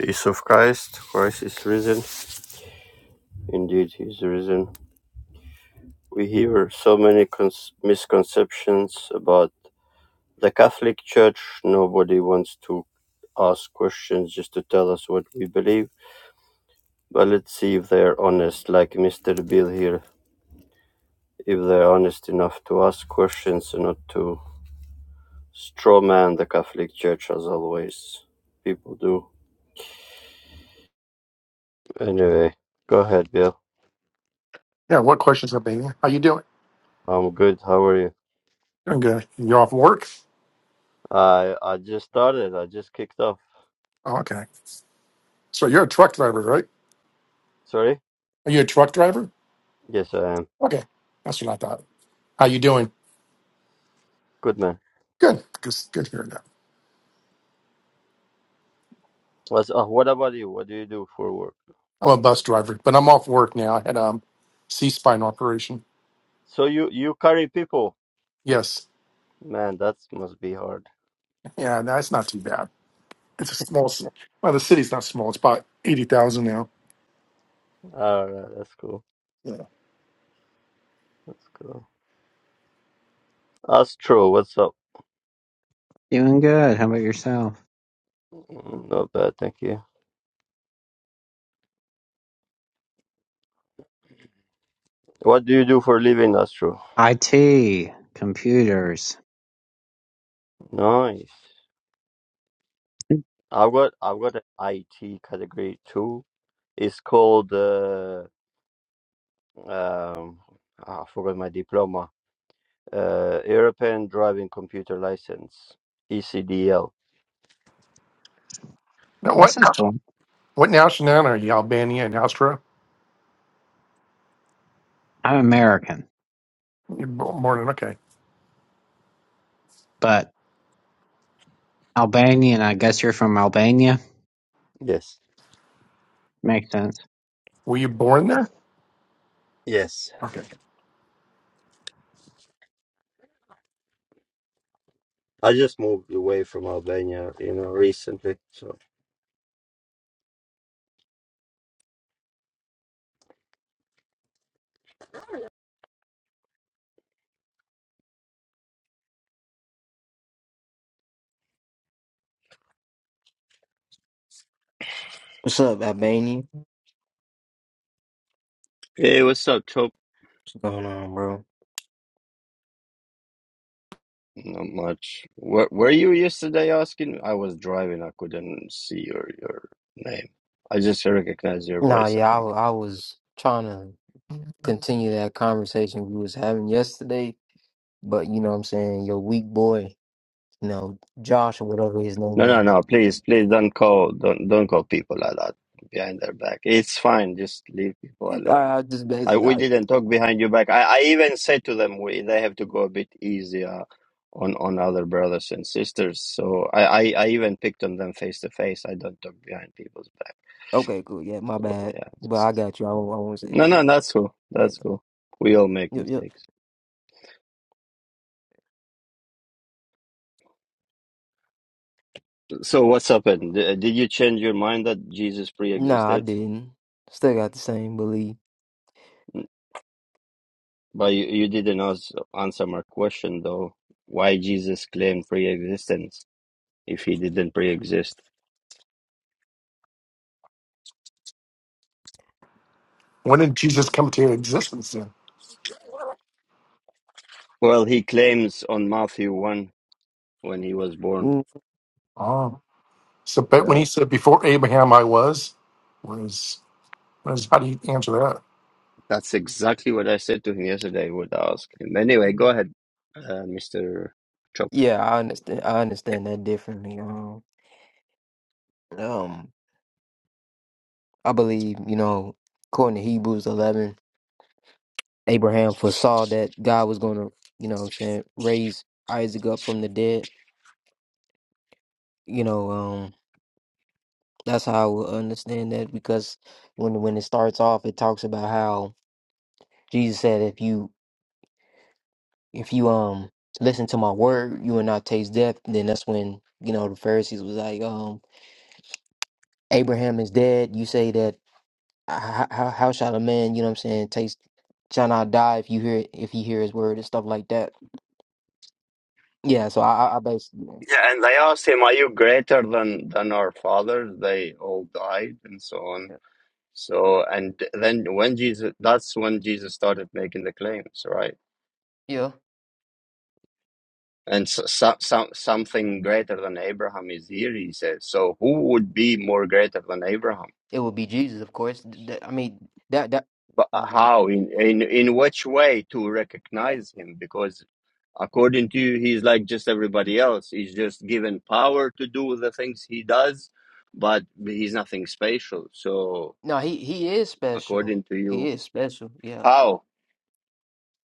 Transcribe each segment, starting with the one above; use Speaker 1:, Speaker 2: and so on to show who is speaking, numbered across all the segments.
Speaker 1: Peace of Christ, Christ is risen. Indeed, he is risen. We hear so many cons- misconceptions about the Catholic Church. Nobody wants to ask questions just to tell us what we believe. But let's see if they're honest, like Mr. Bill here, if they're honest enough to ask questions and not to strawman the Catholic Church as always people do. Anyway, go ahead, Bill.
Speaker 2: Yeah, what questions are being? How you doing?
Speaker 1: I'm good. How are you?
Speaker 2: Doing good. You're off work?
Speaker 1: I I just started. I just kicked off.
Speaker 2: Oh, okay. So you're a truck driver, right?
Speaker 1: Sorry?
Speaker 2: Are you a truck driver?
Speaker 1: Yes, I am.
Speaker 2: Okay, that's what I thought. How you doing?
Speaker 1: Good man.
Speaker 2: Good. Good. Good hearing that.
Speaker 1: What's, uh, what about you? What do you do for work?
Speaker 2: I'm a bus driver, but I'm off work now. I had um, C-spine operation.
Speaker 1: So you you carry people.
Speaker 2: Yes.
Speaker 1: Man, that must be hard.
Speaker 2: Yeah, that's not too bad. It's a small city. Well, the city's not small. It's about eighty thousand now.
Speaker 1: All right, that's cool.
Speaker 2: Yeah.
Speaker 1: That's cool. Astro, what's up?
Speaker 3: Doing good. How about yourself?
Speaker 1: Mm, Not bad, thank you. What do you do for a living, Astro?
Speaker 3: IT, computers.
Speaker 1: Nice. I've got I've got an IT category too. It's called uh, um ah, I forgot my diploma. Uh, European Driving Computer License, ECDL.
Speaker 2: Now,
Speaker 3: That
Speaker 2: what?
Speaker 3: sounds cool.
Speaker 2: What nationality are you? Albania and Austria?
Speaker 3: I'm American,
Speaker 2: You're bo- born in. Okay.
Speaker 3: but Albanian. I guess you're from Albania.
Speaker 1: Yes.
Speaker 3: Makes sense.
Speaker 2: Were you born there?
Speaker 1: Yes.
Speaker 2: Okay.
Speaker 1: I just moved away from Albania, you know, recently. So
Speaker 4: What's up, Albania? What's
Speaker 1: Hey, what's up, Chop?
Speaker 4: going on, bro?
Speaker 1: Not much. Where were you yesterday asking? I was driving. I couldn't see your your name. I just recognize your
Speaker 4: Nah,
Speaker 1: voice, I
Speaker 4: yeah, I,
Speaker 1: think.
Speaker 4: wa- I was trying to continue that conversation we was having yesterday, but you know what I'm saying, your weak boy, you know, Josh or whatever his
Speaker 1: No,
Speaker 4: name
Speaker 1: no,
Speaker 4: is.
Speaker 1: no. Please, please don't call don't don't call people like that behind their back. It's fine. Just leave people
Speaker 4: All
Speaker 1: alone.
Speaker 4: right, I just
Speaker 1: I,
Speaker 4: basically,
Speaker 1: we
Speaker 4: I,
Speaker 1: didn't talk behind your back. I, I even said to them we, they have to go a bit easier on on other brothers and sisters. So I, I, I even picked on them face to face. I don't talk behind people's back.
Speaker 4: okay, cool, yeah, my
Speaker 1: So
Speaker 4: bad,
Speaker 1: yeah,
Speaker 4: but I
Speaker 1: just
Speaker 4: got you. I won't, I won't say
Speaker 1: no,
Speaker 4: that yet.
Speaker 1: no, that's cool.
Speaker 4: Yeah,
Speaker 1: That's cool. We all make
Speaker 4: yep, yep.
Speaker 1: mistakes. So what's happened? D- Did you change your mind that Jesus
Speaker 4: Nah, I
Speaker 1: pre-existed?
Speaker 4: didn't. Still got the same belief.
Speaker 1: N- But you, you didn't ans- answer my question though. Why Jesus claimed pre-existence if he didn't pre-exist?
Speaker 2: When did Jesus come to existence? Then.
Speaker 1: Well, he claims on Matthew 1 when he was born.
Speaker 4: Mm.
Speaker 2: Oh. So, but when
Speaker 1: Yeah,
Speaker 2: he said, "Before Abraham, I was," what is, what is how do you answer
Speaker 1: that's exactly what I said to him yesterday. I would ask him. Anyway, go ahead, uh, Mister Chop.
Speaker 4: Yeah, I understand. I understand that differently. Um, um, I believe you know, according to Hebrews 11. Abraham foresaw that God was going to, you know what I'm saying, raise Isaac up from the dead. You know, um, that's how I will understand that because when when it starts off, it talks about how Jesus said, if you if you um listen to my word, you will not taste death. then that's when you know the Pharisees was like, um, Abraham is dead. You say that how how, how shall a man, you know what I'm saying, taste shall not die if you hear if he hear his word and stuff like that. Yeah, so I I, I basically
Speaker 1: Yeah, and they asked him, "Are you greater than than our fathers?" They all died, and so on. So, and then when Jesus, that's when Jesus started making the claims, right?
Speaker 4: yeah.
Speaker 1: And so, so, so, something greater than Abraham is here, he says. So, who would be more greater than Abraham?
Speaker 4: It would be Jesus, of course. Th- th- I mean, that that.
Speaker 1: But uh,
Speaker 4: Mhm.
Speaker 1: how? In, in in which way to recognize him? Because according to you, he's like just everybody else. He's just given power to do the things he does, but he's nothing special. So
Speaker 4: No, he he is special.
Speaker 1: according to
Speaker 4: He
Speaker 1: you,
Speaker 4: is special. Yeah,
Speaker 1: how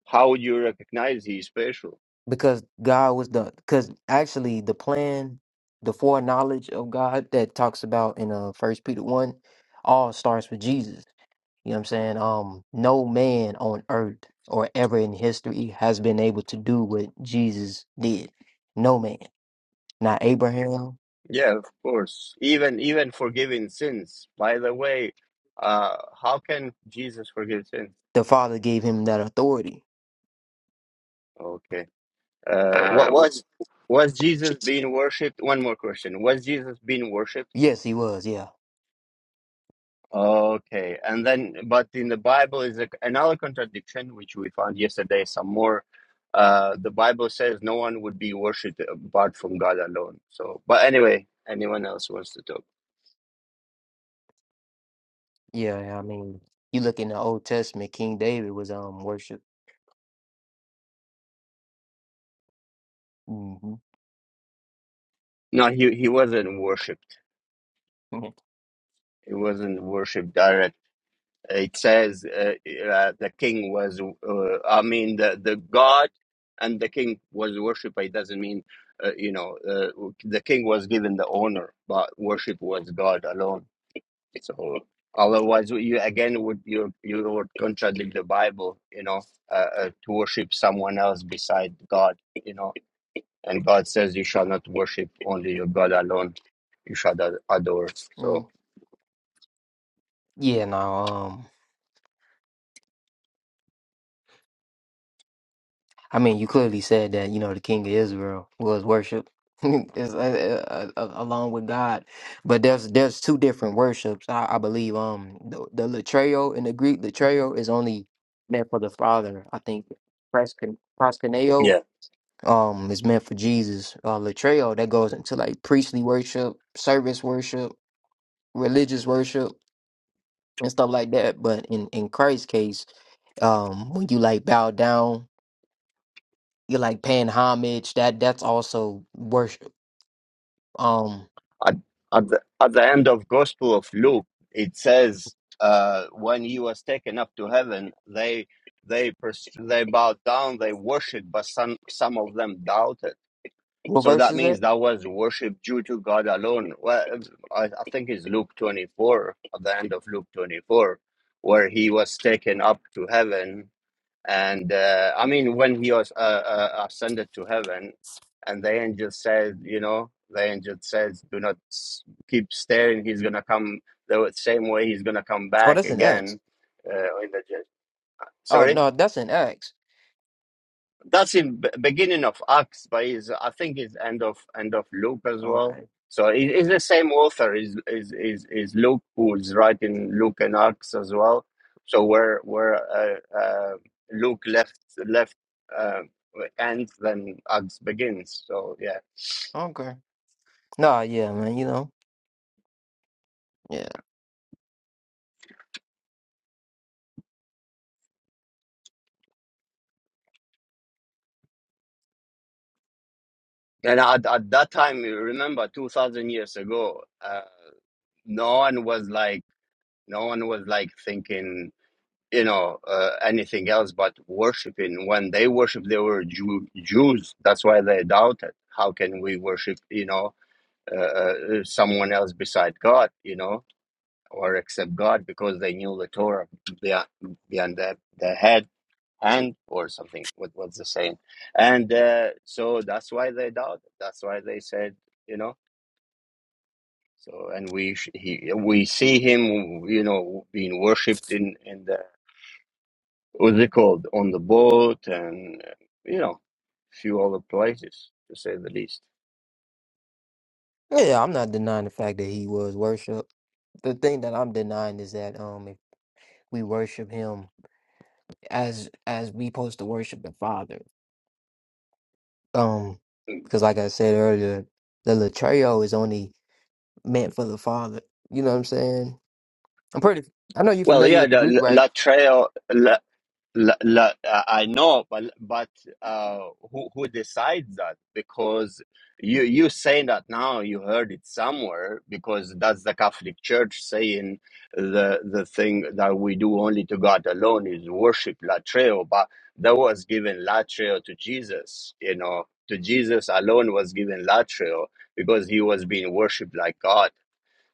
Speaker 1: how would you recognize he's special?
Speaker 4: because God was the because actually the plan, the foreknowledge of God that talks about in uh First Peter one, all starts with Jesus. You know what I'm saying? Um, no man on earth or ever in history has been able to do what Jesus did. No man. Not Abraham.
Speaker 1: Yeah, of course. Even even forgiving sins. By the way, uh, how can Jesus forgive sins?
Speaker 4: The Father gave him that authority.
Speaker 1: Okay. Uh, what
Speaker 2: that?
Speaker 1: was was Jesus being worshipped? One more question: Was Jesus being worshipped?
Speaker 4: Yes, he was. Yeah.
Speaker 1: Okay, and then but in the Bible is a, another contradiction which we found yesterday. Some more. Uh, the Bible says no one would be worshipped apart from God alone. So, but anyway, anyone else wants to talk?
Speaker 4: Yeah, yeah, I mean, you look in the Old Testament, King David was um worship. hmm
Speaker 1: No, he he wasn't worshipped. He wasn't worshipped directly. it says uh, uh, the king was uh, i mean the, the god and the king was worshipped it doesn't mean uh, you know uh, the king was given the honor but worship was god alone it's all otherwise you again would you you would contradict the bible you know uh, uh, to worship someone else beside god you know and god says you shall not worship only your god alone you shall ad- adore so
Speaker 4: Mm. Yeah, no, um, I mean, you clearly said that you know the King of Israel was worship, it's, uh, uh, uh, along with God, but there's there's two different worships. I, I believe um the, the latreo in the Greek latreo is only meant for the Father. I think proskuneo proskuneo
Speaker 1: yeah
Speaker 4: um is meant for Jesus. Uh, latreo that goes into like priestly worship, service worship, religious worship. and stuff like that. But in in Christ's case, um, when you like bow down, you're like paying homage. That that's also worship. Um,
Speaker 1: at, at, the, at the end of gospel of luke it says uh, when he was taken up to heaven they they pers- they bowed down they worshiped but some some of them doubted
Speaker 4: what
Speaker 1: so
Speaker 4: verse
Speaker 1: that
Speaker 4: is
Speaker 1: means
Speaker 4: that?
Speaker 1: that was worship due to god alone well i, I think it's luke 24 at the end of luke 24 where he was taken up to heaven and uh, I mean, when he was uh, uh, ascended to heaven, and the angel said, you know, the angel says, do not s- keep staring. He's gonna come the same way. He's gonna come
Speaker 4: Oh,
Speaker 1: back
Speaker 4: that's an Acts.
Speaker 1: again uh, in the judgment.
Speaker 4: Oh
Speaker 1: Sorry.
Speaker 4: no, that's an Acts.
Speaker 1: That's in b- beginning of Acts, but is I think it's end of end of Luke as well.
Speaker 4: Okay,
Speaker 1: So it, it's the same author is is is is Luke who's writing Luke and Acts as well. So where where uh, uh, Luke left left uh, ends, then Acts begins. So yeah,
Speaker 4: okay. Nah, yeah, man. You know, yeah,
Speaker 1: and at at that time, you remember two thousand years ago, uh, no one was like no one was like thinking you know uh, anything else but worshiping when they worship they were Jew- jews that's why they doubted how can we worship you know uh, uh, uh, someone else beside god you know or except god because they knew the torah beyond, beyond their, their head and or something what was the saying and uh, so that's why they doubted that's why they said you know so and we sh- he, we see him you know being worshipped in in the what's it called on the boat and you know a few other places to say the least
Speaker 4: yeah. I'm not denying the fact that he was worship. The thing that I'm denying is that um, if we worship him as as we supposed to worship the Father, um, because like I said earlier, the Latreo is only meant for the father. You know what I'm saying? I'm pretty. I know you're
Speaker 1: well
Speaker 4: familiar
Speaker 1: yeah
Speaker 4: with the Greek,
Speaker 1: the
Speaker 4: right?
Speaker 1: la trail La, la, uh, I know, but but uh, who who decides that? Because you you saying that now you heard it somewhere because that's the Catholic Church saying the the thing that we do only to God alone is worship latreo, but that was given latreo to Jesus. You know, to Jesus alone was given latreo because he was being worshipped like God.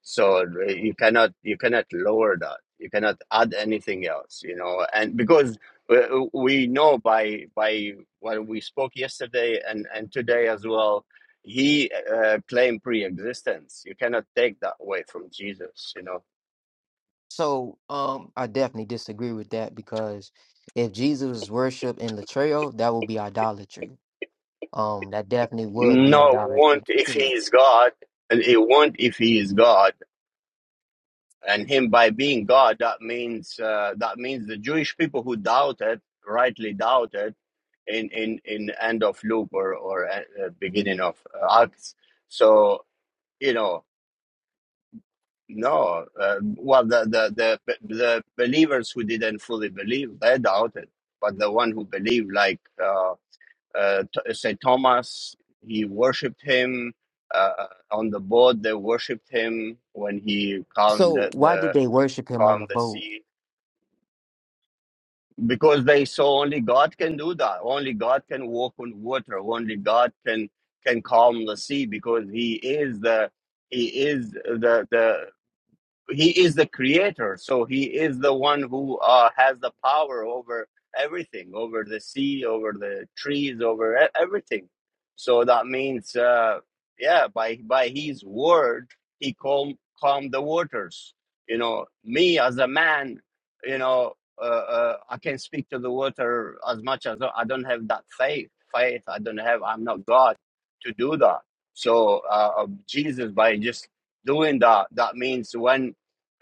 Speaker 1: So uh, you cannot you cannot lower that. You cannot add anything else, you know. And because we, we know by by when we spoke yesterday and and today as well, he uh, claimed pre-existence. You cannot take that away from Jesus, you know.
Speaker 4: So, um, I definitely disagree with that because if Jesus was worshipped in Latreo, that would be idolatry. Um, that definitely would be
Speaker 1: No
Speaker 4: idolatry.
Speaker 1: want if he
Speaker 4: Sure.
Speaker 1: is God, and he want if he is God, and him by being God, that means uh, that means the Jewish people who doubted rightly doubted in in in end of loop or or uh, uh, beginning of uh, acts. So you know, no. Uh, well, the, the the the believers who didn't fully believe they doubted, but the one who believed, like uh, uh, Th- Saint Thomas, he worshipped him. Uh, uh, on the boat, they worshipped him when he calmed
Speaker 4: So,
Speaker 1: the,
Speaker 4: why did
Speaker 1: the
Speaker 4: they worship him on the
Speaker 1: calmed the
Speaker 4: boat?
Speaker 1: sea because they saw only God can do that. Only God can walk on water. Only God can can calm the sea because He is the He is the the he is the creator so he is the one who uh, has the power over everything over the sea over the trees over e- everything so that means uh, yeah by by his word he calm calmed the waters you know me as a man you know uh, uh, i can speak to the water as much as i don't have that faith faith i don't have i'm not god to do that so uh, jesus by just doing that that means when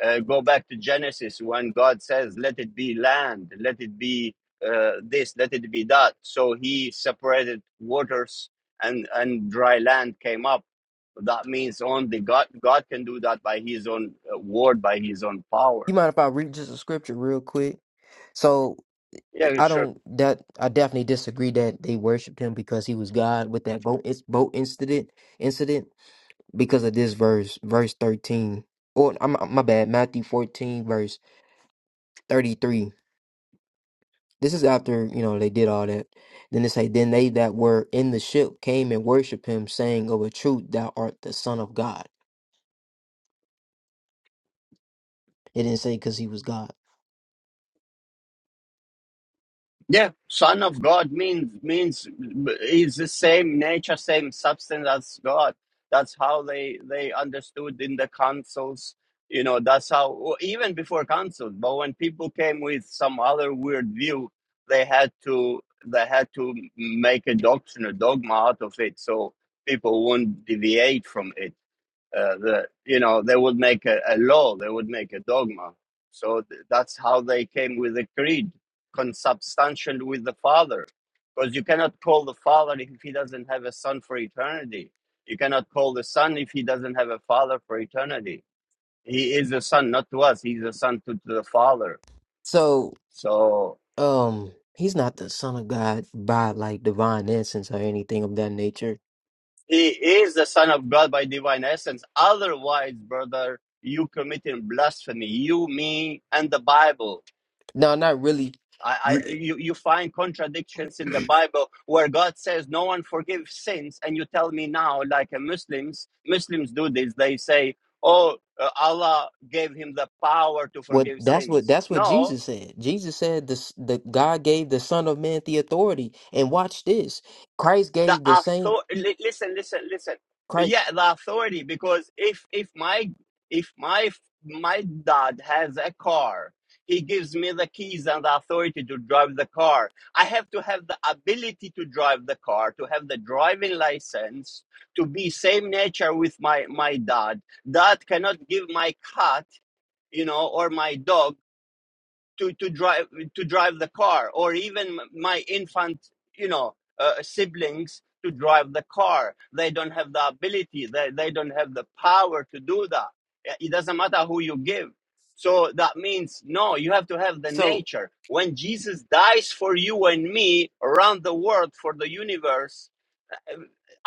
Speaker 1: uh, go back to Genesis when God says, "Let it be land, let it be uh, this, let it be that." So He separated waters, and and dry land came up. That means only God. God can do that by His own uh, word, by His own power.
Speaker 4: You mind if I read just a scripture real quick? So,
Speaker 1: Yeah,
Speaker 4: I
Speaker 1: sure.
Speaker 4: don't that I definitely disagree that they worshipped him because he was God with that boat. It's boat incident incident. because of this verse, verse 13. Or I'm my bad, Matthew 14, verse 33. This is after, you know, they did all that. Then it say, Then they that were in the ship came and worshiped him, saying, Of a truth, thou art the Son of God. It didn't say because he was God.
Speaker 1: Yeah, Son of God means means is the same nature, same substance as God. That's how they they understood in the councils. You know, that's how or even before councils. But when people came with some other weird view, they had to they had to make a doctrine, a dogma out of it, so people won't deviate from it uh, the you know they would make a, a law they would make a dogma so th- that's how they came with the creed consubstantial with the father because you cannot call the father if he doesn't have a son for eternity you cannot call the son if he doesn't have a father for eternity he is the son not to us he's the son to, to the father
Speaker 4: So,
Speaker 1: so
Speaker 4: um, he's not the Son of God by like divine essence or anything of that nature.
Speaker 1: he is the son of god by divine essence otherwise brother you committing blasphemy you me and the bible
Speaker 4: No, not really.
Speaker 1: I, I you, you find contradictions in the Bible where God says no one forgives sins, and you tell me now, like uh, Muslims, Muslims do this. They say, "Oh, uh, Allah gave him the power to
Speaker 4: What
Speaker 1: forgive
Speaker 4: that's what
Speaker 1: sins."
Speaker 4: that's what
Speaker 1: No,
Speaker 4: Jesus said. Jesus said this the God gave the Son of Man the authority. And watch this. Christ
Speaker 1: the
Speaker 4: gave the same
Speaker 1: authority listen listen listen
Speaker 4: Christ
Speaker 1: yeah the authority because if if my if my my dad has a car he gives me the keys and the authority to drive the car i have to have the ability to drive the car to have the driving license to be same nature with my my dad dad cannot give my cat you know or my dog to to drive to drive the car or even my infant you know uh, siblings to drive the car they don't have the ability they, they don't have the power to do that Uh, it doesn't matter who you give so that means no you have to have the
Speaker 4: so
Speaker 1: nature when jesus dies for you and me around the world for the universe uh,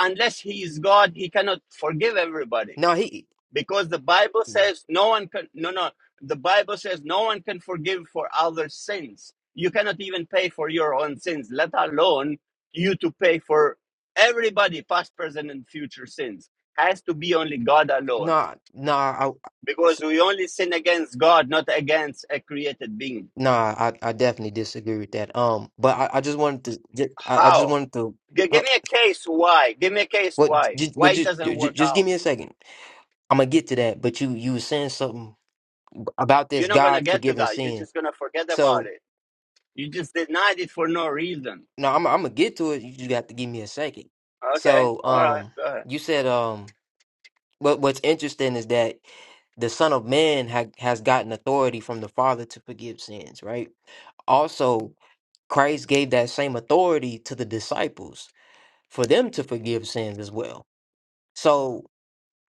Speaker 1: unless he is god he cannot forgive everybody
Speaker 4: no he
Speaker 1: because the bible says no one can no no the bible says no one can forgive for other sins you cannot even pay for your own sins let alone you to pay for everybody past present and future sins has to be only god alone
Speaker 4: nah nah I
Speaker 1: because
Speaker 4: s-
Speaker 1: we only sin against god not against a created being
Speaker 4: nah I, I definitely disagree with that. Um but I, I just wanted to ju- I, I just
Speaker 1: how
Speaker 4: wanted to
Speaker 1: G- give
Speaker 4: uh,
Speaker 1: me a case why give me a case
Speaker 4: what
Speaker 1: why
Speaker 4: ju-
Speaker 1: why
Speaker 4: would
Speaker 1: it
Speaker 4: you
Speaker 1: doesn't
Speaker 4: ju- ju-
Speaker 1: work
Speaker 4: just give
Speaker 1: out
Speaker 4: me a second. I'm gonna get to that, but you you were saying something about
Speaker 1: you're
Speaker 4: this
Speaker 1: not going to
Speaker 4: God
Speaker 1: get to
Speaker 4: forgiving
Speaker 1: that you're
Speaker 4: sin.
Speaker 1: just going to forget about
Speaker 4: So,
Speaker 1: it you just denied it for no reason
Speaker 4: No, I'm I'm gonna get to it. You just got to give me a second.
Speaker 1: Okay.
Speaker 4: So,
Speaker 1: All right.
Speaker 4: um,
Speaker 1: Go ahead.
Speaker 4: you said, um, what what's interesting is that the Son of Man ha has gotten authority from the Father to forgive sins, right? Also, Christ gave that same authority to the disciples for them to forgive sins as well. So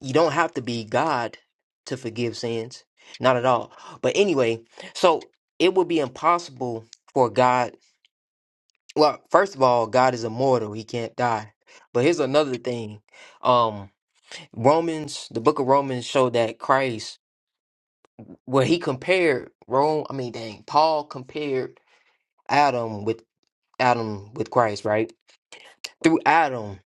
Speaker 4: you don't have to be God to forgive sins, not at all. But anyway, so it would be impossible for God Look, first of all, God is immortal; He can't die. But here's another thing: um, Romans, the Book of Romans, showed that Christ, where He compared Rome, I mean, dang, Paul compared Adam with Adam with Christ, right? Through Adam,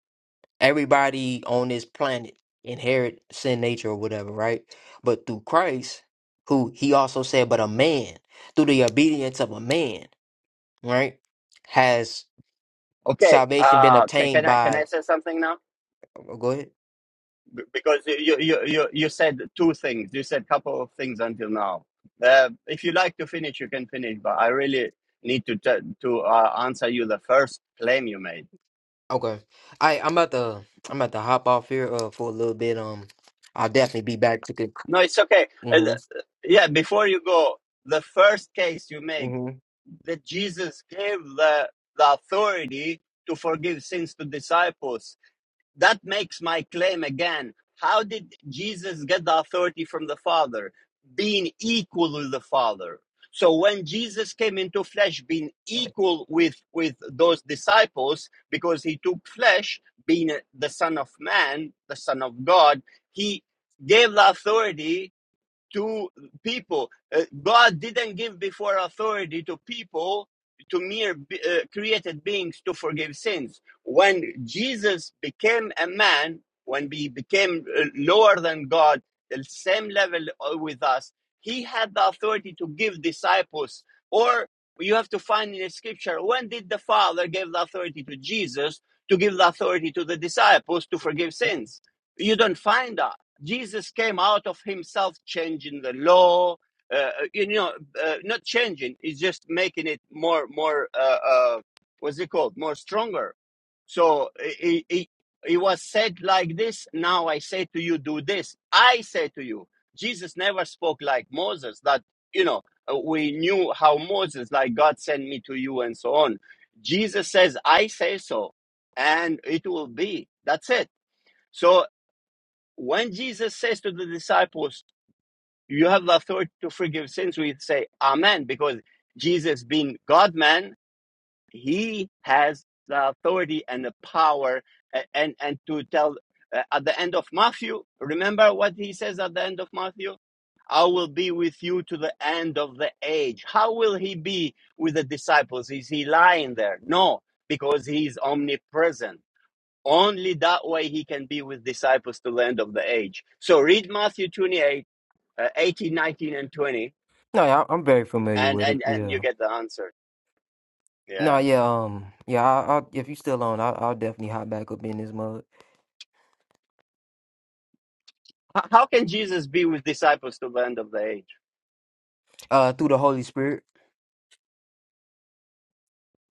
Speaker 4: everybody on this planet inherit sin nature or whatever, right? But through Christ, who He also said, but a man, through the obedience of a man, right, has
Speaker 1: Okay.
Speaker 4: salvation been
Speaker 1: Uh, can,
Speaker 4: obtained
Speaker 1: can I can I
Speaker 4: by?
Speaker 1: say something now?
Speaker 4: oh, Go ahead.
Speaker 1: B- Because you you you you said two things. You said couple of things until now. Uh, if you like to finish, you can finish. But I really need to t- to uh, answer you the first claim you made.
Speaker 4: Okay. I I'm about to I'm about to hop off here uh for a little bit. Um, I'll definitely be back to the.
Speaker 1: No, it's okay. Uh,
Speaker 4: Mhm.
Speaker 1: th- yeah. Before you go, the first case you make
Speaker 4: Mhm.
Speaker 1: that Jesus gave the the authority to forgive sins to disciples that makes my claim again. How did Jesus get the authority from the Father? Being equal with the Father. So when Jesus came into flesh, being equal with, with those disciples, because he took flesh, being the Son of Man, the Son of God, he gave the authority to people. Uh, God didn't give before authority to people, to mere uh, created beings to forgive sins. When Jesus became a man, when he became uh, lower than God, the same level uh, with us, he had the authority to give disciples. Or you have to find in the scripture when did the Father give the authority to Jesus to give the authority to the disciples to forgive sins? You don't find that. Jesus came out of himself, changing the law. Uh, uh, you know, uh, not changing; it's just making it more, more. Uh, uh, what's it called? More stronger. So it, it, it was said like this. Now I say to you, do this. I say to you, Jesus never spoke like Moses. That you know, uh, we knew how Moses, like God, sent me to you, and so on. Jesus says, I say so, and it will be. That's it. So when Jesus says to the disciples, You have the authority to forgive sins, we say Amen, because Jesus, being God man, he has the authority and the power. a- And, and to tell uh, at the end of Matthew, remember what he says at the end of Matthew? I will be with you to the end of the age. How will he be with the disciples? Is he lying there? No, because he is omnipresent only that way he can be with disciples to the end of the age. So read Matthew 28, uh, 18, nineteen, and 20,
Speaker 4: No, yeah, I'm very familiar
Speaker 1: and,
Speaker 4: with it.
Speaker 1: and, and you
Speaker 4: Yeah.
Speaker 1: get the answer.
Speaker 4: No,
Speaker 1: Yeah.
Speaker 4: yeah. Um, yeah. I, I'll if you still on, I'll, I'll definitely hop back up in this mug.
Speaker 1: How can Jesus be with disciples to the end of the age?
Speaker 4: Uh, through the Holy Spirit.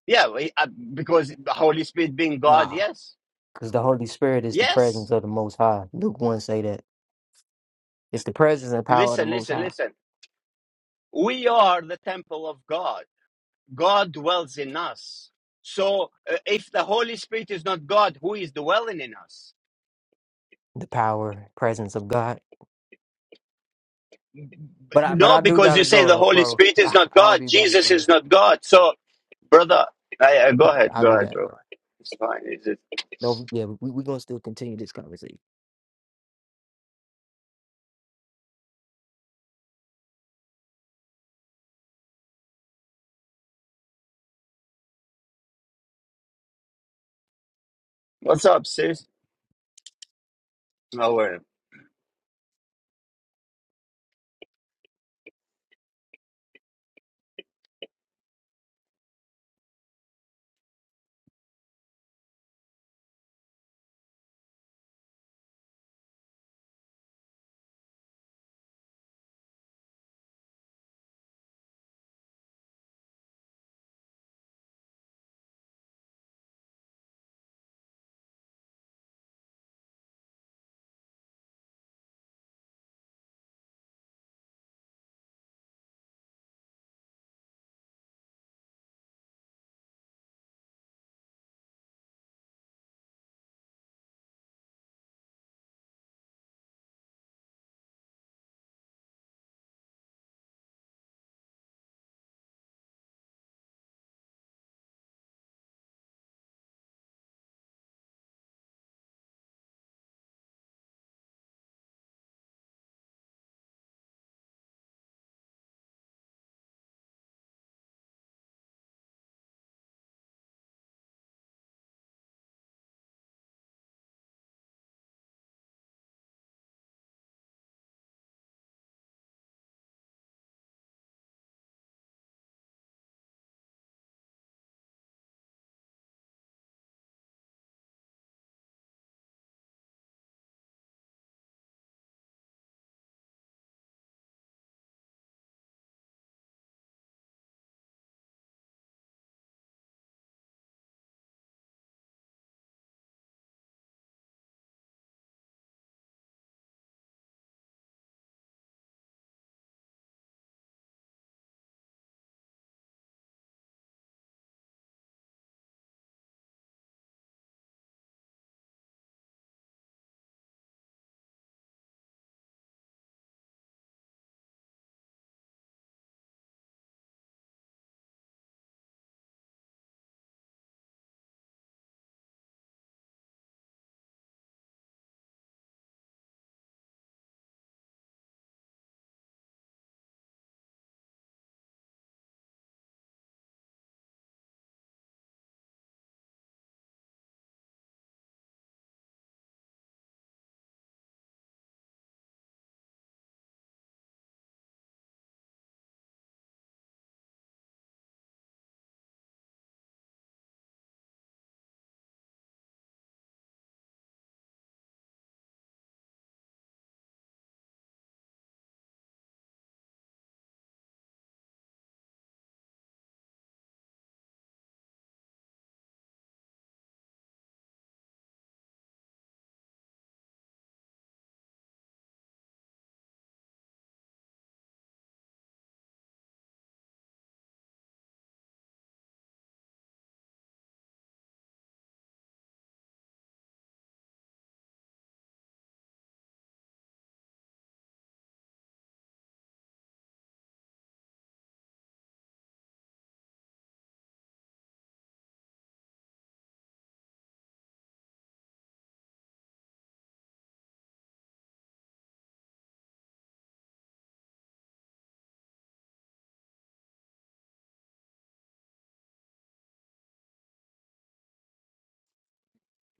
Speaker 1: Yeah, we- uh, because the Holy Spirit being God,
Speaker 4: Nah,
Speaker 1: yes.
Speaker 4: because the Holy Spirit is the presence
Speaker 1: Yes.
Speaker 4: of the Most High. Luke one say that it's the presence and power of the
Speaker 1: Listen,
Speaker 4: Most
Speaker 1: listen,
Speaker 4: High,
Speaker 1: listen. We are the temple of God. God dwells in us. So uh, if the Holy Spirit is not God, who is dwelling in us?
Speaker 4: the power presence of God. But I but
Speaker 1: No,
Speaker 4: I do
Speaker 1: because you
Speaker 4: gotta
Speaker 1: say
Speaker 4: go
Speaker 1: the
Speaker 4: though,
Speaker 1: Holy
Speaker 4: bro.
Speaker 1: Spirit is
Speaker 4: I,
Speaker 1: not
Speaker 4: I'll
Speaker 1: God,
Speaker 4: be back,
Speaker 1: Jesus
Speaker 4: bro.
Speaker 1: is not God. So, brother, I, I, go ahead,
Speaker 4: I'll
Speaker 1: go
Speaker 4: be
Speaker 1: ahead,
Speaker 4: back,
Speaker 1: bro.
Speaker 4: bro.
Speaker 1: It's fine. It's just,
Speaker 4: No, yeah, we we gonna still continue this conversation.
Speaker 1: what's up, sis? How are you?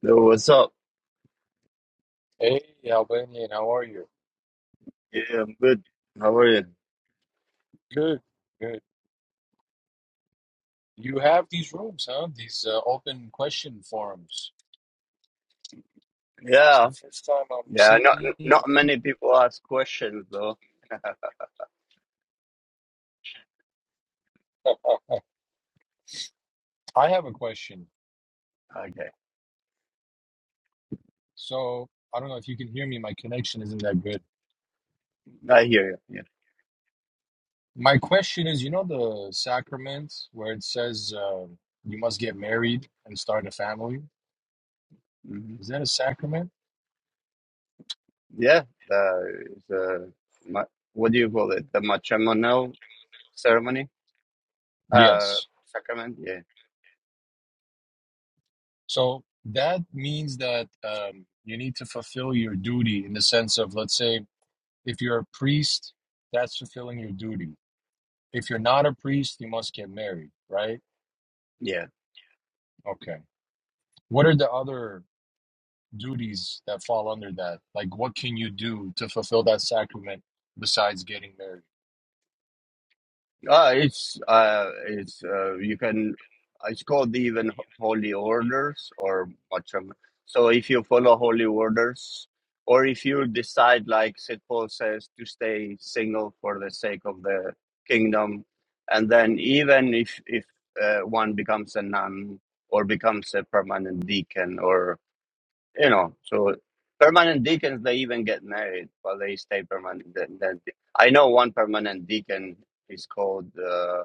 Speaker 1: Yo, what's up?
Speaker 5: Hey, Albanian, how are you?
Speaker 1: Yeah, I'm good. How are you?
Speaker 5: Good, good. You have these rooms, huh? These uh, open question forums. It's the
Speaker 1: Yeah,
Speaker 5: first time I'm
Speaker 1: yeah. Not
Speaker 5: seeing.
Speaker 1: not many people ask questions though.
Speaker 5: I have a question.
Speaker 1: Okay,
Speaker 5: So I don't know if you can hear me. My connection isn't that good.
Speaker 1: I hear you.
Speaker 5: My question is, you know, the sacrament where it says uh, you must get married and start a family.
Speaker 1: Yeah, hmm
Speaker 5: Is that a sacrament?
Speaker 1: yeah. Uh, it's, uh, ma- what do you call it? The matrimonal ceremony, uh,
Speaker 5: Yes.
Speaker 1: sacrament. Yeah,
Speaker 5: So that means that um, you need to fulfill your duty in the sense of, let's say. If you're a priest, that's fulfilling your duty. If you're not a priest, you must get married, right?
Speaker 1: yeah.
Speaker 5: Okay. What are the other duties that fall under that? Like, what can you do to fulfill that sacrament besides getting married?
Speaker 1: Uh, it's uh, it's uh, you can. It's called even holy orders or matram. So if you follow holy orders, or if you decide, like St. Paul says, to stay single for the sake of the kingdom, and then even if if uh, one becomes a nun or becomes a permanent deacon or you know, so permanent deacons they even get married, but they stay permanent. then- then- I know one permanent deacon is called uh,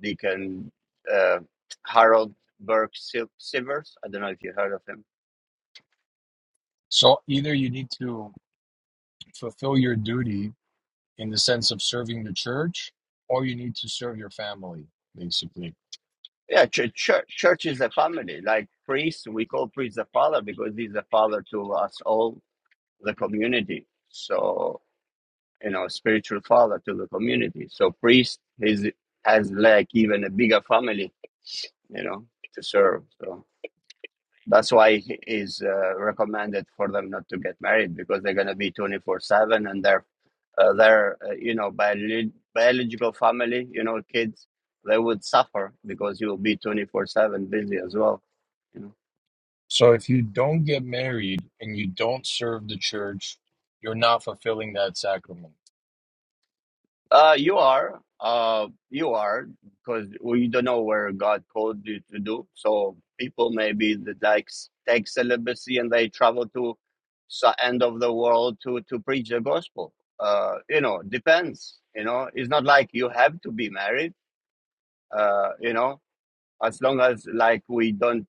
Speaker 1: Deacon uh, Harold Burke Sil- Sivers. I don't know if you heard of him.
Speaker 5: So, either you need to fulfill your duty in the sense of serving the church, or you need to serve your family, basically.
Speaker 1: Yeah, church, church, church is a family. Like priest, we call priest the father because he's the father to us all, the community. So you know, spiritual father to the community. So priest is has like even a bigger family, you know, to serve. So. That's why it is uh, recommended for them not to get married because they're going to be 24/7 and their uh, their uh, you know biolo- biological family, you know, kids, they would suffer because you'll be 24/7 busy as well.
Speaker 5: So, if you don't get married and you don't serve the church, you're not fulfilling that sacrament.
Speaker 1: Uh, you are. Uh, you are because we don't know where God called you to do. So people maybe that likes take celibacy and they travel to the end of the world to to preach the gospel. Uh, you know, depends. You know, it's not like you have to be married. Uh, you know, as long as like we don't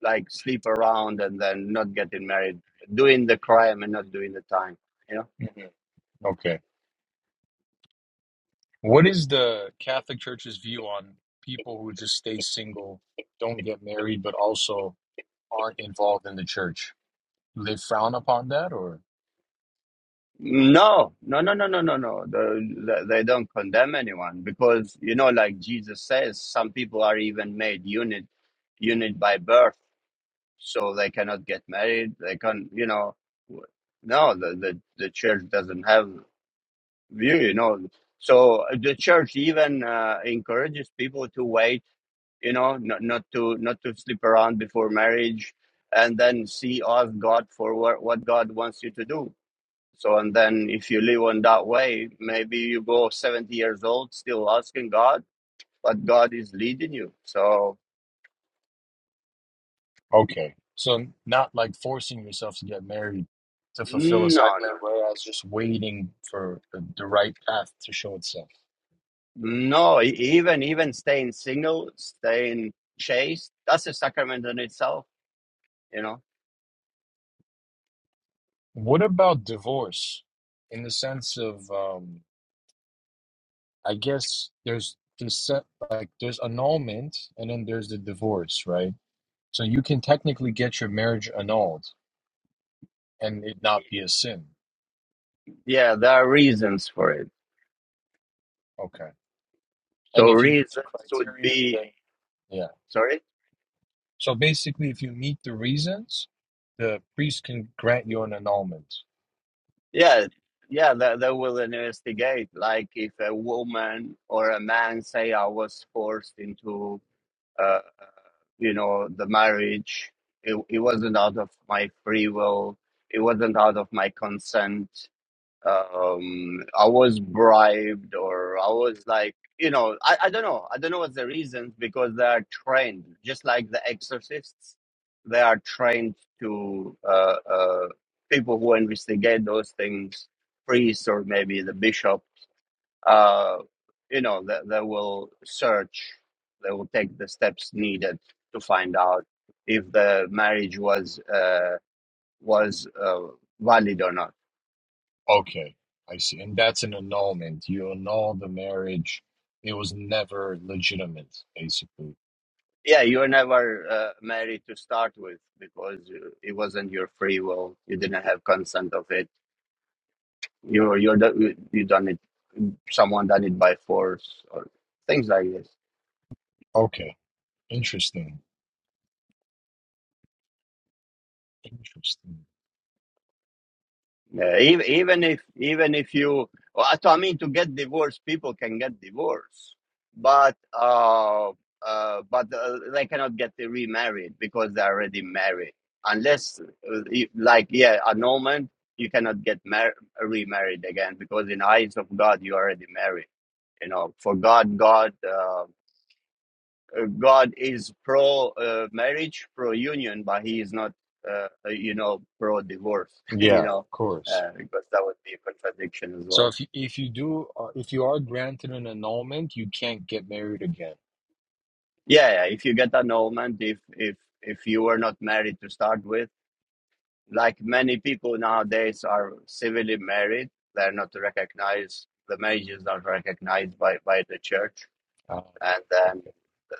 Speaker 1: like sleep around and then not getting married, doing the crime and not doing the time. You know.
Speaker 5: Mhm. Okay. What is the Catholic Church's view on people who just stay single, don't get married, but also aren't involved in the church? Do they frown upon that or?
Speaker 1: No, no, no, no, no, no, no. The, the, they don't condemn anyone because you know, like Jesus says, some people are even made unit, unit by birth, so they cannot get married. They can, you know, w- no, the the, the church doesn't have view, you know. So uh, the church even uh, encourages people to wait, you know, not not to not to sleep around before marriage, and then see ask God for what what God wants you to do so, and then if you live on that way, maybe you go 70 years old still asking God, but God is leading you. So,
Speaker 5: Okay. So, not like forcing yourself to get married to fulfill a
Speaker 1: no,
Speaker 5: sacrament,
Speaker 1: no,
Speaker 5: whereas just waiting for the, the right path to show itself.
Speaker 1: no, e- even, even staying single, staying chaste, that's a sacrament in itself, you know?
Speaker 5: What about divorce in the sense of, um, I guess there's this like there's annulment and then there's the divorce, right? So you can technically get your marriage annulled and it not be a sin.
Speaker 1: Yeah, there are reasons for it.
Speaker 5: Okay.
Speaker 1: So,
Speaker 5: And if you meet the
Speaker 1: reasons would
Speaker 5: criteria,
Speaker 1: be,
Speaker 5: then yeah.
Speaker 1: sorry?
Speaker 5: So basically, if you meet the reasons, the priest can grant you an annulment.
Speaker 1: Yeah. Yeah, they, they will investigate. Like if a woman or a man say I was forced into uh, you know, the marriage. It, it wasn't out of my free will. It wasn't out of my consent. Um, I was bribed, or I was like, you know, I, I don't know. I don't know what's the reasons because they are trained, just like the exorcists. They are trained to uh, uh, people who investigate those things, priests or maybe the bishop uh, you know, that they will search, they will take the steps needed to find out if the marriage was uh, was uh, valid or not.
Speaker 5: Okay, I see. And that's an annulment. You annul the marriage. It was never legitimate, basically.
Speaker 1: Yeah, you were never uh, married to start with because uh, it wasn't your free will. You didn't have consent of it. You you're the- you done it. Someone done it by force or things like this.
Speaker 5: Okay, interesting. Interesting.
Speaker 1: Yeah, even, even if even if you, well, I mean, to get divorced, people can get divorced, but uh, uh, but uh, they cannot get remarried because they're already married. Unless, uh, you- like, yeah, annulment, you cannot get mar- remarried again because in the eyes of God, you're already married. You know, for God, God. uh, uh, God is pro uh, marriage, pro union, but he is not, uh, uh, you know, pro divorce, you
Speaker 5: Yeah, of
Speaker 1: know,
Speaker 5: course.
Speaker 1: uh, because that would be a contradiction as
Speaker 5: So
Speaker 1: well.
Speaker 5: if you, if you do uh, if you are granted an annulment, you can't get married again.
Speaker 1: Yeah, yeah, if you get annulment, if if if you were not married to start with, like many people nowadays are civilly married, they're not recognized. The marriage is not recognized by by the church,
Speaker 5: Ah,
Speaker 1: and
Speaker 5: okay.
Speaker 1: then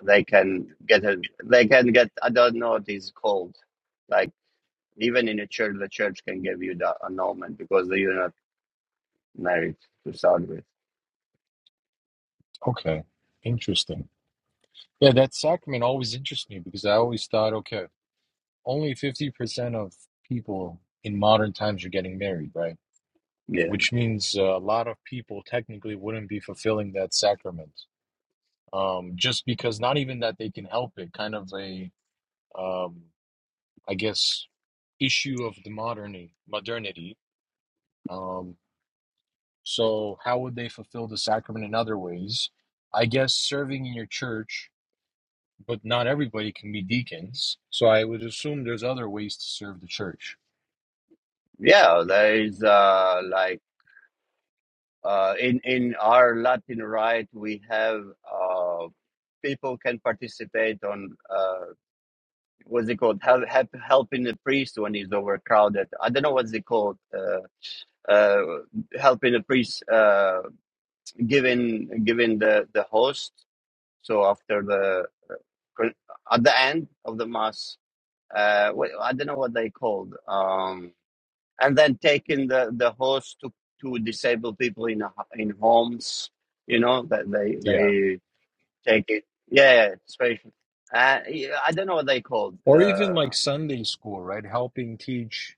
Speaker 1: they can get a they can get I don't know what it's called, like Even in a church, the church can give you the annulment because you're not married to start with.
Speaker 5: Okay, interesting. Yeah, that sacrament always interests me because I always thought, okay, only 50% of people in modern times are getting married, right?
Speaker 1: Yeah,
Speaker 5: Which means uh, a lot of people technically wouldn't be fulfilling that sacrament. Um, just because not even that they can help it, kind of a, um, I guess, issue of the modernity, modernity. Um, so how would they fulfill the sacrament in other ways? I guess serving in your church but not everybody can be deacons. So I would assume there's other ways to serve the church.
Speaker 1: yeah. There is uh, like uh, in in our Latin rite, we have uh, people can participate on uh, what's it called? Help, help helping the priest when he's overcrowded. I don't know what's it called. Uh, uh, helping the priest, uh, giving giving the the host. So after the at the end of the mass, uh, wh- I don't know what they called, um, and then taking the, the horse to, to disabled people in a, in homes, you know, that they
Speaker 5: Yeah.
Speaker 1: they take it. Yeah, special. Uh, yeah, I don't know what they called
Speaker 5: Or even
Speaker 1: uh,
Speaker 5: like Sunday school, right? Helping teach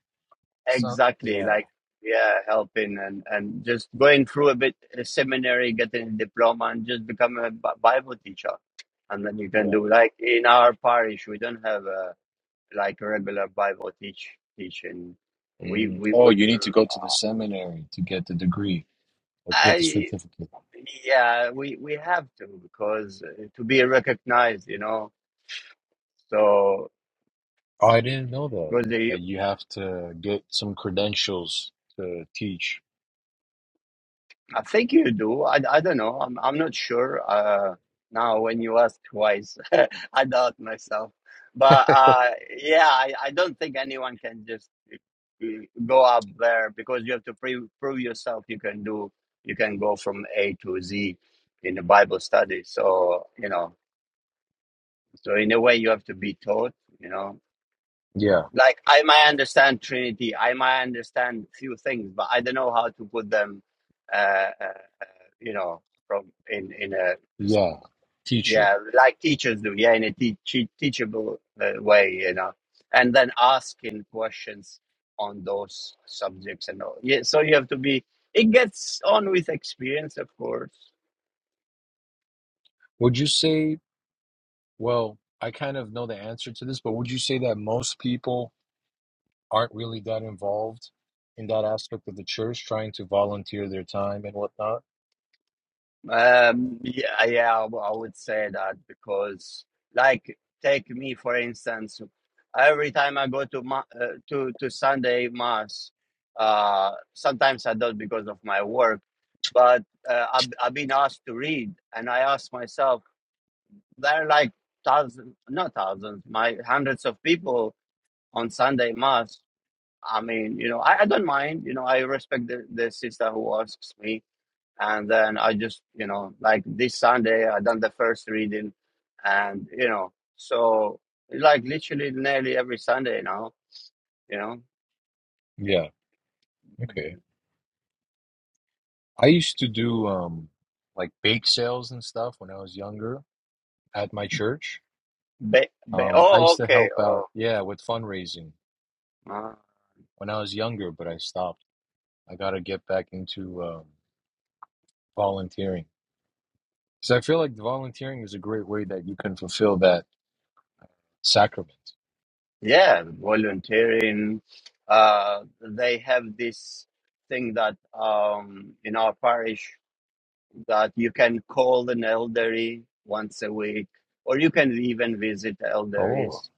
Speaker 5: some.
Speaker 1: exactly.
Speaker 5: Yeah.
Speaker 1: Like yeah, helping and, and just going through a bit a seminary, getting a diploma, and just become a Bi- Bible teacher, and then you can
Speaker 5: Yeah.
Speaker 1: do like in our parish we don't have. a. like a regular Bible teach teaching. We
Speaker 5: Mhm.
Speaker 1: we
Speaker 5: Oh,
Speaker 1: would
Speaker 5: you need to go to the
Speaker 1: uh,
Speaker 5: seminary to get the degree or to get the
Speaker 1: I
Speaker 5: certificate.
Speaker 1: yeah we we have to because uh, to be recognized, you know. So
Speaker 5: Oh, I didn't know that.
Speaker 1: because the.
Speaker 5: That you have to get some credentials to teach.
Speaker 1: I think you do. I, I don't know. I'm I'm not sure. Uh, now when you ask twice, I doubt myself. But uh, yeah, I, I don't think anyone can just uh, go up there because you have to pre- prove yourself. You can do. You can go from A to Z in the Bible study. So you know. So in a way, you have to be taught. You know.
Speaker 5: Yeah.
Speaker 1: Like I might understand Trinity, I might understand few things, but I don't know how to put them uh, uh, you know, from in in a
Speaker 5: Yeah. Teach it.
Speaker 1: yeah, like teachers do, yeah, in a te- te- teachable uh, way, you know, and then asking questions on those subjects and all. Yeah, so you have to be. It gets on with experience, of course,
Speaker 5: Would you say, well, I kind of know the answer to this, but would you say that most people aren't really that involved in that aspect of the church, trying to volunteer their time and whatnot.
Speaker 1: Um, yeah, yeah, I w- I would say that because, like, take me for instance. Every time I go to ma- uh, to to Sunday mass, uh, sometimes I don't because of my work, but uh, I've, I've been asked to read, and I ask myself, there are like thousands, not thousands, my hundreds of people on Sunday mass. I mean, you know, I, I don't mind. You know, I respect the, the sister who asks me and then I just you know like this Sunday I done the first reading, and you know so like literally nearly every Sunday now you know.
Speaker 5: Yeah, okay. I used to do um like bake sales and stuff when I was younger at my church.
Speaker 1: Be, be,
Speaker 5: Um, I
Speaker 1: oh
Speaker 5: used to
Speaker 1: okay
Speaker 5: help out,
Speaker 1: oh
Speaker 5: yeah, with fundraising
Speaker 1: uh,
Speaker 5: when I was younger, but I stopped. I gotta get back into um volunteering. Because I feel like volunteering is a great way that you can fulfill that sacrament.
Speaker 1: yeah volunteering. Uh, they have this thing that um in our parish that you can call an elderly once a week, or you can even visit
Speaker 5: Oh,
Speaker 1: elderlies.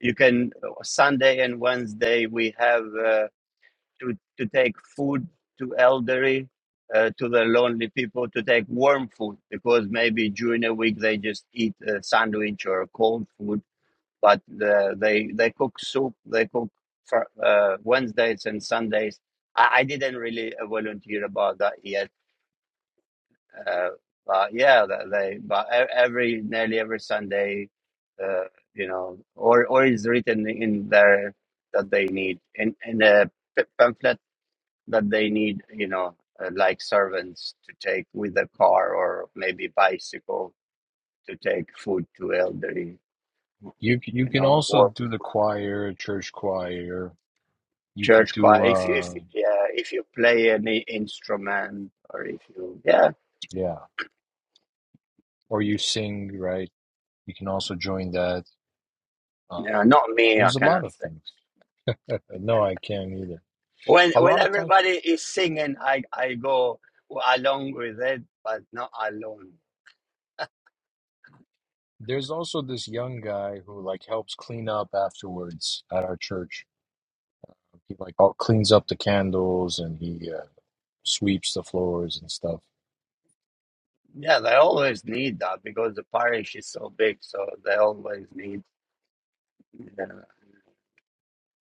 Speaker 1: You can Sunday and Wednesday we have uh, to to take food to elderly, uh, to the lonely people to take warm food because maybe during a week they just eat a sandwich or cold food, but uh, they they cook soup, they cook for, uh, Wednesdays and Sundays. I, I didn't really volunteer about that yet uh, but yeah, that they but e- every nearly every Sunday, uh, you know, or or is written in there that they need in in a p- pamphlet that they need, you know, uh, like servants to take with the car or maybe bicycle to take food to elderly,
Speaker 5: you c- you
Speaker 1: you
Speaker 5: can
Speaker 1: know,
Speaker 5: also
Speaker 1: or
Speaker 5: do the choir, church choir. You could
Speaker 1: church
Speaker 5: do
Speaker 1: choir. If you, if
Speaker 5: uh
Speaker 1: yeah, if you play any instrument or if you yeah,
Speaker 5: yeah, or you sing, right? You can also join that. Um,
Speaker 1: yeah, not me, I
Speaker 5: there's a lot
Speaker 1: cannot
Speaker 5: of things. Uh, No, I can't either.
Speaker 1: When
Speaker 5: A
Speaker 1: when
Speaker 5: lot of times,
Speaker 1: everybody is singing, I I go along with it, but not alone.
Speaker 5: there's also this young guy who like helps clean up afterwards at our church. He like all cleans up the candles and he uh, sweeps the floors and stuff.
Speaker 1: Yeah, they always need that because the parish is so big, so they always need uh,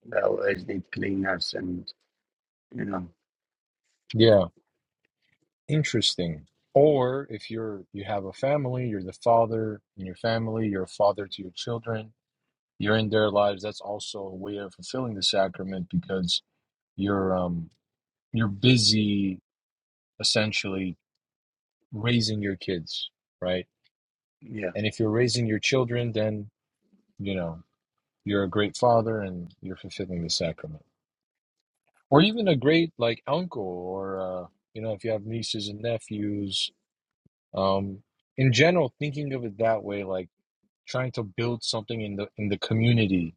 Speaker 1: they always need cleaners and you know
Speaker 5: Yeah. Interesting. Or if you're you have a family, you're the father in your family, you're a father to your children, you're in their lives. That's also a way of fulfilling the sacrament because you're um you're busy essentially raising your kids, right?
Speaker 1: yeah.
Speaker 5: And if you're raising your children, then you know you're a great father and you're fulfilling the sacrament. Or even a great like uncle or uh, you know if you have nieces and nephews, um, in general, thinking of it that way, like trying to build something in the in the community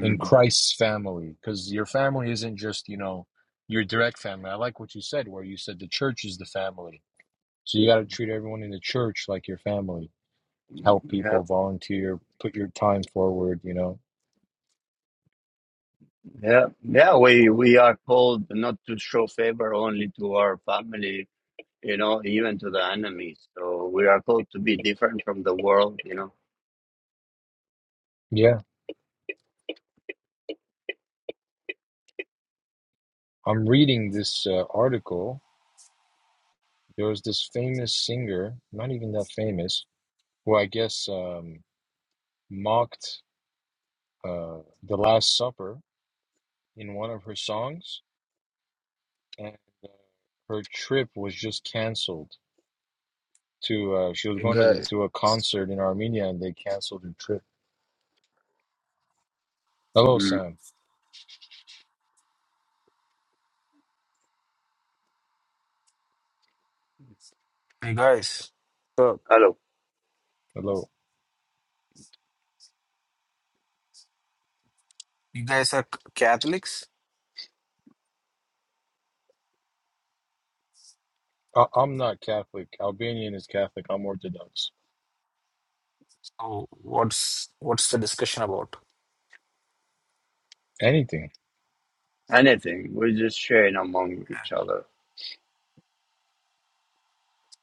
Speaker 5: in christ's family because your family isn't just you know your direct family i like what you said where you said the church is the family so you got to treat everyone in the church like your family help
Speaker 1: Yeah,
Speaker 5: people volunteer put your time forward you know
Speaker 1: yeah, yeah. We we are called not to show favor only to our family, you know, even to the enemies. So we are called to be different from the world, you know.
Speaker 5: yeah i'm reading this uh, article there was this famous singer not even that famous who i guess um, mocked uh, the last supper in one of her songs and uh, her trip was just canceled to uh, she was
Speaker 6: You
Speaker 5: going to the,
Speaker 6: guys,
Speaker 5: to a concert in Armenia and they canceled her trip. Hello,
Speaker 1: Mm.
Speaker 5: Sam.
Speaker 6: you guys, so
Speaker 5: Hello.
Speaker 6: you guys are Catholics.
Speaker 5: I, I'm not Catholic. Albanian is Catholic. I'm Orthodox.
Speaker 6: So what's what's the discussion about?
Speaker 5: Anything.
Speaker 1: anything. We just sharing among each other.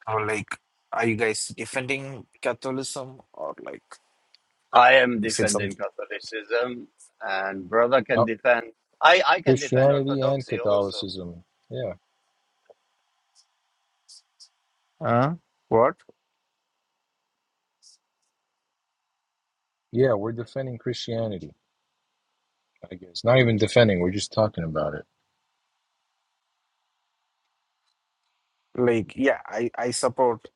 Speaker 6: Or like, are you guys defending Catholicism or like
Speaker 1: I am
Speaker 6: is it
Speaker 1: defending
Speaker 6: something?
Speaker 1: Catholicism, and brother can
Speaker 5: Uh,
Speaker 1: defend. I I can defend
Speaker 5: Christianity and
Speaker 1: Orthodoxy also.
Speaker 5: Catholicism. Yeah.
Speaker 6: Uh, what?
Speaker 5: Yeah, we're defending Christianity, I guess. Not even defending, we're just talking about it.
Speaker 6: Like, yeah, I I support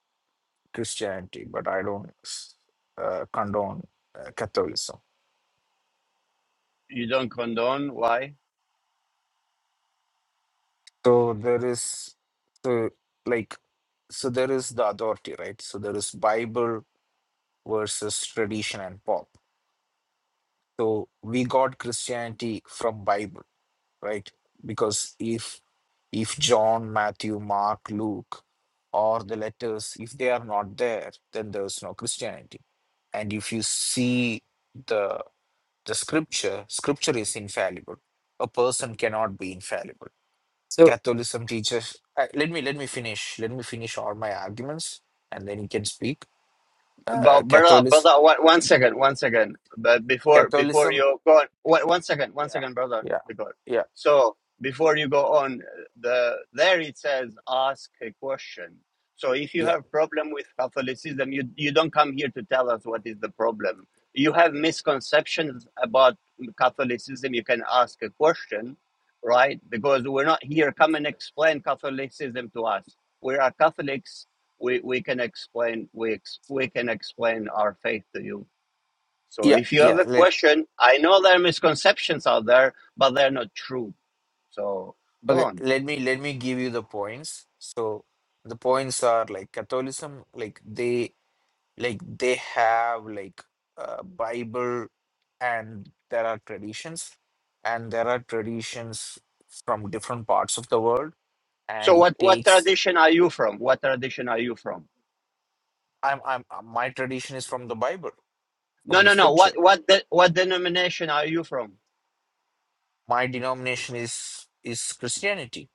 Speaker 6: Christianity, but I don't uh, condone uh, Catholicism.
Speaker 1: You don't condone? Why?
Speaker 6: So there is so like so there is the authority, right? So there is Bible versus tradition and pop. so we got christianity from bible right because if if john matthew mark luke or the letters if they are not there then there's no christianity and if you see the the scripture scripture is infallible a person cannot be infallible
Speaker 7: So
Speaker 6: catholicism teaches uh, let me let me finish let me finish all my arguments and then you can speak uh,
Speaker 1: But brother,
Speaker 6: catholic
Speaker 1: brother, one, one second, one second. But before before
Speaker 6: catholicism
Speaker 1: you go on, one, one second,
Speaker 6: yeah
Speaker 1: one second, brother.
Speaker 6: yeah
Speaker 1: Because
Speaker 6: yeah
Speaker 1: so before you go on, the there it says ask a question. So if you
Speaker 6: yeah
Speaker 1: have problem with Catholicism, you you don't come here to tell us what is the problem. You have misconceptions about Catholicism. You can ask a question, right? Because we're not here. Come and explain Catholicism to us. We are Catholics we, we can explain we ex, we can explain our faith to you. So
Speaker 6: Yeah,
Speaker 1: if you have
Speaker 6: yeah.
Speaker 1: a
Speaker 6: Let
Speaker 1: question, I know there are misconceptions out there, but they're not true. So go
Speaker 6: okay.
Speaker 1: on.
Speaker 6: Let me let me give you the points. So the points are like Catholicism, like they like they have like a Bible, and there are traditions, and there are traditions from different parts of the world,
Speaker 1: So
Speaker 6: and it
Speaker 1: what what
Speaker 6: takes.
Speaker 1: tradition are you from? What tradition are you from?
Speaker 6: I'm I'm uh, my tradition is from the Bible,
Speaker 1: No,
Speaker 6: from the
Speaker 1: no, no. What
Speaker 6: Scripture.
Speaker 1: what de, what denomination are you from?
Speaker 6: My denomination is is Christianity.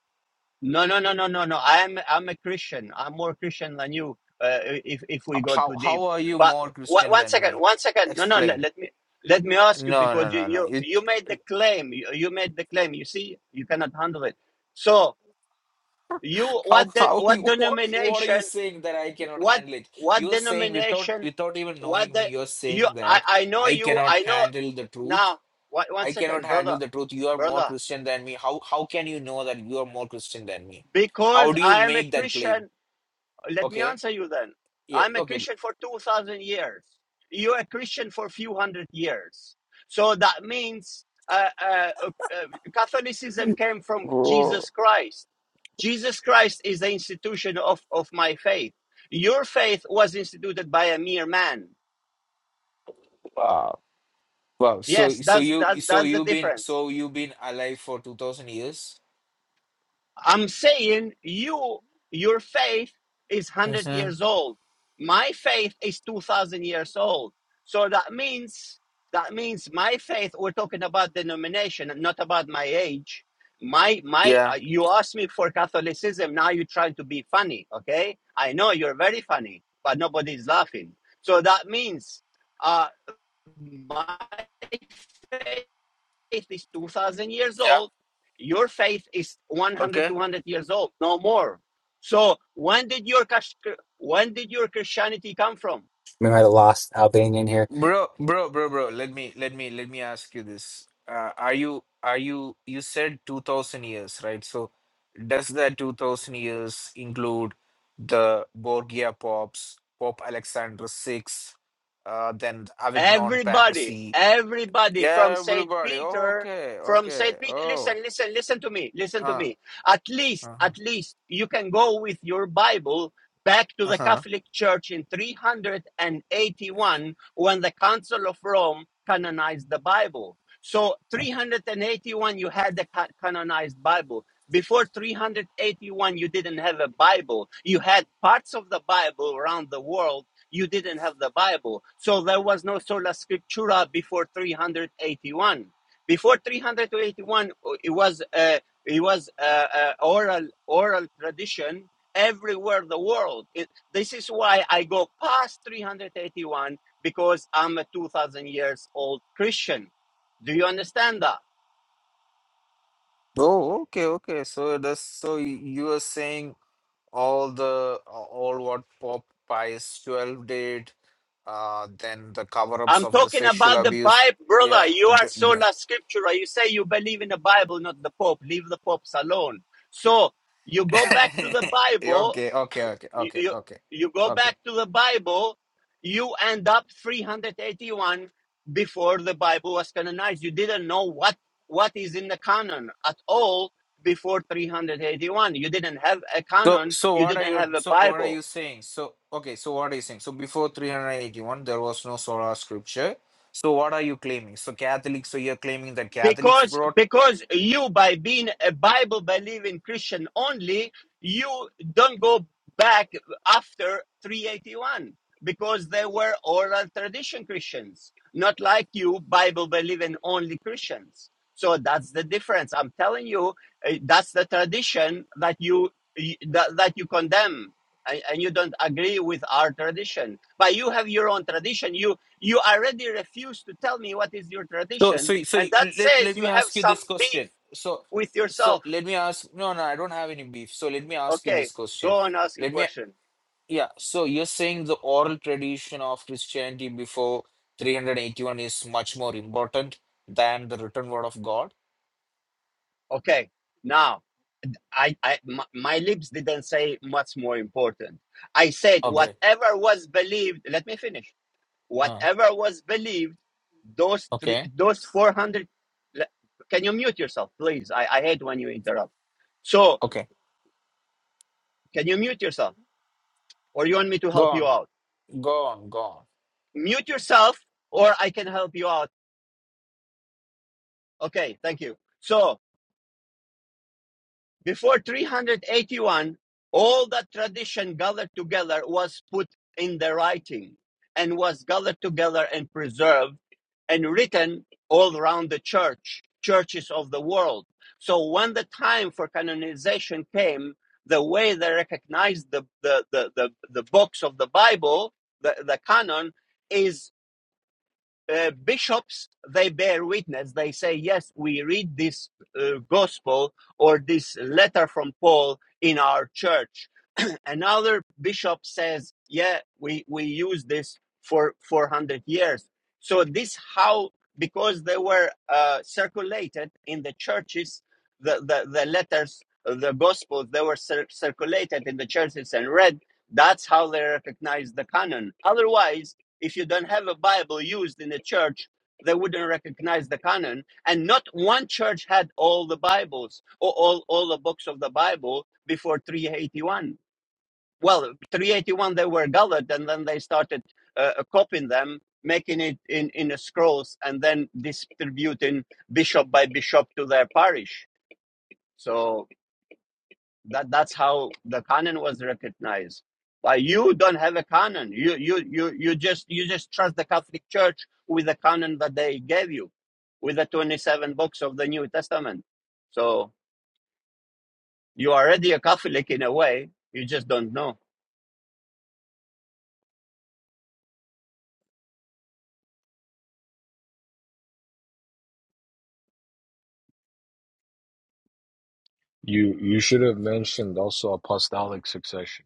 Speaker 1: No, no, no, no, no, no. I'm I'm a Christian. I'm more Christian than you. Uh, if if we go
Speaker 6: How
Speaker 1: too deep,
Speaker 6: how are you
Speaker 1: but
Speaker 6: more
Speaker 1: one,
Speaker 6: Christian
Speaker 1: one
Speaker 6: than
Speaker 1: second,
Speaker 6: me?
Speaker 1: one second. No, no. Let,
Speaker 6: Explain.
Speaker 1: let me let me ask you
Speaker 6: No, no,
Speaker 1: because you
Speaker 6: no, no.
Speaker 1: you
Speaker 6: You.
Speaker 1: you made the claim. You, you made the claim. You see, you cannot handle it. So you
Speaker 6: How
Speaker 1: what the,
Speaker 6: how
Speaker 1: what
Speaker 6: you what are you- what are you
Speaker 1: denomination?
Speaker 6: saying that I cannot
Speaker 1: What
Speaker 6: handle it?
Speaker 1: what
Speaker 6: You're saying without
Speaker 1: denomination?
Speaker 6: without even
Speaker 1: What
Speaker 6: knowing me,
Speaker 1: the
Speaker 6: you're
Speaker 1: you?
Speaker 6: saying
Speaker 1: I
Speaker 6: that
Speaker 1: I know
Speaker 6: I
Speaker 1: you.
Speaker 6: cannot
Speaker 1: I know
Speaker 6: handle the truth.
Speaker 1: now. One, one
Speaker 6: I cannot
Speaker 1: second,
Speaker 6: handle
Speaker 1: brother,
Speaker 6: the truth. You are more
Speaker 1: brother.
Speaker 6: Christian than me. How how can you know that you are more Christian than me? How
Speaker 1: Because
Speaker 6: do you
Speaker 1: I am a
Speaker 6: make that claim?
Speaker 1: Christian. Let me
Speaker 6: Okay.
Speaker 1: answer you then.
Speaker 6: Yeah,
Speaker 1: I'm a
Speaker 6: okay.
Speaker 1: Christian for 2,000 years. You're a Christian for a few hundred years. So that means uh, uh, uh, Catholicism came from
Speaker 6: Oh,
Speaker 1: Jesus Christ. Jesus Christ is the institution of, of my faith. Your faith was instituted by a mere man.
Speaker 6: wow. Wow. So
Speaker 1: Yes,
Speaker 6: so
Speaker 1: that's
Speaker 6: you
Speaker 1: that,
Speaker 6: so
Speaker 1: that's the
Speaker 6: you've been
Speaker 1: difference.
Speaker 6: so you've been alive for 2000 years?
Speaker 1: I'm saying you your faith is 100
Speaker 6: Mm-hmm.
Speaker 1: years old. My faith is 2000 years old. So that means that means my faith we're talking about denomination not about my age. My my
Speaker 6: Yeah.
Speaker 1: uh, you asked me for Catholicism now you're trying to be funny, okay? I know you're very funny, but nobody's laughing. So that means uh my faith faith is 2000 years
Speaker 6: Yeah.
Speaker 1: old your faith is one hundred,
Speaker 6: Okay.
Speaker 1: 200 years old no more so when did your when did your christianity come from
Speaker 7: we might have lost Albanian here.
Speaker 6: Bro, bro, bro, bro. Let me let me let me ask you this. Uh, are you are you you said 2000 years, right? So does that 2000 years include the Borgia popes, Pope Alexander VI, uh, then the Avignon
Speaker 1: Everybody,
Speaker 6: papacy?
Speaker 1: everybody from
Speaker 6: Yeah,
Speaker 1: St.
Speaker 6: everybody. Oh,
Speaker 1: Peter,
Speaker 6: okay,
Speaker 1: from
Speaker 6: okay.
Speaker 1: St. Peter,
Speaker 6: Oh,
Speaker 1: listen, listen, listen to me, listen to
Speaker 6: uh,
Speaker 1: me. At least,
Speaker 6: uh-huh,
Speaker 1: at least you can go with your Bible back to the
Speaker 6: uh-huh.
Speaker 1: Catholic Church in 381 when the Council of Rome canonized the Bible. So 381, you had the ca- canonized Bible. Before 381, you didn't have a Bible. You had parts of the Bible around the world you didn't have the Bible. So there was no sola scriptura before 381. Before 381, it was uh, it was uh, uh, oral oral tradition everywhere in the world. It, this is why I go past 381 because I'm a 2,000 years old Christian. Do you understand that?
Speaker 6: Oh, okay, okay. So that's so y- you are saying all the all what Pope Pius XII did uh, then the cover ups
Speaker 1: I'm
Speaker 6: of the
Speaker 1: talking
Speaker 6: sexual
Speaker 1: about the
Speaker 6: abuse.
Speaker 1: Bible, brother.
Speaker 6: Yeah.
Speaker 1: You are
Speaker 6: the- the-
Speaker 1: sola scriptura. You say you believe in the Bible, not the Pope. Leave the popes alone. So you go back to the Bible.
Speaker 6: okay, okay, okay, okay,
Speaker 1: You, you,
Speaker 6: okay,
Speaker 1: you go
Speaker 6: okay.
Speaker 1: back to the Bible. You end up 381 before the Bible was canonized. You didn't know what what is in the canon at all before 381. You didn't have a
Speaker 6: So,
Speaker 1: canon.
Speaker 6: so
Speaker 1: You
Speaker 6: what are
Speaker 1: didn't
Speaker 6: you?
Speaker 1: have a
Speaker 6: So, what are
Speaker 1: Bible.
Speaker 6: you saying? So, okay. So, what are you saying? So, before three hundred eighty-one, there was no sola scripture. So, what are you claiming? So, Catholics. So, you're claiming that Catholics
Speaker 1: because
Speaker 6: brought.
Speaker 1: because you by being a bible believing christian only you don't go back after 381 because they were oral tradition christians not like you bible believing only christians so that's the difference i'm telling you eh, that's the tradition that you you- that, that you condemn and, and you don't agree with our tradition but you have your own tradition you already refuse to tell me what is your
Speaker 6: So,
Speaker 1: tradition,
Speaker 6: so, so
Speaker 1: and
Speaker 6: y-
Speaker 1: that
Speaker 6: let
Speaker 1: says
Speaker 6: let
Speaker 1: you
Speaker 6: me
Speaker 1: have
Speaker 6: ask you
Speaker 1: some
Speaker 6: this
Speaker 1: beef
Speaker 6: question. So,
Speaker 1: with
Speaker 6: so
Speaker 1: yourself.
Speaker 6: let me ask. No, no, I don't have any beef. So, let me ask you
Speaker 1: Okay,
Speaker 6: this question.
Speaker 1: go and ask a
Speaker 6: Let me.
Speaker 1: question.
Speaker 6: Yeah, so you're saying the oral tradition of Christianity before 381 is much more important than the written word of God?
Speaker 1: Okay, now I, I my, my lips didn't say what's more important. I said
Speaker 6: Okay.
Speaker 1: whatever was believed. Let me finish.
Speaker 6: Uh,
Speaker 1: Whatever was believed, those three,
Speaker 6: okay.
Speaker 1: those four hundred. Can you mute yourself, please? I, I hate when you interrupt. So,
Speaker 6: Okay.
Speaker 1: can you mute yourself, or you want me to
Speaker 6: Go
Speaker 1: help you
Speaker 6: on.
Speaker 1: out?
Speaker 6: Go on. Go on.
Speaker 1: Mute yourself, or I can help you out Okay, thank you. So before 381, all the tradition gathered together was put in the writing and was gathered together and preserved and written all around the church, churches of the world. So when the time for canonization came, the way they recognized the, the, the, the, the books of the Bible, the, the canon, is uh, bishops they bear witness they say yes we read this uh, gospel or this letter from paul in our church another bishop says, yeah, we, we use this for 400 years. So this how, because they were uh, circulated in the churches, the, the, the letters, the gospels, they were cir- circulated in the churches and read. That's how they recognize the canon. Otherwise, if you don't have a Bible used in the church, they wouldn't recognize the canon. And not one church had all the Bibles or all, all the books of the Bible before 381 well 381 they were gathered and then they started uh, uh, copying them making it in in a scrolls and then distributing bishop by bishop to their parish so that that's how the canon was recognized but you don't have a canon you you you you just you just trust the catholic church with the canon that they gave you with the 27 books of the new testament so you are already a catholic in a way you just don't know
Speaker 5: You you should have mentioned also apostolic succession.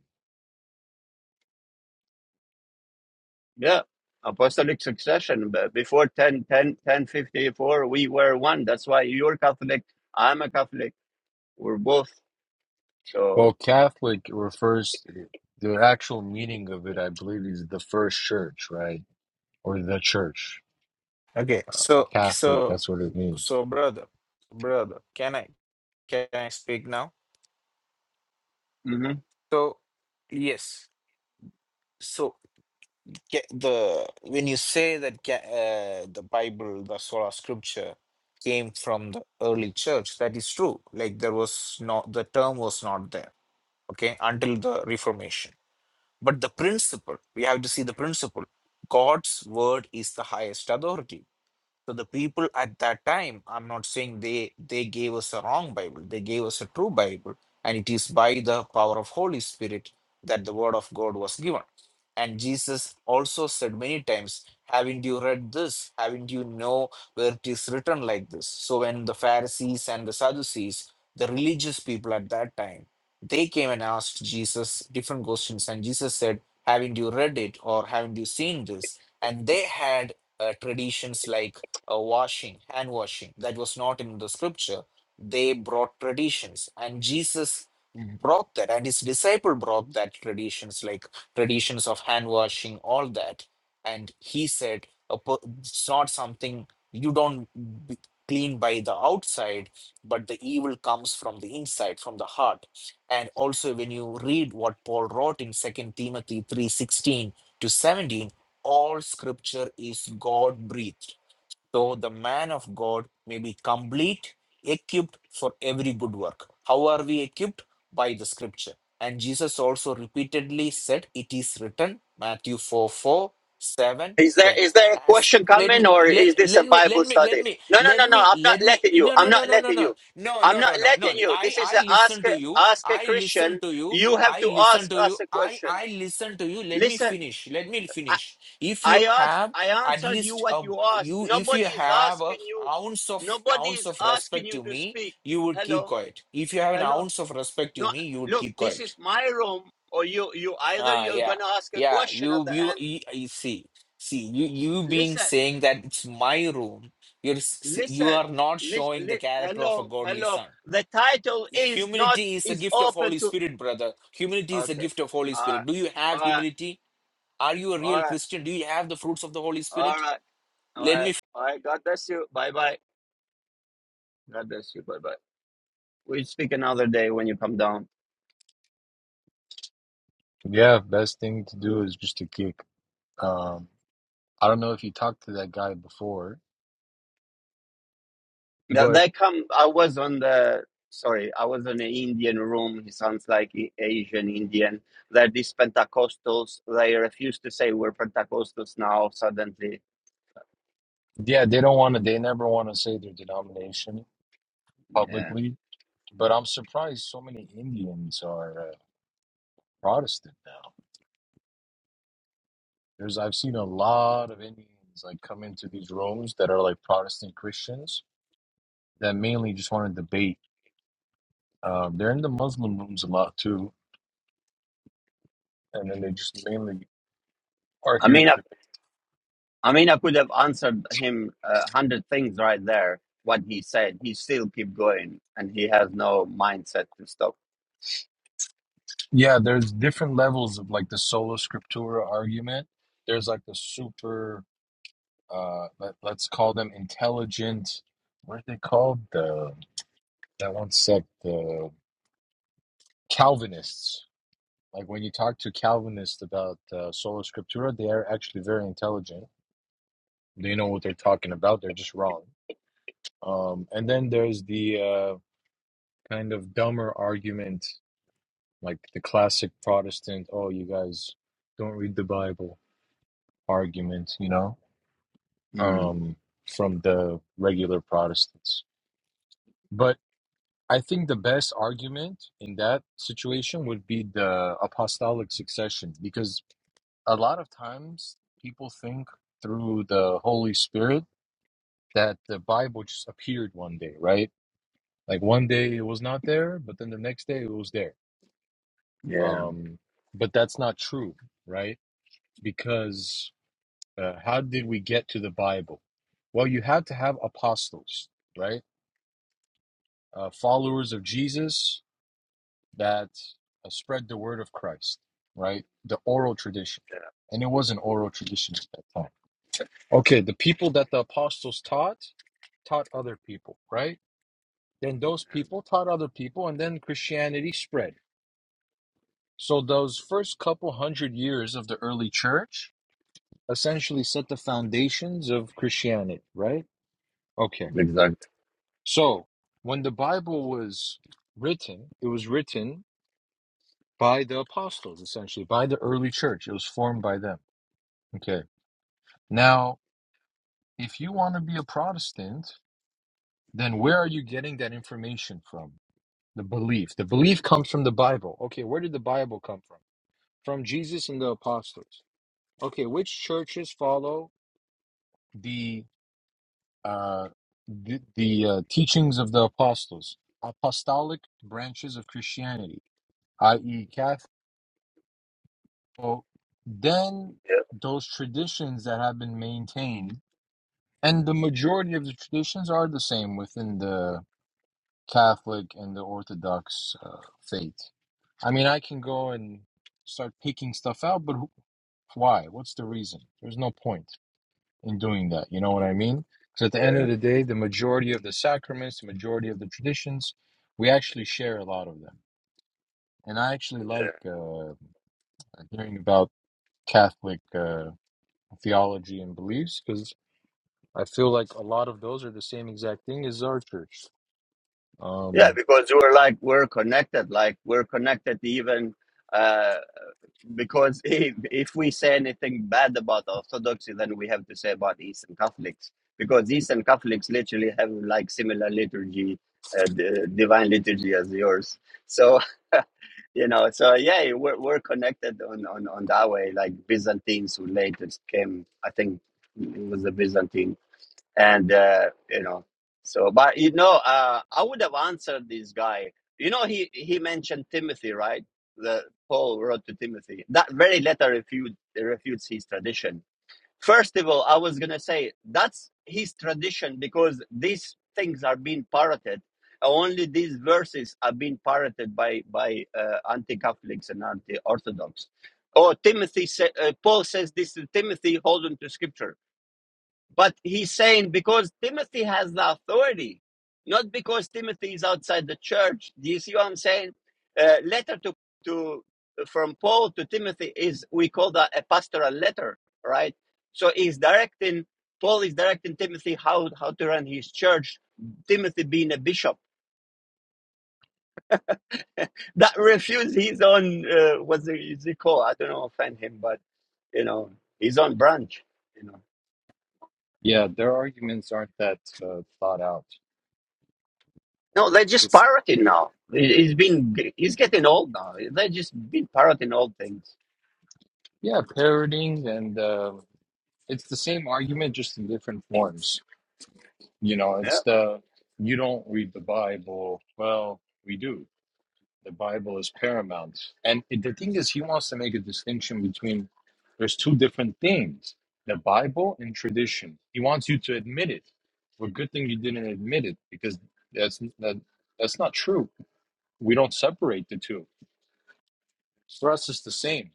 Speaker 1: Yeah, apostolic succession. But before ten, ten, ten, fifty-four, we were one. That's why you're Catholic, I'm a Catholic. We're both.
Speaker 5: Well,
Speaker 1: So,
Speaker 5: Catholic refers the actual meaning of it, I believe, is the first church, right? Or the church.
Speaker 6: Okay. So,
Speaker 5: Catholic,
Speaker 6: so,
Speaker 5: that's what it means.
Speaker 6: so, brother, brother, can I, can I speak now?
Speaker 1: hmm
Speaker 6: So, yes. So. Ca the when you say that ca uh, the Bible, the sola scripture, came from the early church, that is true. Like there was not the term was not there, okay, until the Reformation. But the principle, we have to see the principle. God's word is the highest authority so the people at that time, I'm not saying they they gave us a wrong Bible, they gave us a true Bible, and it is by the power of Holy Spirit that the word of God was given. And Jesus also said many times, Haven't you read this? Haven't you know where it is written like this? So when the Pharisees and the Sadducees, the religious people at that time, they came and asked Jesus different questions, and Jesus said, Haven't you read it or haven't you seen this? And they had uh, traditions like a washing, hand washing, that was not in the scripture. They brought traditions, and Jesus brought that, and his disciple brought that traditions, like traditions of hand washing, all that. And he said, a per- it's not something you don't be clean by the outside, but the evil comes from the inside, from the heart. And also, when you read what Paul wrote in Second Timothy three sixteen to 17, all scripture is God breathed so the man of God may be complete, equipped for every good work. How are we equipped? By the scripture. And Jesus also repeatedly said, It is written, Matthew 4 4 7 10.
Speaker 1: is there is there a
Speaker 6: Ask,
Speaker 1: question
Speaker 6: let
Speaker 1: coming,
Speaker 6: me
Speaker 1: or
Speaker 6: let
Speaker 1: is this a
Speaker 6: let me
Speaker 1: Bible
Speaker 6: let me let
Speaker 1: study?
Speaker 6: me
Speaker 1: No, no,
Speaker 6: let
Speaker 1: no, no.
Speaker 6: me
Speaker 1: I'm not
Speaker 6: let me
Speaker 1: letting you.
Speaker 6: no
Speaker 1: I'm
Speaker 6: no no
Speaker 1: not
Speaker 6: no no
Speaker 1: letting
Speaker 6: no
Speaker 1: you.
Speaker 6: no
Speaker 1: I'm
Speaker 6: no
Speaker 1: not
Speaker 6: no no no
Speaker 1: letting you.
Speaker 6: I
Speaker 1: This is
Speaker 6: I
Speaker 1: a ask
Speaker 6: listen
Speaker 1: a,
Speaker 6: to you
Speaker 1: ask a
Speaker 6: I listen
Speaker 1: Christian.
Speaker 6: to you
Speaker 1: You have
Speaker 6: I
Speaker 1: to
Speaker 6: listen
Speaker 1: ask
Speaker 6: to you
Speaker 1: us a
Speaker 6: I
Speaker 1: question.
Speaker 6: I listen to you let me
Speaker 1: Listen,
Speaker 6: finish let me
Speaker 1: I,
Speaker 6: finish if you
Speaker 1: I asked.
Speaker 6: have
Speaker 1: I
Speaker 6: at
Speaker 1: answered you
Speaker 6: least
Speaker 1: what
Speaker 6: a
Speaker 1: you asked.
Speaker 6: you if you
Speaker 1: Nobody is
Speaker 6: have a
Speaker 1: asking you.
Speaker 6: ounce of
Speaker 1: Nobody
Speaker 6: ounce
Speaker 1: is
Speaker 6: of
Speaker 1: asking
Speaker 6: respect
Speaker 1: you
Speaker 6: to
Speaker 1: to
Speaker 6: me
Speaker 1: speak.
Speaker 6: you would keep
Speaker 1: Hello.
Speaker 6: quiet if you have an
Speaker 1: Hello.
Speaker 6: ounce of respect to
Speaker 1: No,
Speaker 6: me you would
Speaker 1: look,
Speaker 6: keep
Speaker 1: this
Speaker 6: quiet
Speaker 1: is my room, or you, you either
Speaker 6: Ah,
Speaker 1: you're
Speaker 6: yeah,
Speaker 1: gonna ask a
Speaker 6: yeah.
Speaker 1: question at
Speaker 6: You,
Speaker 1: the
Speaker 6: you,
Speaker 1: end.
Speaker 6: you, you see, see, you, you being
Speaker 1: Listen,
Speaker 6: saying that it's my room. You're, s- you
Speaker 1: listen,
Speaker 6: are not
Speaker 1: listen.
Speaker 6: showing the
Speaker 1: Li-
Speaker 6: character of a
Speaker 1: hello,
Speaker 6: godly
Speaker 1: hello.
Speaker 6: son.
Speaker 1: The title is not
Speaker 6: Humility is a
Speaker 1: is
Speaker 6: gift of
Speaker 1: open
Speaker 6: Holy
Speaker 1: to.
Speaker 6: Spirit, brother. Humility is a
Speaker 1: Okay.
Speaker 6: gift of Holy
Speaker 1: All right.
Speaker 6: Spirit. Do you
Speaker 1: All
Speaker 6: have
Speaker 1: right.
Speaker 6: humility? Are you a
Speaker 1: All
Speaker 6: real
Speaker 1: right.
Speaker 6: Christian? Do you have the fruits of the Holy
Speaker 1: All
Speaker 6: Spirit?
Speaker 1: right. All
Speaker 6: Let
Speaker 1: right.
Speaker 6: me
Speaker 1: All right. God bless you. Bye bye. God bless you. Bye bye. We speak another day when you come down.
Speaker 5: Yeah, best thing to do is just to kick. Um, I don't know if you talked to that guy before,
Speaker 1: That
Speaker 5: but
Speaker 1: they come. I was on the sorry. I was in an Indian room. He sounds like a- Asian Indian. They're these Pentecostals. They refuse to say we're Pentecostals now. Suddenly,
Speaker 5: yeah, they don't want to, they never want to say their denomination
Speaker 1: yeah.
Speaker 5: publicly. But I'm surprised so many Indians are uh, Protestant now. There's, I've seen a lot of Indians like come into these rooms that are like Protestant Christians that mainly just want to debate Um, they're in the Muslim rooms a lot too, and then they just mainly are
Speaker 1: I
Speaker 5: here
Speaker 1: mean,
Speaker 5: to
Speaker 1: I,
Speaker 5: debate.
Speaker 1: I mean, I could have answered him a hundred things right there. What he said, he still keep going, and he has no mindset to stop.
Speaker 5: Yeah, there's different levels of like the sola scriptura argument. There's like the super, uh, let, let's call them intelligent. What are they called? The that one sect, the Calvinists. Like when you talk to Calvinists about uh, sola scriptura, they are actually very intelligent. They know what they're talking about. They're just wrong. Um, and then there's the uh, kind of dumber argument like the classic Protestant, oh, you guys don't read the Bible argument, you know,
Speaker 1: Mm,
Speaker 5: um, from the regular Protestants. But I think the best argument in that situation would be the apostolic succession, because a lot of times people think through the Holy Spirit that the Bible just appeared one day, right? Like one day it was not there, but then the next day it was there.
Speaker 1: yeah,
Speaker 5: Um, but that's not true, right? Because uh, how did we get to the Bible? Well, you had to have apostles, right? Uh, followers of Jesus that uh, spread the word of Christ, right? The oral tradition. And it was an oral tradition at that time. Okay, the people that the apostles taught, taught other people, right? Then those people taught other people, and then Christianity spread. So those first couple hundred years of the early church essentially set the foundations of Christianity, right? Okay.
Speaker 1: exactly.
Speaker 5: So, when the Bible was written, it was written by the apostles, essentially, by the early church. It was formed by them. Okay. Now, if you want to be a Protestant, then where are you getting that information from? The belief. The belief comes from the Bible. Okay. Where did the Bible come from? From Jesus and the apostles. Okay. Which churches follow the uh the, the uh, teachings of the apostles apostolic branches of christianity i.e Well, then
Speaker 1: Yeah,
Speaker 5: those traditions that have been maintained, and the majority of the traditions are the same within the Catholic and the Orthodox uh, faith. I mean, I can go and start picking stuff out, but who, why? What's the reason? There's no point in doing that. You know what I mean? Because at the end of
Speaker 1: yeah,
Speaker 5: the day, the majority of the sacraments, the majority of the traditions, we actually share a lot of them. And I actually
Speaker 1: yeah.
Speaker 5: like uh, hearing about Catholic. Uh, theology and beliefs because I feel like a lot of those are the same exact thing as our church.
Speaker 1: Yeah,
Speaker 5: Um,
Speaker 1: because we're like we're connected. Like we're connected even. uh, because if, if we say anything bad about Orthodoxy, then we have to say about Eastern Catholics, because Eastern Catholics literally have like similar liturgy, uh, d- divine liturgy as yours. So you know, so yeah, we're we're connected on on on that way. Like Byzantines who later came, I think it was the Byzantine and uh, you know so but you know uh, i would have answered this guy you know he he mentioned timothy right the paul wrote to timothy that very letter refutes refutes his tradition first of all i was going to say that's his tradition because these things are being parroted only these verses are being parroted by by uh, anti-catholics and anti-orthodox oh timothy sa- uh, paul says this to timothy hold on to scripture but he's saying because Timothy has the authority, not because Timothy is outside the church. Do you see what I'm saying? Uh, letter to to from Paul to Timothy is we call that a pastoral letter, right? So he's directing Paul is directing Timothy how how to run his church. Timothy being a bishop that refused his own uh, what's it is it called? I don't know offend him, but you know his own branch. you know.
Speaker 5: Yeah, their arguments aren't that uh, thought out.
Speaker 1: No, they're just
Speaker 5: It's
Speaker 1: pirating now. He- He's been he's getting old now. They're just been pirating old things.
Speaker 5: yeah, parroting and uh, it's the same argument just in different forms. you know,
Speaker 1: Yeah.
Speaker 5: it's the you don't read the Bible. Well, we do. The Bible is paramount. And it- the thing is, he wants to make a distinction between there's two different things the Bible and tradition. He wants you to admit it. Well, good thing you didn't admit it because that's that, that's not true. We don't separate the two. For us, it's the same.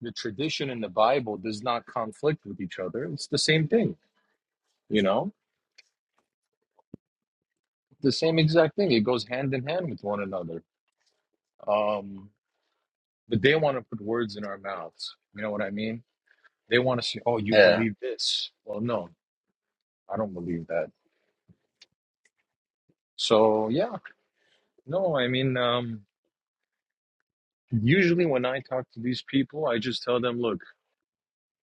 Speaker 5: The tradition and the Bible does not conflict with each other. It's the same thing, you know, the same exact thing. It goes hand in hand with one another. Um, but they want to put words in our mouths. You know what I mean? They want to see, oh, you
Speaker 1: Yeah.
Speaker 5: believe this. Well, no, I don't believe that. So, yeah, no, I mean, um, usually when I talk to these people, I just tell them, look,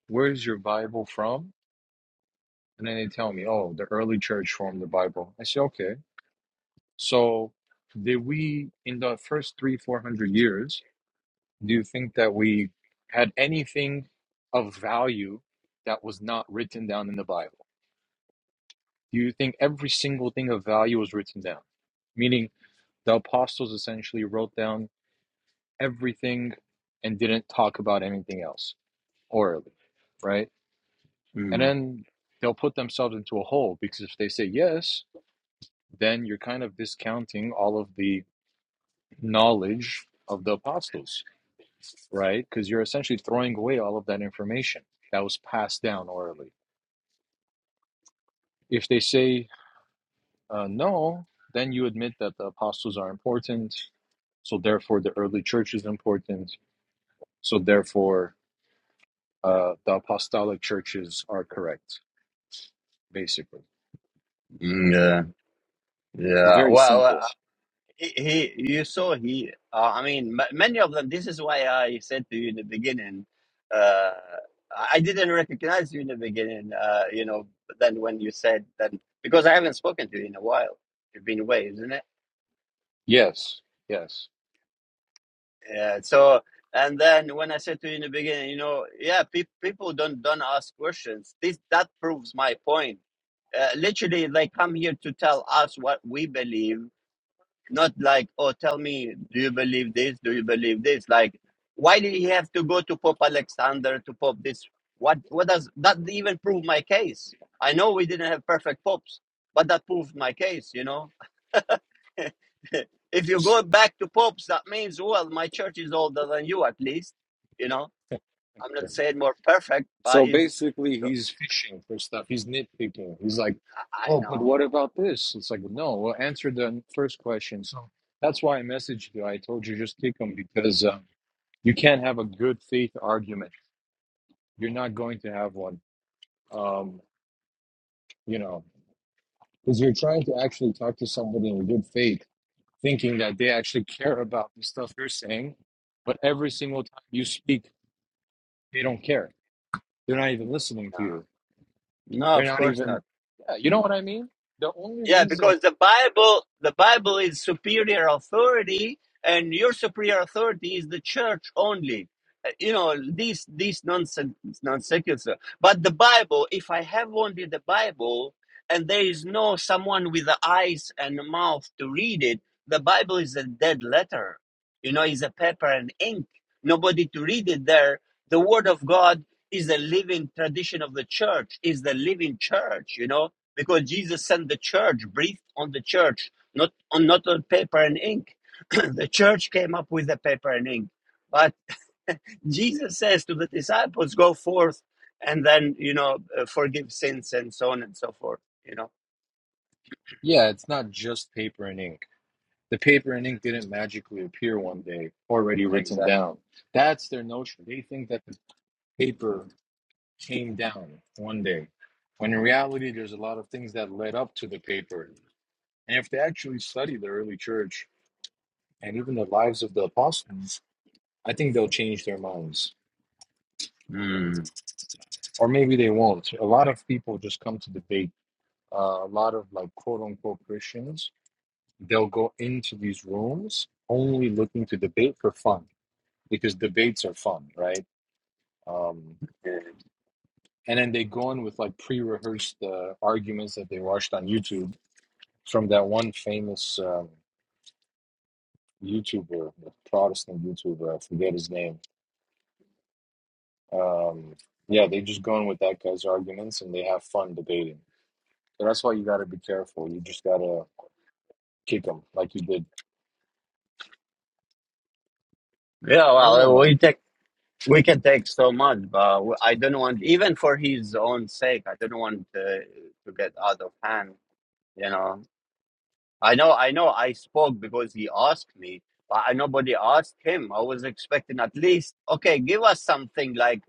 Speaker 5: where's your Bible from? And then they tell me, oh, the early church formed the Bible. I say, okay. So, did we, in the first three, 400 years, do you think that we had anything of value that was not written down in the Bible? Do you think every single thing of value was written down? Meaning. The apostles essentially wrote down everything and didn't talk about anything else orally, right? And
Speaker 1: Mm,
Speaker 5: then they'll put themselves into a hole because if they say yes, then you're kind of discounting all of the knowledge of the apostles, right? Because you're essentially throwing away all of that information that was passed down orally. If they say uh, no, then you admit that the apostles are important. So therefore, the early church is important. So therefore, uh, the apostolic churches are correct, basically.
Speaker 1: mm, yeah.
Speaker 5: It's
Speaker 1: Yeah.
Speaker 5: very
Speaker 1: Well, uh,
Speaker 5: simple.
Speaker 1: he, he you saw he. Uh, I mean, m- many of them. This is why I said to you in the beginning. Uh, I I didn't recognize you in the beginning. Uh, you know, but then when you said then because I haven't spoken to you in a while. You've been away, isn't it?
Speaker 5: Yes, yes.
Speaker 1: Yeah. So, and then when I said to you in the beginning, you know, yeah, pe- people don't don't ask questions. This that proves my point. Uh, literally, they come here to tell us what we believe, not like, oh, tell me, do you believe this? Do you believe this? Like, why did he have to go to Pope Alexander to Pope this? What what does that even prove my case? I know we didn't have perfect popes, but that proved my case. You know, if you go back to popes, that means, well, my church is older than you, at least. You know, I'm not saying more perfect, but
Speaker 5: So
Speaker 1: it's,
Speaker 5: basically,
Speaker 1: so
Speaker 5: he's fishing for stuff. He's nitpicking. He's like,
Speaker 1: I
Speaker 5: oh, but
Speaker 1: know.
Speaker 5: what about this? It's like, no, well, answer the first question. So that's why I messaged you. I told you just kick him because um, you can't have a good faith argument. You're not going to have one, um, you know, because you're trying to actually talk to somebody in good faith thinking that they actually care about the stuff you're saying, but every single time you speak, they don't care. They're not even listening
Speaker 1: No,
Speaker 5: to you.
Speaker 1: no,
Speaker 5: They're
Speaker 1: of
Speaker 5: not
Speaker 1: course not.
Speaker 5: even, yeah, you know what I mean? The only
Speaker 1: Yeah,
Speaker 5: reason,
Speaker 1: because the Bible, the Bible is superior authority, and your superior authority is the church only. Uh, You know these these nonsense non secular. But the Bible, if I have only the Bible, and there is no someone with the eyes and the mouth to read it, the Bible is a dead letter. You know, it's a paper and ink. Nobody to read it there. The Word of God is a living tradition of the church. Is the living church. You know, because Jesus sent the church, breathed on the church, not on not on paper and ink. the church came up with the paper and ink, but Jesus says to the disciples, "Go forth, and then you know uh, forgive sins and so on and so forth." You know
Speaker 5: yeah, it's not just paper and ink. The paper and ink didn't magically appear one day, already written
Speaker 1: exactly.
Speaker 5: down. That's their notion. They think that the paper came down one day, when in reality, there's a lot of things that led up to the paper. And if they actually study the early church and even the lives of the apostles, I think they'll change their minds,
Speaker 1: Mm.
Speaker 5: or maybe they won't. A lot of people just come to debate. Uh, a lot of like quote unquote Christians, they'll go into these rooms only looking to debate for fun because debates are fun, right? Um,
Speaker 1: Yeah.
Speaker 5: and then they go in with like pre-rehearsed uh, arguments that they watched on YouTube from that one famous um, YouTuber, Protestant YouTuber, I forget his name. Um, yeah, they just go in with that guy's arguments and they have fun debating So that's why you got to be careful. You just got to kick them like you did.
Speaker 1: Yeah,
Speaker 5: I
Speaker 1: well,
Speaker 5: don't know,
Speaker 1: uh,
Speaker 5: man.
Speaker 1: we take we can take so much, but w- I don't want even for his own sake. I don't want uh, to get out of hand. You know. I know, I know. I spoke because he asked me, but I, nobody asked him. I was expecting at least, okay, give us something like,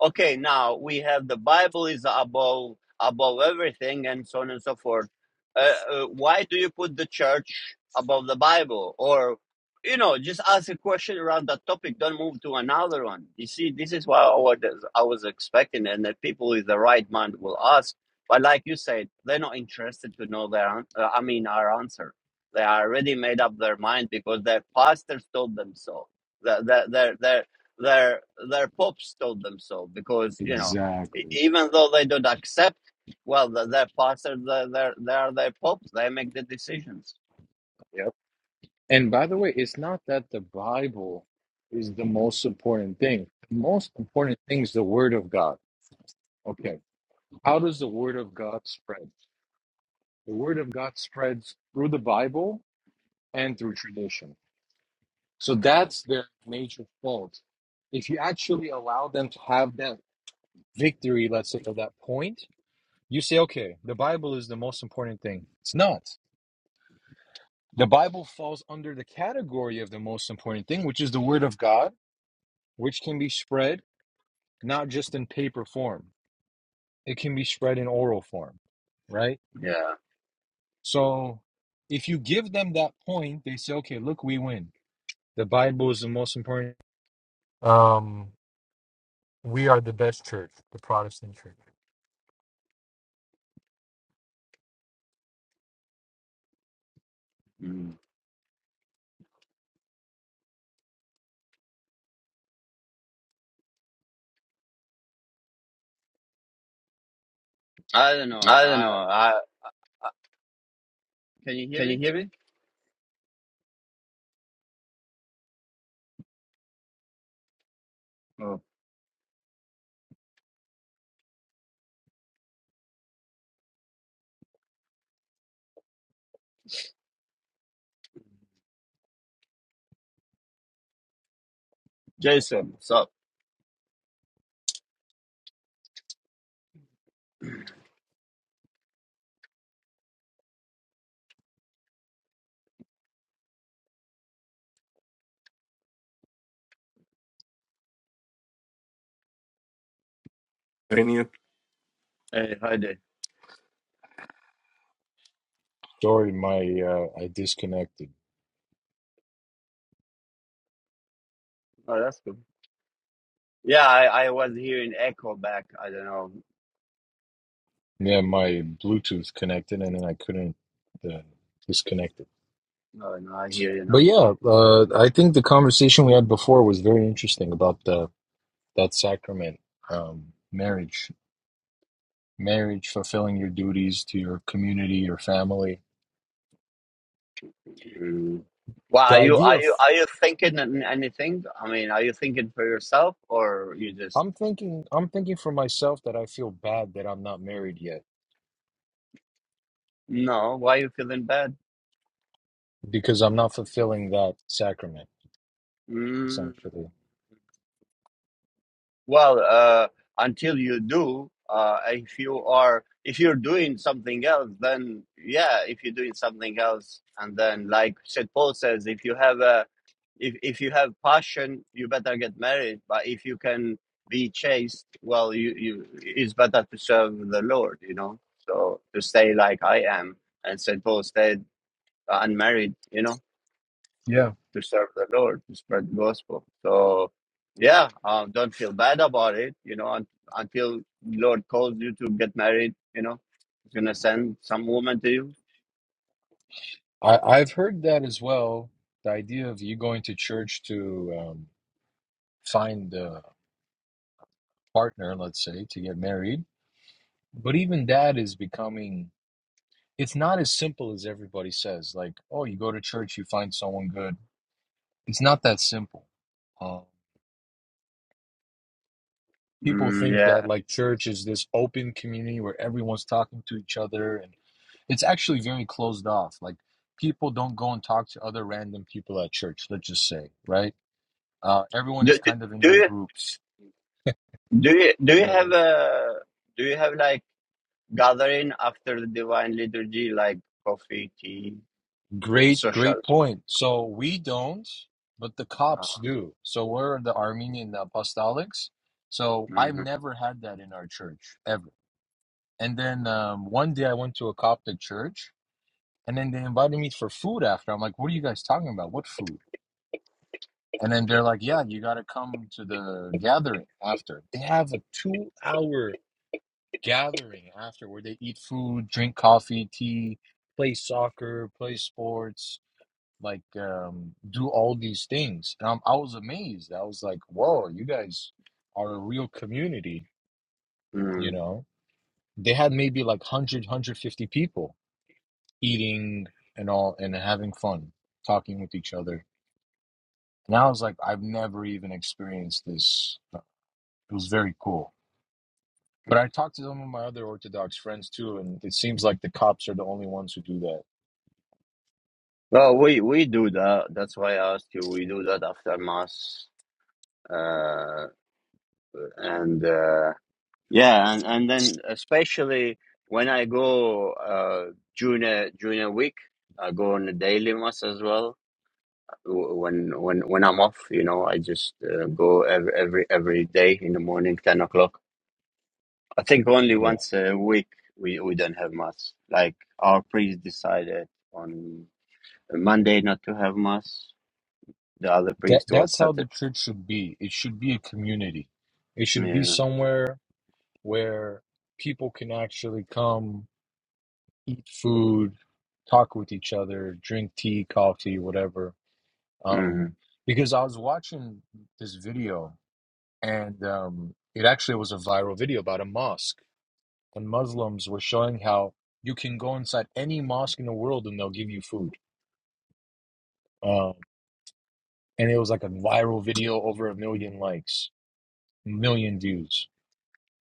Speaker 1: okay, now we have the Bible is above above everything, and so on and so forth. Uh, uh, why do you put the church above the Bible? Or, you know, just ask a question around that topic. Don't move to another one. You see, this is what I was, I was expecting, and that people with the right mind will ask but like you said, they're not interested to know their, uh, I mean, our answer. They already made up their mind because their pastors told them so. Their their their their their, their popes told them so because you know, e-
Speaker 5: Exactly.
Speaker 1: even though they don't accept, well, the, their pastors, they they they are their popes. They make the decisions.
Speaker 5: Yep. And by the way, it's not that the Bible is the most important thing. The most important thing is the Word of God. Okay. How does the Word of God spread? The Word of God spreads through the Bible and through tradition. So that's their major fault. If you actually allow them to have that victory, let's say, of that point, you say, okay, the Bible is the most important thing. It's not. The Bible falls under the category of the most important thing, which is the Word of God, which can be spread not just in paper form, it can be spread in oral form, right?
Speaker 1: Yeah.
Speaker 5: So if you give them that point, they say, okay, look, we win. The Bible is the most important. Um, we are the best church, the Protestant church.
Speaker 1: Mm.
Speaker 5: I don't know.
Speaker 1: I don't
Speaker 5: I
Speaker 1: know. I,
Speaker 5: can you hear
Speaker 1: can you
Speaker 5: me?
Speaker 1: hear me? Oh, Jason. So
Speaker 8: penny
Speaker 1: hey, hi there.
Speaker 5: Sorry, my uh, I disconnected.
Speaker 1: Oh, that's good. Yeah, I, I was hearing echo back. I don't know.
Speaker 5: Yeah, my Bluetooth connected and then I couldn't uh, disconnect it.
Speaker 1: No, no, I hear you
Speaker 5: But
Speaker 1: now.
Speaker 5: yeah, uh, I think the conversation we had before was very interesting about the that sacrament, um, marriage, marriage, fulfilling your duties to your community, your family.
Speaker 1: Mm. Well,
Speaker 5: The
Speaker 1: are you
Speaker 5: idea
Speaker 1: are
Speaker 5: of
Speaker 1: you are you thinking an- anything? I mean, are you thinking for yourself or you just
Speaker 5: I'm thinking, I'm thinking for myself that I feel bad that I'm not married yet
Speaker 1: no? Why are you feeling bad?
Speaker 5: because I'm not fulfilling that sacrament,
Speaker 1: Mm.
Speaker 5: essentially.
Speaker 1: Well, uh, until you do, uh, if you are if you're doing something else, then yeah, if you're doing something else, and then like St. Paul says, if you have a if if you have passion, you better get married. But if you can be chaste, well, you you it's better to serve the Lord, you know. So to stay like I am, and St. Paul stayed uh, unmarried, you know
Speaker 5: Yeah,
Speaker 1: to serve the Lord, to spread the gospel. So, yeah, um, don't feel bad about it. You know, un- until Lord calls you to get married, you know, He's gonna send some woman to you.
Speaker 5: I, I've heard that as well. The idea of you going to church to um, find a partner, let's say, to get married, but even that is becoming it's not as simple as everybody says. Like, oh, you go to church, you find someone good. It's not that simple. Um, people
Speaker 1: Mm,
Speaker 5: think that
Speaker 1: yeah.
Speaker 5: like church is this open community where everyone's talking to each other, and it's actually very closed off. Like, people don't go and talk to other random people at church. Let's just say, right? Uh, everyone
Speaker 1: Do,
Speaker 5: is
Speaker 1: do,
Speaker 5: kind of in
Speaker 1: do
Speaker 5: their
Speaker 1: you
Speaker 5: groups.
Speaker 1: do you do you
Speaker 5: Yeah.
Speaker 1: have a do you have like gathering after the divine liturgy, like coffee, tea,
Speaker 5: Great,
Speaker 1: social?
Speaker 5: great point. So we don't, but the
Speaker 1: Uh,
Speaker 5: cops do. So we're the Armenian uh, apostolics. So I've
Speaker 1: mhm,
Speaker 5: never had that in our church ever. And then um, one day I went to a Coptic church, and then they invited me for food after. I'm like, "What are you guys talking about? What food?" And then they're like, "Yeah, you got to come to the gathering after." They have a two-hour gathering after where they eat food, drink coffee, tea, play soccer, play sports like um, do all these things. And I'm, I was amazed. I was like, whoa, you guys are a real community, you
Speaker 1: mm.
Speaker 5: know? They had maybe like 100, people eating and all and having fun, talking with each other. And I was like, I've never even experienced this. Uh, It was very cool. But I talked to some of my other Orthodox friends too, and it seems like the cops are the only ones who do that.
Speaker 1: Well, we we do that. That's why I asked you. We do that after mass. Uh, and uh, Yeah, and, and then especially when I go uh, during a during a week, I go on a daily mass as well. W- When when when I'm off, you know, I just uh, go every every every day in the morning, ten o'clock. I think only
Speaker 5: Yeah.
Speaker 1: once a week we we don't have mass. Like our priest decided on Monday not to have mass. The other
Speaker 5: That
Speaker 1: priest was
Speaker 5: that's how the
Speaker 1: Saturday.
Speaker 5: church should be. It should be a community. It should be
Speaker 1: Yeah.
Speaker 5: somewhere where people can actually come, eat food, talk with each other, drink tea, coffee, whatever. Um,
Speaker 1: Mm.
Speaker 5: because I was watching this video, and um, it actually was a viral video about a mosque, and Muslims were showing how you can go inside any mosque in the world and they'll give you food. Um, and it was like a viral video, over a million likes, million views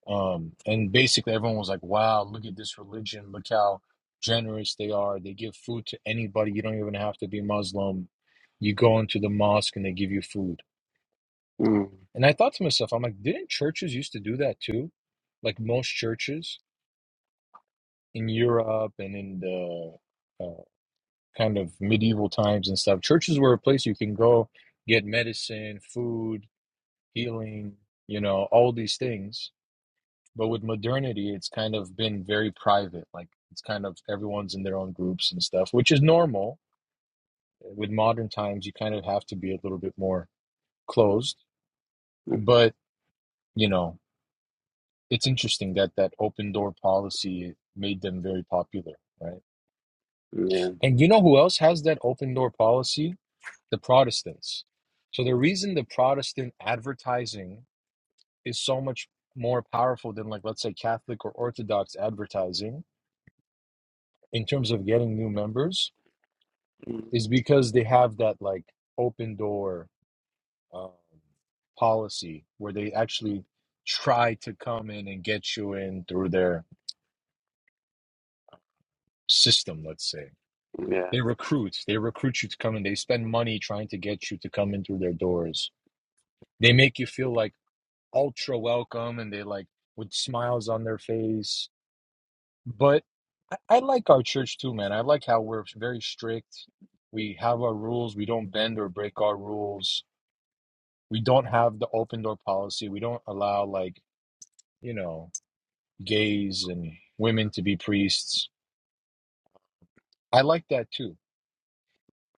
Speaker 5: Um, and basically, everyone was like, wow, look at this religion. Look how generous they are. They give food to anybody. You don't even have to be Muslim. You go into the mosque and they give you food.
Speaker 1: Mm.
Speaker 5: And I thought to myself, I'm like, didn't churches used to do that too? Like most churches in Europe and in the uh, kind of medieval times and stuff, churches were a place you can go get medicine, food, healing, you know, all these things But with modernity, it's kind of been very private. Like it's kind of everyone's in their own groups and stuff, which is normal. With modern times, you kind of have to be a little bit more closed.
Speaker 1: Mm.
Speaker 5: But, you know, it's interesting that that open door policy made them very popular, right?
Speaker 1: mm,
Speaker 5: And you know who else has that open door policy? The Protestants. So the reason the Protestant advertising is so much more powerful than like let's say Catholic or Orthodox advertising in terms of getting new members
Speaker 1: Yeah. Mm.
Speaker 5: is because they have that like open door um, policy where they actually try to come in and get you in through their system let's say
Speaker 1: Yeah.
Speaker 5: they recruit they recruit you to come in they spend money trying to get you to come in through their doors they make you feel like ultra welcome and they like with smiles on their face but i, I like our church too man i like how we're very strict we have our rules we don't bend or break our rules we don't have the open door policy. We don't allow like, you know, gays and women to be priests. I like that too.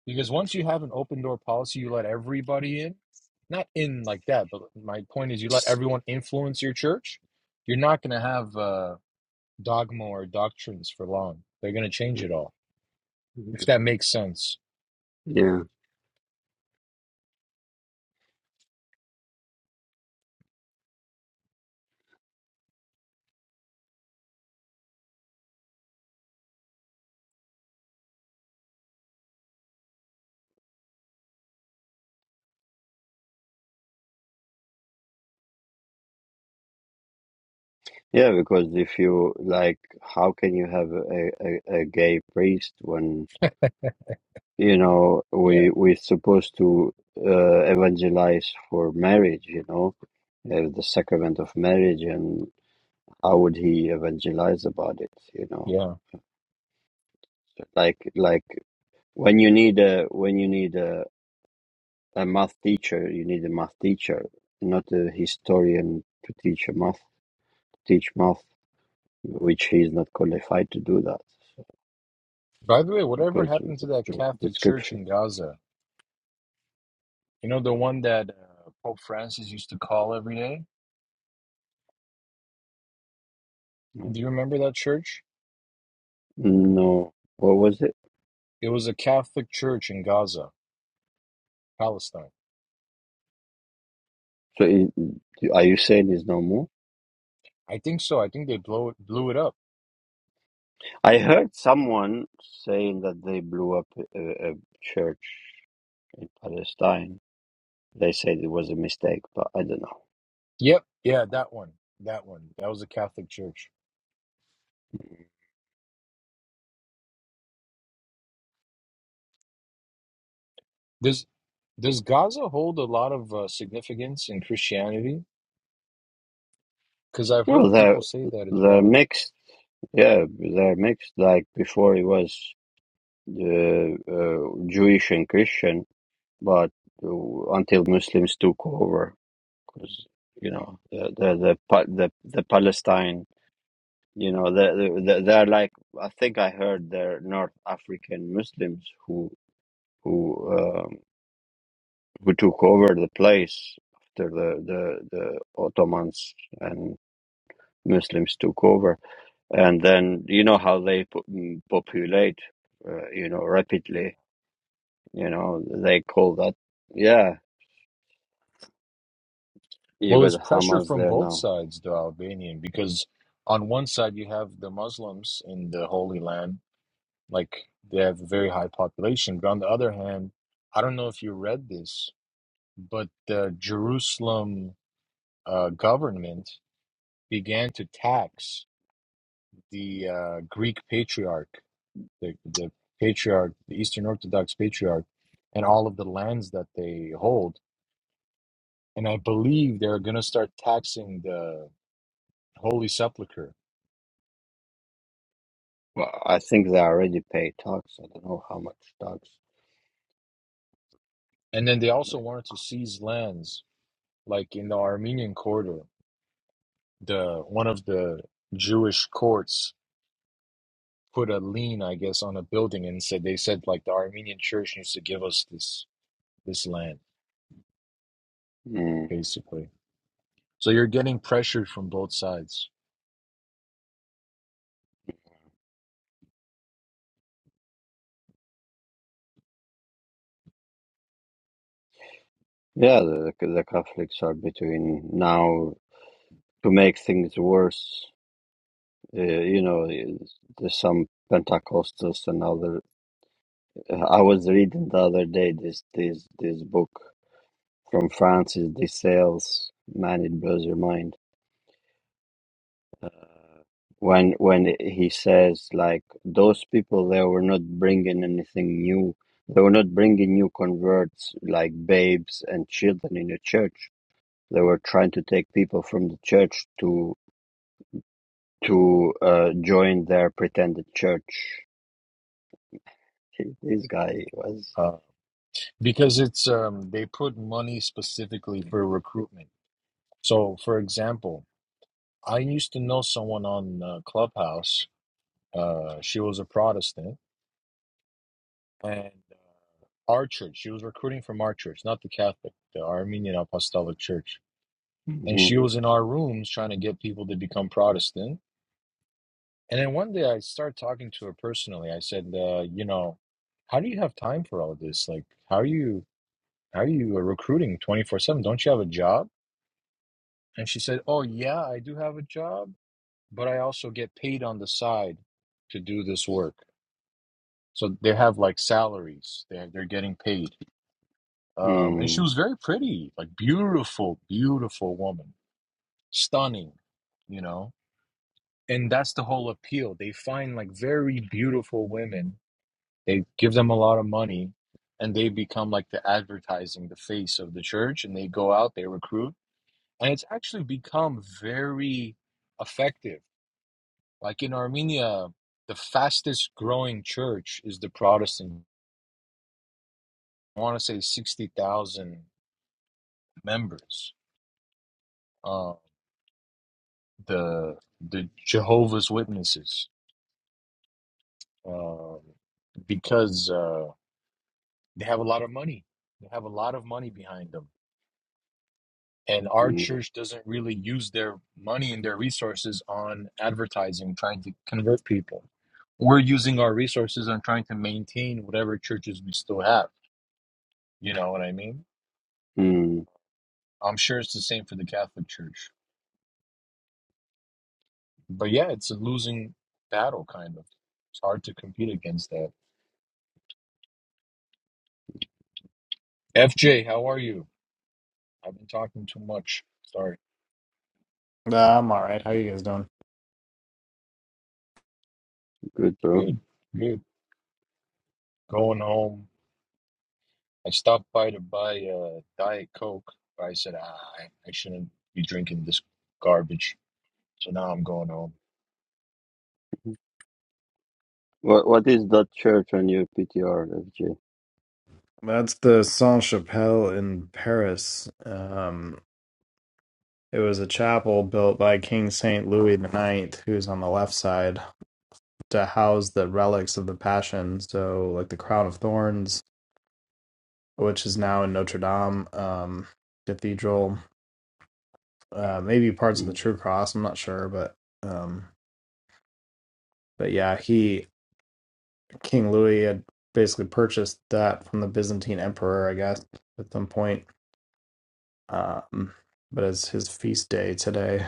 Speaker 5: Because once you have an open door policy, you let everybody in. Not in like that, but my point is you let everyone influence your church. You're not going to have uh, dogma or doctrines for long. They're going to change it all. If that
Speaker 1: Mm.
Speaker 5: makes sense.
Speaker 1: Yeah. Yeah, because if you like, how can you have a, a, a gay priest when you know we
Speaker 5: Yeah.
Speaker 1: we're supposed to uh, evangelize for marriage? You know, uh, the sacrament of marriage, and how would he evangelize about it? You know,
Speaker 5: Yeah.
Speaker 1: So, like like when you need a when you need a, a math teacher, you need a math teacher, not a historian to teach a math teach math, which he is not qualified to do that. so.
Speaker 5: By the way, whatever
Speaker 1: goes with
Speaker 5: happened
Speaker 1: the
Speaker 5: to that
Speaker 1: job
Speaker 5: Catholic church
Speaker 1: description.
Speaker 5: in Gaza? You know, the one that uh, Pope Francis used to call every day?
Speaker 1: No.
Speaker 5: Do you remember that church?
Speaker 1: No. What was it?
Speaker 5: It was a Catholic church in Gaza, Palestine.
Speaker 1: So it, are you saying there's no more?
Speaker 5: I think so. I think they blow it, blew it up.
Speaker 1: I heard someone saying that they blew up a, a church in Palestine. They said it was a mistake, but I don't know.
Speaker 5: Yep. Yeah, that one. That one. That was a Catholic church. Does does Gaza hold a lot of uh, significance in Christianity? Because I've
Speaker 1: Well,
Speaker 5: heard
Speaker 1: they're,
Speaker 5: people say that as
Speaker 1: they're
Speaker 5: well.
Speaker 1: mixed. Yeah, they're mixed. Like before it was uh, uh, Jewish and Christian. but uh, until Muslims took over, because you know the the the Pa- the, the Palestine, you know, the, the, they're like I think I heard they're North African Muslims who who um, who took over the place after the the the Ottomans and Muslims took over, and then you know how they po- mm, populate, uh, you know,
Speaker 5: Yeah.
Speaker 1: rapidly. You know, they call that yeah. You
Speaker 5: Well,
Speaker 1: got
Speaker 5: it's pressure
Speaker 1: Hamas
Speaker 5: from
Speaker 1: there
Speaker 5: both
Speaker 1: now
Speaker 5: sides, the Albanian, because on one side you have the Muslims in the Holy Land, like they have a very high population, but on the other hand, I don't know if you read this, but the Jerusalem uh, government began to tax the uh, Greek patriarch, the, the patriarch, the Eastern Orthodox patriarch, and all of the lands that they hold. And I believe they're going to start taxing the Holy Sepulchre.
Speaker 1: Well, I think they already pay tax. I don't know how much tax.
Speaker 5: And then they also wanted to seize lands, like in the Armenian corridor. The one of the Jewish courts put a lien, I guess, on a building and said they said like the Armenian church needs to give us this this land,
Speaker 1: Mm.
Speaker 5: basically. So you're getting pressured from both sides
Speaker 1: Yeah, the, the Catholics are between now to make things worse. Uh, you know, there's some Pentecostals and other. I was reading the other day this this this book from Francis de Sales. Man, it blows your mind. Uh, when when he says like those people they were not bringing anything new they were not bringing new converts like babes and children in the church they were trying to take people from the church to to uh, join their pretended church this guy was
Speaker 5: uh, because it's um, they put money specifically for recruitment. So, for example, I used to know someone on uh, Clubhouse. Uh, she was a Protestant, and uh, our church. She was recruiting from our church, not the Catholic, the Armenian Apostolic Church. And
Speaker 1: hmm
Speaker 5: she was in our rooms trying to get people to become Protestant And then one day I started talking to her personally. I said, uh, you know, how do you have time for all of this? Like, how are you, how are you recruiting 24/7? Don't you have a job? And she said, oh yeah, I do have a job, but I also get paid on the side to do this work. So they have like salaries. They're they're getting paid. Um, and she
Speaker 1: mm,
Speaker 5: was very pretty, like beautiful, beautiful woman, stunning, you know. And that's the whole appeal. They find like very beautiful women They give them a lot of money and they become like the advertising, the face of the church, and they go out, they recruit. And it's actually become very effective. Like in Armenia, the fastest growing church is the Protestant. I want to say 60,000 members. Uh, the the Jehovah's Witnesses, um, because uh, they have a lot of money. They have a lot of money behind them and our
Speaker 1: mm,
Speaker 5: church doesn't really use their money and their resources on advertising trying to convert people we're using our resources on trying to maintain whatever churches we still have you know what i mean
Speaker 1: mm,
Speaker 5: i'm sure it's the same for the catholic church but yeah it's a losing battle kind of it's hard to compete against that fj how are you i've been talking too much sorry
Speaker 9: Nah, I'm all right. How you guys doing?
Speaker 1: good bro
Speaker 5: good good going home I stopped by to buy a Diet Coke, but I said, ah, I I shouldn't be drinking this garbage. So now I'm going home.
Speaker 1: what what is that church on your ptr fj
Speaker 9: That's the Saint Chapelle in Paris. Um, it was a chapel built by King Saint Louis the Ninth, who's on the left side, to house the relics of the Passion. So, like the crown of thorns, which is now in Notre Dame um, Cathedral, uh, maybe parts of the
Speaker 1: mm.
Speaker 9: True Cross. I'm not sure, but um, but yeah, he King Louis had basically purchased that from the Byzantine Emperor, I guess, at some point um, but it's his feast day today.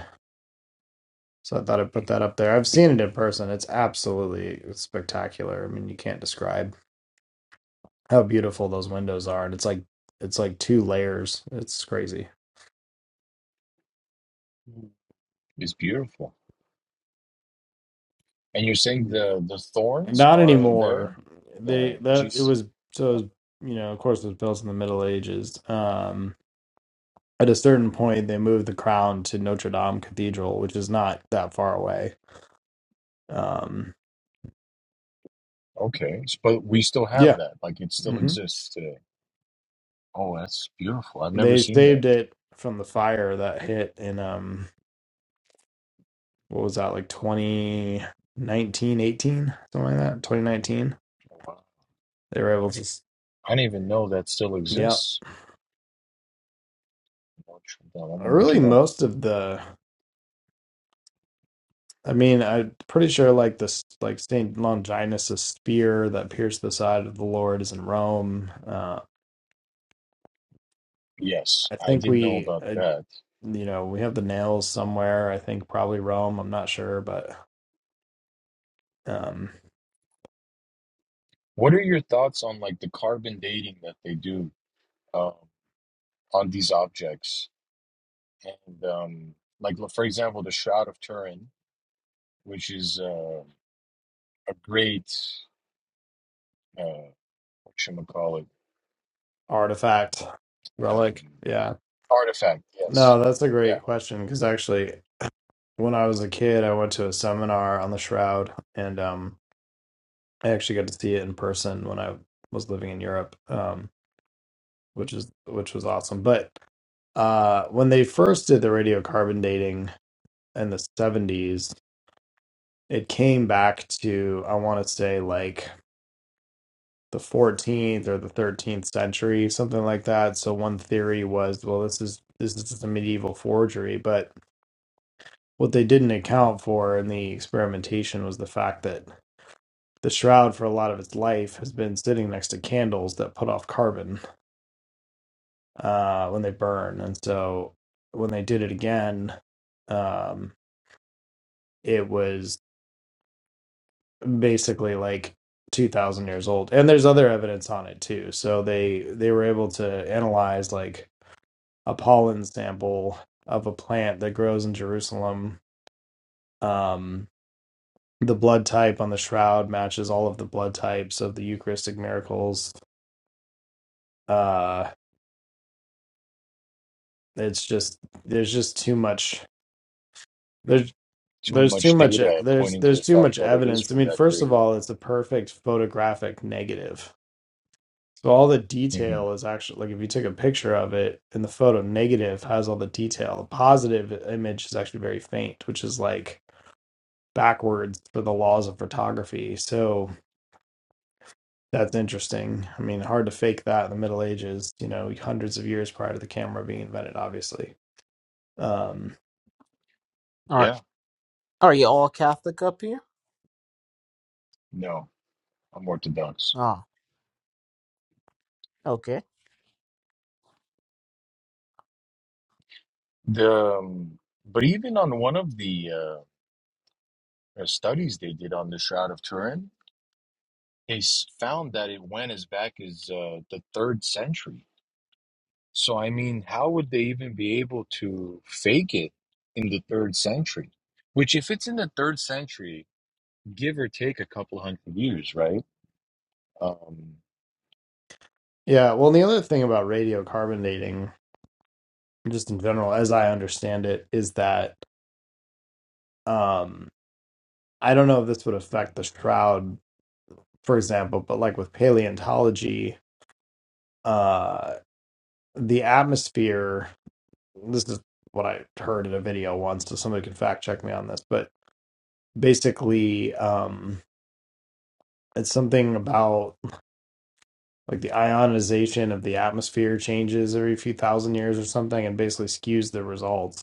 Speaker 9: So I thought I'd put that up there. I've seen it in person. It's absolutely spectacular. I mean, you can't describe how beautiful those windows are, and it's like it's like two layers. It's crazy.
Speaker 5: It's beautiful. And you're saying
Speaker 1: Mm.
Speaker 5: the the
Speaker 9: And
Speaker 5: thorns
Speaker 9: Not
Speaker 5: are there?
Speaker 9: anymore. They
Speaker 5: The
Speaker 9: that it
Speaker 5: geez,
Speaker 9: was so it was,
Speaker 5: oh,
Speaker 9: you know of course it was built in the Middle Ages. Um, at a certain point, they moved the crown to Notre Dame Cathedral, which is not that far away. Um,
Speaker 5: okay, S- but we still have
Speaker 9: yeah.
Speaker 5: that. Like it still
Speaker 9: mm-hmm.
Speaker 5: exists today. Oh, that's beautiful. I've never
Speaker 9: They
Speaker 5: seen that.
Speaker 9: saved it from the fire that hit in um what was that like twenty nineteen eighteen something like that. 2019.
Speaker 5: Oh, Wow.
Speaker 9: They were able to Nice.
Speaker 5: I didn't even know that still
Speaker 9: yeah.
Speaker 5: exists. Well, I'm gonna look
Speaker 9: Really
Speaker 5: it up.
Speaker 9: most of the I mean, I'm pretty sure like this like Saint Longinus' spear that pierced the side of the Lord is in Rome. Uh
Speaker 5: Yes,
Speaker 9: I
Speaker 5: I
Speaker 9: think
Speaker 5: did know
Speaker 9: we
Speaker 5: about
Speaker 9: uh,
Speaker 5: that.
Speaker 9: you know, we have the nails somewhere. I think probably Rome, I'm not sure, but um
Speaker 5: What are your thoughts on like the carbon dating that they do? um, on these objects. And um, like for example, the Shroud of Turin, which is uh, a great uh, what should call it
Speaker 9: artifact relic.
Speaker 5: um,
Speaker 9: yeah.
Speaker 5: artifact. Yes,
Speaker 9: No, that's a great
Speaker 5: yeah.
Speaker 9: question because actually, when I was a kid, I went to a seminar on the Shroud, and um, I actually got to see it in person when I was living in Europe, um, which is which was awesome. But uh, when they first did the radiocarbon dating in the 70s, it came back to, I want to say, like the 14th or the 13th century, something like that. So one theory was, well, this is this is just a medieval forgery, but What they didn't account for in the experimentation was the fact that the shroud, for a lot of its life, has been sitting next to candles that put off carbon uh, when they burn. And so when they did it again, um, it was basically like 2,000 years old. And there's other evidence on it too. So they they were able to analyze like a pollen sample of a plant that grows in Jerusalem um, the blood type on the shroud matches all of the blood types of the Eucharistic miracles. Uh, it's just there's just too much there's
Speaker 5: Too
Speaker 9: there's too
Speaker 5: much
Speaker 9: much
Speaker 5: data
Speaker 9: there's
Speaker 5: pointing to
Speaker 9: there's
Speaker 5: the
Speaker 9: too
Speaker 5: fact
Speaker 9: much
Speaker 5: that it is
Speaker 9: evidence. I
Speaker 5: from
Speaker 9: mean,
Speaker 5: that
Speaker 9: first of
Speaker 5: period.
Speaker 9: all, it's a perfect photographic negative. So all the
Speaker 5: hmm
Speaker 9: detail is actually like if you took a picture of it and the photo negative has all the detail, the positive image is actually very faint, which is like backwards for the laws of photography. So That's interesting. I mean, hard to fake that in the Middle Ages, you know, hundreds of years prior to the camera being invented, obviously. Um,
Speaker 10: Are
Speaker 5: Yeah,
Speaker 10: are you all Catholic up here?
Speaker 5: no, I'm Orthodox.
Speaker 10: Ah, okay.
Speaker 5: The um, but even on one of the uh, uh, studies they did on the Shroud of Turin, they s- found that it went as back as uh, the third century So, I mean, how would they even be able to fake it in the third century? Which, if it's in the third century, give or take a couple hundred years, right? Um,
Speaker 9: yeah, well, the other thing about radiocarbon dating, just in general, as I understand it, is that um, I don't know if this would affect the shroud, for example, but like with paleontology, uh, the atmosphere, this is what I heard in a video once, so somebody can fact check me on this, but basically, um, it's something about like the ionization of the atmosphere changes every few thousand years or something and basically skews the results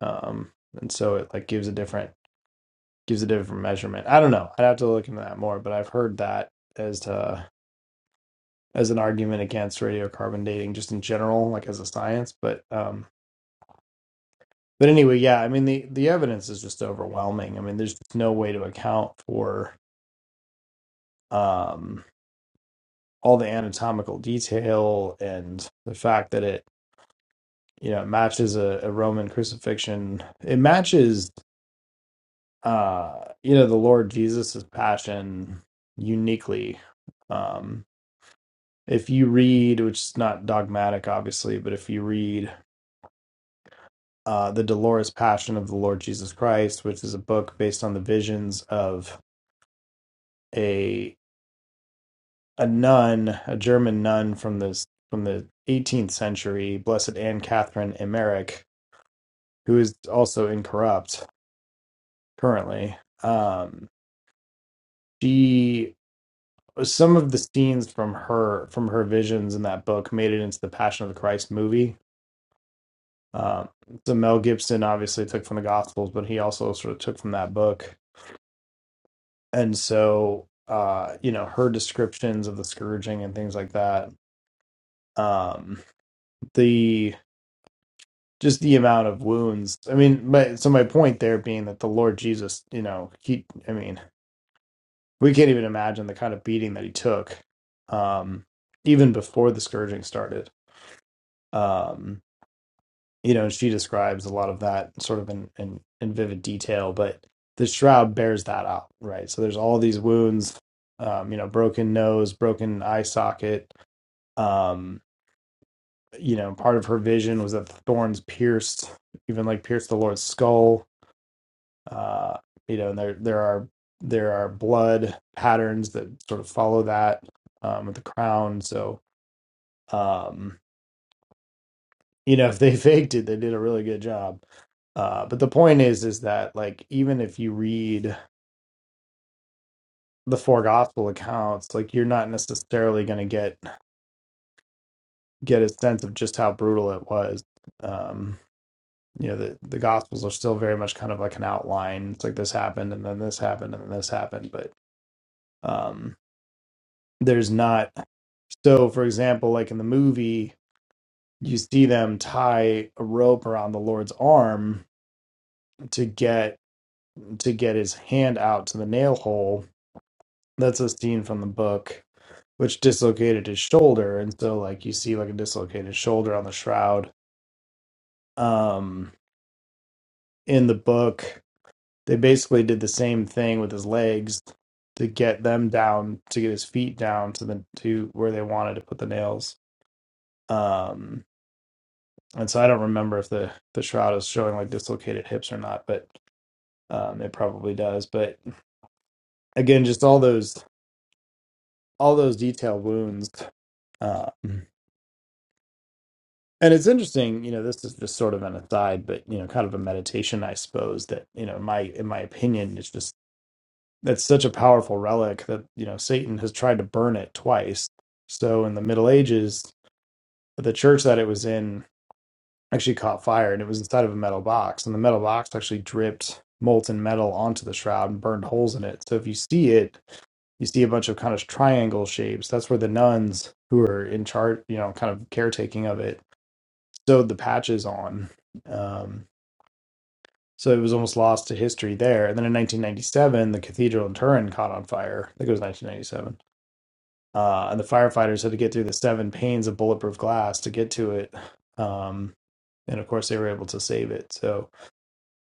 Speaker 9: um and so it like gives a different gives a different measurement i don't know i'd have to look into that more but i've heard that as to as an argument against radiocarbon dating just in general like as a science but um but anyway yeah i mean the the evidence is just overwhelming i mean there's just no way to account for um all the anatomical detail and the fact that it you know, it matches a, a Roman crucifixion. It matches, uh, you know, the Lord Jesus's passion uniquely. Um, if you read, which is not dogmatic, obviously, but if you read uh, the Dolores Passion of the Lord Jesus Christ, which is a book based on the visions of a a nun, a German nun from this from the 18th century, Blessed Anne Catherine Emmerich, who is also incorrupt currently. Um, she some of the scenes from her from her visions in that book made it into the Passion of the Christ movie. Um, so Mel Gibson obviously took from the Gospels, but he also sort of took from that book. And so, uh, you know, her descriptions of the scourging and things like that. Um, the just the amount of wounds. I mean, my, so my point there being that the Lord Jesus, you know, he. I mean, we can't even imagine the kind of beating that he took. Um, even before the scourging started um you know she describes a lot of that sort of in in, in vivid detail but the shroud bears that out right so there's all these wounds um you know broken nose broken eye socket um you know part of her vision was that the thorns pierced even like pierced the lord's skull uh you know and there there are there are blood patterns that sort of follow that um with the crown so um, you know if they faked it they did a really good job uh but the point is is that like even if you read the four gospel accounts like you're not necessarily going to get get a sense of just how brutal it was um you know the the gospels are still very much kind of like an outline it's like this happened and then this happened and then this happened but um there's not so for example like in the movie you see them tie a rope around the lord's arm to get to get his hand out to the nail hole That's a scene from the book, which dislocated his shoulder, and so like you see like a dislocated shoulder on the shroud. Um, in the book, they basically did the same thing with his legs to get them down, to get his feet down to the to where they wanted to put the nails. Um, and so I don't remember if the the shroud is showing like dislocated hips or not, but um, it probably does. But again, just all those all those detailed wounds. Um, And it's interesting, you know, this is just sort of an aside, but you know, kind of a meditation, I suppose, that, you know, in my in my opinion, it's just that's such a powerful relic that, you know, Satan has tried to burn it twice. So in the Middle Ages, the church that it was in actually caught fire and it was inside of a metal box. And the metal box actually dripped molten metal onto the shroud and burned holes in it. So if you see it, you see a bunch of kind of triangle shapes. That's where the nuns who are in charge, you know, kind of caretaking of it sewed the patches on. Um, so it was almost lost to history there. And then in 1997, the cathedral in Turin caught on fire. I think it was 1997. Uh, and the firefighters had to get through the seven panes of bulletproof glass to get to it. Um, and of course, they were able to save it. So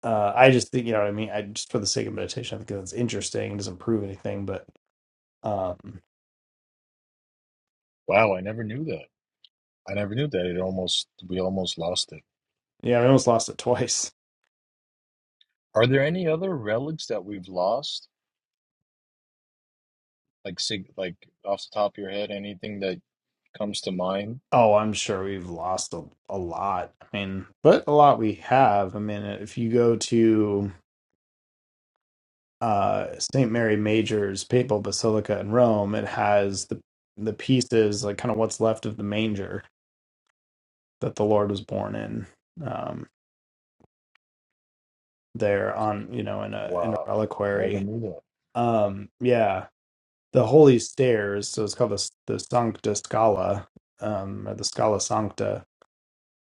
Speaker 9: uh, I just think, you know what I mean? I just for the sake of meditation, I think that's interesting. It doesn't prove anything, but um,
Speaker 5: wow, I never knew that. I never knew that. It almost we almost lost it.
Speaker 9: yeah, we almost lost it twice.
Speaker 5: Are there any other relics that we've lost? Like, sig- like off the top of your head, anything that comes to mind?
Speaker 9: Oh, I'm sure we've lost a, a lot. I mean, but a lot we have. I mean, if you go to uh, St. Mary Major's Papal Basilica in Rome, it has the the pieces like kind of what's left of the manger that the Lord was born in um, there on you know in a in a
Speaker 5: Wow, never
Speaker 9: reliquary.
Speaker 5: knew that.
Speaker 9: Um, yeah, the holy stairs. So it's called the the Sancta Scala um, or the Scala Sancta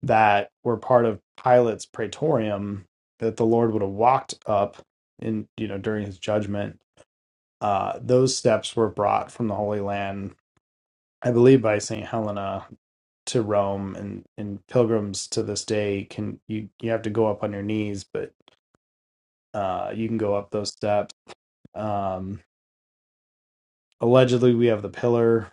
Speaker 9: that were part of Pilate's Praetorium that the Lord would have walked up in you know during his judgment uh, those steps were brought from the Holy Land I believe by St. Helena to Rome and, and pilgrims to this day can you you have to go up on your knees, but uh, you can go up those steps. Um, allegedly, we have the pillar,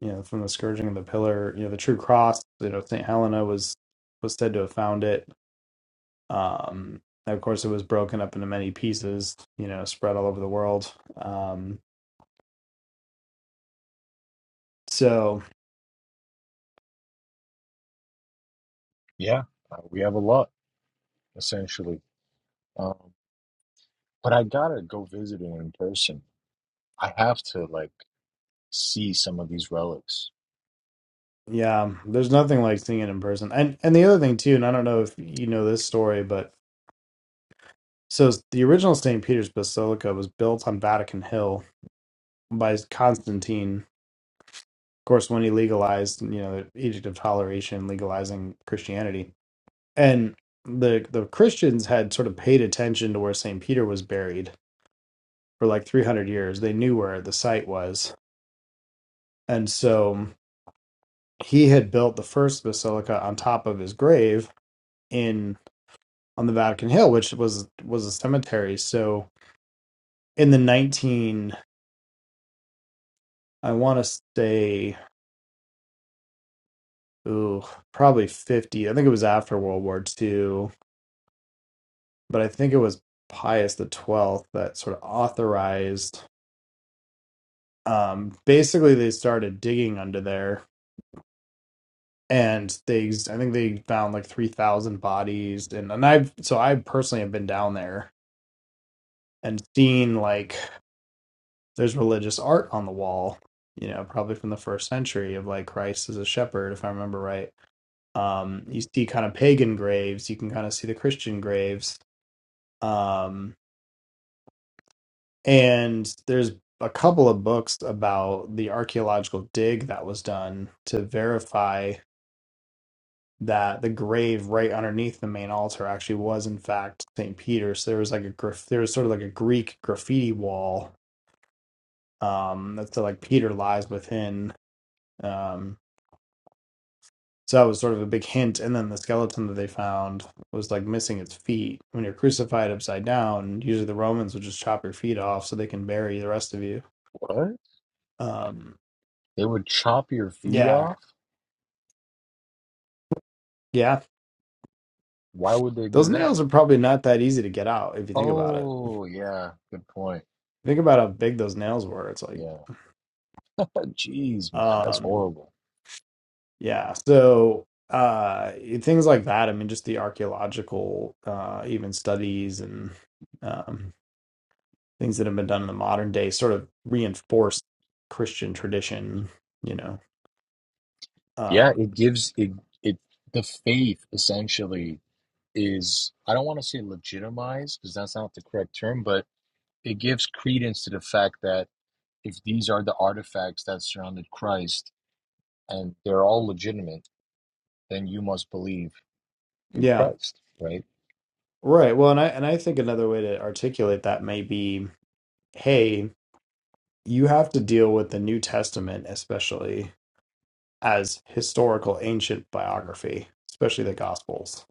Speaker 9: you know, from the scourging of the pillar, you know, the true cross. You know, St. Helena was was said to have found it. Um, and of course, it was broken up into many pieces, you know, spread all over the world. Um, so
Speaker 5: Yeah, uh, we have a lot essentially. Um, but I gotta go visit it in person. I have to like. see some of these relics.
Speaker 9: yeah, there's nothing like seeing it in person. And and the other thing too, and I don't know if you know this story, but So the original St. Peter's Basilica was built on Vatican Hill by Constantine. Of course, when he legalized, you know, the Edict of Toleration, legalizing Christianity, and the the Christians had sort of paid attention to where St. Peter was buried for like 300 years. They knew where the site was, and so he had built the first basilica on top of his grave in on the Vatican Hill, which was was a cemetery. So in the 19 I want to say ooh, probably 50. I think it was after World War Two, but I think it was Pius the 12th that sort of authorized. Um, basically, they started digging under there, and they I think they found like 3,000 bodies, and and I've so I personally have been down there and seen like there's religious art on the wall. You know, probably from the first century of like Christ as a shepherd, if I remember right. Um, you see kind of pagan graves, you can kind of see the Christian graves Um, And there's a couple of books about the archaeological dig that was done to verify that the grave right underneath the main altar actually was in fact St. Peter. So there was like a graf- there was sort of like a Greek graffiti wall um that said like Peter lies within. Um so that was sort of a big hint. And then the skeleton that they found was like missing its feet. When you're crucified upside down, usually the Romans would just chop your feet off so they can bury the rest of you.
Speaker 5: What?
Speaker 9: Um
Speaker 5: They would chop your feet
Speaker 9: yeah.
Speaker 5: off?
Speaker 9: Yeah,
Speaker 5: Why would they do
Speaker 9: Those
Speaker 5: that?
Speaker 9: nails are probably not that easy to get out if you think about it.
Speaker 5: Oh, yeah, good point.
Speaker 9: Think about how big those nails were. It's like,
Speaker 5: Yeah. Jeez, man, that's
Speaker 9: um,
Speaker 5: horrible.
Speaker 9: yeah. So uh, things like that. I mean, just the archaeological, uh, even studies and um, things that have been done in the modern day sort of reinforce Christian tradition. You know, uh,
Speaker 5: Yeah, it gives it it the faith essentially is I don't want to say legitimized because that's not the correct term, but it gives credence to the fact that if these are the artifacts that surrounded Christ and they're all legitimate, then you must believe in
Speaker 9: yeah,
Speaker 5: Christ, right?
Speaker 9: right. Well, and I and I think another way to articulate that may be, hey, you have to deal with the New Testament, especially as historical ancient biography, especially the Gospels.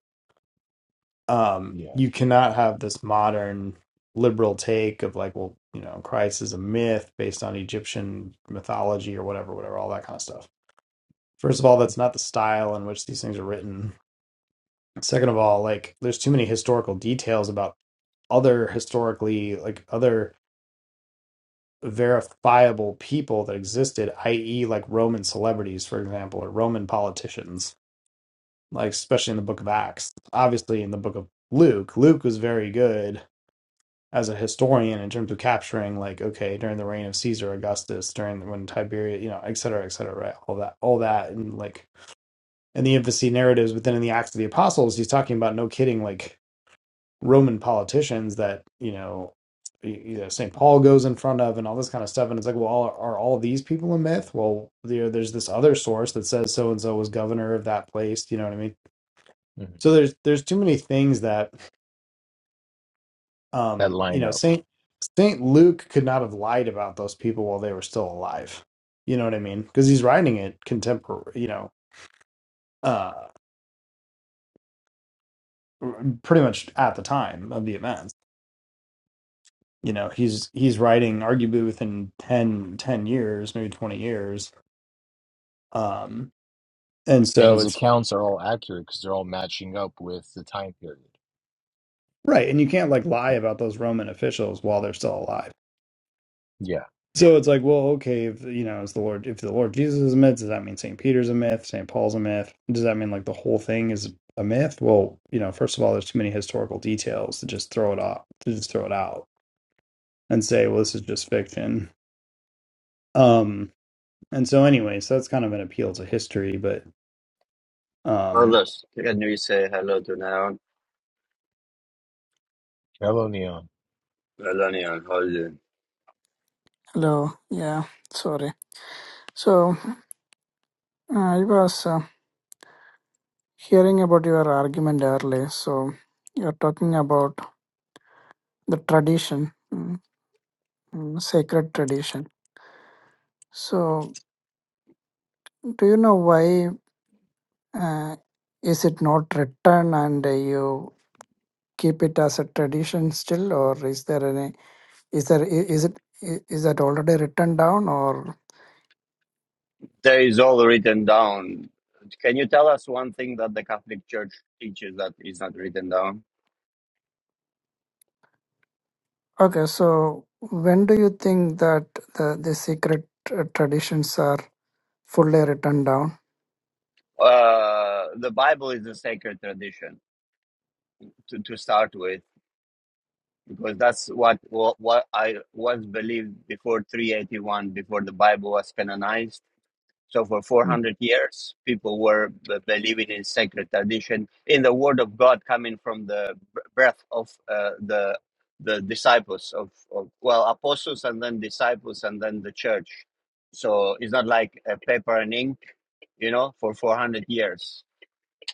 Speaker 9: Um,
Speaker 5: Yeah.
Speaker 9: you cannot have this modern liberal take of like, well, you know, Christ is a myth based on Egyptian mythology or whatever, whatever, all that kind of stuff. First of all, that's not the style in which these things are written. Second of all, like, there's too many historical details about other historically, like, other verifiable people that existed, i.e., like Roman celebrities, for example, or Roman politicians like especially in the book of Acts. Obviously, in the book of Luke, Luke was very good as a historian in terms of capturing, like, okay, during the reign of Caesar Augustus, during when Tiberius, you know, et cetera, et cetera, right? All that, all that, and like in the infancy narratives, but then in the Acts of the Apostles, he's talking about no kidding, like Roman politicians that you know. You know, St. Paul goes in front of and all this kind of stuff. And it's like, well, are, are all these people a myth? Well, there, there's this other source that says so and so was governor of that place. You know what I mean?
Speaker 5: Mhm.
Speaker 9: So there's there's too many things that
Speaker 5: That
Speaker 9: um you
Speaker 5: line
Speaker 9: know
Speaker 5: up.
Speaker 9: Saint Saint Luke could not have lied about those people while they were still alive. You know what I mean? Because he's writing it contemporary, you know, uh pretty much at the time of the events. You know, he's he's writing arguably within 10 10 years, maybe 20 years. Um and
Speaker 5: And
Speaker 9: so
Speaker 5: his
Speaker 9: it's
Speaker 5: accounts are all accurate because they're all matching up with the time period.
Speaker 9: right, and you can't like lie about those Roman officials while they're still alive
Speaker 5: Yeah.
Speaker 9: So it's like, well, okay, if you know, is the Lord if the Lord Jesus is a myth, does that mean Saint Peter's a myth, Saint Paul's a myth? Does that mean like the whole thing is a myth? Well, you know, first of all, there's too many historical details to just throw it off to just throw it out and say, well, this is just fiction. Um, and so anyway, so that's kind of an appeal to history, but
Speaker 1: Well,
Speaker 9: um
Speaker 1: look, can you say hello to Naona?
Speaker 5: Hello, Neon.
Speaker 1: Melania on
Speaker 11: Hello. Yeah, sorry. So uh, I was uh, hearing about your argument earlier. So you're talking about the tradition, mm, mm, sacred tradition. So do you know why uh, is it not written and uh, you keep it as a tradition still, or is there any? Is there i- is it i- is that already written down or?
Speaker 1: There is all written down. Can you tell us one thing that the Catholic Church teaches that is not written down?
Speaker 11: Okay, so when do you think that the the secret uh, traditions are fully written down?
Speaker 1: Uh, the Bible is a sacred tradition to, to start with, because that's what, what what I was believed before 381, before the Bible was canonized. So for
Speaker 11: Mm.
Speaker 1: 400 years, people were b- believing in sacred tradition, in the word of God coming from the b- breath of uh, the the disciples of, of well apostles and then disciples and then the church. So it's not like a paper and ink, you know, for 400 years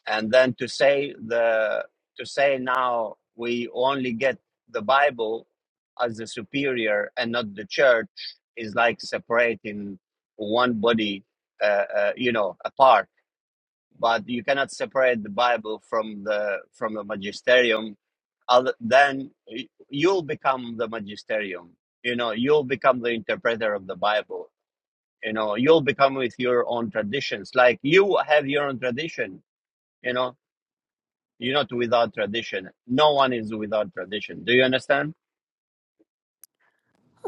Speaker 1: and then to say the to say now we only get the bible as the superior and not the church is like separating one body uh, uh, you know apart but you cannot separate the bible from the from the magisterium other, then y- you'll become the magisterium you know you'll become the interpreter of the bible you know you'll become with your own traditions like you have your own tradition you know you're not without tradition. No one is without tradition. Do you understand?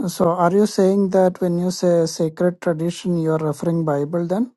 Speaker 11: So are you saying that when you say sacred tradition, you are referring Bible then?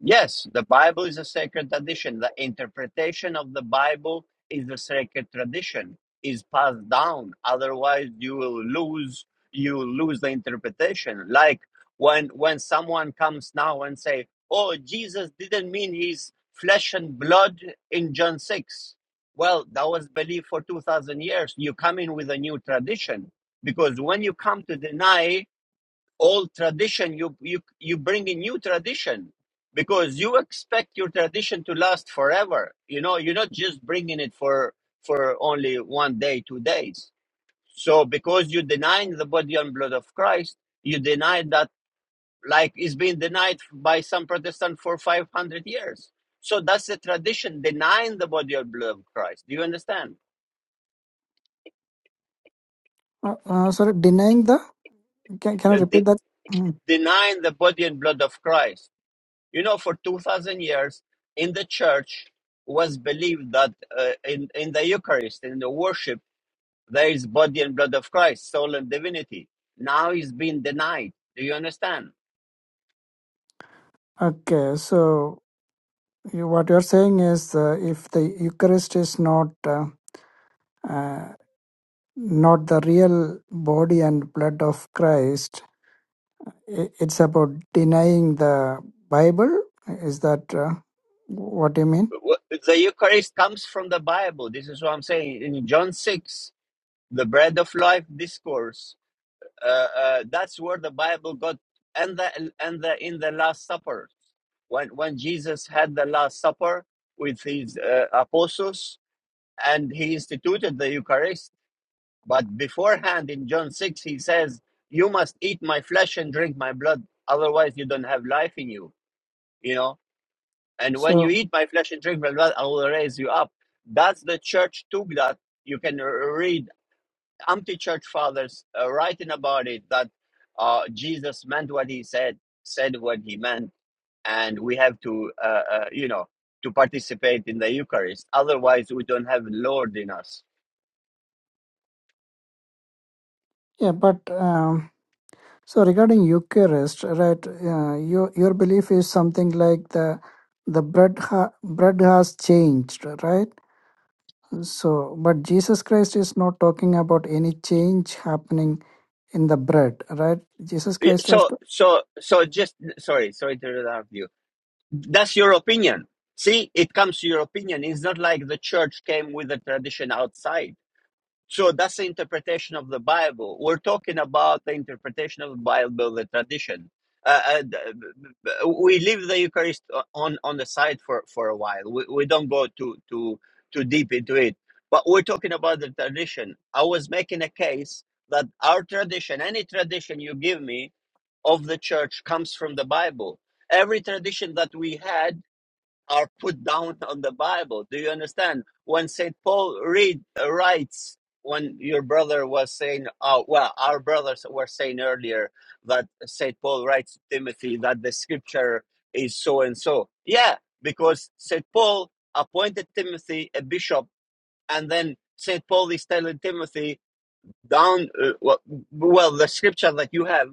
Speaker 1: Yes, the Bible is a sacred tradition. The interpretation of the Bible is a sacred tradition, is passed down. Otherwise, you will lose you will lose the interpretation. Like when when someone comes now and say, "Oh, Jesus didn't mean his flesh and blood in John 6." Well, that was believed for 2000 years. You come in with a new tradition because when you come to deny old tradition you you you bring a new tradition because you expect your tradition to last forever you know you're not just bringing it for for only one day two days so because you denying the body and blood of christ you deny that like it's been denied by some protestant for 500 years so that's the tradition denying the body and blood of christ do you understand
Speaker 11: Uh, uh, sorry, denying the? Can, can you
Speaker 1: The-
Speaker 11: repeat
Speaker 1: de-
Speaker 11: that? Mm.
Speaker 1: denying the body and blood of christ You know, for 2,000 years in the church was believed that uh, in, in the Eucharist, in the worship, there is body and blood of Christ, soul and divinity. Now it's been denied. Do you understand?
Speaker 11: Okay, so you, what you are saying is uh, if the Eucharist is not uh, uh, not the real body and blood of Christ, i it's about denying the Bible. Is that uh, what you mean?
Speaker 1: Wh- The Eucharist comes from the Bible. This is what I'm saying. In John 6, the bread of life discourse, uh, uh, that's where the Bible got, and the, and the in the Last Supper when when Jesus had the Last Supper with his uh, apostles, and he instituted the Eucharist. But beforehand, in John 6, he says, You must eat my flesh and drink my blood, otherwise, you don't have life in you. You know, and when you
Speaker 11: So
Speaker 1: eat my flesh and drink my blood, I will raise you up. That's the church took that. You can read empty church fathers uh, writing about it that uh, Jesus meant what he said, said what he meant, and we have to, uh, uh, you know, to participate in the Eucharist. Otherwise, we don't have Lord in us
Speaker 11: yeah, but. Um, So regarding Eucharist, right? Uh, your your belief is something like the the bread ha- bread has changed, right? So, but Jesus Christ is not talking about any change happening in the bread, right? Jesus
Speaker 1: Yeah,
Speaker 11: Christ was,
Speaker 1: So, so, so just, sorry, sorry to interrupt you. That's your opinion. See, it comes to your opinion. It's not like the church came with a tradition outside. So that's the interpretation of the Bible. We're talking about the interpretation of the Bible, the tradition. Uh, uh, d- we leave the Eucharist on on the side for for a while. We we don't go too too too deep into it. But we're talking about the tradition. I was making a case that our tradition, any tradition you give me, of the church comes from the Bible. Every tradition that we had are put down on the Bible. Do you understand? When Saint Paul read uh, writes, when your brother was saying, oh, well, our brothers were saying earlier that Saint Paul writes to Timothy that the Scripture is so and so. Yeah, because Saint Paul appointed Timothy a bishop, and then Saint Paul is telling Timothy down uh, well, well the scripture that you have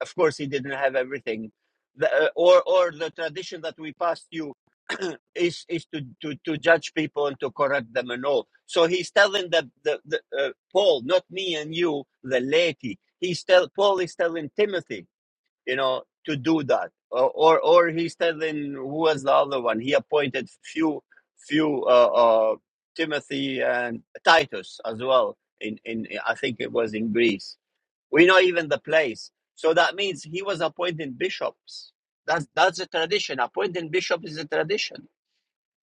Speaker 1: of course he didn't have everything the, uh, or or the tradition that we passed you is is to, to to judge people and to correct them and all so he's telling the the, the uh, paul not me and you the laity he's tell paul is telling timothy you know, to do that. Or, or, or he's telling who was the other one. He appointed few, few, uh, uh, Timothy and Titus as well. In, in, I think it was in Greece. We know even the place. So that means he was appointing bishops. That's, that's a tradition. Appointing bishops is a tradition.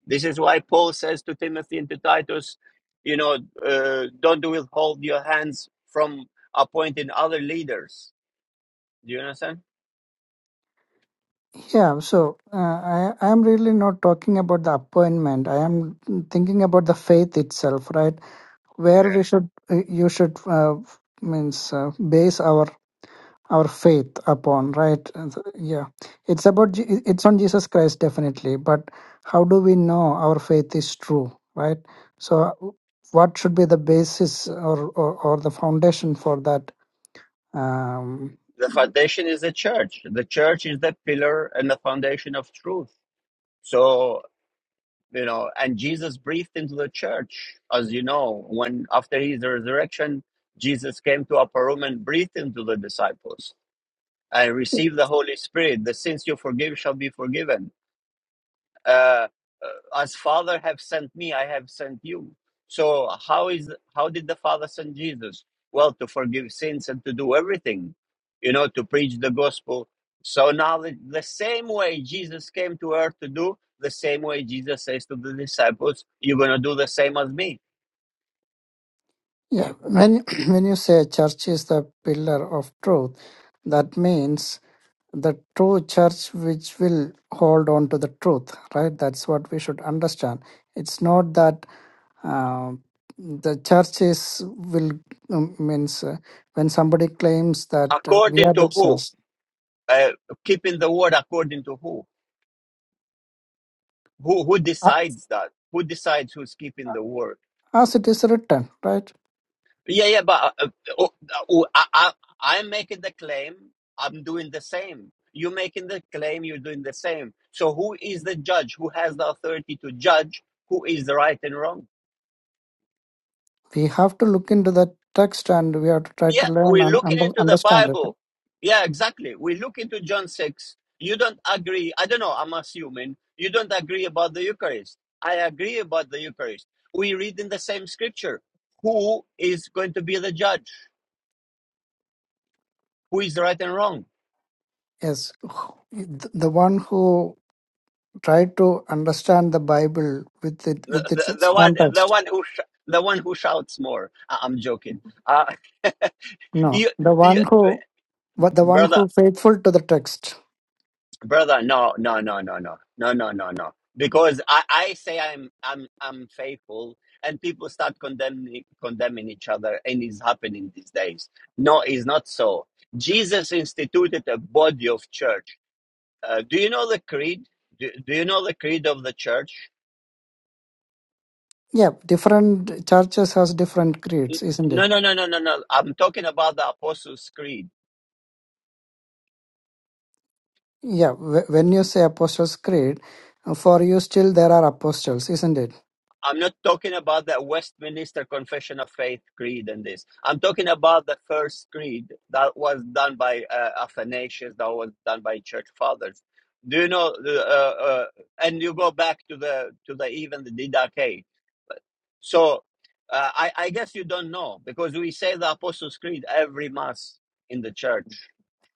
Speaker 1: This is why Paul says to Timothy and to Titus, you know, uh, don't withhold your hands from appointing other leaders. Do you understand?
Speaker 11: yeah. So uh, I I am really not talking about the appointment. I am thinking about the faith itself, right? Where we should uh, you should uh, means uh, base our our faith upon right And so- yeah it's about Je- it's on jesus christ definitely but how do we know our faith is true right so uh, what should be the basis or or, or the foundation for that um
Speaker 1: The foundation is the church. The church is the pillar and the foundation of truth. So, you know, and Jesus breathed into the church, as you know, when after his resurrection, Jesus came to upper room and breathed into the disciples. I received the Holy Spirit. The sins you forgive shall be forgiven uh, uh, as father have sent me i have sent you so how is how did the father send jesus well to forgive sins and to do everything you know to preach the gospel so now the, the same way jesus came to earth to do the same way jesus says to the disciples you're going to do the same as me
Speaker 11: yeah when when you say church is the pillar of truth that means the true church which will hold on to the truth right that's what we should understand it's not that uh, the church is will um, means uh, when somebody claims that uh, we
Speaker 1: according
Speaker 11: are
Speaker 1: to
Speaker 11: the
Speaker 1: who
Speaker 11: source.
Speaker 1: uh, keeping the word according to who who who
Speaker 11: a-
Speaker 1: decides that who decides who's keeping the word
Speaker 11: as it is written right
Speaker 1: Yeah, yeah, but uh, uh, oh, oh, I, I, I'm making the claim. I'm doing the same. You're making the claim. You're doing the same. So who is the judge? Who has the authority to judge who is the right and wrong?
Speaker 11: we have to look into the text and we have to try
Speaker 1: Yeah,
Speaker 11: to learn
Speaker 1: we're
Speaker 11: and
Speaker 1: looking
Speaker 11: under,
Speaker 1: into the
Speaker 11: understand it
Speaker 1: Bible. Yeah, exactly. We look into John six. You don't agree. I don't know. I'm assuming you don't agree about the Eucharist. I agree about the Eucharist. We read in the same scripture. Who is going to be the judge? Who is right and wrong?
Speaker 11: yes Th- the one who tried to understand the bible with it
Speaker 1: the,
Speaker 11: with
Speaker 1: the,
Speaker 11: its
Speaker 1: the one the
Speaker 11: context
Speaker 1: one who sh- the one who shouts more I- i'm joking uh
Speaker 11: no
Speaker 1: you,
Speaker 11: the
Speaker 1: you
Speaker 11: one who but the one who
Speaker 1: brother
Speaker 11: faithful to the text
Speaker 1: brother no no no no no no no no no because i i say i'm i'm i'm faithful and people start condemning condemning each other and it's happening these days no it's not so jesus instituted a body of church uh, do you know the creed do, do you know the creed of the church
Speaker 11: Yeah, different churches has different
Speaker 1: N-
Speaker 11: creeds, isn't it?
Speaker 1: no no no no no no i'm talking about the apostles creed
Speaker 11: Yeah, wh- when you say Apostles' Creed, uh, for you still there are apostles, isn't it?
Speaker 1: I'm not talking about the Westminster Confession of Faith creed and this. I'm talking about the first creed that was done by uh, Athanasius, that was done by Church Fathers. Do you know? the, Uh, uh, and you go back to the to the even the Didache. So uh, I, I guess you don't know because we say the Apostles' Creed every mass in the church.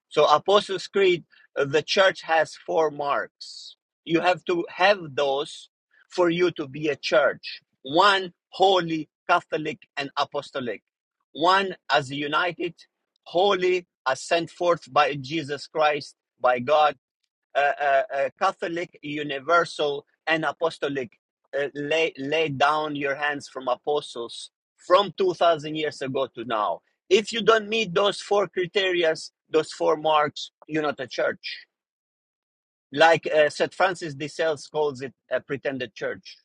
Speaker 1: So Apostles' Creed, uh, the church has four marks. You have to have those for you to be a church. One, holy, Catholic, and apostolic. One, as united, holy, as sent forth by Jesus Christ, by God uh, uh, uh, Catholic, universal, and apostolic. Uh, lay, lay down your hands from apostles from 2,000 years ago to now. If you don't meet those four criteria, those four marks, you're not a church. Like uh, St. Francis de Sales calls it a pretended church.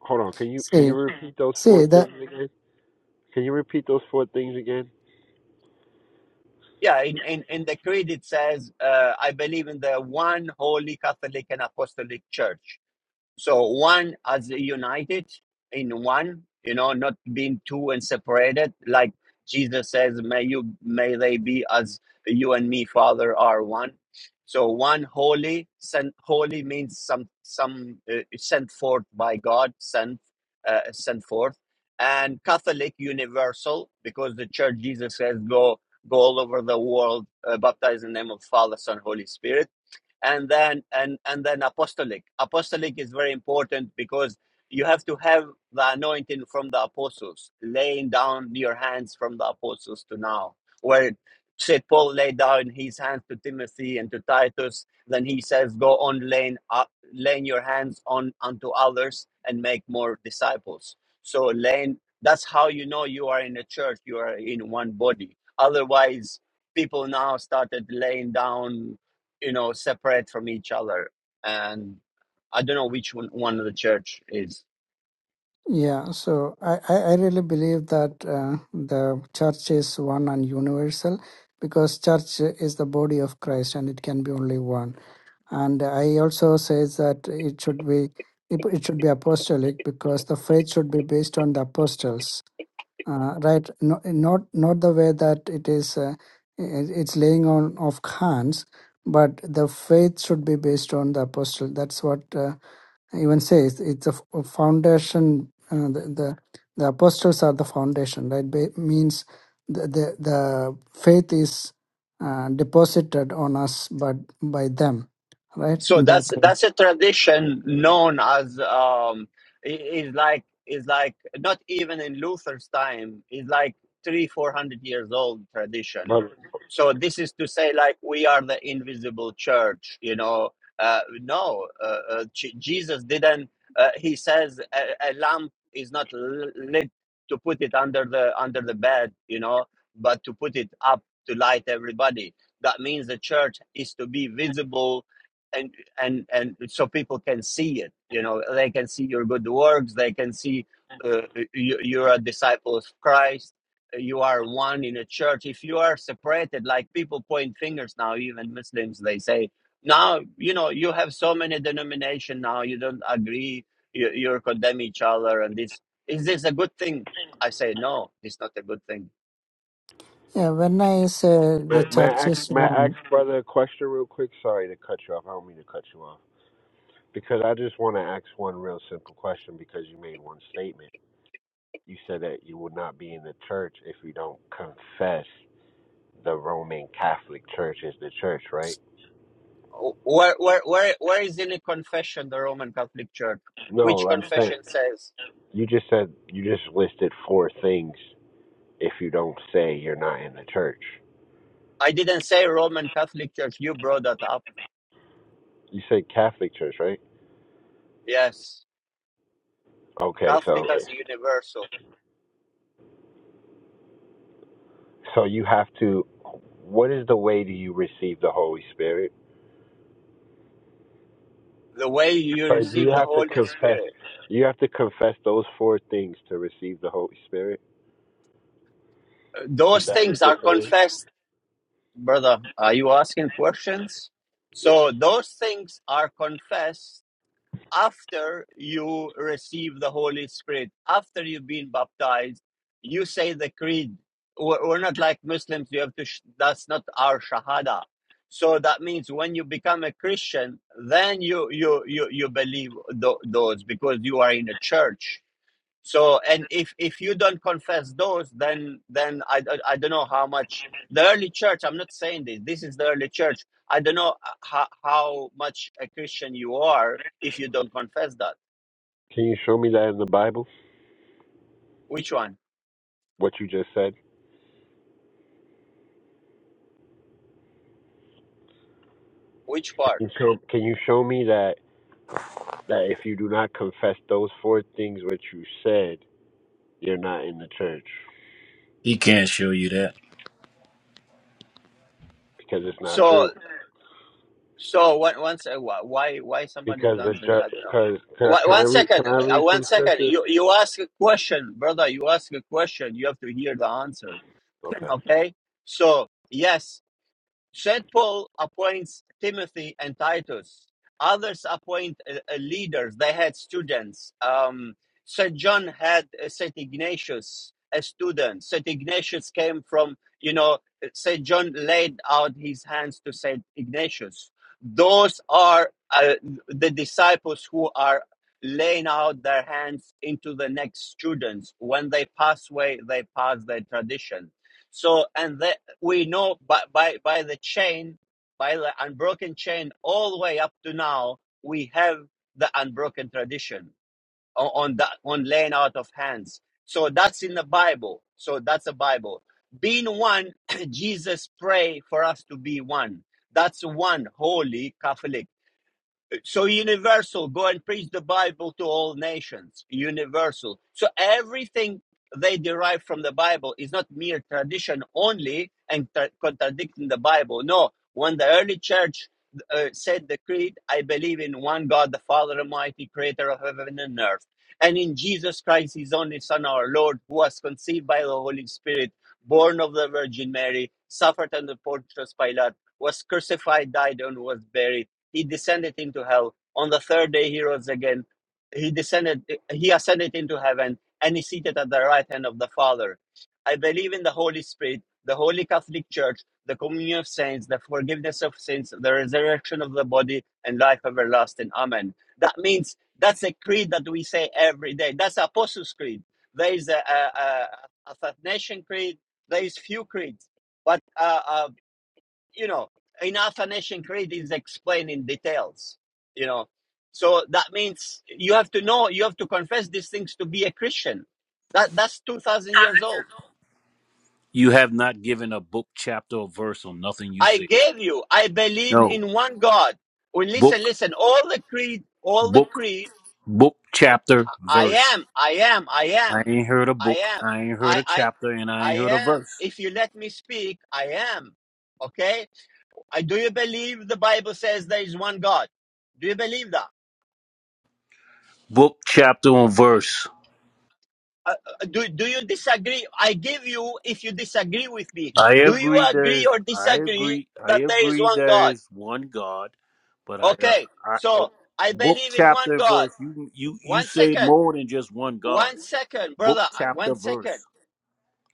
Speaker 12: Hold on. Can you can you
Speaker 11: See,
Speaker 12: repeat those four
Speaker 11: see, the
Speaker 12: things again? Can you repeat those four things again,
Speaker 1: Yeah, in, in, in the creed it says, uh, I believe in the one holy Catholic and apostolic church So one as united in one, you know, not being two and separated, like Jesus says, may you may they be as you and me, Father, are one. So one holy, sent holy means some some uh, sent forth by God, sent uh, sent forth, and Catholic universal because the Church Jesus says go go all over the world, uh, baptize in the name of Father, Son, Holy Spirit and then and and then apostolic apostolic is very important because you have to have the anointing from the apostles laying down your hands from the apostles to now where St. paul laid down his hands to timothy and to titus then he says go on laying up laying your hands on unto others and make more disciples so laying that's how you know you are in a church you are in one body otherwise people now started laying down you know separate from each other and i don't know which one, one of the church is
Speaker 11: Yeah, so I, I I really believe that uh, the church is one and universal because church is the body of Christ and it can be only one. And I also says that it should be it, it should be apostolic because the faith should be based on the apostles, uh, right? No, not not the way that it is uh, it- it's laying on of hands, but the faith should be based on the apostle. That's what. Uh, even says it's a f- a foundation. Uh, the, the the apostles are the foundation, right? Ba- means the the, the faith is uh, deposited on us, but by them, right?
Speaker 1: so
Speaker 11: In that
Speaker 1: that's
Speaker 11: way.
Speaker 1: that's a tradition known as um i- is like is like not even in luther's time is like three four hundred years old tradition
Speaker 12: brother?
Speaker 1: so this is to say like we are the invisible church you know uh no uh, uh, J- jesus didn't uh, he says a, a lamp is not l- lit to put it under the under the bed you know but to put it up to light everybody that means the church is to be visible and and and so people can see it you know they can see your good works they can see uh, you, you're a disciple of christ you are one in a church if you are separated like people point fingers now even muslims they say now you know you have so many denomination now you don't agree you, you're condemning each other and this is this a good thing i say no it's not a good thing
Speaker 11: Yeah. When I say the
Speaker 12: May, may
Speaker 11: church
Speaker 12: I
Speaker 11: is
Speaker 12: ask, may I ask
Speaker 11: one,
Speaker 12: brother a question real quick? Sorry to cut you off. I don't mean to cut you off because I just want to ask one real simple question because you made one statement. You said that you will not be in the church if you don't confess the Roman Catholic Church is the church, right?
Speaker 1: Oh, where where where, where is in a confession the roman catholic church which
Speaker 12: No, I'm saying
Speaker 1: confession says
Speaker 12: you just said you just listed four things if you don't say you're not in the church.
Speaker 1: I didn't say Roman Catholic Church. You brought that up.
Speaker 12: You said Catholic Church, right?
Speaker 1: Yes.
Speaker 12: Okay, so
Speaker 1: Catholic as universal.
Speaker 12: so you have to. What is the way do you receive the Holy Spirit?
Speaker 1: The way you
Speaker 12: So do you
Speaker 1: receive the
Speaker 12: have to
Speaker 1: Holy
Speaker 12: confess?
Speaker 1: Spirit.
Speaker 12: You have to confess those four things to receive the Holy Spirit.
Speaker 1: Uh,
Speaker 12: Is
Speaker 1: Those
Speaker 12: that what
Speaker 1: things
Speaker 12: you're
Speaker 1: are
Speaker 12: saying?
Speaker 1: confessed, brother. Are you asking questions?
Speaker 12: Yes.
Speaker 1: So those things are confessed after you receive the Holy Spirit, after you've been baptized, you say the creed. We're, we're not like Muslims. You have to. Sh- that's not our shahada. So that means when you become a Christian, then you you you you believe th- those because you are in a church. So, and if if you don't confess those, then then I, I, I don't know how much the early church. I'm not saying this. This is the early church. I don't know uh, how how much a Christian you are if you don't confess that.
Speaker 12: Can you show me that in the Bible?
Speaker 1: Which one?
Speaker 12: What you just said.
Speaker 1: Which
Speaker 12: Can
Speaker 1: part?
Speaker 12: you show, can you show me that that if you do not confess those four things which you said, you're not in the church
Speaker 13: He can't show you that.
Speaker 12: because it's not
Speaker 1: So
Speaker 12: true.
Speaker 1: so one once why why somebody is
Speaker 12: Because the
Speaker 1: answering? I don't know.
Speaker 12: because can,
Speaker 1: One
Speaker 12: I- can I
Speaker 1: one
Speaker 12: read
Speaker 1: second,
Speaker 12: can I
Speaker 1: uh,
Speaker 12: read
Speaker 1: one
Speaker 12: some
Speaker 1: second.
Speaker 12: scriptures?
Speaker 1: You you ask a question, brother. You ask a question. You have to hear the answer.
Speaker 12: Okay.
Speaker 1: Okay. So yes, St. Paul appoints Timothy and Titus. Others appoint uh, uh, leaders. They had students. Um, St. John had uh, St. Ignatius, a student. St. Ignatius came from, you know, St. John laid out his hands to St. Ignatius. Those are uh, the disciples who are laying out their hands into the next students. When they pass away, they pass their tradition. So, and they we know by, by, by the chain, by the unbroken chain, all the way up to now, we have the unbroken tradition on, on that on laying out of hands. So that's in the Bible. So that's the Bible. Being one, Jesus pray for us to be one. That's one holy Catholic so universal go and preach the bible to all nations universal so everything they derive from the bible is not mere tradition only and tra- contradicting the bible no when the early church uh, said the creed i believe in one god the father almighty creator of heaven and earth and in jesus christ his only son our lord who was conceived by the holy spirit born of the virgin mary suffered under pontius pilate was crucified died and was buried he descended into hell on the third day he rose again he descended he ascended into heaven and is seated at the right hand of the father i believe in the holy spirit the holy catholic church the communion of saints the forgiveness of sins the resurrection of the body and life everlasting amen that means that's a creed that we say every day that's apostles creed there is a, a, a, a athanasian creed there is few creeds but uh, uh, you know, in Alpha Nation, Creed is explained in details, you know. So that means you have to know, you have to confess these things to be a Christian. That that's two thousand years old.
Speaker 13: You have not given a book, chapter, or verse on nothing you
Speaker 1: I
Speaker 13: said.
Speaker 1: gave you, I believe
Speaker 13: No.
Speaker 1: in one God. Well,
Speaker 13: Book,
Speaker 1: listen, listen, all the creed, all the
Speaker 13: book,
Speaker 1: creed,
Speaker 13: book, chapter,
Speaker 1: I
Speaker 13: verse.
Speaker 1: am, I am, I
Speaker 13: I
Speaker 1: am,
Speaker 13: ain't heard a
Speaker 1: I
Speaker 13: book.
Speaker 1: am,
Speaker 13: I ain't heard
Speaker 1: I
Speaker 13: a
Speaker 1: I
Speaker 13: chapter, and I
Speaker 1: I
Speaker 13: ain't heard a
Speaker 1: am.
Speaker 13: verse.
Speaker 1: If you let me speak, I am. Okay? I do you believe the Bible says there is one God? Do you believe that?
Speaker 13: Book, chapter, or verse.
Speaker 1: Uh, uh, do, do you disagree? I give you if you disagree with me.
Speaker 13: I
Speaker 1: Do you
Speaker 13: agree.
Speaker 1: agree
Speaker 13: There's.
Speaker 1: or
Speaker 13: I
Speaker 1: disagree
Speaker 13: agree. I
Speaker 1: that there is
Speaker 13: agree.
Speaker 1: one God?
Speaker 13: There's one God, but I. Uh,
Speaker 1: Okay,
Speaker 13: I oh,
Speaker 1: so I
Speaker 13: book,
Speaker 1: believe in one
Speaker 13: chapter,
Speaker 1: God.
Speaker 13: verse. You. You. You
Speaker 1: One
Speaker 13: say
Speaker 1: second,
Speaker 13: more than just one God.
Speaker 1: one second,
Speaker 13: Book,
Speaker 1: brother, uh, one
Speaker 13: chapter,
Speaker 1: second.
Speaker 13: verse.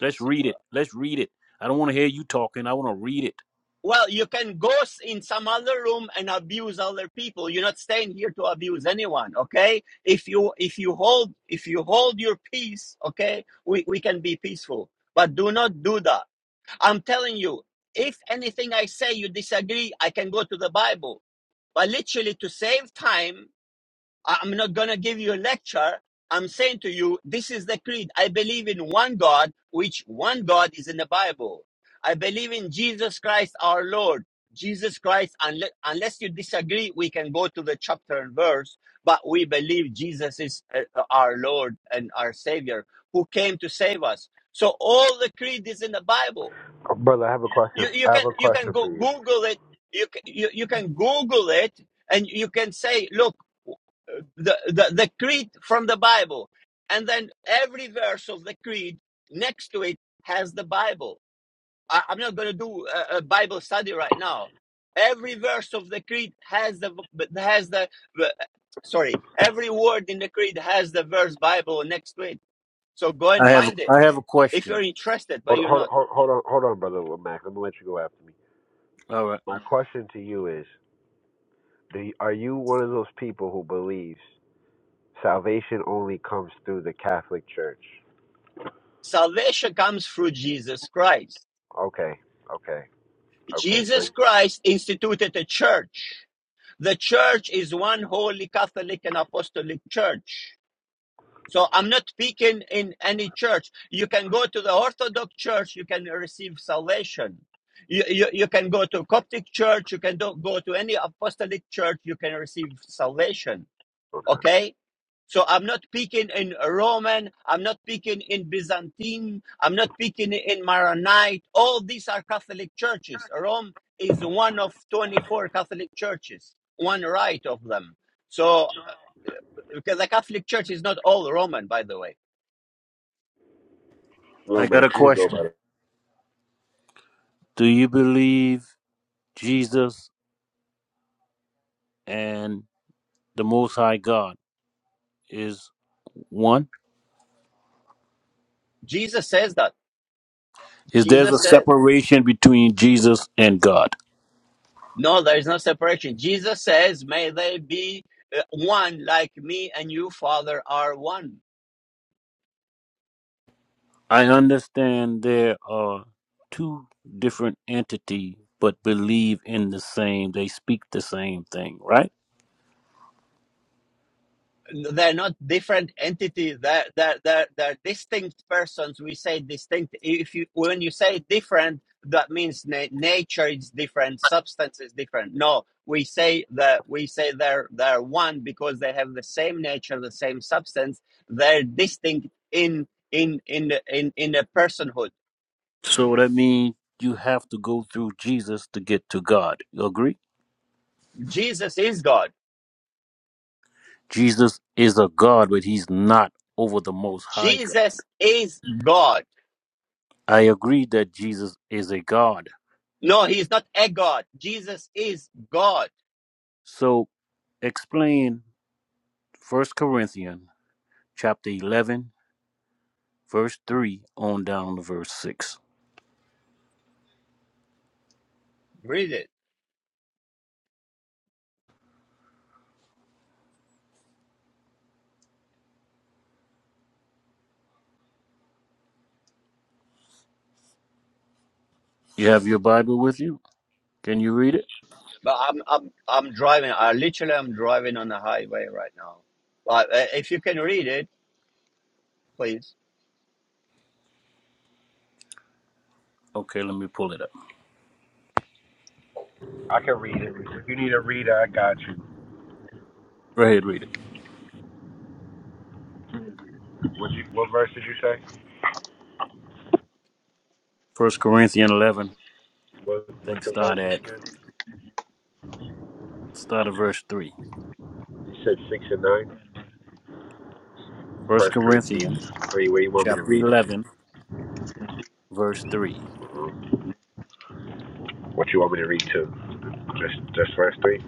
Speaker 13: Let's read it.
Speaker 1: uh,
Speaker 13: Let's read it. I don't want to hear you talking. I want to read it.
Speaker 1: Well, you can go in some other room and abuse other people. You're not staying here to abuse anyone, okay? If you if you hold if you hold your peace, okay, we, we can be peaceful. But do not do that I'm telling you, if anything I say you disagree, I can go to the Bible. But literally, to save time, I- I'm not going to give you a lecture. I'm saying to you, this is the creed. I believe in one God, which one God is in the Bible. I believe in Jesus Christ our Lord. Jesus Christ, unle- unless you disagree, we can go to the chapter and verse, but we believe Jesus is uh, uh, our Lord and our Savior who came to save us. So all the creed is in the Bible
Speaker 12: Oh, brother, I have a question.
Speaker 1: you, you
Speaker 12: I have a
Speaker 1: can you can
Speaker 12: question for
Speaker 1: go
Speaker 12: you.
Speaker 1: google it you, can you you can google it and you can say look the, the the creed from the bible and then every verse of the creed next to it has the bible I, i'm not going to do a, a bible study right now every verse of the creed has the has the- sorry every word in the creed has the verse bible next to it so go and
Speaker 13: I have
Speaker 1: find it
Speaker 13: I have a
Speaker 1: if you're
Speaker 13: question.
Speaker 1: interested but
Speaker 12: Hold,
Speaker 1: you're
Speaker 12: hold,
Speaker 1: not
Speaker 12: hold, hold on, hold on, brother Mac. Let me let you go after me.
Speaker 13: All right.
Speaker 12: My question to you is: Do you, are you one of those people who believes salvation only comes through the Catholic Church?
Speaker 1: salvation comes through jesus christ
Speaker 12: Okay, okay, okay. So,
Speaker 1: Jesus Christ instituted a church. The church is one holy Catholic and Apostolic church. So I'm not speaking in any church. You can go to the Orthodox church, you can receive salvation. You, you, you can go to Coptic church, you can do, go to any apostolic church, you can receive salvation.
Speaker 12: okay.
Speaker 1: Okay? So I'm not speaking in Roman, I'm not speaking in Byzantine, I'm not speaking in Maronite. All these are Catholic churches. Rome is one of 24 Catholic churches, one right of them. So uh, because the Catholic Church is not all Roman, by the way.
Speaker 12: Little
Speaker 13: I got
Speaker 12: Max,
Speaker 13: a
Speaker 12: you can go
Speaker 13: question.
Speaker 12: about it.
Speaker 13: Do you believe Jesus and the Most High God is one?
Speaker 1: Jesus says that.
Speaker 13: Is there's a
Speaker 1: Jesus says,
Speaker 13: separation between Jesus and God?
Speaker 1: no, there is no separation. Jesus says, may they be uh, one like me and you, Father, are one.
Speaker 13: I understand there are two different entities, but believe in the same. They speak the same thing, right?
Speaker 1: they're not different entities they're, they're, they're, they're distinct persons we say distinct if you when you say different that means na- nature is different substance is different no we say that we say they're they're one because they have the same nature the same substance they're distinct in in in the- in in the personhood
Speaker 13: So that means you have to go through Jesus to get to God. You agree?
Speaker 1: jesus is god
Speaker 13: Jesus is a God, but he's not over the Most High God.
Speaker 1: jesus is god
Speaker 13: I agree that Jesus is a God.
Speaker 1: no he's not a god jesus is god
Speaker 13: So explain First Corinthians chapter 11, verse 3 on down to verse 6.
Speaker 1: Read it.
Speaker 13: You have your Bible with you? Can you read it?
Speaker 1: But I'm I'm I'm driving. I literally am driving on the highway right now. But uh, if you can read it, please.
Speaker 13: Okay, let me pull it up.
Speaker 12: I can read it. If you need a reader, I got you.
Speaker 13: Go ahead, read it.
Speaker 12: What you, what verse did you say?
Speaker 13: First Corinthians 11,
Speaker 12: What,
Speaker 13: I
Speaker 12: what's
Speaker 13: think
Speaker 12: the
Speaker 13: start
Speaker 12: verses
Speaker 13: at,
Speaker 12: again?
Speaker 13: start at verse 3.
Speaker 12: You said six and nine.
Speaker 13: First
Speaker 12: First Corinthians
Speaker 13: Corinthians
Speaker 12: three. Where you want me to
Speaker 13: chapter
Speaker 12: read?
Speaker 13: 11, verse 3.
Speaker 12: What you want me to read to? Just, just verse 3?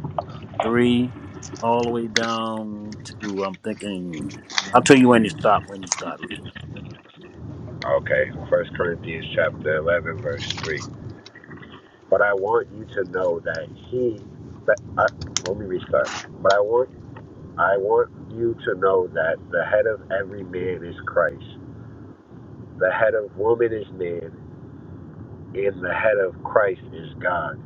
Speaker 13: three, all the way down to I'm thinking. I'll tell you when you stop. When you stop, real.
Speaker 12: Okay. First Corinthians chapter 11, verse 3. But I want you to know that he, that, uh, let me restart. But I want, I want you to know that the head of every man is Christ. The head of woman is man, and the head of Christ is God.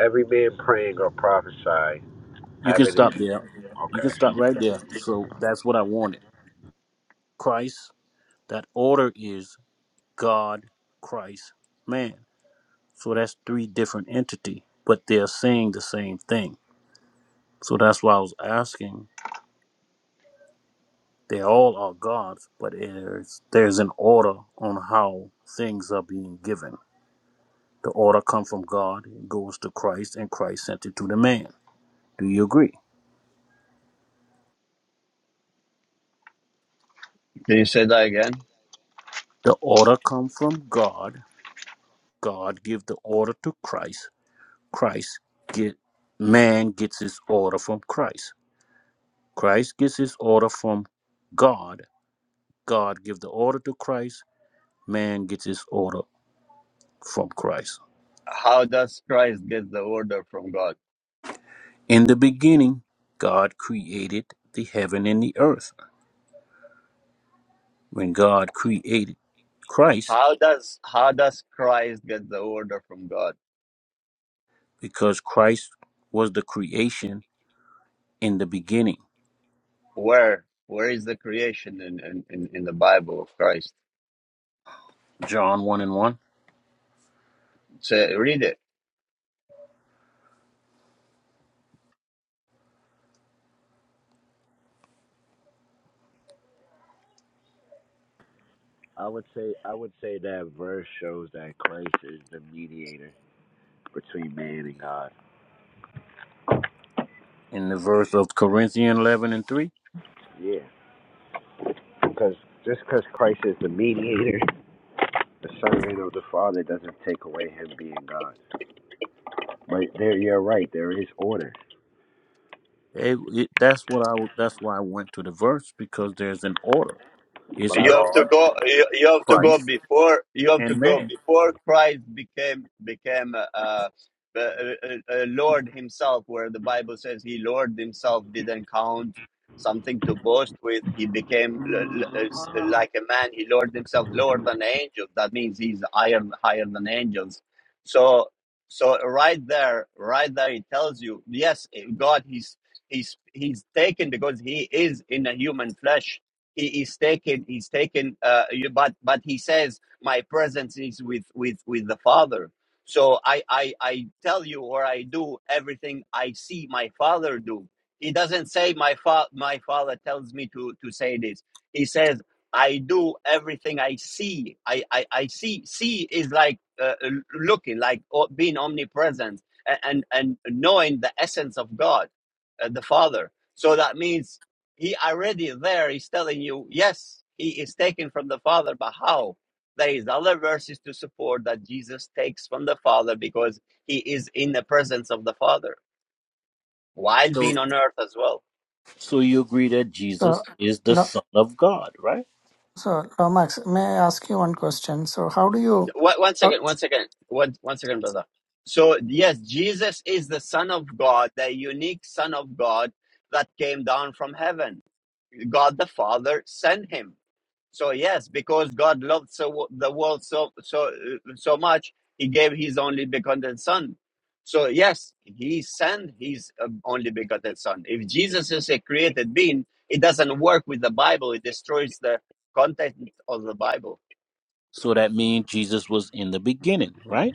Speaker 12: Every man praying or prophesying,
Speaker 13: You can
Speaker 12: having his,
Speaker 13: stop there. You can stop
Speaker 12: okay.
Speaker 13: right there. So that's what I wanted. Christ. That order is God, Christ, man. So that's three different entity, but they're saying the same thing. So that's why I was asking. They all are gods, but there's there's an order on how things are being given. The order come from God, it goes to Christ, and Christ sent it to the man. Do you agree?
Speaker 1: Can you say that again?
Speaker 13: The order come from God. God give the order to Christ. Christ get man gets his order from Christ. Christ gets his order from God. God give the order to Christ. Man gets his order from Christ.
Speaker 1: How does Christ get the order from God?
Speaker 13: In the beginning, God created the heaven and the earth. When God created Christ,
Speaker 1: How does how does Christ get the order from God?
Speaker 13: because Christ was the creation in the beginning.
Speaker 1: Where where is the creation in in, in, in the Bible of Christ?
Speaker 13: John 1 and 1.
Speaker 1: Say read it.
Speaker 12: I would say, I would say that verse shows that Christ is the mediator between man and God.
Speaker 13: in the verse of Corinthians 11 and 3.
Speaker 12: Yeah. Because just because Christ is the mediator, the son of the Father, doesn't take away him being God. But there, you're right. There is order.
Speaker 13: It, it- that's what I that's why I went to the verse because there's an order. It's
Speaker 12: But I
Speaker 1: You have
Speaker 12: want
Speaker 1: to
Speaker 13: God,
Speaker 1: go. You, you have to go
Speaker 13: Christ,
Speaker 1: before. You have to
Speaker 13: and
Speaker 1: go
Speaker 13: man.
Speaker 1: before Christ became became uh, uh, uh, uh, uh, Lord Himself, where the Bible says He Lord Himself didn't count something to boast with. He became l- l- uh, s- like a man. He Lord Himself, lower than angels. That means He's higher higher than angels. So so right there, right there, it tells you yes, God. He's he's he's taken because He is in a human flesh he, is taken he's taken uh you- but but he says my presence is with with with the father so I, I i tell you or i do everything i see my father do he doesn't say my fa- my father tells me to to say this he says i do everything i see i i, I see see is like uh, l- looking like o- being omnipresent a- and and knowing the essence of god uh, the father so that means he already there is telling you, yes, he is taken from the Father, but how? There is other verses to support that Jesus takes from the Father because he is in the presence of the Father while
Speaker 13: So
Speaker 1: being on earth as well.
Speaker 13: so you agree that
Speaker 11: so
Speaker 13: Jesus is the
Speaker 11: lo-
Speaker 13: son of God, right?
Speaker 11: so Lomax, may I ask you one question? So how do you?
Speaker 1: One, one
Speaker 11: how,
Speaker 1: second, one second, one, one second, brother. So, yes, Jesus is the Son of God, the unique Son of God that came down from heaven. God the Father sent him So yes, because God loved so the world so so so much, He gave His only begotten Son. So yes, He sent His uh, only begotten Son. If Jesus is a created being, it doesn't work with the Bible. It destroys the content of the Bible.
Speaker 13: So that means Jesus was in the beginning, right?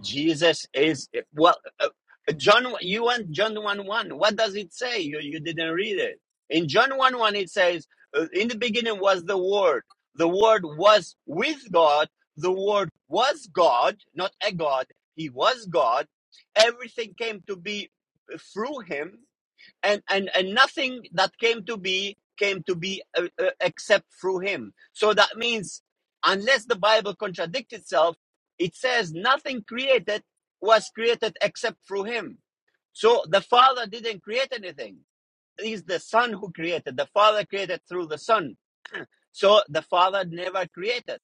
Speaker 1: Jesus is well. Uh, John, you want John one one? What does it say? You you didn't read it. In John one one, it says, uh, "In the beginning was the Word. The Word was with God. The Word was God, not a God. He was God. Everything came to be through Him, and and and nothing that came to be came to be uh, uh, except through him so that means unless the bible contradicts itself it says nothing created was created except through him so the father didn't create anything it is the son who created the father created through the son so the father never created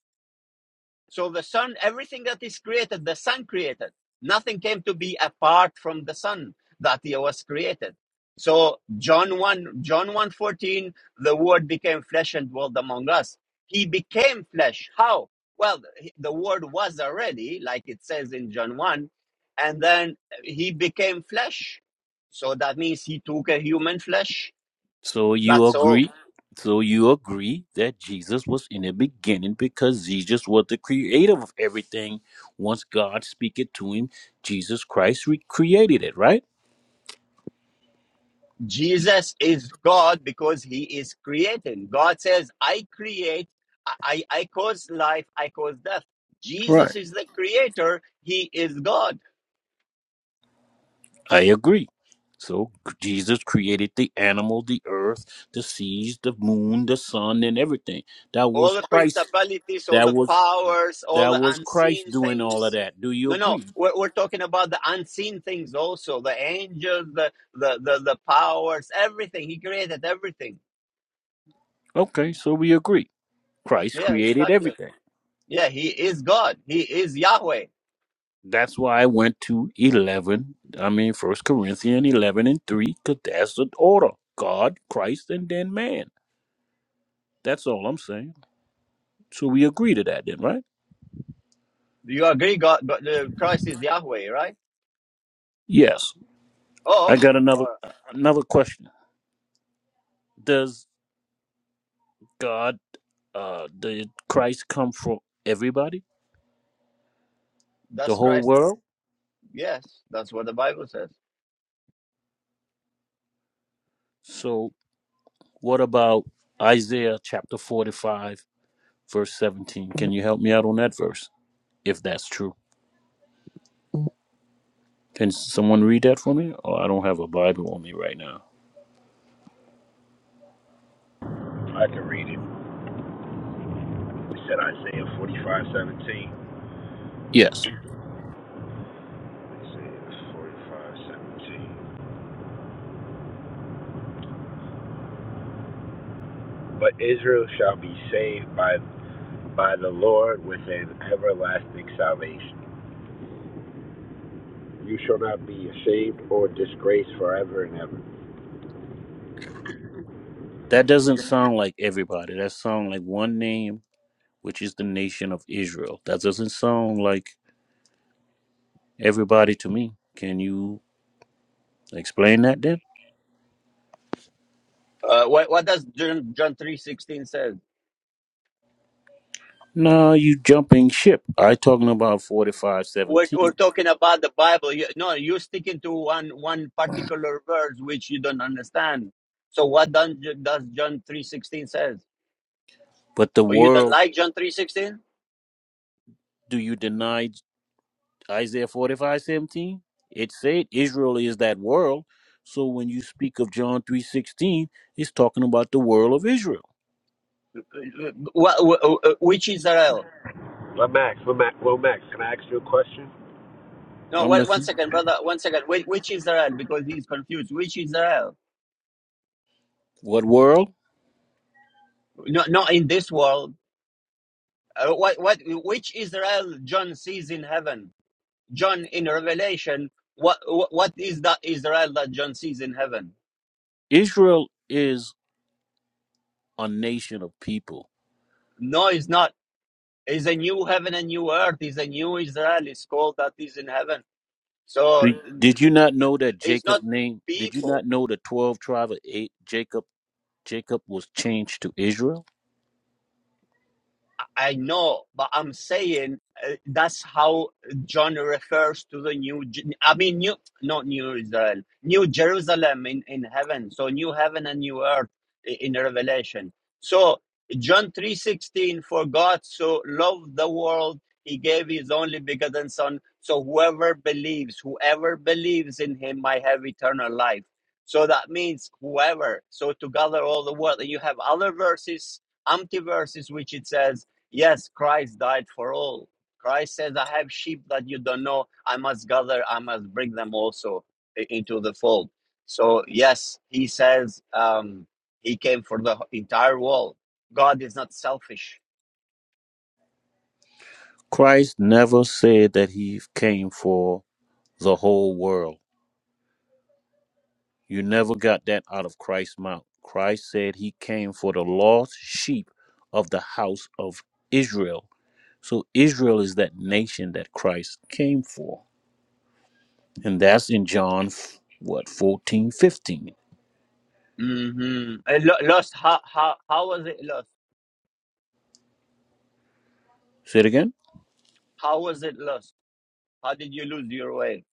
Speaker 1: so the sun, everything that is created, the sun created. Nothing came to be apart from the sun that he was created. So John 1, John one fourteen, the word became flesh and dwelt among us. He became flesh. How? Well, the word was already, like it says in John 1, and then he became flesh. So that means he took a human flesh.
Speaker 13: So you
Speaker 1: That's all
Speaker 13: agree so you agree that Jesus was in the beginning because Jesus was the creator of everything. Once God speak it to him, Jesus Christ re- created it, right?
Speaker 1: Jesus is God because he is creating. God says, I create, I, I cause life, I cause death.
Speaker 13: Right.
Speaker 1: Jesus is the creator, he is God.
Speaker 13: I agree. So Jesus created the animal, the earth, the seas, the moon, the sun, and everything. That
Speaker 1: All
Speaker 13: was
Speaker 1: the
Speaker 13: Christ.
Speaker 1: principalities, all
Speaker 13: That
Speaker 1: the
Speaker 13: was
Speaker 1: powers, all
Speaker 13: that
Speaker 1: the
Speaker 13: was Christ
Speaker 1: unseen
Speaker 13: doing all of
Speaker 1: things.
Speaker 13: that. Do you
Speaker 1: No, no,
Speaker 13: agree?
Speaker 1: we're, we're talking about the unseen things also the angels, the, the, the, the powers, everything. He created everything.
Speaker 13: Okay, so we agree. Christ
Speaker 1: Yeah,
Speaker 13: created
Speaker 1: exactly.
Speaker 13: everything.
Speaker 1: Yeah, he is God, he is Yahweh.
Speaker 13: That's why I went to eleven. I mean, First Corinthians eleven and three, because that's the order: God, Christ, and then man. That's all I'm saying. So we agree to that, then, right?
Speaker 1: Do you agree? God, God uh, Christ is Yahweh, right?
Speaker 13: Yes.
Speaker 1: Oh,
Speaker 13: I
Speaker 1: okay.
Speaker 13: got another
Speaker 1: All right.
Speaker 13: another question. Does God uh did christ come for everybody the
Speaker 1: That's
Speaker 13: whole
Speaker 1: Christ.
Speaker 13: world
Speaker 1: Yes, that's what the Bible says.
Speaker 13: so what about isaiah chapter 45 verse 17 can you help me out on that verse if that's true can someone read that for me oh i don't have a bible on me right now
Speaker 12: I can read it. It said Isaiah forty 17.
Speaker 13: yes
Speaker 12: Isaiah 45, 17. But Israel shall be saved by by the Lord with an everlasting salvation. You shall not be ashamed or disgraced forever and ever.
Speaker 13: that doesn't sound like everybody that sounds like one name which is the nation of israel that doesn't sound like everybody to me can you explain that then
Speaker 1: Uh, what what does John John three sixteen says?
Speaker 13: no you jumping ship i talking about forty-five
Speaker 1: We're,
Speaker 13: seventeen.
Speaker 1: we're talking about the Bible. You, no, you're sticking to one one particular verse which you don't understand. So what done, does John three sixteen says?
Speaker 13: But the
Speaker 1: Or you don't
Speaker 13: world,
Speaker 1: like John three sixteen?
Speaker 13: do you deny Isaiah 45 17? It said Israel is that world. So when you speak of John 3 16, it's talking about the world of Israel.
Speaker 1: Wh- wh- Which Israel?
Speaker 12: Well, Max, well, Max, well, Max, can I ask you a question?
Speaker 1: No,
Speaker 13: I'm
Speaker 1: wha- one
Speaker 13: listening.
Speaker 1: second, brother. One second. Wh- Which Israel? Because he's confused. Which Israel?
Speaker 13: What world?
Speaker 1: No, not in this world. Uh, what what which Israel John sees in heaven? John in Revelation, what what what is that Israel that John sees in heaven?
Speaker 13: Israel is a nation of people.
Speaker 1: No, it's not. It's a new heaven and new earth. It's a new Israel. It's called that is in heaven. So
Speaker 13: Did, did you not know that
Speaker 1: it's
Speaker 13: Jacob
Speaker 1: not
Speaker 13: name? Did you
Speaker 1: people.
Speaker 13: not know the 12 tribe of eight, Jacob? Jacob was changed to Israel.
Speaker 1: I know, but I'm saying uh, that's how John refers to the new. I mean, new, not New Israel, New Jerusalem in in heaven. So new heaven and new earth i- in Revelation. So John three sixteen, for God so loved the world, He gave His only begotten Son. So whoever believes, whoever believes in Him, might have eternal life. So that means whoever. So to gather all the world, and you have other verses empty verses which it says Yes, Christ died for all. Christ says, I have sheep that you don't know. I must gather, I must bring them also i- into the fold. So, yes, he says um, he came for the entire world. God is not selfish.
Speaker 13: Christ never said that he came for the whole world. You never got that out of Christ's mouth. Christ said he came for the lost sheep of the house of Israel. So Israel is that nation that Christ came for. And that's in John, f- what, 14, 15?
Speaker 1: hmm lost, how, how, how was it lost?
Speaker 13: Say it again.
Speaker 1: How was it lost? How did you lose your way?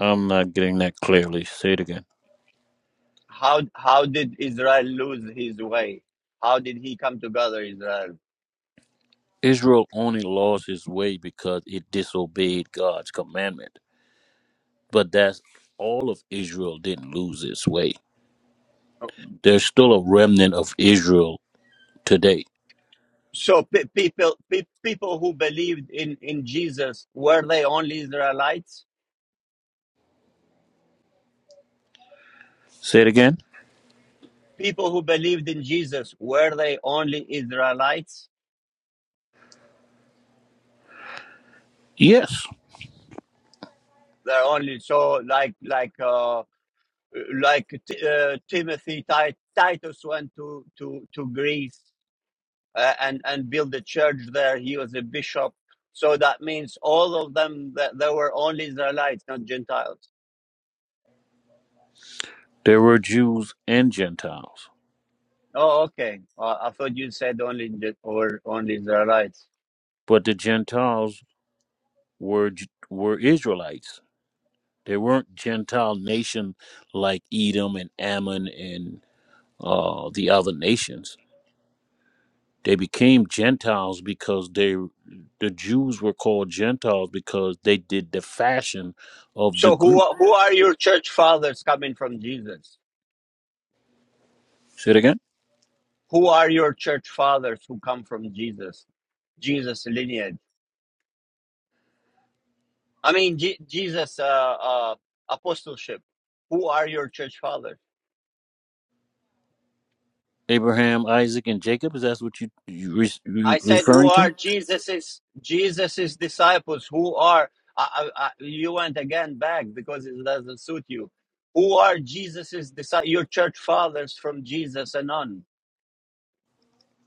Speaker 13: I'm not getting that clearly. Say it again.
Speaker 1: How, how did Israel lose his way? How did he come together, Israel?
Speaker 13: Israel only lost its way because it disobeyed God's commandment. But that's all of Israel didn't lose its way. There's still a remnant of Israel today.
Speaker 1: So pe- people pe- people who believed in in Jesus were they only Israelites?
Speaker 13: Say it again.
Speaker 1: People who believed in Jesus were they only Israelites?
Speaker 13: Yes.
Speaker 1: They're only so like like uh like Ti- uh, Timothy Ti- Titus went to to to Greece uh, and and built a church there. He was a bishop. So that means all of them that they were only Israelites, not Gentiles.
Speaker 13: There were Jews and Gentiles,
Speaker 1: Oh, okay. Uh, I thought you said only Gen- or only Israelites.
Speaker 13: but the Gentiles were were Israelites. They weren't Gentile nation like Edom and Ammon and uh, the other nations. They became Gentiles because they the Jews were called Gentiles because they did the fashion of the
Speaker 1: So who
Speaker 13: group.
Speaker 1: who are your church fathers coming from Jesus?
Speaker 13: Say it again.
Speaker 1: Who are your church fathers who come from Jesus? Jesus lineage. I mean Je- Jesus uh, uh, apostleship. Who are your church fathers?
Speaker 13: Abraham, Isaac, and Jacob. Is that what you you, re, you
Speaker 1: I said who
Speaker 13: referring
Speaker 1: are
Speaker 13: to?
Speaker 1: Jesus's Jesus's disciples? Who are I, I, I, you went again back because it doesn't suit you. Who are Jesus's disciples? Your church fathers from Jesus and on.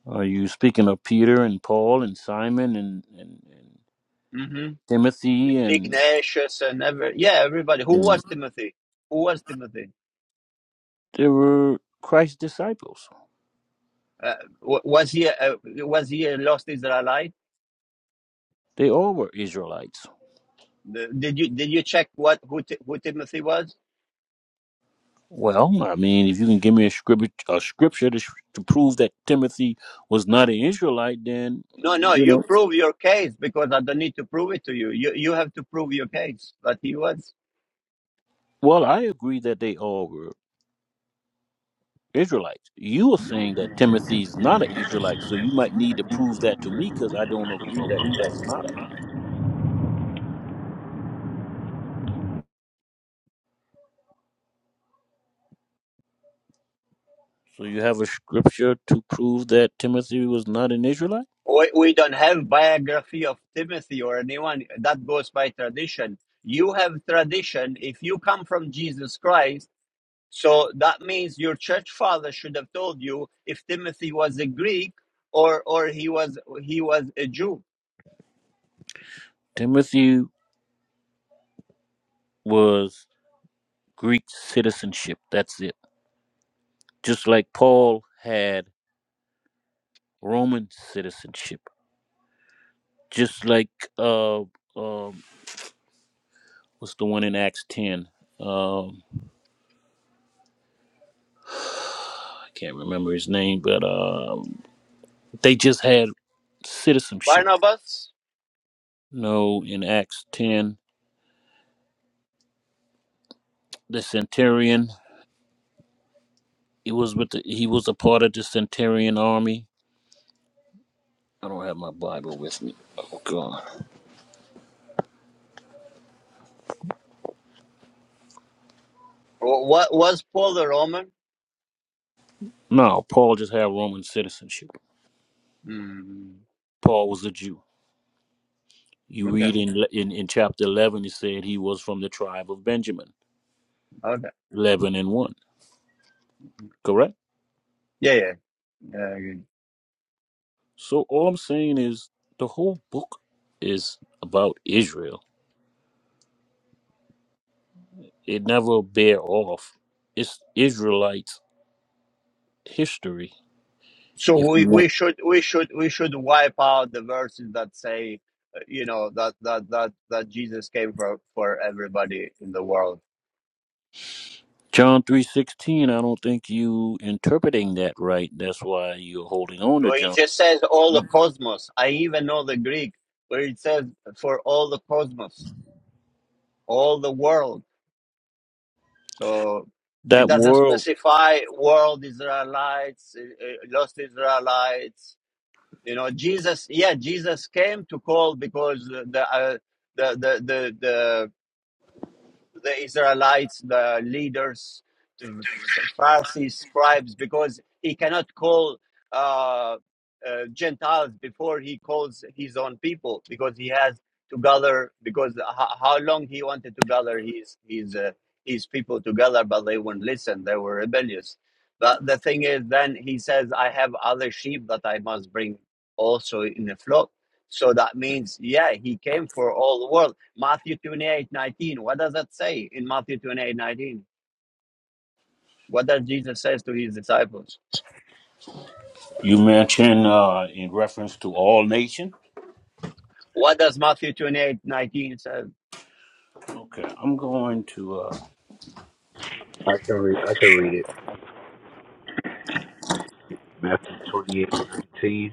Speaker 13: Are you speaking of Peter and Paul and Simon and, and, and Timothy and
Speaker 1: Ignatius and every yeah everybody. Who
Speaker 13: and
Speaker 1: was Timothy? Who was Timothy?
Speaker 13: there were Christ's disciples.
Speaker 1: Uh, wa- was he uh, was he a lost Israelite?
Speaker 13: They all were Israelites.
Speaker 1: The- Did you did you check what who Ti- who Timothy was?
Speaker 13: Well, I mean, if you can give me a scripture, a scripture to, sh- to prove that Timothy was not an Israelite, then
Speaker 1: No,
Speaker 13: mm,
Speaker 1: no.
Speaker 13: you
Speaker 1: You
Speaker 13: know.
Speaker 1: prove your case because I don't need to prove it to you. You you have to prove your case that he was.
Speaker 13: Well, I agree that they all were Israelites. You were saying that Timothy's not an Israelite, so you might need to prove that to me because I don't agree that he was not.
Speaker 12: I
Speaker 13: A, so you have a scripture to prove that Timothy was not an Israelite.
Speaker 1: We, we don't have biography of Timothy or anyone that goes by tradition. You have tradition. If you come from Jesus Christ So that means your church father should have told you if Timothy was a Greek or or he was he was a Jew.
Speaker 13: Timothy was Greek citizenship. That's it. just like Paul had Roman citizenship, just like uh, um what's the one in Acts ten? Um, I can't remember his name, but um, they just had citizenship.
Speaker 1: Barnabas,
Speaker 13: No, in Acts ten, the centurion he was with the, he was a part of the centurion army. I don't have my Bible with me. Oh God!
Speaker 1: what was Paul a Roman?
Speaker 13: No, Paul just had Roman citizenship.
Speaker 1: Mm,
Speaker 13: Paul was a Jew. You
Speaker 1: okay,
Speaker 13: read in in, in chapter eleven, he said he was from the tribe of Benjamin.
Speaker 1: okay,
Speaker 13: 11 and 1 correct
Speaker 1: yeah, yeah. yeah, yeah.
Speaker 13: so all i'm saying is the whole book is about israel it never bear off it's israelites history
Speaker 1: So
Speaker 13: if you
Speaker 1: we,
Speaker 13: want
Speaker 1: we should we should we should wipe out the verses that say uh, you know that that that that Jesus came for for everybody in the world.
Speaker 13: john 3.16 i don't think you interpreting that right that's why you're holding on to
Speaker 1: Where he
Speaker 13: john
Speaker 1: just says all the cosmos. I even know the Greek where it says for all the cosmos all the world. So it
Speaker 13: that
Speaker 1: doesn't
Speaker 13: world
Speaker 1: specify world Israelites, uh, uh, lost Israelites. You know, Jesus. Yeah, Jesus came to call because the uh, the the the the the Israelites, the leaders, the Pharisees, scribes, because he cannot call uh, uh, Gentiles before he calls his own people, because he has to gather. Because ho- how long he wanted to gather his his uh, his people together, but they wouldn't listen; they were rebellious. But the thing is, then he says, "I have other sheep that I must bring also in the flock." So that means, yeah, he came for all the world. Matthew 28 19. What does that say in Matthew 28 19? What does Jesus says to his disciples?
Speaker 13: you mentioned uh, in reference to all nation
Speaker 1: What does Matthew twenty-eight nineteen 19 say?
Speaker 13: okay i'm going to uh,
Speaker 12: can read. I can read it. Matthew 28 19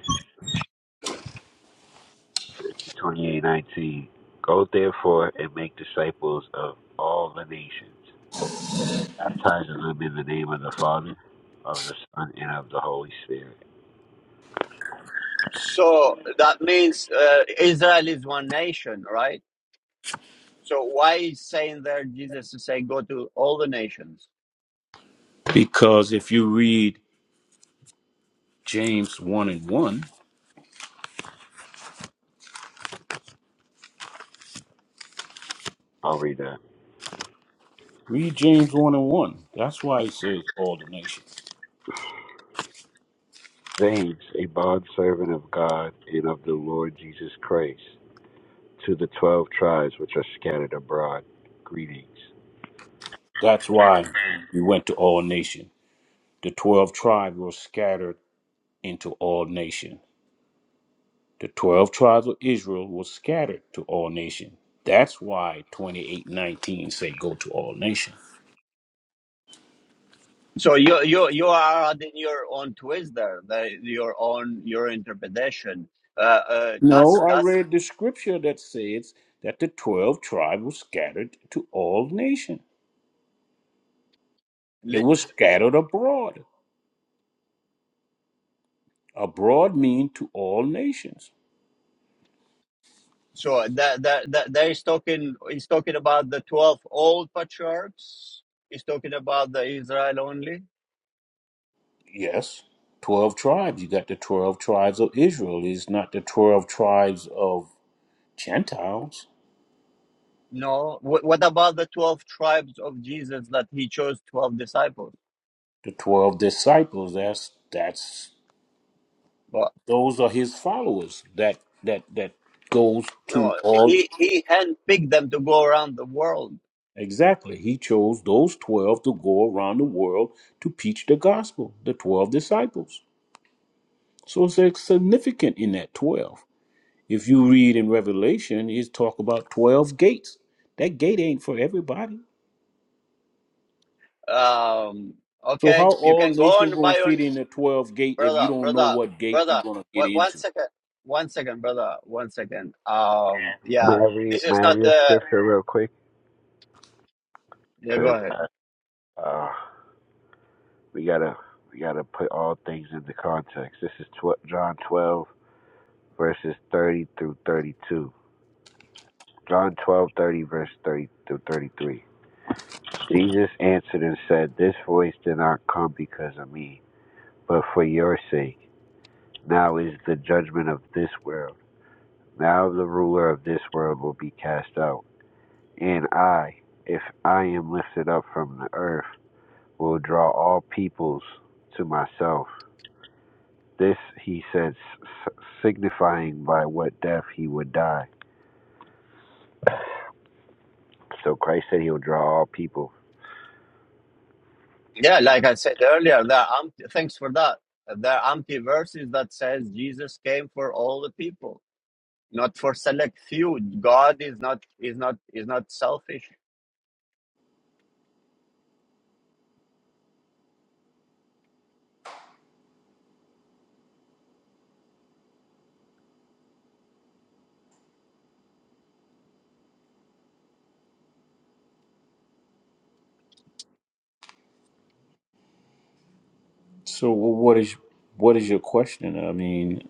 Speaker 12: 28 19. Go therefore and make disciples of all the nations, baptizing them in the name of the Father, of the Son, and of the Holy Spirit.
Speaker 1: So that means uh, Israel is one nation, right? So why is saying there Jesus to say go to all the nations?
Speaker 13: because if you read james 1 and 1
Speaker 12: I'll read that.
Speaker 13: Read James 1 and 1. That's why he says all the nations.
Speaker 12: James, a bondservant of God and of the Lord Jesus Christ, to the twelve tribes which are scattered abroad, greetings.
Speaker 13: That's why we went to all nations. The 12 tribes were scattered into all nations. The 12 tribes of Israel were scattered to all nations. That's why 2819 say go to all nations.
Speaker 1: So you you you are adding your own twist there, the, your own your interpretation. Uh, uh,
Speaker 13: No,
Speaker 1: that's
Speaker 13: I
Speaker 1: that's
Speaker 13: read the scripture that says that the 12 tribes were scattered to all nations. It was scattered abroad. Abroad mean to all nations.
Speaker 1: So that that that that is talking is talking about the twelve old patriarchs. He's talking about the Israel only.
Speaker 13: Yes, 12 tribes. You got the 12 tribes of Israel. It's not the 12 tribes of Gentiles.
Speaker 1: No, what, what about the twelve tribes of Jesus that he chose twelve disciples?
Speaker 13: The 12 disciples, that's that's
Speaker 1: But
Speaker 13: those are his followers. That that that goes to
Speaker 1: no,
Speaker 13: all
Speaker 1: he he handpicked them to go around the world.
Speaker 13: Exactly. He chose those 12 to go around the world to preach the gospel, the 12 disciples. So it's significant in that 12. If you read in Revelation, it's talk about 12 gates. That gate ain't for everybody.
Speaker 1: Um,
Speaker 13: So how
Speaker 1: okay, you
Speaker 13: all
Speaker 1: can go
Speaker 13: nation
Speaker 1: on by
Speaker 13: gonna
Speaker 1: your
Speaker 13: fit in the twelve gate if you
Speaker 1: brother,
Speaker 13: don't know
Speaker 1: brother,
Speaker 13: what gate you're
Speaker 1: brother.
Speaker 13: gonna get
Speaker 1: What, one
Speaker 13: into?
Speaker 1: second, one second, brother, one second. Um, yeah,
Speaker 12: May I read,
Speaker 1: this
Speaker 12: may
Speaker 1: is
Speaker 12: I
Speaker 1: not
Speaker 12: read
Speaker 1: the
Speaker 12: a scripture real quick?
Speaker 1: yeah. Go
Speaker 12: Because
Speaker 1: ahead.
Speaker 12: uh, we gotta we gotta put all things into context. This is tw- John 12 verses 30 through 32. John 12 30 verse 30 through 33. Jesus answered and said, This voice did not come because of me, but for your sake. Now is the judgment of this world. Now the ruler of this world will be cast out. And I, if I am lifted up from the earth, will draw all peoples to myself. This he said, signifying by what death he would die. So Christ said he will draw all people
Speaker 1: Yeah, like I said earlier, there are amp- thanks for that. There are empty verses that says Jesus came for all the people, not for select few. God is not is not is not selfish.
Speaker 13: So wh- what is what is your question? I mean,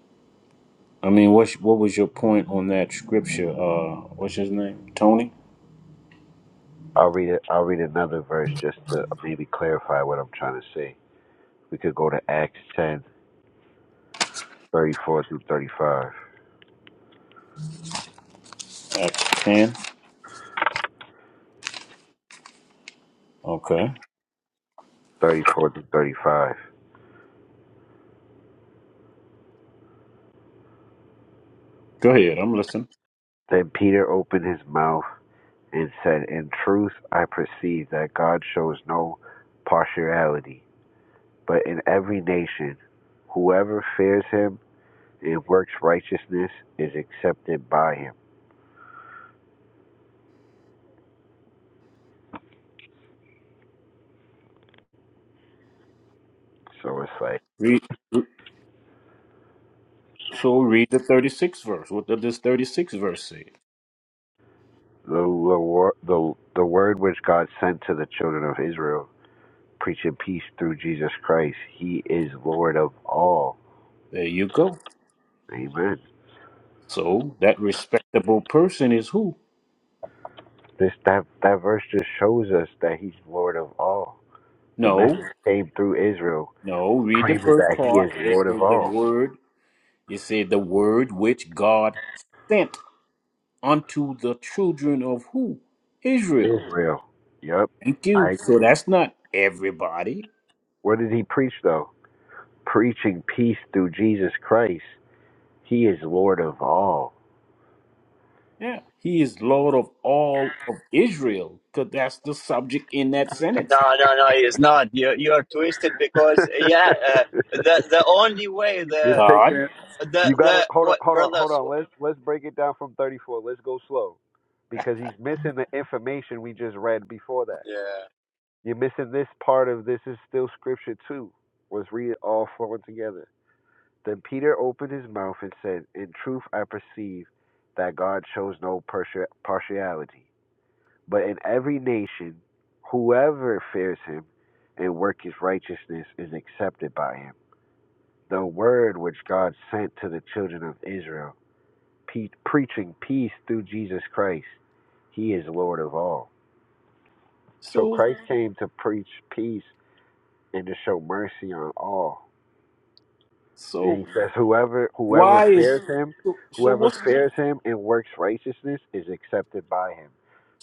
Speaker 13: I mean, what what was your point on that scripture? Uh, what's his name? Tony
Speaker 12: I'll read it. I'll read another verse just to maybe clarify what I'm trying to say. We could go to Acts 1034 through 35.
Speaker 13: at ten. Okay,
Speaker 12: 34 through 35.
Speaker 13: go ahead. I'm listening.
Speaker 12: Then Peter opened his mouth and said, In truth, I perceive that God shows no partiality, but in every nation, whoever fears him and works righteousness is accepted by him. So it's like
Speaker 13: Read. re- So read the thirty six verse. What does this thirty six verse say?
Speaker 12: the, the, wor- the, the word which God sent to the children of Israel preaching peace through Jesus Christ. He is Lord of all.
Speaker 13: There you go.
Speaker 12: Amen.
Speaker 13: So that respectable person is who?
Speaker 12: This that that verse just shows us that He's Lord of all. The
Speaker 13: No,
Speaker 12: message came through Israel,
Speaker 13: no. Read the
Speaker 12: claiming
Speaker 13: first
Speaker 12: that He
Speaker 13: part.
Speaker 12: is
Speaker 13: It
Speaker 12: Lord of
Speaker 13: says the
Speaker 12: all.
Speaker 13: word It said the word which God sent unto the children of who? Israel.
Speaker 12: Israel. Yep.
Speaker 13: Thank you.
Speaker 12: I.
Speaker 13: So that's not everybody.
Speaker 12: What did He preach though? Preaching peace through Jesus Christ. He is Lord of all.
Speaker 13: Yeah. He is Lord of all of Israel, because that's the subject in that sentence.
Speaker 1: No, no, no, he is not. You you are twisted because yeah, uh, the the only way
Speaker 12: You're
Speaker 1: the
Speaker 12: taking
Speaker 13: God.
Speaker 12: it.
Speaker 1: the
Speaker 12: You gotta
Speaker 1: the
Speaker 12: hold on,
Speaker 1: what
Speaker 12: hold on, hold
Speaker 1: brothers.
Speaker 12: on. Let's let's break it down from 34. Let's go slow, because he's missing the information we just read before that.
Speaker 1: Yeah.
Speaker 12: You're missing this part of this is still scripture too. Let's read it all flowing together. Then Peter opened his mouth and said, "In truth, I perceive that God shows no partia- partiality, but in every nation, whoever fears Him and works His righteousness is accepted by Him." the word which God sent to the children of Israel, pe- preaching peace through Jesus Christ. He is Lord of all. So
Speaker 13: So
Speaker 12: Christ came to preach peace and to show mercy on all. And
Speaker 13: so
Speaker 12: he says, whoever whoever
Speaker 13: why is
Speaker 12: fears him,
Speaker 13: so, so
Speaker 12: whoever
Speaker 13: what's
Speaker 12: fears him and works righteousness is accepted by him.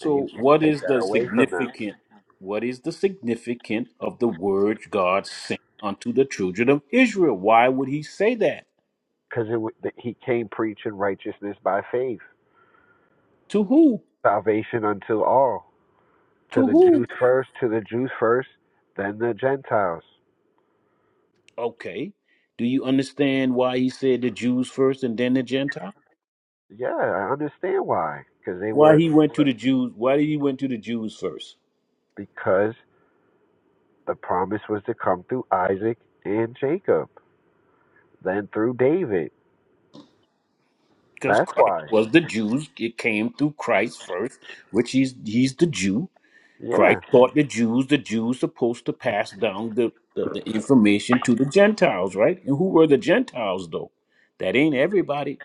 Speaker 12: And you can't
Speaker 13: what
Speaker 12: take
Speaker 13: is
Speaker 12: that
Speaker 13: the
Speaker 12: away from them
Speaker 13: significant what is the significant of the words God sent unto the children of Israel? Why would he say that?
Speaker 12: because he came preaching righteousness by faith,
Speaker 13: To who?
Speaker 12: salvation unto all, to
Speaker 13: To
Speaker 12: the
Speaker 13: who?
Speaker 12: Jews first, to the Jews first, then the Gentiles.
Speaker 13: Okay. Do you understand why he said the Jews first and then the Gentiles?
Speaker 12: Yeah, I understand why. Because they
Speaker 13: Why
Speaker 12: were
Speaker 13: he went to the Jews? Why did he went to the Jews first?
Speaker 12: because the promise was to come through Isaac and Jacob, then through David.
Speaker 13: Because
Speaker 12: That's
Speaker 13: Christ
Speaker 12: why.
Speaker 13: was the Jews. It came through Christ first, which he's he's the Jew.
Speaker 12: Yeah,
Speaker 13: Christ taught the Jews. The Jews supposed to pass down the, the, the information to the Gentiles, right? And who were the Gentiles though? That ain't everybody.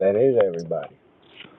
Speaker 12: that is everybody.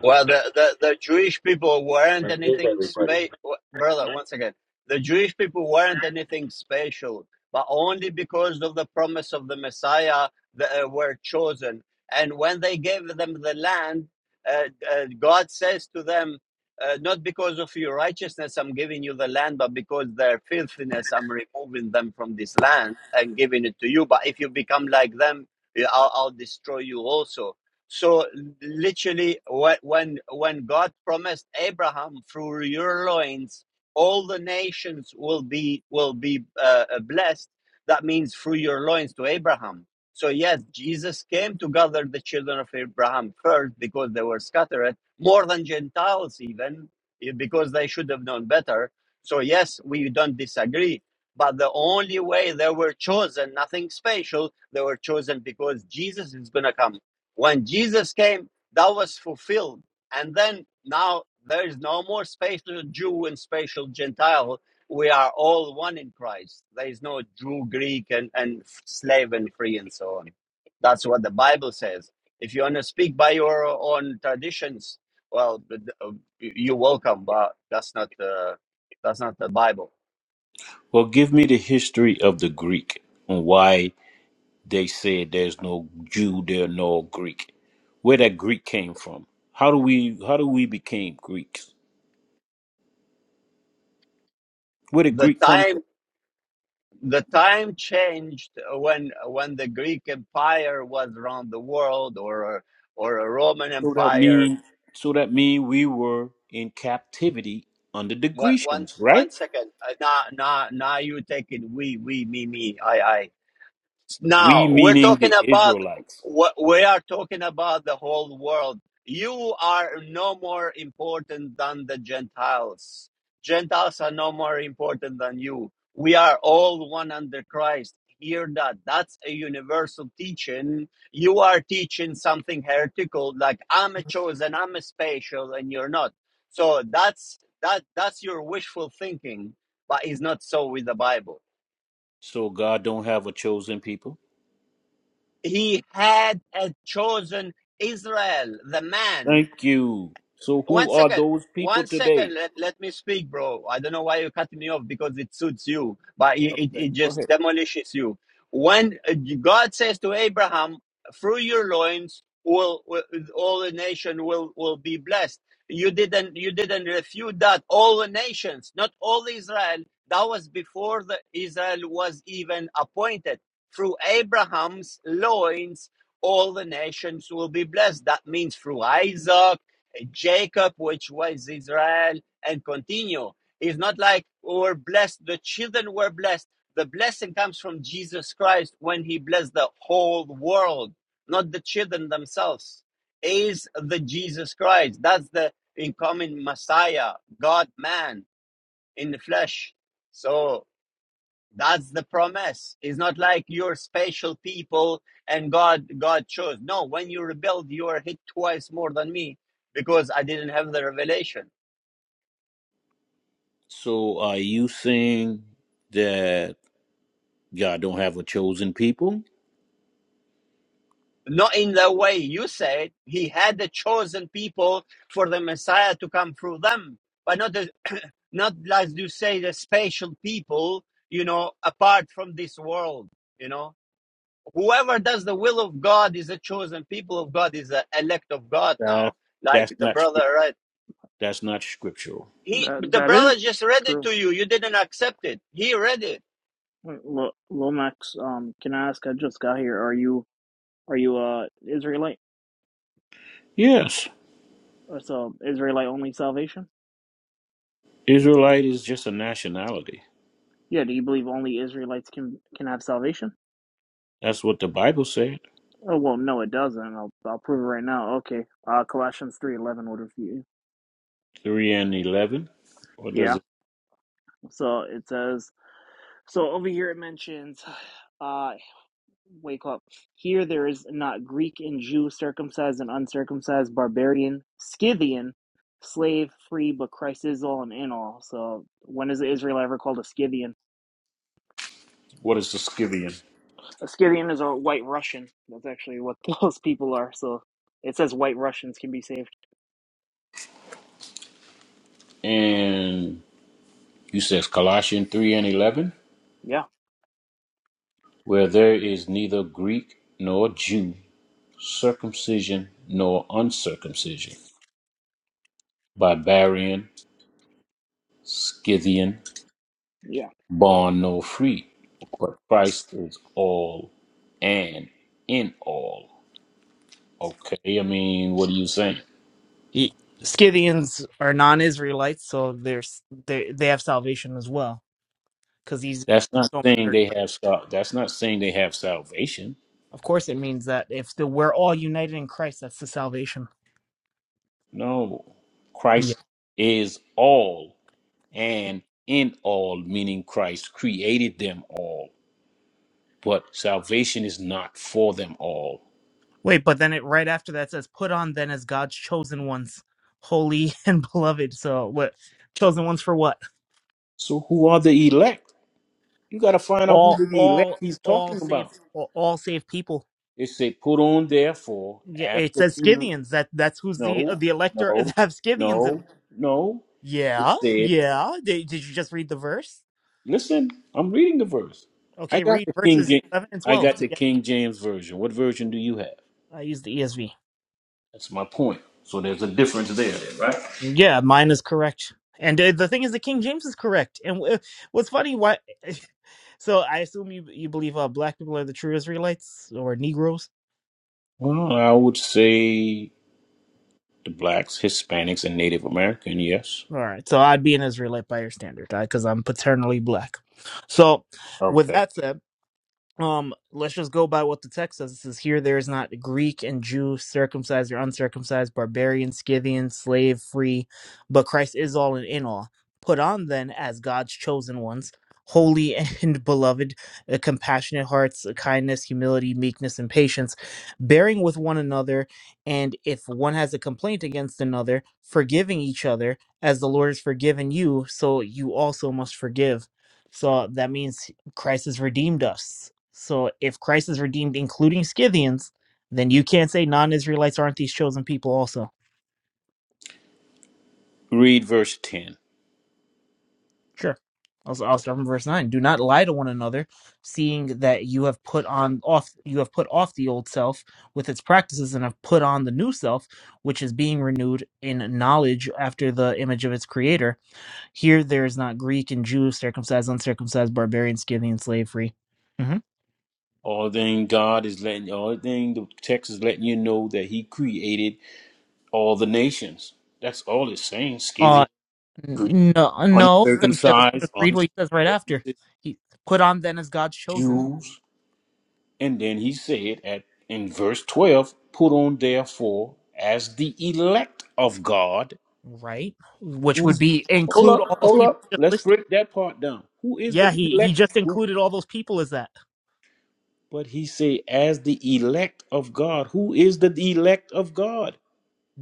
Speaker 1: Well, the, the, the Jewish people weren't
Speaker 12: That is
Speaker 1: anything
Speaker 12: everybody.
Speaker 1: spe- brother. Once again, the Jewish people weren't anything special, but only because of the promise of the Messiah they uh, were chosen. And when they gave them the land, uh, uh, God says to them, uh, "Not because of your righteousness I'm giving you the land, but because their filthiness I'm removing them from this land and giving it to you. But if you become like them, I'll, I'll destroy you also." So literally, when when God promised Abraham, through your loins, all the nations will be will be uh, uh, blessed. That means through your loins to Abraham. So yes, Jesus came to gather the children of Abraham first because they were scattered more than Gentiles even eh, because they should have known better. So yes, we don't disagree. But the only way they were chosen, nothing special, they were chosen because Jesus is going to come when Jesus came, that was fulfilled. And then now there is no more spatial Jew and spatial Gentile. We are all one in Christ. There is no Jew, Greek, and, and slave and free and so on. That's what the Bible says. If you want to speak by your own traditions, well, th- th- you're welcome, but that's not uh, that's not the Bible.
Speaker 13: Well, give me the history of the Greek and why They said there's no Jew there nor Greek. Where that Greek came from? How do we how do we became Greeks? Where did
Speaker 1: The
Speaker 13: Greek come
Speaker 1: time
Speaker 13: from?
Speaker 1: the time changed when when the Greek Empire was around the world, or or a Roman
Speaker 13: So that
Speaker 1: Empire.
Speaker 13: mean so that mean we were in captivity under the
Speaker 1: What one
Speaker 13: Grecians,
Speaker 1: one
Speaker 13: right?
Speaker 1: second? Uh, nah, nah, nah. You take it. We, we, me, me. I, I.
Speaker 13: We
Speaker 1: Now we're
Speaker 13: meaning
Speaker 1: talking
Speaker 13: the
Speaker 1: about
Speaker 13: Israelites.
Speaker 1: what we are talking about the whole world. You are no more important than the Gentiles. Gentiles are no more important than you. We are all one under Christ. Hear that. That's a universal teaching. You are teaching something heretical, like I'm a chosen, I'm a special, and you're not. So that's that that's your wishful thinking, but it's not so with the Bible.
Speaker 13: So God don't have a chosen people.
Speaker 1: he had uh, chosen Israel, the man,
Speaker 13: Thank you. So
Speaker 1: one
Speaker 13: who are
Speaker 1: second.
Speaker 13: those people
Speaker 1: One second.
Speaker 13: today?
Speaker 1: Let, let me speak, bro. I don't know why you cut me off because it suits you, but it, it,
Speaker 13: Okay,
Speaker 1: it
Speaker 13: go
Speaker 1: just
Speaker 13: ahead.
Speaker 1: demolishes you. When uh, God says to Abraham, through your loins, will, will all the nation will, will be blessed. You didn't you didn't refute that. All the nations, not all Israel. That was before the Israel was even appointed. Through Abraham's loins, all the nations will be blessed. That means through Isaac Jacob, which was Israel, and continue. It's not like we're blessed, the children were blessed. The blessing comes from Jesus Christ when he blessed the whole world, not the children themselves. Is the Jesus Christ. That's the incoming Messiah, God man in the flesh. So that's the promise. It's not like you're special people and God God chose. No, when you rebelled, you are hit twice more than me because I didn't have the revelation.
Speaker 13: So are you saying that God don't have a chosen people?
Speaker 1: Not in the way you said. He had the chosen people for the Messiah to come through them, but not the, not as you say the special people. You know, apart from this world. You know, whoever does the will of God is a chosen people of God, is the elect of God
Speaker 13: That
Speaker 1: now like
Speaker 13: that's
Speaker 1: the
Speaker 13: not scripture.
Speaker 1: brother read.
Speaker 13: That's not scriptural.
Speaker 1: He,
Speaker 10: That
Speaker 1: the
Speaker 10: that is
Speaker 1: brother just read it
Speaker 10: true.
Speaker 1: to you. You didn't accept it. He read it.
Speaker 10: Wait, Lo- Lomax, um, can I ask? I just got here. Are you are you uh Israelite?
Speaker 13: Yes,
Speaker 10: Or So Israelite only salvation?
Speaker 13: Israelite is just a nationality.
Speaker 10: Yeah. Do you believe only Israelites can can have salvation?
Speaker 13: That's what the Bible said.
Speaker 10: Oh well, no, it doesn't. I'll I'll prove it right now. Okay. Uh, Colossians three eleven would refute
Speaker 13: Three and eleven. What
Speaker 10: you.
Speaker 13: does
Speaker 10: Yeah.
Speaker 13: it?
Speaker 10: So it says. So over here it mentions. uh, Wake up. Here there is not Greek and Jew, circumcised and uncircumcised, barbarian, Scythian, slave, free, but Christ is all and in all. So when is Israel ever called a Scythian?
Speaker 13: What is the Scythian?
Speaker 10: A Scythian is a white Russian. That's actually what those people are. So it says white Russians can be saved.
Speaker 13: And you says Colossians three and eleven,
Speaker 10: Yeah.
Speaker 13: where there is neither Greek nor Jew, circumcision nor uncircumcision, barbarian, Scythian,
Speaker 10: Yeah.
Speaker 13: bond nor free, but Christ is all and in all. Okay, I mean, what are you saying?
Speaker 10: Ye- Scythians are non-Israelites, so there's they they have salvation as well because these
Speaker 13: That's
Speaker 10: things
Speaker 13: not
Speaker 10: don't
Speaker 13: saying
Speaker 10: matter in
Speaker 13: they
Speaker 10: Christ.
Speaker 13: have sal- that's not saying they have salvation.
Speaker 10: Of course, it means that if the, we're all united in Christ, that's the salvation.
Speaker 13: No.
Speaker 10: Yeah.
Speaker 13: Christ is all and in all, meaning Christ created them all, but salvation is not for them all.
Speaker 10: Wait, but then it right after that says, "Put on then as God's chosen ones, holy and beloved." So what? Chosen ones for what?
Speaker 13: So who are the elect? You gotta find out who
Speaker 10: All,
Speaker 13: the elect
Speaker 10: all,
Speaker 13: he's
Speaker 10: all
Speaker 13: talking
Speaker 10: saved,
Speaker 13: about.
Speaker 10: all, all saved people.
Speaker 13: It say put on therefore
Speaker 10: Yeah,
Speaker 13: as
Speaker 10: it
Speaker 13: the
Speaker 10: says
Speaker 13: no,
Speaker 10: Scythians. That that's who's the the elector
Speaker 13: no,
Speaker 10: have Scythians in
Speaker 13: no,
Speaker 10: them.
Speaker 13: no. It
Speaker 10: Yeah,
Speaker 13: said
Speaker 10: yeah. Did, did you just read the verse?
Speaker 13: Listen, I'm reading the verse. I
Speaker 10: Okay,
Speaker 13: got
Speaker 10: read
Speaker 13: the King
Speaker 10: verses
Speaker 13: James.
Speaker 10: eleven and
Speaker 13: I
Speaker 10: twelve
Speaker 13: got the
Speaker 10: together.
Speaker 13: King James version. What version do you have?
Speaker 10: I use the ESV.
Speaker 13: That's my point. So there's a difference there, then, right?
Speaker 10: Yeah, mine is correct. And uh, the thing is, the King James is correct. And w- what's funny, why? So I assume you you believe uh, black people are the true Israelites or Negroes.
Speaker 13: Well, I would say the blacks, Hispanics, and Native American. Yes.
Speaker 10: All right, so I'd be an Israelite by your standard, because I'm paternally black. So, with
Speaker 13: Okay.
Speaker 10: that said. um let's just go by what the text says it says here there is not greek and jew circumcised or uncircumcised barbarian scythian slave free but christ is all and in all put on then as god's chosen ones holy and beloved uh, compassionate hearts uh, kindness humility meekness and patience bearing with one another and if one has a complaint against another forgiving each other as the lord has forgiven you so you also must forgive so that means Christ has redeemed us. So if Christ has redeemed, including Scythians, then you can't say non Israelites aren't these chosen people also.
Speaker 13: Read verse ten.
Speaker 10: Sure. Also, I'll start from verse nine. Do not lie to one another, seeing that you have put on off you have put off the old self with its practices and have put on the new self, which is being renewed in knowledge after the image of its creator. Here there is not Greek and Jew, circumcised, uncircumcised, barbarian, Scythian, slave free. Mhm.
Speaker 13: All thing God is letting, all thing the text is letting you know that He created all the nations. That's all it's saying.
Speaker 10: Uh,
Speaker 13: Scythian, Greek,
Speaker 10: N- No, no, because
Speaker 13: uncircumcised,
Speaker 10: just read what
Speaker 13: uncircumcised
Speaker 10: he says right after. He put on then as God's chosen,
Speaker 13: Jews. And then he said at in verse 12, put on therefore as the elect of God.
Speaker 10: right? Which would
Speaker 13: Who's
Speaker 10: be
Speaker 13: hold
Speaker 10: include
Speaker 13: up,
Speaker 10: all those
Speaker 13: hold
Speaker 10: people
Speaker 13: up.
Speaker 10: just
Speaker 13: Let's
Speaker 10: listed.
Speaker 13: break that part down. Who is
Speaker 10: Yeah,
Speaker 13: the
Speaker 10: he he
Speaker 13: elect?
Speaker 10: just
Speaker 13: Who-
Speaker 10: included all those people as that.
Speaker 13: But he said, as the elect of God. Who is the elect of God?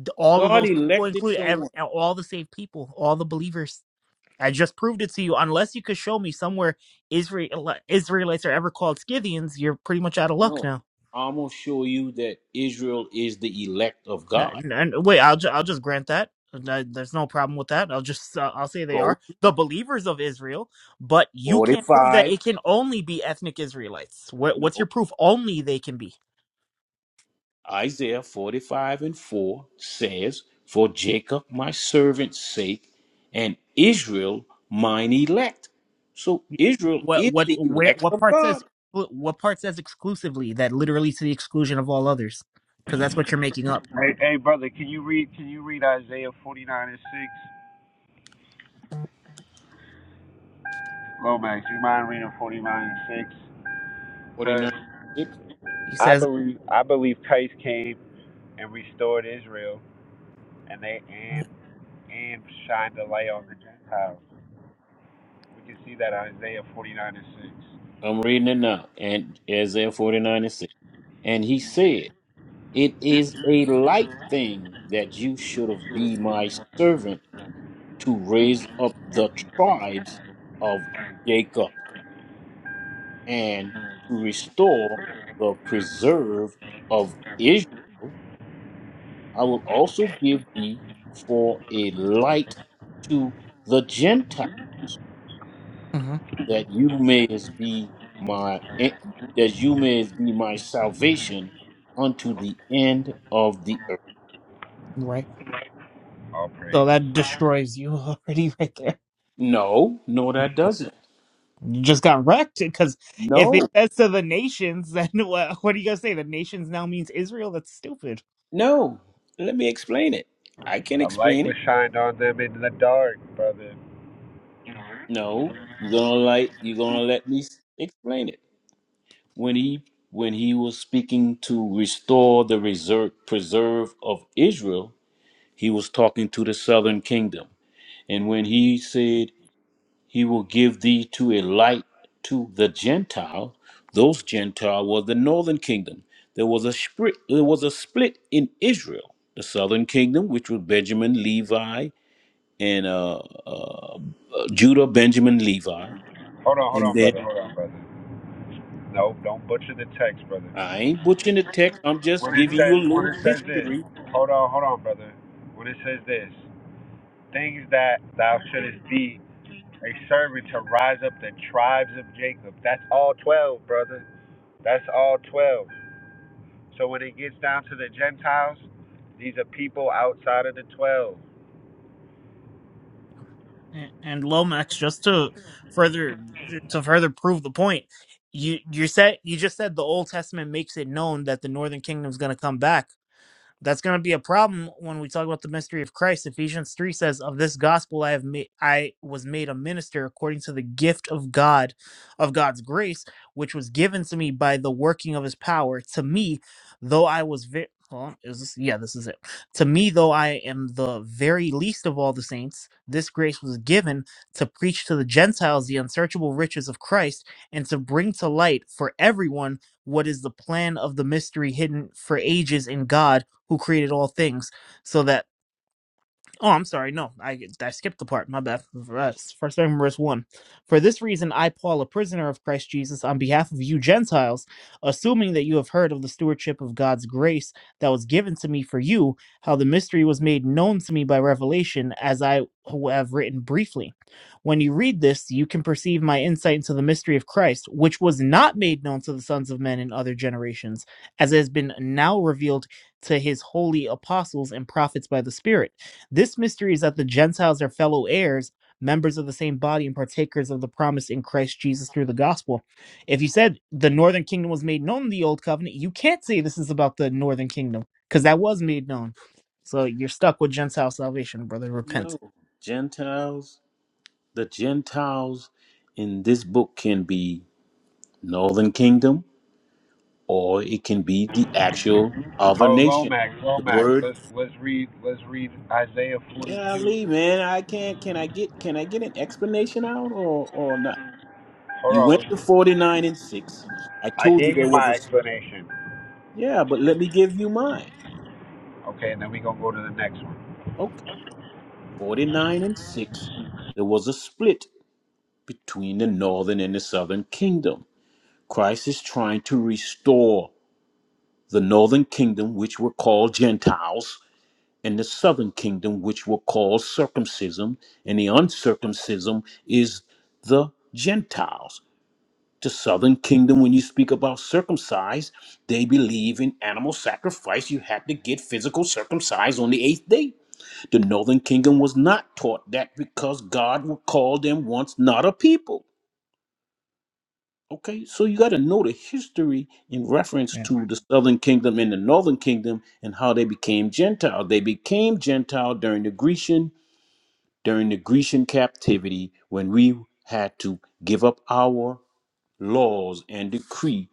Speaker 10: D- All of
Speaker 13: God
Speaker 10: those people
Speaker 13: elected
Speaker 10: included ev-
Speaker 13: someone.
Speaker 10: all the saved people, all the believers. I just proved it to you. Unless you could show me somewhere Israel Israelites are ever called Scythians, you're pretty much out of luck
Speaker 13: No.
Speaker 10: now.
Speaker 13: I'm gonna show you that Israel is the elect of
Speaker 10: No,
Speaker 13: God.
Speaker 10: n- And wait, I'll ju- I'll just grant that. No- There's no problem with that. I'll just uh, I'll say they
Speaker 13: Go
Speaker 10: are the believers of Israel, but you can't prove that
Speaker 13: 45.
Speaker 10: it can only be ethnic Israelites. What
Speaker 13: No.
Speaker 10: what's your proof? Only they can be.
Speaker 13: Isaiah 45 and 4 says, For Jacob my servant's sake, and Israel mine elect. So Israel
Speaker 10: What
Speaker 13: is
Speaker 10: what
Speaker 13: the
Speaker 10: where
Speaker 13: elect
Speaker 10: what
Speaker 13: of
Speaker 10: part
Speaker 13: God.
Speaker 10: says what part says exclusively that literally to the exclusion of all others? Because that's what you're making up.
Speaker 12: Hey, hey, read forty nine and six. Lomax, you mind reading forty nine and six?
Speaker 13: 49
Speaker 12: Because
Speaker 13: and 6.
Speaker 10: He
Speaker 12: I
Speaker 10: says,
Speaker 12: believe I believe Christ came and restored Israel, and they and and shined the light on the Gentiles. We can see that in Isaiah forty nine and
Speaker 13: I'm reading it now. And Isaiah 49 and 6. And he said, It is a light thing
Speaker 12: six.
Speaker 13: that you should have be my servant to raise up the tribes of Jacob. and to restore the preserve of Israel. I will also give thee for a light to the Gentiles,
Speaker 10: Mhm,
Speaker 13: that you may as be my eh, that you may as be my salvation unto the end of the earth.
Speaker 10: right.
Speaker 12: All
Speaker 10: So
Speaker 12: praises.
Speaker 10: that destroys you already right there.
Speaker 13: No, no, that doesn't.
Speaker 10: just got wrecked because if
Speaker 13: No,
Speaker 10: it says to the nations, then what, what do you guys say? The nations now means Israel. That's stupid.
Speaker 13: No, let me explain it. I can
Speaker 12: A light
Speaker 13: explain
Speaker 12: was
Speaker 13: it.
Speaker 12: shined on them in the dark, brother.
Speaker 13: no, you're gonna like you're gonna let me s- explain it. when he when he was speaking to restore the reserve preserve of Israel, he was talking to the southern kingdom. And when he said he will give thee to a light to the Gentile, those Gentile were the northern kingdom. There was a split there was a split in Israel. The southern kingdom, which was Benjamin, Levi, and uh, uh, uh, Judah, Benjamin, Levi, and then
Speaker 12: Brother, no, don't butcher the text, brother.
Speaker 13: I ain't butchering the text. I'm just giving you a little history
Speaker 12: Hold on, brother. When it says this, things that thou shouldest be a servant to rise up the tribes of Jacob. That's all 12, brother. That's all 12. So when it gets down to the Gentiles, these are people outside of the twelve.
Speaker 10: A- And Lomax, just to further to further prove the point, you you said you just said the Old Testament makes it known that the Northern Kingdom is going to come back. that's going to be a problem when we talk about the mystery of Christ. Ephesians 3 says, "Of this gospel I have made I was made a minister according to the gift of God of God's grace, which was given to me by the working of his power. To me, though I was very Hold on, is this yeah, this is it. To me, though I am the very least of all the saints, this grace was given to preach to the Gentiles the unsearchable riches of Christ and to bring to light for everyone what is the plan of the mystery hidden for ages in God who created all things, so that Oh, I'm sorry. No, I I skipped the part. My bad. Verse- First, starting verse one. For this reason, I, Paul, a prisoner of Christ Jesus, on behalf of you Gentiles, assuming that you have heard of the stewardship of God's grace that was given to me for you, how the mystery was made known to me by revelation, as I who have written briefly. When you read this, you can perceive my insight into the mystery of Christ, which was not made known to the sons of men in other generations, as it has been now revealed to his holy apostles and prophets by the Spirit this mystery is that the Gentiles are fellow heirs, members of the same body, and partakers of the promise in Christ Jesus through the gospel. If you said the northern kingdom was made known in the old covenant, you can't say this is about the northern kingdom because that was made known. So you're stuck with Gentile salvation, brother.
Speaker 13: No,
Speaker 10: Repent.
Speaker 13: Gentiles, the Gentiles in this book can be Northern Kingdom or it can be the actual other
Speaker 12: Oh,
Speaker 13: nation.
Speaker 12: Lomax,
Speaker 13: The
Speaker 12: Lomax.
Speaker 13: word
Speaker 12: Let's let's read let's read Isaiah forty
Speaker 13: golly,
Speaker 12: two.
Speaker 13: man, I can't can I get can I get an explanation out or or not?
Speaker 12: Hold
Speaker 13: You went
Speaker 12: on,
Speaker 13: to
Speaker 12: let's,
Speaker 13: 49 and 6. I
Speaker 12: I
Speaker 13: told you
Speaker 12: gave you
Speaker 13: there was
Speaker 12: my
Speaker 13: a
Speaker 12: explanation.
Speaker 13: Yeah, but let me give you mine.
Speaker 12: Okay, and then we gonna go to the next one.
Speaker 13: Okay. 49 and 6. There was a split between the northern and the southern kingdom. Christ is trying to restore the northern kingdom, which were called Gentiles, and the southern kingdom, which were called circumcision, and the uncircumcision is the Gentiles. The southern kingdom, when you speak about circumcised, they believe in animal sacrifice. You had to get physical circumcised on the eighth day. The northern kingdom was not taught that because God would call them once not a people. Okay, so you got to know the history in reference
Speaker 10: Yeah.
Speaker 13: to the southern kingdom and the northern kingdom and how they became Gentile. They became Gentile during the Grecian during the Grecian captivity when we had to give up our laws and decree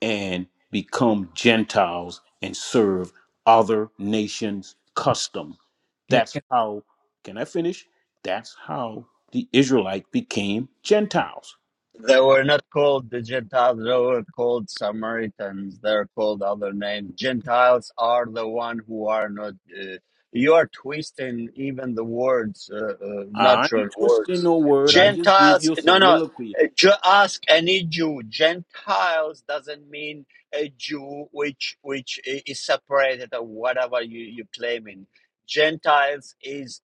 Speaker 13: and become Gentiles and serve other nations' custom. That's how. Can I finish? That's how the Israelite became Gentiles
Speaker 1: They were not called the Gentiles. They were called Samaritans. They're called other names. Gentiles are the one who are not. Uh, you are twisting even the words, uh, uh,
Speaker 13: I
Speaker 1: natural
Speaker 13: ain't twisting
Speaker 1: words.
Speaker 13: no word. I just gave
Speaker 1: Gentiles.
Speaker 13: you a
Speaker 1: No, no.
Speaker 13: soliloquy.
Speaker 1: uh, ask any Jew. Gentiles doesn't mean a Jew which which is separated or whatever you you claiming. Gentiles is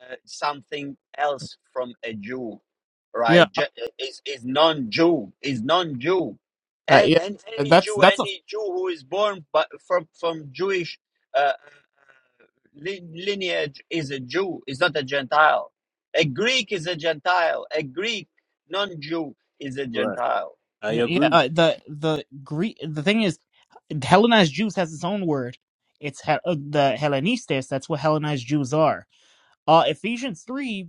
Speaker 1: uh, something else from a Jew,
Speaker 10: Yeah.
Speaker 1: right? Je- is is non-Jew, is non-Jew,
Speaker 10: Uh,
Speaker 1: and
Speaker 10: yeah,
Speaker 1: and any
Speaker 10: that's
Speaker 1: Jew,
Speaker 10: that's a
Speaker 1: any Jew who is born but from from Jewish uh, li- lineage is a Jew, is not a Gentile. A Greek is a Gentile. A Greek non-Jew is a
Speaker 13: Right.
Speaker 1: Gentile,
Speaker 13: I
Speaker 10: yeah.
Speaker 13: agree.
Speaker 10: Uh, the the Greek the thing is Hellenized Jews has its own word. It's Hel- uh, the Hellenistes. That's what Hellenized Jews are. Uh, Ephesians 3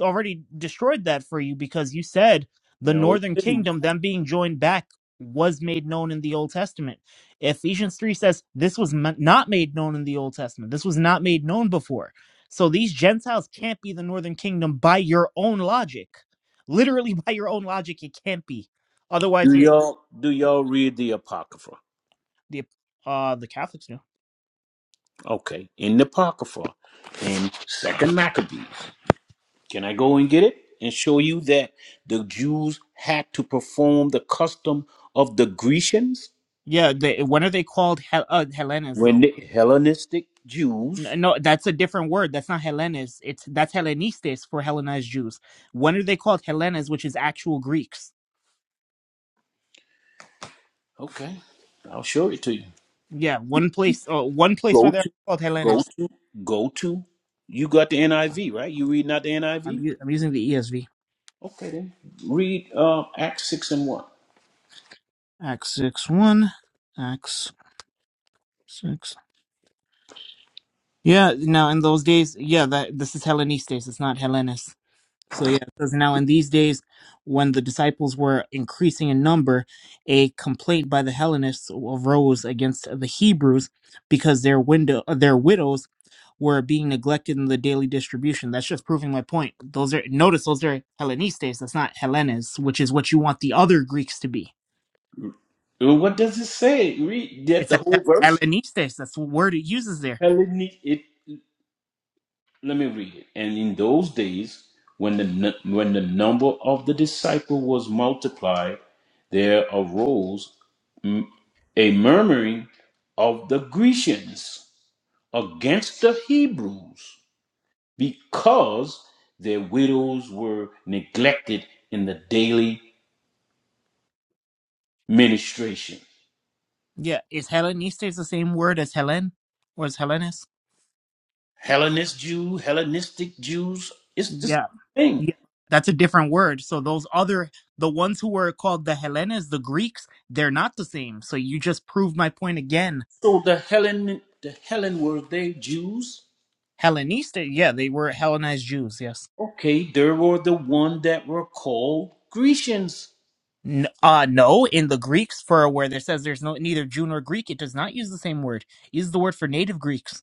Speaker 10: already destroyed that for you because you said the
Speaker 13: No, it
Speaker 10: northern
Speaker 13: didn't.
Speaker 10: kingdom, them being joined back, was made known in the Old Testament. Ephesians 3 says this was m- not made known in the Old Testament. This was not made known before. So these Gentiles can't be the northern kingdom by your own logic. Literally by your own logic, it can't be. Otherwise,
Speaker 13: Do
Speaker 10: you
Speaker 13: y'all do y'all read the Apocrypha?
Speaker 10: the uh the Catholics know.
Speaker 13: Okay. In the Apocrypha, in Second Maccabees. Can I go and get it? And show you that the Jews had to perform the custom of the Grecians
Speaker 10: Yeah, they, when are they called Hel- uh, Hellenas
Speaker 13: when
Speaker 10: though?
Speaker 13: the Hellenistic Jews.
Speaker 10: N- No, that's a different word. That's not Hellenes. It's that's Hellenistes for Hellenized Jews. When are they called Hellenes, which is actual Greeks?
Speaker 13: Okay. I'll show it to you.
Speaker 10: Yeah, one place. Uh, one place
Speaker 13: Go
Speaker 10: where they're
Speaker 13: to
Speaker 10: called
Speaker 13: go
Speaker 10: Hellenes.
Speaker 13: to go to you got the NIV, right? You reading out the NIV?
Speaker 10: I'm u- I'm using the ESV.
Speaker 13: Okay then. Read uh, Acts 6 and 1.
Speaker 10: Acts six one, Acts six. Yeah. Now in those days, yeah, that this is Hellenistes. It's not Hellenes. So yeah, it says now in these days, when the disciples were increasing in number, a complaint by the Hellenists arose against the Hebrews because their window, their widows were being neglected in the daily distribution. That's just proving my point. Those are notice those are Hellenistes. That's not Hellenes, which is what you want the other Greeks to be.
Speaker 13: Well, What does it say? Read that
Speaker 10: It's
Speaker 13: the
Speaker 10: a-
Speaker 13: whole verse.
Speaker 10: Hellenistes. That's the word it uses there.
Speaker 13: Hellenic, it, let me read it. And in those days, when the, nu- when the number of the disciple was multiplied, there arose mm, a murmuring of the Grecians against the Hebrews because their widows were neglected in the daily ministration.
Speaker 10: Yeah, is Hellenistes the same word as Helen or as Hellenes?
Speaker 13: Hellenist Jew, Hellenistic Jews. It's the same
Speaker 10: Yeah,
Speaker 13: thing.
Speaker 10: yeah, that's a different word. So those other the ones who were called the Hellenes, the Greeks, they're not the same. So you just proved my point again.
Speaker 13: So the Hellen the Hellen were they Jews?
Speaker 10: Helleniste, yeah, they were Hellenized Jews. Yes.
Speaker 13: Okay, there were the one that were called Grecians.
Speaker 10: N- uh no in the greek for where there says there's no neither jew nor greek it does not use the same word It uses the word for native greeks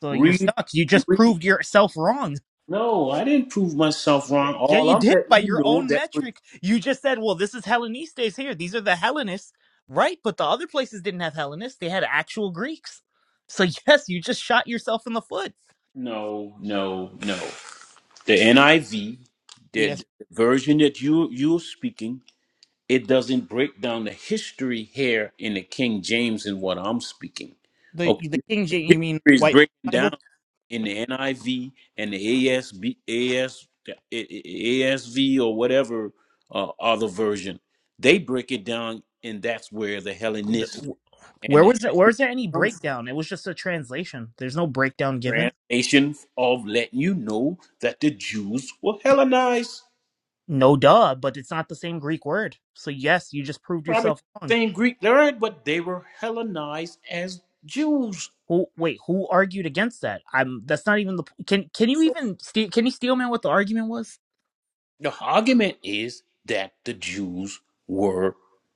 Speaker 10: so you're
Speaker 13: Read
Speaker 10: stuck you just
Speaker 13: read
Speaker 10: proved yourself wrong
Speaker 13: No, I didn't prove myself
Speaker 10: yeah
Speaker 13: wrong.
Speaker 10: yeah,
Speaker 13: All
Speaker 10: you
Speaker 13: I'm
Speaker 10: did
Speaker 13: letting
Speaker 10: by
Speaker 13: you
Speaker 10: your
Speaker 13: know
Speaker 10: own
Speaker 13: that were
Speaker 10: metric you just said well this is hellenistes here these are the hellenists right but the other places didn't have hellenists they had actual greeks so yes you just shot yourself in the foot
Speaker 13: No, no, no. The NIV, the,
Speaker 10: yes
Speaker 13: the version that you you're speaking It doesn't break down the history here in the King James and what I'm speaking.
Speaker 10: the
Speaker 13: Okay.
Speaker 10: the king
Speaker 13: The
Speaker 10: james you mean
Speaker 13: history
Speaker 10: the
Speaker 13: is
Speaker 10: white
Speaker 13: breaking down
Speaker 10: bible
Speaker 13: in the NIV and the ASB, AS, ASV or whatever uh, other version. They break it down, and that's where the
Speaker 10: The-
Speaker 13: Hellenist
Speaker 10: wh-
Speaker 13: and
Speaker 10: where
Speaker 13: the
Speaker 10: was it where was there any
Speaker 13: come from
Speaker 10: breakdown it was just a translation there's no breakdown given
Speaker 13: translation of letting you know that the Jews were Hellenized.
Speaker 10: No duh, but it's not the same Greek word. So yes, you just proved
Speaker 13: Probably the
Speaker 10: yourself wrong.
Speaker 13: same Greek learned, but they were Hellenized as Jews.
Speaker 10: Who wait, who argued against that? I'm that's not even the can can you even ste- can you steal man what the argument was?
Speaker 13: The argument is that the Jews were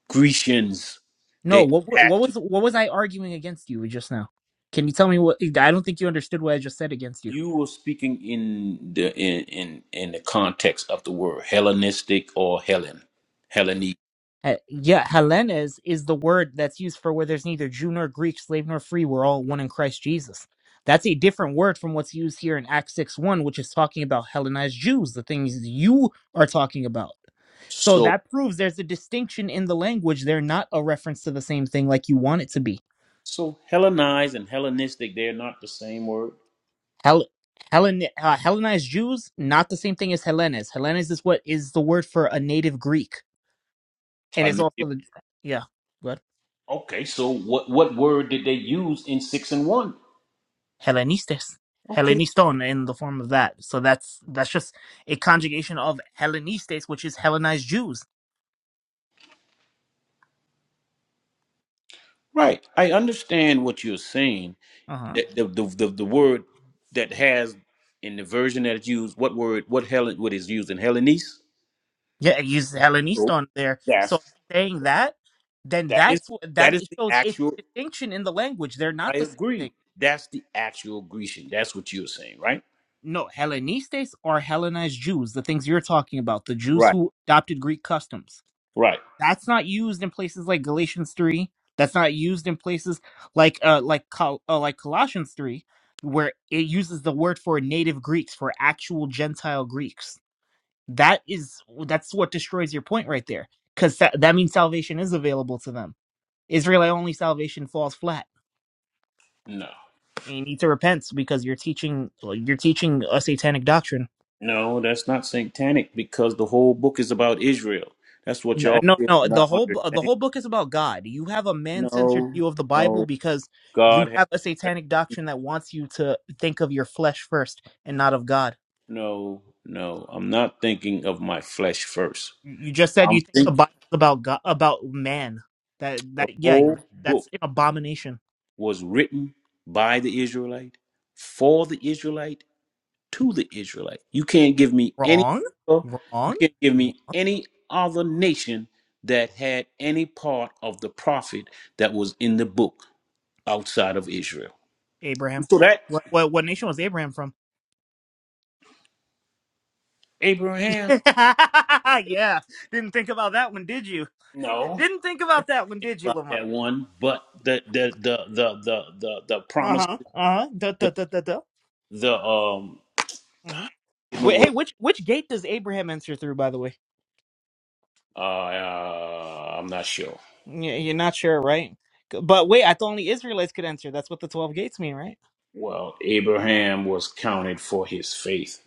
Speaker 13: Grecians.
Speaker 10: No,
Speaker 13: They
Speaker 10: what what
Speaker 13: had
Speaker 10: what
Speaker 13: to.
Speaker 10: was what was I arguing against you just now? Can you tell me what I don't think you understood what I just said against you.
Speaker 13: You were speaking in the in in, in the context of the word Hellenistic or Helen, Hellenic.
Speaker 10: Uh, yeah, Hellenes is the word that's used for where there's neither Jew nor Greek, slave nor free. We're all one in Christ Jesus. That's a different word from what's used here in Acts 6 1, which is talking about Hellenized Jews, the things you are talking about. So
Speaker 13: So
Speaker 10: that proves there's a distinction in the language. They're not a reference to the same thing like you want it to be.
Speaker 13: so Hellenized and Hellenistic, they're not the same word.
Speaker 10: Hell, Hellen, uh, Hellenized Jews, not the same thing as Hellenes. Hellenes is what is the word for a native Greek. And
Speaker 13: I
Speaker 10: it's
Speaker 13: know. it.
Speaker 10: also the. Yeah, what.
Speaker 13: Okay, so what what word did they use in six and one?
Speaker 10: Hellenistes,
Speaker 13: Okay,
Speaker 10: Helleniston in the form of that. So that's that's just a conjugation of Hellenistes, which is Hellenized Jews.
Speaker 13: right. I understand what you're saying,
Speaker 10: Uh huh.
Speaker 13: The the the, the, the word that has in the version that is used, what word, what Helen, what is used in Hellenese?
Speaker 10: Yeah, it uses
Speaker 13: So
Speaker 10: Helleniston there.
Speaker 13: That's
Speaker 10: So saying that, then
Speaker 13: that is
Speaker 10: that's what
Speaker 13: that
Speaker 10: that
Speaker 13: is the
Speaker 10: shows its
Speaker 13: actual.
Speaker 10: distinction in the language. They're
Speaker 13: I
Speaker 10: not the same
Speaker 13: agree.
Speaker 10: thing.
Speaker 13: That's the actual Grecian. That's what you're saying, right?
Speaker 10: No, Hellenistes are Hellenized Jews, the things you're talking about, the Jews
Speaker 13: right.
Speaker 10: who adopted Greek customs.
Speaker 13: Right.
Speaker 10: that's not used in places like Galatians three. That's not used in places like uh like Col- uh, like Colossians three, where it uses the word for native Greeks for actual Gentile Greeks. That is that's what destroys your point right there, because that, that means salvation is available to them. Israelite only salvation falls flat,
Speaker 13: No.
Speaker 10: and you need to repent because you're teaching well, you're teaching a satanic doctrine.
Speaker 13: No, that's not satanic because the whole book is about Israel. That's what
Speaker 10: No,
Speaker 13: y'all
Speaker 10: no,
Speaker 13: feel
Speaker 10: no. The
Speaker 13: not
Speaker 10: whole bu- the
Speaker 13: understand.
Speaker 10: whole book is about God. You have a man censored
Speaker 13: No,
Speaker 10: view of the Bible
Speaker 13: no.
Speaker 10: because you
Speaker 13: God
Speaker 10: have a
Speaker 13: has
Speaker 10: satanic doctrine that wants you to think of your flesh first and not of God.
Speaker 13: no, no. I'm not thinking of my flesh first.
Speaker 10: You you just said
Speaker 13: I'm
Speaker 10: you think the
Speaker 13: thinking.
Speaker 10: Bible is about God, about man. That
Speaker 13: The
Speaker 10: that yeah,
Speaker 13: whole book
Speaker 10: that's an abomination.
Speaker 13: was written by the Israelite, for the Israelite, to the Israelite. You can't give me any
Speaker 10: Wrong,
Speaker 13: other, you
Speaker 10: wrong.
Speaker 13: can't give me any other nation that had any part of the prophet that was in the book outside of Israel.
Speaker 10: Abraham.
Speaker 13: So that
Speaker 10: What what what nation was Abraham from?
Speaker 13: Abraham,
Speaker 10: yeah, didn't think about that one, did you?
Speaker 13: no,
Speaker 10: Didn't think about that one, did you,
Speaker 13: not
Speaker 10: Lamar?
Speaker 13: that one, but the the the the the the, the
Speaker 10: Uh
Speaker 13: promise
Speaker 10: huh. Uh huh. Duh
Speaker 13: the
Speaker 10: duh duh duh duh.
Speaker 13: the um
Speaker 10: Mm-hmm.
Speaker 13: give me a
Speaker 10: Wait, hey,
Speaker 13: word.
Speaker 10: which which gate does Abraham enter through? By the way,
Speaker 13: uh, uh I'm not sure.
Speaker 10: Y- you're not sure, right? But wait, I thought only Israelites could enter. That's what the twelve gates mean, right?
Speaker 13: Well, Abraham was counted for his faith.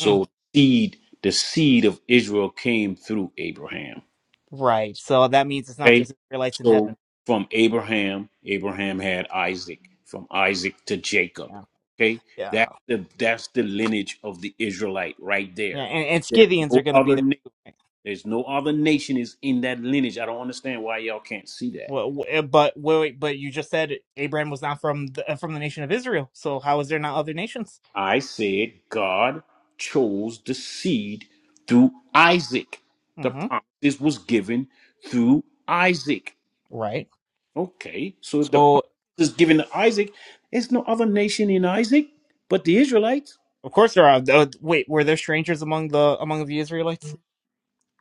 Speaker 10: Mm,
Speaker 13: seed, the seed of Israel came through Abraham.
Speaker 10: Right. So that means it's not
Speaker 13: Okay?
Speaker 10: just Israelites in
Speaker 13: So
Speaker 10: heaven.
Speaker 13: from Abraham, Abraham had Isaac, from Isaac to Jacob.
Speaker 10: Yeah,
Speaker 13: Okay?
Speaker 10: yeah,
Speaker 13: That's the that's the lineage of the Israelite right
Speaker 10: yeah.
Speaker 13: there.
Speaker 10: And, and
Speaker 13: There's
Speaker 10: Scythians
Speaker 13: no
Speaker 10: are going to be
Speaker 13: other
Speaker 10: there.
Speaker 13: na-
Speaker 10: too, right?
Speaker 13: there's no other nation is in that lineage. I don't understand why y'all can't see that.
Speaker 10: Well, w- eh, but wait, but you just said Abraham was not from the, uh, from the nation of Israel. So how is there not other nations?
Speaker 13: I said God chose the seed through Isaac. The
Speaker 10: hmm
Speaker 13: promises was given through Isaac.
Speaker 10: Right.
Speaker 13: Okay, so if the promise
Speaker 10: So
Speaker 13: is given to Isaac, there's no other nation in Isaac but the Israelites.
Speaker 10: of course there are. Uh, wait, were there strangers among the among the Israelites?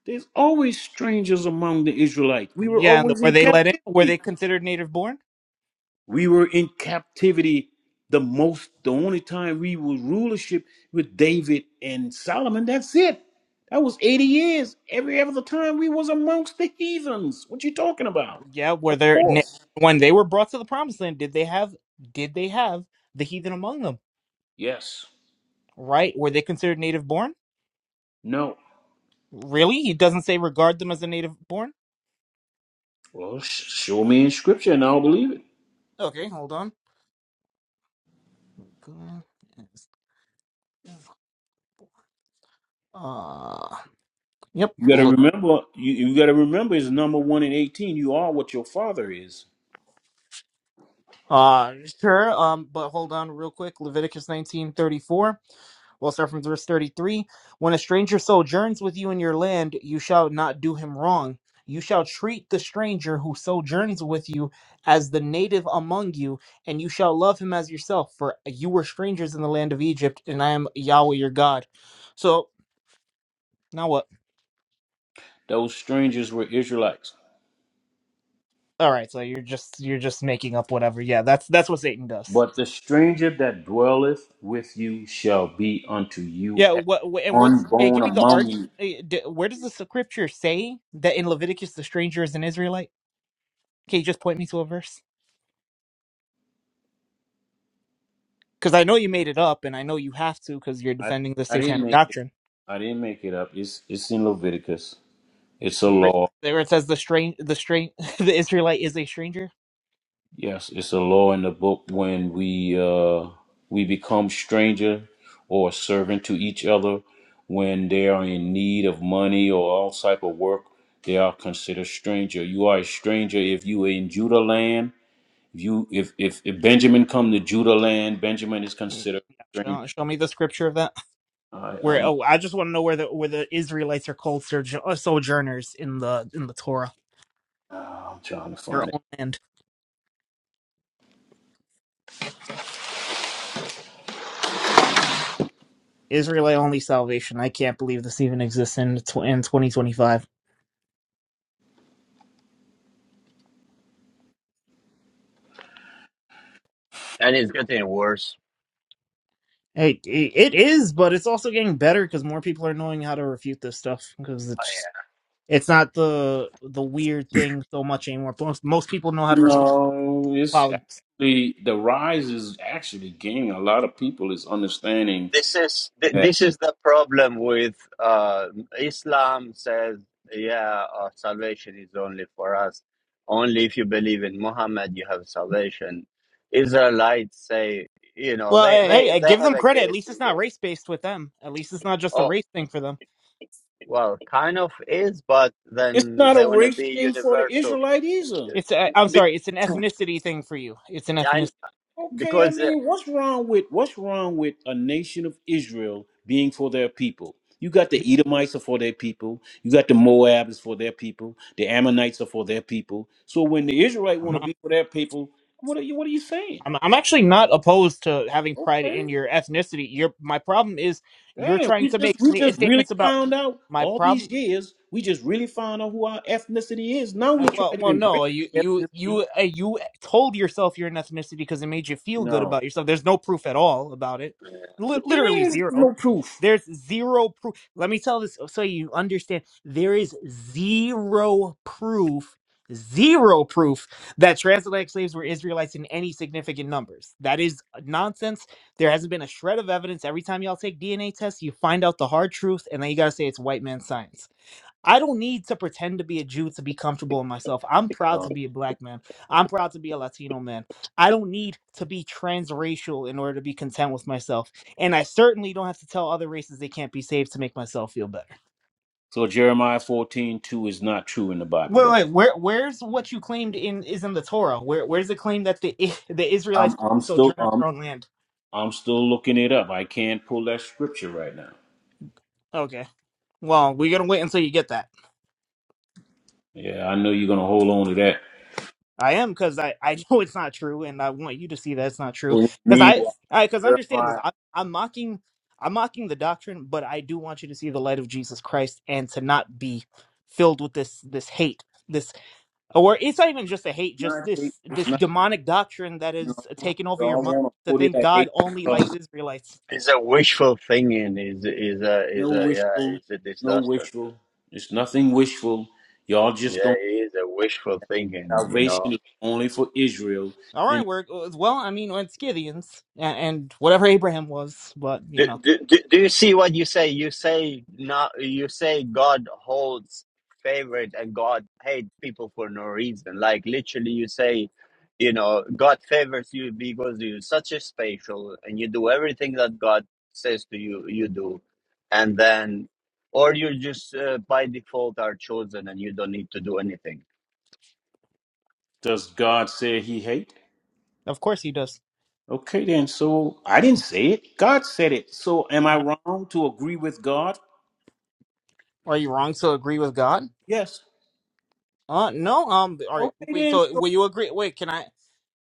Speaker 13: There's always strangers among the Israelites. We were
Speaker 10: Yeah, and
Speaker 13: always
Speaker 10: were
Speaker 13: in
Speaker 10: they let in? Were
Speaker 13: captivity.
Speaker 10: they considered native born?
Speaker 13: We were in captivity the most, the only time we was rulership with David and Solomon. That's it. That was 80 years. Every other time we was amongst the heathens. What you talking about?
Speaker 10: Yeah,
Speaker 13: Of
Speaker 10: whether na-
Speaker 13: course.
Speaker 10: when they were brought to the promised land, did they have did they have the heathen among them?
Speaker 13: Yes.
Speaker 10: Right? Were they considered native born?
Speaker 13: No.
Speaker 10: Really? He doesn't say regard them as a native born?
Speaker 13: Well, sh- show me in scripture and I'll believe it.
Speaker 10: Okay, hold on. Go- Uh, yep.
Speaker 13: You got to
Speaker 10: Le-
Speaker 13: remember, you, you got to remember it's number one in 18. You are what your father is.
Speaker 10: Uh sure. Um, but hold on real quick. Leviticus nineteen thirty four. We'll start from verse 33. When a stranger sojourns with you in your land, you shall not do him wrong. You shall treat the stranger who sojourns with you as the native among you, and you shall love him as yourself, for you were strangers in the land of Egypt, and I am Yahweh your God. So now what?
Speaker 13: Those strangers were Israelites.
Speaker 10: All right, so you're just you're just making up whatever. Yeah, that's that's what Satan does.
Speaker 13: But the stranger that dwelleth with you shall be unto you
Speaker 10: Yeah,
Speaker 13: as
Speaker 10: what wh- and what's eh,
Speaker 13: unborn
Speaker 10: give me the
Speaker 13: among
Speaker 10: argument?
Speaker 13: you.
Speaker 10: eh, d- Where does the scripture say that in Leviticus the stranger is an Israelite? Can you just point me to a verse? because I know you made it up, and I know you have to because you're
Speaker 13: I,
Speaker 10: defending the
Speaker 13: I
Speaker 10: satanic
Speaker 13: didn't make it.
Speaker 10: doctrine.
Speaker 13: I didn't make it up. It's it's in Leviticus. It's a
Speaker 10: Where
Speaker 13: law.
Speaker 10: where it says the strange, the strange, the Israelite is a stranger.
Speaker 13: Yes, it's a law in the book when we uh, we become stranger or servant to each other when they are in need of money or all type of work. They are considered stranger. You are a stranger if you are in Judah land If you if if, if Benjamin come to Judah land, Benjamin is
Speaker 10: Mm,
Speaker 13: considered
Speaker 10: yeah,
Speaker 13: a stranger.
Speaker 10: Show, show me the scripture of that.
Speaker 13: I,
Speaker 10: Where
Speaker 13: I'm
Speaker 10: oh, I just want to know where the where the Israelites are called sojo- uh, sojourners in the in the Torah,
Speaker 13: nah, I'm trying to
Speaker 10: their
Speaker 13: find it.
Speaker 10: own land. Israelite only salvation. I can't believe this even exists in tw- in 2025.
Speaker 1: and it's getting worse.
Speaker 10: It, it it is, but it's also getting better because more people are knowing how to refute this stuff because it's It's not the the weird thing so much anymore. Most most people know how to respond
Speaker 13: No,
Speaker 10: to
Speaker 13: it's
Speaker 10: politics.
Speaker 13: actually the rise is actually gaining. A lot of people is understanding
Speaker 1: this is th-
Speaker 13: that
Speaker 1: this is the problem with uh, Islam says yeah uh, salvation is only for us only if you believe in Muhammad you have salvation Israelites say you know
Speaker 10: Well,
Speaker 1: they
Speaker 10: eh, hey,
Speaker 1: they
Speaker 10: eh,
Speaker 1: they
Speaker 10: give
Speaker 1: have
Speaker 10: them
Speaker 1: a
Speaker 10: credit. At least
Speaker 1: guessing
Speaker 10: it's not
Speaker 1: game
Speaker 10: race based with them. At least it's not just a
Speaker 1: oh
Speaker 10: race thing for them.
Speaker 1: well kind of is but
Speaker 13: it's
Speaker 1: then
Speaker 13: not a
Speaker 1: they want to
Speaker 13: race
Speaker 1: be
Speaker 13: thing for the
Speaker 1: universal
Speaker 13: Israelite either.
Speaker 10: It's eh, I'm
Speaker 1: be-
Speaker 10: sorry, it's an ethnicity thing for you. It's an
Speaker 1: and
Speaker 10: ethnicity.
Speaker 13: Okay, I
Speaker 1: because
Speaker 13: mean, what's wrong with what's wrong with a nation of Israel being for their people? You got the Edomites are for their people. You got the Moabs for their people. The Ammonites are for their people. So when the Israelite
Speaker 10: I'm
Speaker 13: want to
Speaker 10: not.
Speaker 13: be for their people, what are you what are you saying?
Speaker 10: I'm, I'm actually not opposed to having pride
Speaker 13: Okay,
Speaker 10: in your ethnicity. Your my problem is you're
Speaker 13: man,
Speaker 10: trying
Speaker 13: we
Speaker 10: to
Speaker 13: just
Speaker 10: make
Speaker 13: we
Speaker 10: sta-
Speaker 13: just really
Speaker 10: statements about
Speaker 13: found out
Speaker 10: my
Speaker 13: all these
Speaker 10: problem.
Speaker 13: years. We just really found out who our ethnicity is. Now we
Speaker 10: Uh, well,
Speaker 13: try to
Speaker 10: well,
Speaker 13: embrace
Speaker 10: no, you you
Speaker 13: ethnicity.
Speaker 10: you uh, you told yourself you're an ethnicity because it made you feel good
Speaker 13: No,
Speaker 10: about yourself. There's no proof at all about it. Li-
Speaker 13: what you
Speaker 10: literally
Speaker 13: mean is
Speaker 10: zero.
Speaker 13: no proof?
Speaker 10: There's zero proof. Let me tell this uh, so you understand. There is zero proof, zero proof that transatlantic slaves were Israelites in any significant numbers. That is nonsense. There hasn't been a shred of evidence. Every time y'all take DNA tests, you find out the hard truth, and then you gotta say it's white man science. I don't need to pretend to be a Jew to be comfortable in myself. I'm proud
Speaker 13: Uh,
Speaker 10: to be a black man. I'm proud to be a Latino man. I don't need to be transracial in order to be content with myself. And I certainly don't have to tell other races they can't be saved to make myself feel better.
Speaker 13: so Jeremiah fourteen two is not true in the Bible.
Speaker 10: Wait,
Speaker 13: Then.
Speaker 10: wait, where where's what you claimed in is in the Torah? Where where's the claim that the I- the Israelites
Speaker 13: I'm
Speaker 10: called
Speaker 13: I'm
Speaker 10: the
Speaker 13: still
Speaker 10: sojourner in
Speaker 13: I'm
Speaker 10: their own land?
Speaker 13: I'm still looking it up. I can't pull that scripture right now.
Speaker 10: Okay. Well, we're gonna wait until you get that.
Speaker 13: Yeah, I know you're gonna hold on to that.
Speaker 10: I am because I, I know it's not true, and I want you to see that it's not true.
Speaker 13: So
Speaker 10: Because I
Speaker 13: meanwhile,
Speaker 10: I because understand this.
Speaker 13: Jeremiah
Speaker 10: I,
Speaker 13: it's
Speaker 10: I'm mocking I'm mocking the doctrine, but I do want you to see the light of Jesus Christ and to not be filled with this this hate this or it's not even just a hate, just
Speaker 13: not hate,
Speaker 10: this
Speaker 13: it's
Speaker 10: this
Speaker 13: not
Speaker 10: demonic doctrine that
Speaker 13: no,
Speaker 10: is taking
Speaker 13: but
Speaker 10: over
Speaker 13: I
Speaker 10: your mind
Speaker 13: wanna
Speaker 10: to
Speaker 13: put it
Speaker 10: think
Speaker 13: at
Speaker 10: God
Speaker 13: hate
Speaker 10: only likes
Speaker 13: because
Speaker 10: Israelites.
Speaker 1: it's a wishful thinking is is a is a
Speaker 13: no
Speaker 1: yeah
Speaker 13: wishful,
Speaker 1: it's a
Speaker 13: no
Speaker 1: disaster
Speaker 13: wishful. It's nothing wishful. Y'all just
Speaker 1: yeah
Speaker 13: don't
Speaker 1: it is a wishful thinking you know
Speaker 13: salvation is only for Israel.
Speaker 10: All
Speaker 13: And
Speaker 10: right, we're uh, well. I mean, and Scythians and, and whatever Abraham was, but you
Speaker 1: do,
Speaker 10: know,
Speaker 1: do, do do you see what you say you say not you say god holds favorite and god hate people for no reason like literally you say you know god favors you because you're such a special and you do everything that god says to you you do and then or you just uh, by default are chosen and you don't need to do anything
Speaker 13: does God say he hate?
Speaker 10: of course he does.
Speaker 13: Okay then, so I didn't say it. God said it. So am I
Speaker 10: Yeah.
Speaker 13: wrong to agree with God?
Speaker 10: Are you wrong to agree with God?
Speaker 13: Yes.
Speaker 10: Uh no um all right
Speaker 13: Okay
Speaker 10: wait
Speaker 13: then.
Speaker 10: so will you agree wait can I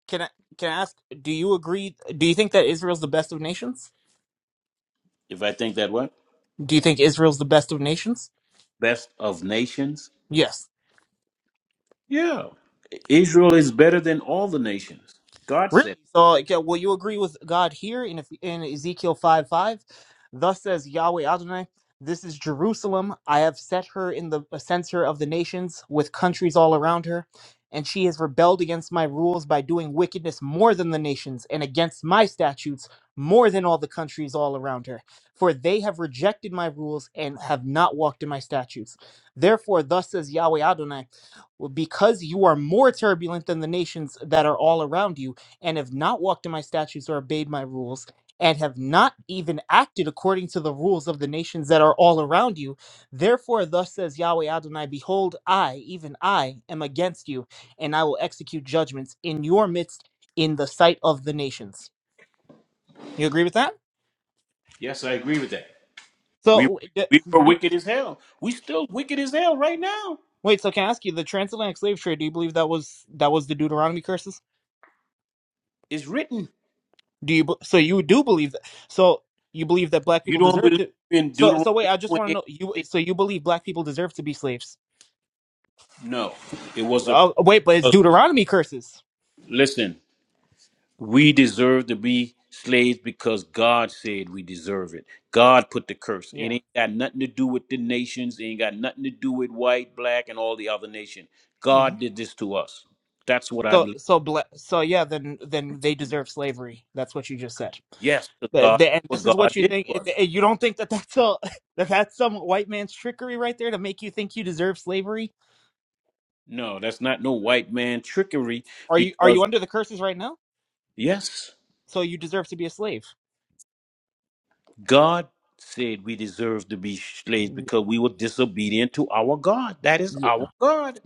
Speaker 10: can I can I ask do you agree do you think that Israel's the best of nations?
Speaker 13: If I think that what?
Speaker 10: Do you think Israel's the best of nations?
Speaker 13: Best of nations?
Speaker 10: Yes.
Speaker 13: Yeah. Israel is better than all the nations. God
Speaker 10: Really?
Speaker 13: said,
Speaker 10: So, like, yeah, will you agree with God here in, Eph- in Ezekiel 5 5? Thus says Yahweh Adonai, This is Jerusalem. I have set her in the center of the nations with countries all around her. And she has rebelled against my rules by doing wickedness more than the nations and against my statutes more than all the countries all around her. For they have rejected my rules and have not walked in my statutes. Therefore, thus says Yahweh Adonai, well, because you are more turbulent than the nations that are all around you and have not walked in my statutes or obeyed my rules, and have not even acted according to the rules of the nations that are all around you, therefore, thus says Yahweh Adonai, behold, I, even I, am against you, and I will execute judgments in your midst in the sight of the nations. You agree with that?
Speaker 13: Yes, I agree with that. We
Speaker 10: So, w- d-
Speaker 13: we
Speaker 10: do
Speaker 13: were
Speaker 10: you-
Speaker 13: wicked as hell. We still wicked as hell right now.
Speaker 10: wait, so can I ask you, the transatlantic slave trade, do you believe that was that was the Deuteronomy curses?
Speaker 13: It's written.
Speaker 10: Do you? be- So you do believe that? So you believe that black
Speaker 13: You
Speaker 10: people
Speaker 13: don't
Speaker 10: deserve
Speaker 13: believe
Speaker 10: to?
Speaker 13: in
Speaker 10: So
Speaker 13: Deuteronomy
Speaker 10: so wait, I just want to know you.
Speaker 13: 28?
Speaker 10: So you believe black people deserve to be slaves?
Speaker 13: No. It was a
Speaker 10: Oh wait, but it's
Speaker 13: curse.
Speaker 10: Deuteronomy curses.
Speaker 13: Listen, We deserve to be slaves because God said we deserve it. God put the curse. It
Speaker 10: Yeah.
Speaker 13: ain't got nothing to do with the nations. It ain't got nothing to do with white, black, and all the other nation.
Speaker 10: Mhm.
Speaker 13: God did this to us. That's what I
Speaker 10: So
Speaker 13: believe.
Speaker 10: so bla- so yeah, then then they deserve slavery. That's what you just said.
Speaker 13: Yes, 'cause
Speaker 10: The,
Speaker 13: God,
Speaker 10: the, and
Speaker 13: what
Speaker 10: this is
Speaker 13: God
Speaker 10: what you
Speaker 13: did
Speaker 10: think.
Speaker 13: to
Speaker 10: eh,
Speaker 13: us.
Speaker 10: eh, You don't think that that's a, that that's some white man's trickery right there to make you think you deserve slavery?
Speaker 13: No, that's not no white man trickery
Speaker 10: Are you are you
Speaker 13: because,
Speaker 10: under the curses right now?
Speaker 13: yes,
Speaker 10: so you deserve to be a slave.
Speaker 13: God said we deserve to be slaves
Speaker 10: Mm,
Speaker 13: because we were disobedient to our God. That is
Speaker 10: Yeah,
Speaker 13: our God.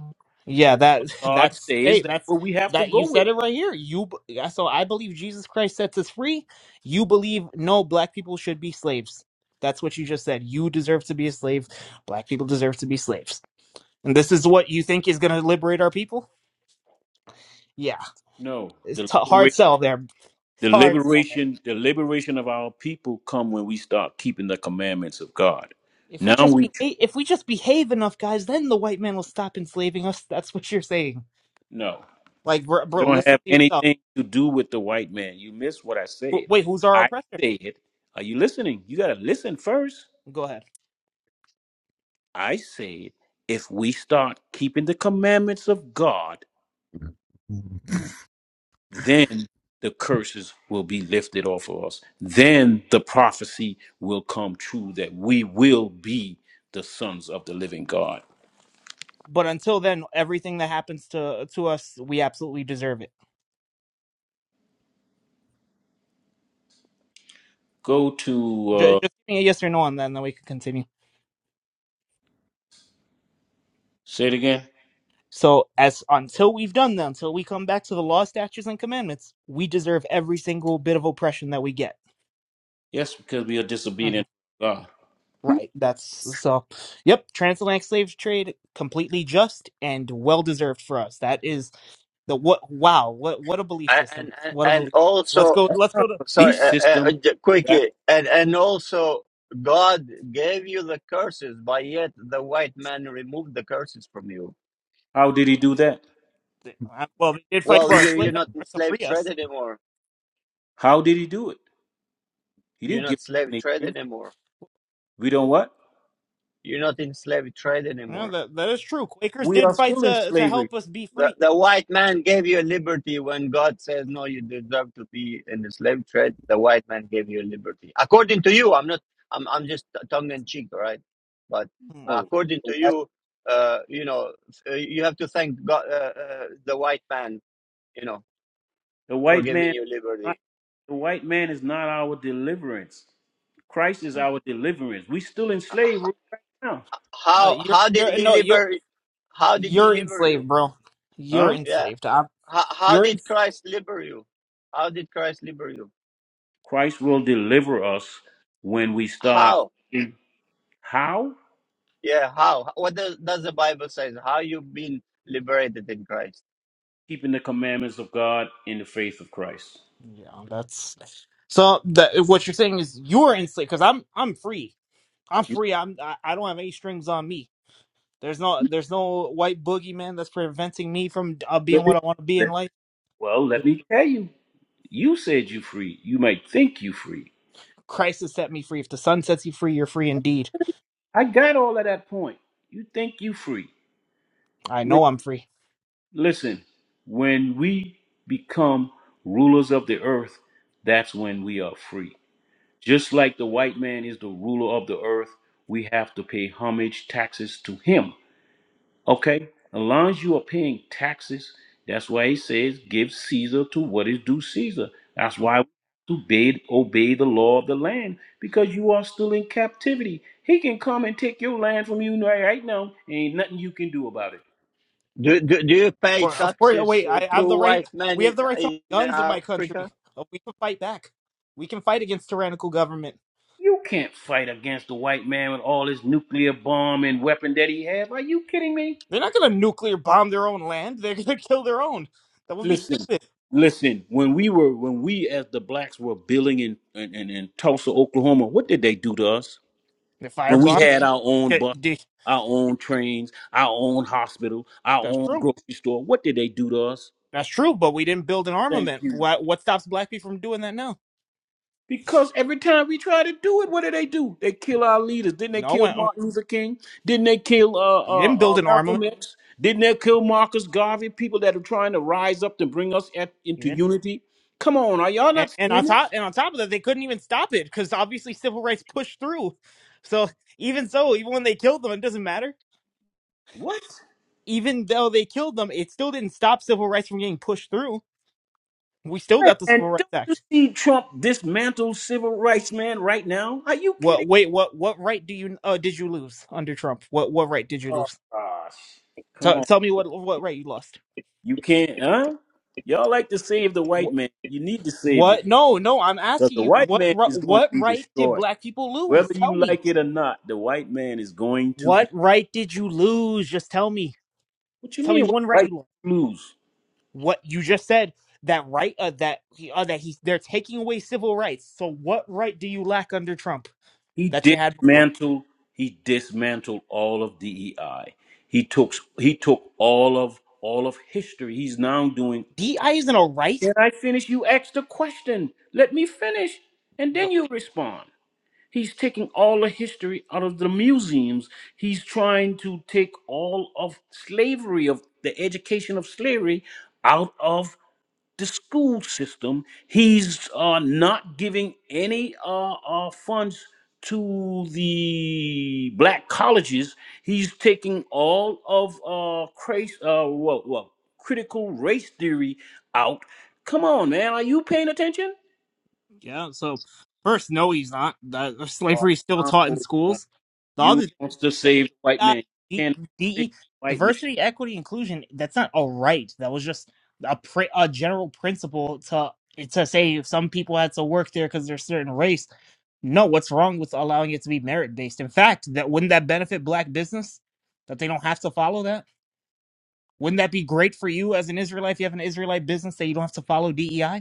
Speaker 10: yeah. That
Speaker 13: God
Speaker 10: that's
Speaker 13: says
Speaker 10: hey,
Speaker 13: that's
Speaker 10: that's
Speaker 13: what we have to
Speaker 10: that you
Speaker 13: go
Speaker 10: said
Speaker 13: with.
Speaker 10: it right here. You b- yeah, so I believe Jesus Christ sets us free. You believe no black people should be slaves. That's what you just said. You deserve to be a slave. Black people deserve to be slaves. And this is what you think is going to liberate our people? Yeah,
Speaker 13: No,
Speaker 10: it's t-
Speaker 13: deliberation.
Speaker 10: hard sell there.
Speaker 13: The
Speaker 10: Hard sell there.
Speaker 13: liberation, the liberation of our people come when we start keeping the commandments of God.
Speaker 10: If we
Speaker 13: Now
Speaker 10: just
Speaker 13: we
Speaker 10: be if we just behave enough, guys, then the white man will stop enslaving us. That's what you're saying.
Speaker 13: no.
Speaker 10: Like, bro,
Speaker 13: It
Speaker 10: bro
Speaker 13: don't
Speaker 10: listen
Speaker 13: have
Speaker 10: to yourself.
Speaker 13: anything to do with the white man. You missed what I said.
Speaker 10: Wh- Wait, who's our
Speaker 13: I
Speaker 10: oppressor?
Speaker 13: said, are you listening? You gotta listen first.
Speaker 10: Go ahead.
Speaker 13: I said, if we start keeping the commandments of God, then the curses will be lifted off of us. Then the prophecy will come true that we will be the sons of the living God.
Speaker 10: But until then, everything that happens to to us, we absolutely deserve it.
Speaker 13: Go to
Speaker 10: Ju-
Speaker 13: uh,
Speaker 10: Just give me a yes or no on that, and then we can continue.
Speaker 13: Say it again.
Speaker 10: So as until we've done that, until we come back to the law, statutes, and commandments, we deserve every single bit of oppression that we get.
Speaker 13: Yes, because we are
Speaker 10: hmm
Speaker 13: disobedient to God.
Speaker 10: Right. That's so. Yep. Transatlantic slave trade completely just and well deserved for us. That is the what? Wow. What? What a belief
Speaker 1: and
Speaker 10: system.
Speaker 1: and, and
Speaker 10: What a
Speaker 1: and
Speaker 10: belief. Let's
Speaker 1: also
Speaker 10: go.
Speaker 13: That's
Speaker 10: Let's
Speaker 13: not
Speaker 10: go
Speaker 13: a
Speaker 10: to.
Speaker 1: sorry,
Speaker 13: belief
Speaker 1: uh, uh, uh,
Speaker 13: system.
Speaker 1: j-
Speaker 13: That's
Speaker 1: quickly, and and also God gave you the curses, but yet the white man removed the curses from you.
Speaker 13: how did he do that?
Speaker 10: uh, Well, they did fight
Speaker 1: Well,
Speaker 10: for our
Speaker 1: you
Speaker 10: slave
Speaker 1: you're not in
Speaker 10: to
Speaker 1: slave
Speaker 10: free us.
Speaker 1: trade anymore.
Speaker 13: How did he do it? He
Speaker 1: You're
Speaker 13: didn't give
Speaker 1: not slave
Speaker 13: us
Speaker 1: trade
Speaker 13: anything.
Speaker 1: anymore.
Speaker 13: We don't what?
Speaker 1: You're not in slave trade
Speaker 10: Yeah,
Speaker 1: anymore.
Speaker 10: that that is true. Quakers
Speaker 13: We
Speaker 10: did
Speaker 13: are
Speaker 10: fight
Speaker 13: still in
Speaker 10: to to
Speaker 13: slavery.
Speaker 10: help us be
Speaker 1: The,
Speaker 10: free.
Speaker 1: the white man gave you liberty when God says, no, you deserve to be in the slave trade. The white man gave you liberty. According to you, I'm not, I'm, I'm just tongue in cheek, all right? But
Speaker 10: Hmm.
Speaker 13: No.
Speaker 1: according
Speaker 13: The
Speaker 1: to
Speaker 13: white,
Speaker 1: you, uh, you know, uh, you have to thank God, uh, uh, the white man, you know,
Speaker 13: the
Speaker 1: for
Speaker 13: white
Speaker 1: giving
Speaker 13: man
Speaker 1: you
Speaker 13: not,
Speaker 1: liberty.
Speaker 13: the white man is not our deliverance. Christ is our deliverance. We still in slavery right now.
Speaker 10: Uh,
Speaker 1: How,
Speaker 10: you're
Speaker 1: how did
Speaker 10: you're
Speaker 1: he
Speaker 10: no you're
Speaker 1: liber, how did he
Speaker 10: you're
Speaker 1: liber you?
Speaker 10: enslaved, bro. You're
Speaker 13: Huh?
Speaker 1: Yeah.
Speaker 10: enslaved. I'm,
Speaker 1: How, how
Speaker 10: you're in.
Speaker 1: did Christ liber you? How did Christ liber you?
Speaker 13: Christ will deliver us when we start
Speaker 1: How?
Speaker 13: in- how?
Speaker 1: Yeah, how? What does, does the Bible says? How you've been liberated in Christ?
Speaker 13: Keeping the commandments of God in the faith of Christ.
Speaker 10: Yeah, that's so. That what you're saying is you're enslaved because I'm I'm free. I'm free. I'm I, I don't have any strings on me. There's no there's no white boogeyman that's preventing me from uh, being
Speaker 13: Let me,
Speaker 10: what I want to be in
Speaker 13: let-
Speaker 10: life.
Speaker 13: well, let me tell you. You said you free. You might think you free.
Speaker 10: Christ has set me free. If the Son sets you free, you're free indeed.
Speaker 13: I got all of that point. You think you free.
Speaker 10: I
Speaker 13: When,
Speaker 10: know I'm free.
Speaker 13: listen, when we become rulers of the earth, that's when we are free. Just like the white man is the ruler of the earth, we have to pay homage, taxes to him. Okay? As long as you are paying taxes, that's why he says, give Caesar to what is due Caesar. That's why we have to obey, obey the law of the land because you are still in captivity. He can come and take your land from you right right now, and ain't nothing you can do about it.
Speaker 1: Do do, do you
Speaker 10: Of
Speaker 1: pay
Speaker 10: course, of course. Oh,
Speaker 1: taxes
Speaker 10: wait,
Speaker 1: uh,
Speaker 10: I
Speaker 1: to
Speaker 10: have the right.
Speaker 1: white men
Speaker 10: We have
Speaker 1: in,
Speaker 10: the right to
Speaker 1: in
Speaker 10: guns in my country.
Speaker 1: Africa?
Speaker 10: Oh, We can fight back. We can fight against tyrannical government.
Speaker 13: You can't fight against the white man with all his nuclear bomb and weapon that he have. Are you kidding me?
Speaker 10: They're not going to nuclear bomb their own land. They're going to kill their own. That would be
Speaker 13: Listen,
Speaker 10: stupid.
Speaker 13: listen. When we were, when we as the blacks were building in in, in, in Tulsa, Oklahoma, what did they do to us?
Speaker 10: The
Speaker 13: when we
Speaker 10: firebomb.
Speaker 13: had our own
Speaker 10: Okay,
Speaker 13: bus,
Speaker 10: d-
Speaker 13: our own trains, our own hospital, our
Speaker 10: That's
Speaker 13: own
Speaker 10: true.
Speaker 13: grocery store, what did they do to us?
Speaker 10: That's true. But we didn't build an
Speaker 13: Thank
Speaker 10: armament.
Speaker 13: you.
Speaker 10: What what stops black people from doing that now?
Speaker 13: Because every time we try to do it, what do they do? They kill our leaders. Didn't they
Speaker 10: No
Speaker 13: kill
Speaker 10: one.
Speaker 13: Martin Luther King? Didn't they kill uh,
Speaker 10: You
Speaker 13: uh,
Speaker 10: didn't
Speaker 13: uh,
Speaker 10: build an armament.
Speaker 13: Malcolm X? Didn't they kill Marcus Garvey? People that are trying to rise up to bring us at, into unity. Come on, are y'all
Speaker 10: and,
Speaker 13: not
Speaker 10: and on
Speaker 13: seeing
Speaker 10: top
Speaker 13: this?
Speaker 10: and on top of that, they couldn't even stop it because obviously civil rights pushed through. So even so, even when they killed them, it doesn't matter.
Speaker 13: What?
Speaker 10: Even though they killed them, it still didn't stop civil rights from getting pushed through. We still
Speaker 13: Man,
Speaker 10: got the Civil Rights
Speaker 13: don't you
Speaker 10: Act.
Speaker 13: see Trump dismantle civil rights, man, right now? Are you kidding?
Speaker 10: What? Wait, what? What right do you uh, did you lose under Trump? What? What right did you
Speaker 13: Oh
Speaker 10: lose?
Speaker 13: gosh. Come
Speaker 10: Tell
Speaker 13: on.
Speaker 10: tell me what what right you lost.
Speaker 13: You can't huh? Y'all like to save the white
Speaker 10: What?
Speaker 13: man. You need to save
Speaker 10: what
Speaker 13: yourself.
Speaker 10: no, no. I'm
Speaker 13: Because
Speaker 10: asking
Speaker 13: the
Speaker 10: you
Speaker 13: white
Speaker 10: what
Speaker 13: man
Speaker 10: ri-
Speaker 13: is going to
Speaker 10: what
Speaker 13: be
Speaker 10: right did
Speaker 13: destroyed.
Speaker 10: black people lose?
Speaker 13: Whether you
Speaker 10: Tell me
Speaker 13: like it or not, the white man is going to be
Speaker 10: what right did you lose? Just tell me.
Speaker 13: what you
Speaker 10: Tell me
Speaker 13: mean? What
Speaker 10: one right
Speaker 13: white
Speaker 10: you lost.
Speaker 13: lose?
Speaker 10: what you just said that right uh, that he uh, that he they're taking away civil rights. So what right do you lack under Trump
Speaker 13: He
Speaker 10: that you had before?
Speaker 13: dismantled he dismantled all of DEI. He took he took all of all of history. He's now doing
Speaker 10: D. I isn't a right.
Speaker 13: Can I finish? You asked the question. Let me finish. And then you respond. He's taking all the history out of the museums. He's trying to take all of slavery, of the education of slavery, out of the school system. He's uh, not giving any uh, uh, funds to the black colleges. He's taking all of uh, crace, uh, well, well, critical race theory out. Come on, man, are you paying attention?
Speaker 10: Yeah. So first, no, he's not. That, slavery is still taught in
Speaker 13: Oh,
Speaker 10: schools. The
Speaker 13: You
Speaker 10: other,
Speaker 13: wants to
Speaker 10: the,
Speaker 13: save the white
Speaker 10: uh,
Speaker 13: man. You
Speaker 10: D,
Speaker 13: cannot save
Speaker 10: DE
Speaker 13: the white man.
Speaker 10: diversity, equity, inclusion. That's not a right. That was just a pr- a general principle to to say if some people had to work there because they're a certain race. No, what's wrong with allowing it to be merit based? In fact, that wouldn't that benefit black business that they don't have to follow that? Wouldn't that be great for you as an Israelite if you have an Israelite business that you don't have to follow DEI?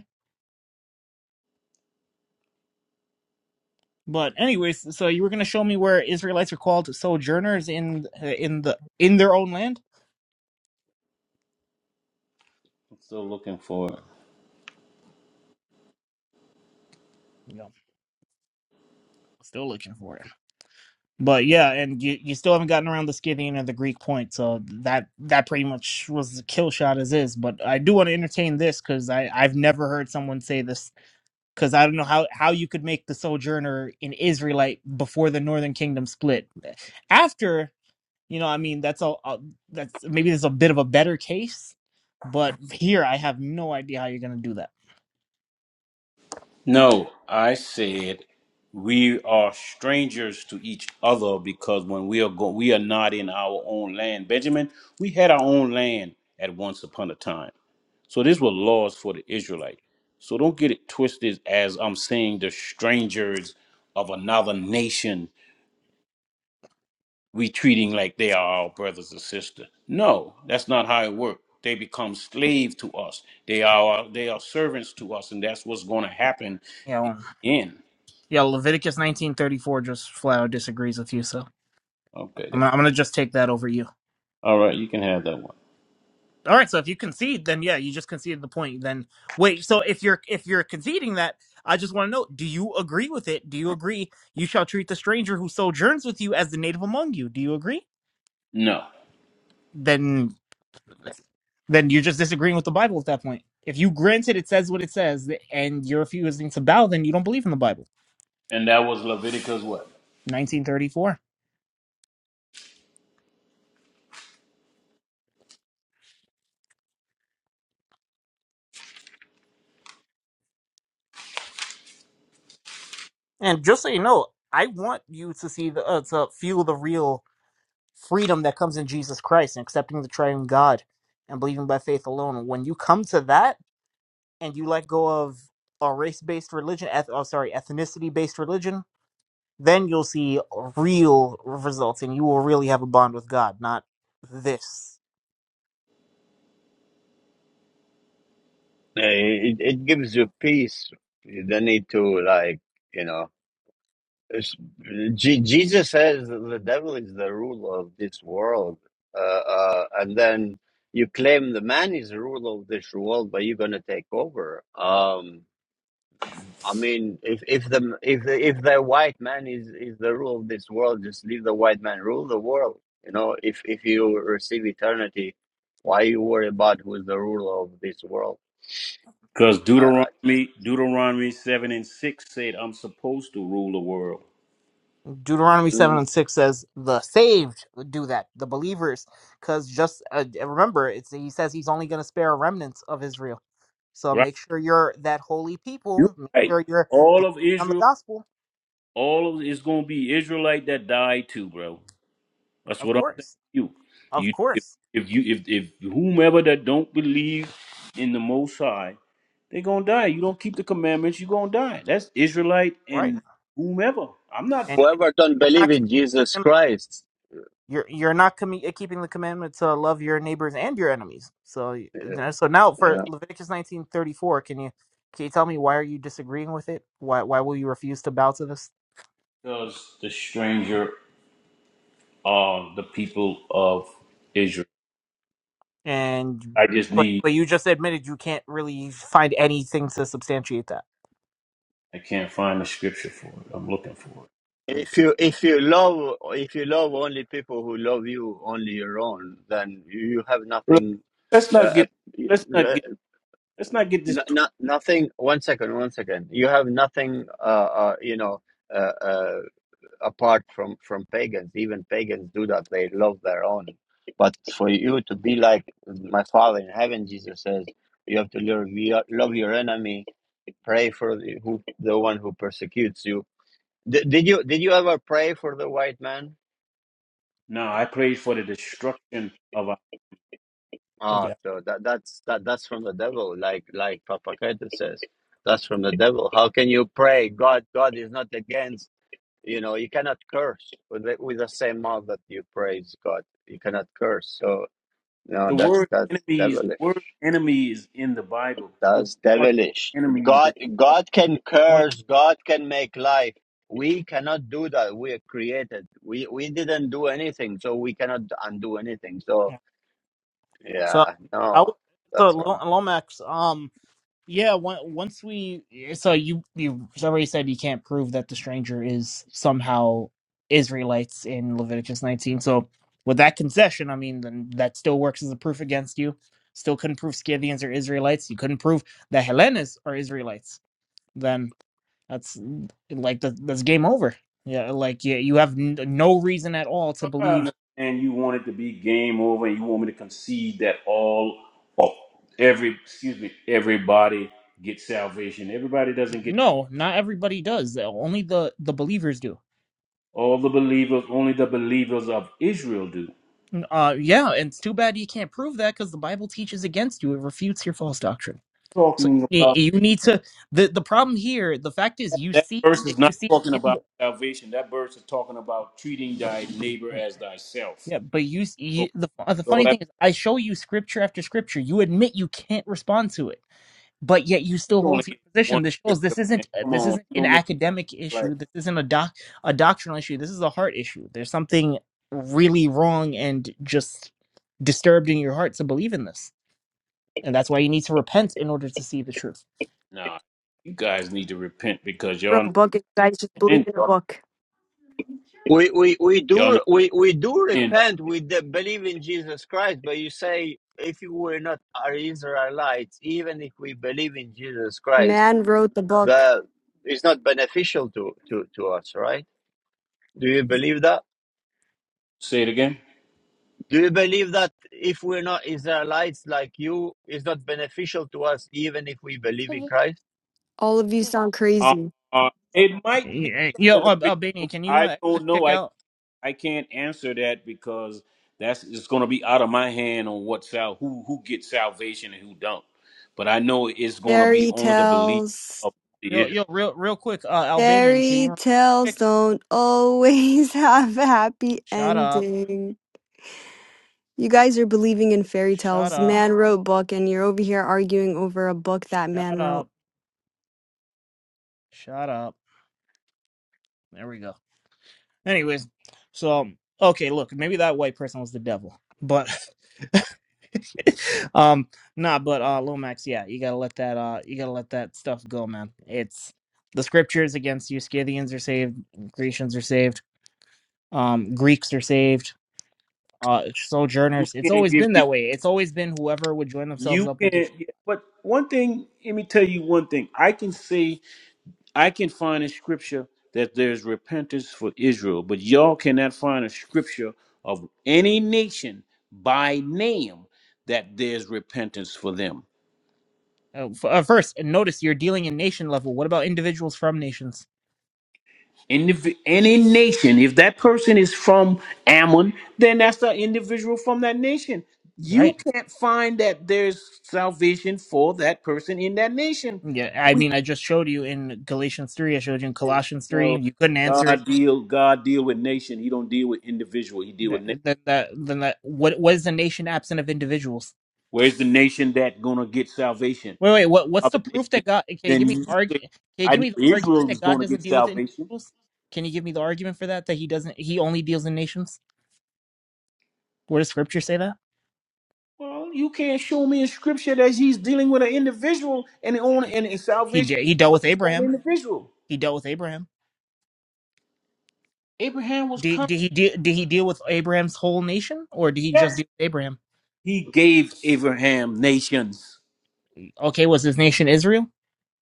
Speaker 10: But anyways, so you were going to show me where Israelites are called sojourners in uh, in the in their own land?
Speaker 13: I'm still looking for it.
Speaker 10: No, still looking for it. But yeah, and you you still haven't gotten around the Scythian or the Greek point, so that that pretty much was the kill shot as is. But I do want to entertain this because I I've never heard someone say this because I don't know how how you could make the sojourner an Israelite before the Northern Kingdom split after. You know, I mean, that's all. a that's maybe there's a bit of a better case, but here I have no idea how you're going to do that.
Speaker 13: No, I said we are strangers to each other because when we are go- we are not in our own land. Benjamin, we had our own land at once upon a time. So these were laws for the Israelite. So don't get it twisted as I'm saying the strangers of another nation we treating like they are our brothers and sisters. No, that's not how it works. They become slave to us. They are they are servants to us, and that's what's going to happen.
Speaker 10: You know,
Speaker 13: In
Speaker 10: yeah, Leviticus 19:34 just flat out disagrees with you, so
Speaker 13: okay,
Speaker 10: I'm gonna,
Speaker 13: then
Speaker 10: I'm going to just take that over you.
Speaker 13: all right, you can have that one.
Speaker 10: All right, so if you concede, then yeah, you just conceded the point. Then wait, so if you're if you're conceding that, I just want to know, do you agree with it? Do you agree you shall treat the stranger who sojourns with you as the native among you? Do you agree?
Speaker 13: No,
Speaker 10: Then Then you're just disagreeing with the Bible at that point. If you grant it, it says what it says, and you're refusing to bow, then you don't believe in the Bible.
Speaker 13: and that was Leviticus what?
Speaker 10: 1934. And just so you know, I want you to see the uh, to feel the real freedom that comes in Jesus Christ and accepting the Triune God and believing by faith alone. When you come to that and you let go of a race-based religion, eth- oh, sorry, ethnicity-based religion, then you'll see real results, and you will really have a bond with God, not this.
Speaker 1: Uh, It, it gives you peace. You don't need to like you know. it's- Je- Jesus says the devil is the ruler of this world, uh, uh, and then you claim the man is the ruler of this world, but you're gonna take over. Um, I mean, if if the if the, if the white man is is the rule of this world, just leave the white man rule the world. You know, if if you receive eternity, why you worry about who's the ruler of this world?
Speaker 13: Because
Speaker 1: Uh,
Speaker 13: Deuteronomy Deuteronomy seven and six said, "I'm supposed to rule the world."
Speaker 10: Deuteronomy 7
Speaker 1: mm,
Speaker 10: and 6 says the saved do that, the believers, because just uh, remember, it's, he says he's only going to spare a remnant of Israel. So
Speaker 13: Right?
Speaker 10: make sure you're that holy
Speaker 13: You're
Speaker 10: people. Make
Speaker 13: right.
Speaker 10: sure you're
Speaker 13: All
Speaker 10: believing
Speaker 13: of
Speaker 10: on the
Speaker 13: Israel,
Speaker 10: gospel.
Speaker 13: all of it's going to be Israelite that die too, bro. That's
Speaker 10: Of
Speaker 13: what I'm saying.
Speaker 10: course.
Speaker 13: to You,
Speaker 10: Of
Speaker 13: you, if,
Speaker 10: course.
Speaker 13: if you, if, if whomever that don't believe in the Most High, they gonna die. You don't keep the commandments, you gonna die. That's Israelite
Speaker 10: Right.
Speaker 13: and whomever. I'm not.
Speaker 10: And
Speaker 1: whoever don't
Speaker 10: you're
Speaker 1: believe
Speaker 10: not keeping
Speaker 1: in
Speaker 10: the
Speaker 1: Jesus
Speaker 10: commandment.
Speaker 1: Christ,
Speaker 10: You're, you're not commi- uh, keeping the commandment to love your neighbors and your enemies. So you
Speaker 1: uh,
Speaker 10: know, so now for
Speaker 1: yeah.
Speaker 10: Leviticus 19:34, can you can you tell me why are you disagreeing with it? Why why will you refuse to bow to this?
Speaker 13: Does the stranger are the people of Israel?
Speaker 10: and
Speaker 13: I just
Speaker 10: but
Speaker 13: need.
Speaker 10: but you just admitted you can't really find anything to substantiate that.
Speaker 13: I can't find the scripture for it. I'm looking for it.
Speaker 1: If you if you love if you love only people who love you only your own, then you have
Speaker 13: Look,
Speaker 1: nothing.
Speaker 13: Let's not
Speaker 1: Uh,
Speaker 13: get. Let's not
Speaker 1: uh,
Speaker 13: get. Let's not get this.
Speaker 1: no,
Speaker 13: Tw-
Speaker 1: no, nothing. One second, one second. You have nothing, uh, uh, you know, uh, uh, apart from from pagans. Even pagans do that. They love their own. But for you to be like my Father in heaven, Jesus says, you have to love your, love your enemy, pray for the, who, the one who persecutes you. Did, did you did you ever pray for the white man?
Speaker 13: no, I prayed for the destruction of.
Speaker 1: Ah,
Speaker 10: Yeah.
Speaker 1: so that that's that that's from the devil. Like like Papa Keita says, that's from the devil. How can you pray? God God is not against You know, you cannot curse with the, with the same mouth that you praise God. You cannot curse. So no,
Speaker 13: The
Speaker 1: that's
Speaker 13: word
Speaker 1: that's
Speaker 13: enemies, the
Speaker 1: devilish.
Speaker 13: word enemies in the Bible. So who
Speaker 1: That's
Speaker 13: are
Speaker 1: devilish.
Speaker 13: the enemies
Speaker 1: God
Speaker 13: that you
Speaker 1: God can
Speaker 10: Well,
Speaker 1: curse. God can make life. We cannot do that. We are created. We we didn't do anything, so we cannot undo anything. So
Speaker 10: yeah. So
Speaker 1: yeah,
Speaker 10: I
Speaker 1: no,
Speaker 10: w- so
Speaker 1: that's wrong.
Speaker 10: Lo- Lomax um yeah on- once we so you you already said you can't prove that the stranger is somehow Israelites in Leviticus 19. So with that concession, I mean then that still works as a proof against you. Still couldn't prove Scythians are Israelites. You couldn't prove that Hellenes are Israelites. Then That's like the, that's game over. Yeah, like yeah, you have n- no reason at all to
Speaker 13: are? I
Speaker 10: believe.
Speaker 13: understand you want it to be game over and you want me to concede that all all- every excuse me, everybody gets salvation. Everybody doesn't get
Speaker 10: No, not everybody does. Only the the believers do.
Speaker 13: all the believers, only the believers of Israel do.
Speaker 10: Uh, yeah, and it's too bad you can't prove that because the Bible teaches against you. It refutes your false doctrine. So
Speaker 13: Talking
Speaker 10: you, ne-
Speaker 13: about
Speaker 10: you need to. the The problem here, the fact is, you
Speaker 13: that
Speaker 10: see,
Speaker 13: verse is
Speaker 10: you
Speaker 13: not
Speaker 10: see
Speaker 13: talking
Speaker 10: in
Speaker 13: about
Speaker 10: the.
Speaker 13: salvation. That verse is talking about treating thy neighbor
Speaker 10: uh,
Speaker 13: as thyself.
Speaker 10: Yeah, but you, s- you the uh, the
Speaker 13: Okay, so
Speaker 10: funny
Speaker 13: that
Speaker 10: thing is, I show you scripture after scripture. You admit you can't respond to it but yet you still
Speaker 13: you
Speaker 10: hold
Speaker 13: only
Speaker 10: to
Speaker 13: get
Speaker 10: your
Speaker 13: one
Speaker 10: position. This shows this
Speaker 13: scripture, man.
Speaker 10: isn't uh,
Speaker 13: Come
Speaker 10: this
Speaker 13: on,
Speaker 10: isn't
Speaker 13: you
Speaker 10: an
Speaker 13: don't make
Speaker 10: academic
Speaker 13: it like
Speaker 10: issue. This isn't a doc a doctrinal issue. This is a heart issue. There's something really wrong and just disturbed in your heart to believe in this, and that's why you need to repent in order to see the truth.
Speaker 13: No, you guys need to repent because y'all not
Speaker 14: wrote book and you guys just believe
Speaker 13: in.
Speaker 14: in a book.
Speaker 1: We we we
Speaker 13: Y'all
Speaker 1: do
Speaker 13: not
Speaker 1: we we do
Speaker 13: in.
Speaker 1: repent. We de- believe in Jesus Christ. But you say if you were not our Israelites, even if we believe in Jesus Christ,
Speaker 14: Man wrote the book.
Speaker 1: the it's not beneficial to to to us, right? Do you believe that?
Speaker 13: Say it again.
Speaker 1: Do you believe that if we're not Israelites like you, it's not beneficial to us, even if we believe in Christ?
Speaker 14: All of you sound
Speaker 13: Uh,
Speaker 14: crazy.
Speaker 13: uh, it might be
Speaker 10: Yeah, Yo, Al-
Speaker 13: beneficial.
Speaker 10: Albanian, can you
Speaker 13: I
Speaker 10: uh,
Speaker 13: don't
Speaker 10: just
Speaker 13: know.
Speaker 10: check
Speaker 13: I
Speaker 10: out?
Speaker 13: I can't answer that because that's it's going to be out of my hand on what sal who who gets salvation and who don't. But I know it's going to be
Speaker 14: Fairy
Speaker 13: only the belief
Speaker 14: tales.
Speaker 13: of the
Speaker 10: Yo,
Speaker 13: Israel.
Speaker 10: yo, real, real quick, uh, Albanian, can
Speaker 14: Fairy
Speaker 10: you
Speaker 14: tales
Speaker 10: check?
Speaker 14: don't always have a happy
Speaker 10: Shut up!
Speaker 14: ending. You guys are believing in fairy
Speaker 10: Shut
Speaker 14: tales.
Speaker 10: up!
Speaker 14: Man wrote book and you're over here arguing over a book that man
Speaker 10: Shut
Speaker 14: wrote.
Speaker 10: up! Shut up! There we go. Anyways, so um, okay, look, maybe that white person was the devil, but um, nah, but uh, Lomax, yeah, you gotta let that uh, you gotta let that stuff go, man. It's the scriptures against you. Scythians are saved, Grecians are saved, um, Greeks are saved, uh,
Speaker 13: You
Speaker 10: sojourners. It's
Speaker 13: can't
Speaker 10: always
Speaker 13: give
Speaker 10: been
Speaker 13: me.
Speaker 10: that way. It's always been whoever would join themselves
Speaker 13: You
Speaker 10: up with the.
Speaker 13: can't.
Speaker 10: tr-
Speaker 13: yeah, But one thing, let me tell you one thing. I can say I can find in scripture that there's repentance for Israel, but y'all cannot find a scripture of any nation by name that there's repentance for them.
Speaker 10: Uh, f- uh, first, and notice you're dealing in nation level. What about individuals from nations?
Speaker 13: And any nation, if that person is from Ammon, then that's the individual from that nation.
Speaker 10: Right
Speaker 13: You can't find that there's salvation for that person in that nation.
Speaker 10: Yeah, I mean, I just showed you in Galatians three. I showed you in Colossians three.
Speaker 13: No,
Speaker 10: You couldn't answer it.
Speaker 13: God deal. God deal with nation. He don't deal with individual. He deal with
Speaker 10: That
Speaker 13: nation.
Speaker 10: that that, then that. What, what is the nation absent of individuals?
Speaker 13: Where's the nation that gonna get salvation?
Speaker 10: Wait, wait. What, what's the
Speaker 13: other
Speaker 10: proof that
Speaker 13: nation,
Speaker 10: God? Okay,
Speaker 13: than
Speaker 10: give me
Speaker 13: you
Speaker 10: the
Speaker 13: say,
Speaker 10: argument. Okay,
Speaker 13: I
Speaker 10: give
Speaker 13: knew
Speaker 10: me the argument
Speaker 13: Israel
Speaker 10: that
Speaker 13: was
Speaker 10: God
Speaker 13: going to
Speaker 10: doesn't
Speaker 13: get
Speaker 10: deal with
Speaker 13: salvation.
Speaker 10: individuals. Can you give me the argument for that? That he doesn't. He only deals in nations. Where does Scripture say that?
Speaker 13: Well, you can't show me in scripture that he's dealing with an individual and on and, and
Speaker 10: He
Speaker 13: salvation
Speaker 10: de- he dealt
Speaker 13: for
Speaker 10: with
Speaker 13: just that
Speaker 10: Abraham.
Speaker 13: individual.
Speaker 10: He dealt with Abraham.
Speaker 13: Abraham was
Speaker 10: Did,
Speaker 13: coming.
Speaker 10: did he de- did he deal with Abraham's whole nation, or did he just
Speaker 13: Yes.
Speaker 10: deal with Abraham?
Speaker 13: He gave Abraham nations.
Speaker 10: Okay, was his nation Israel?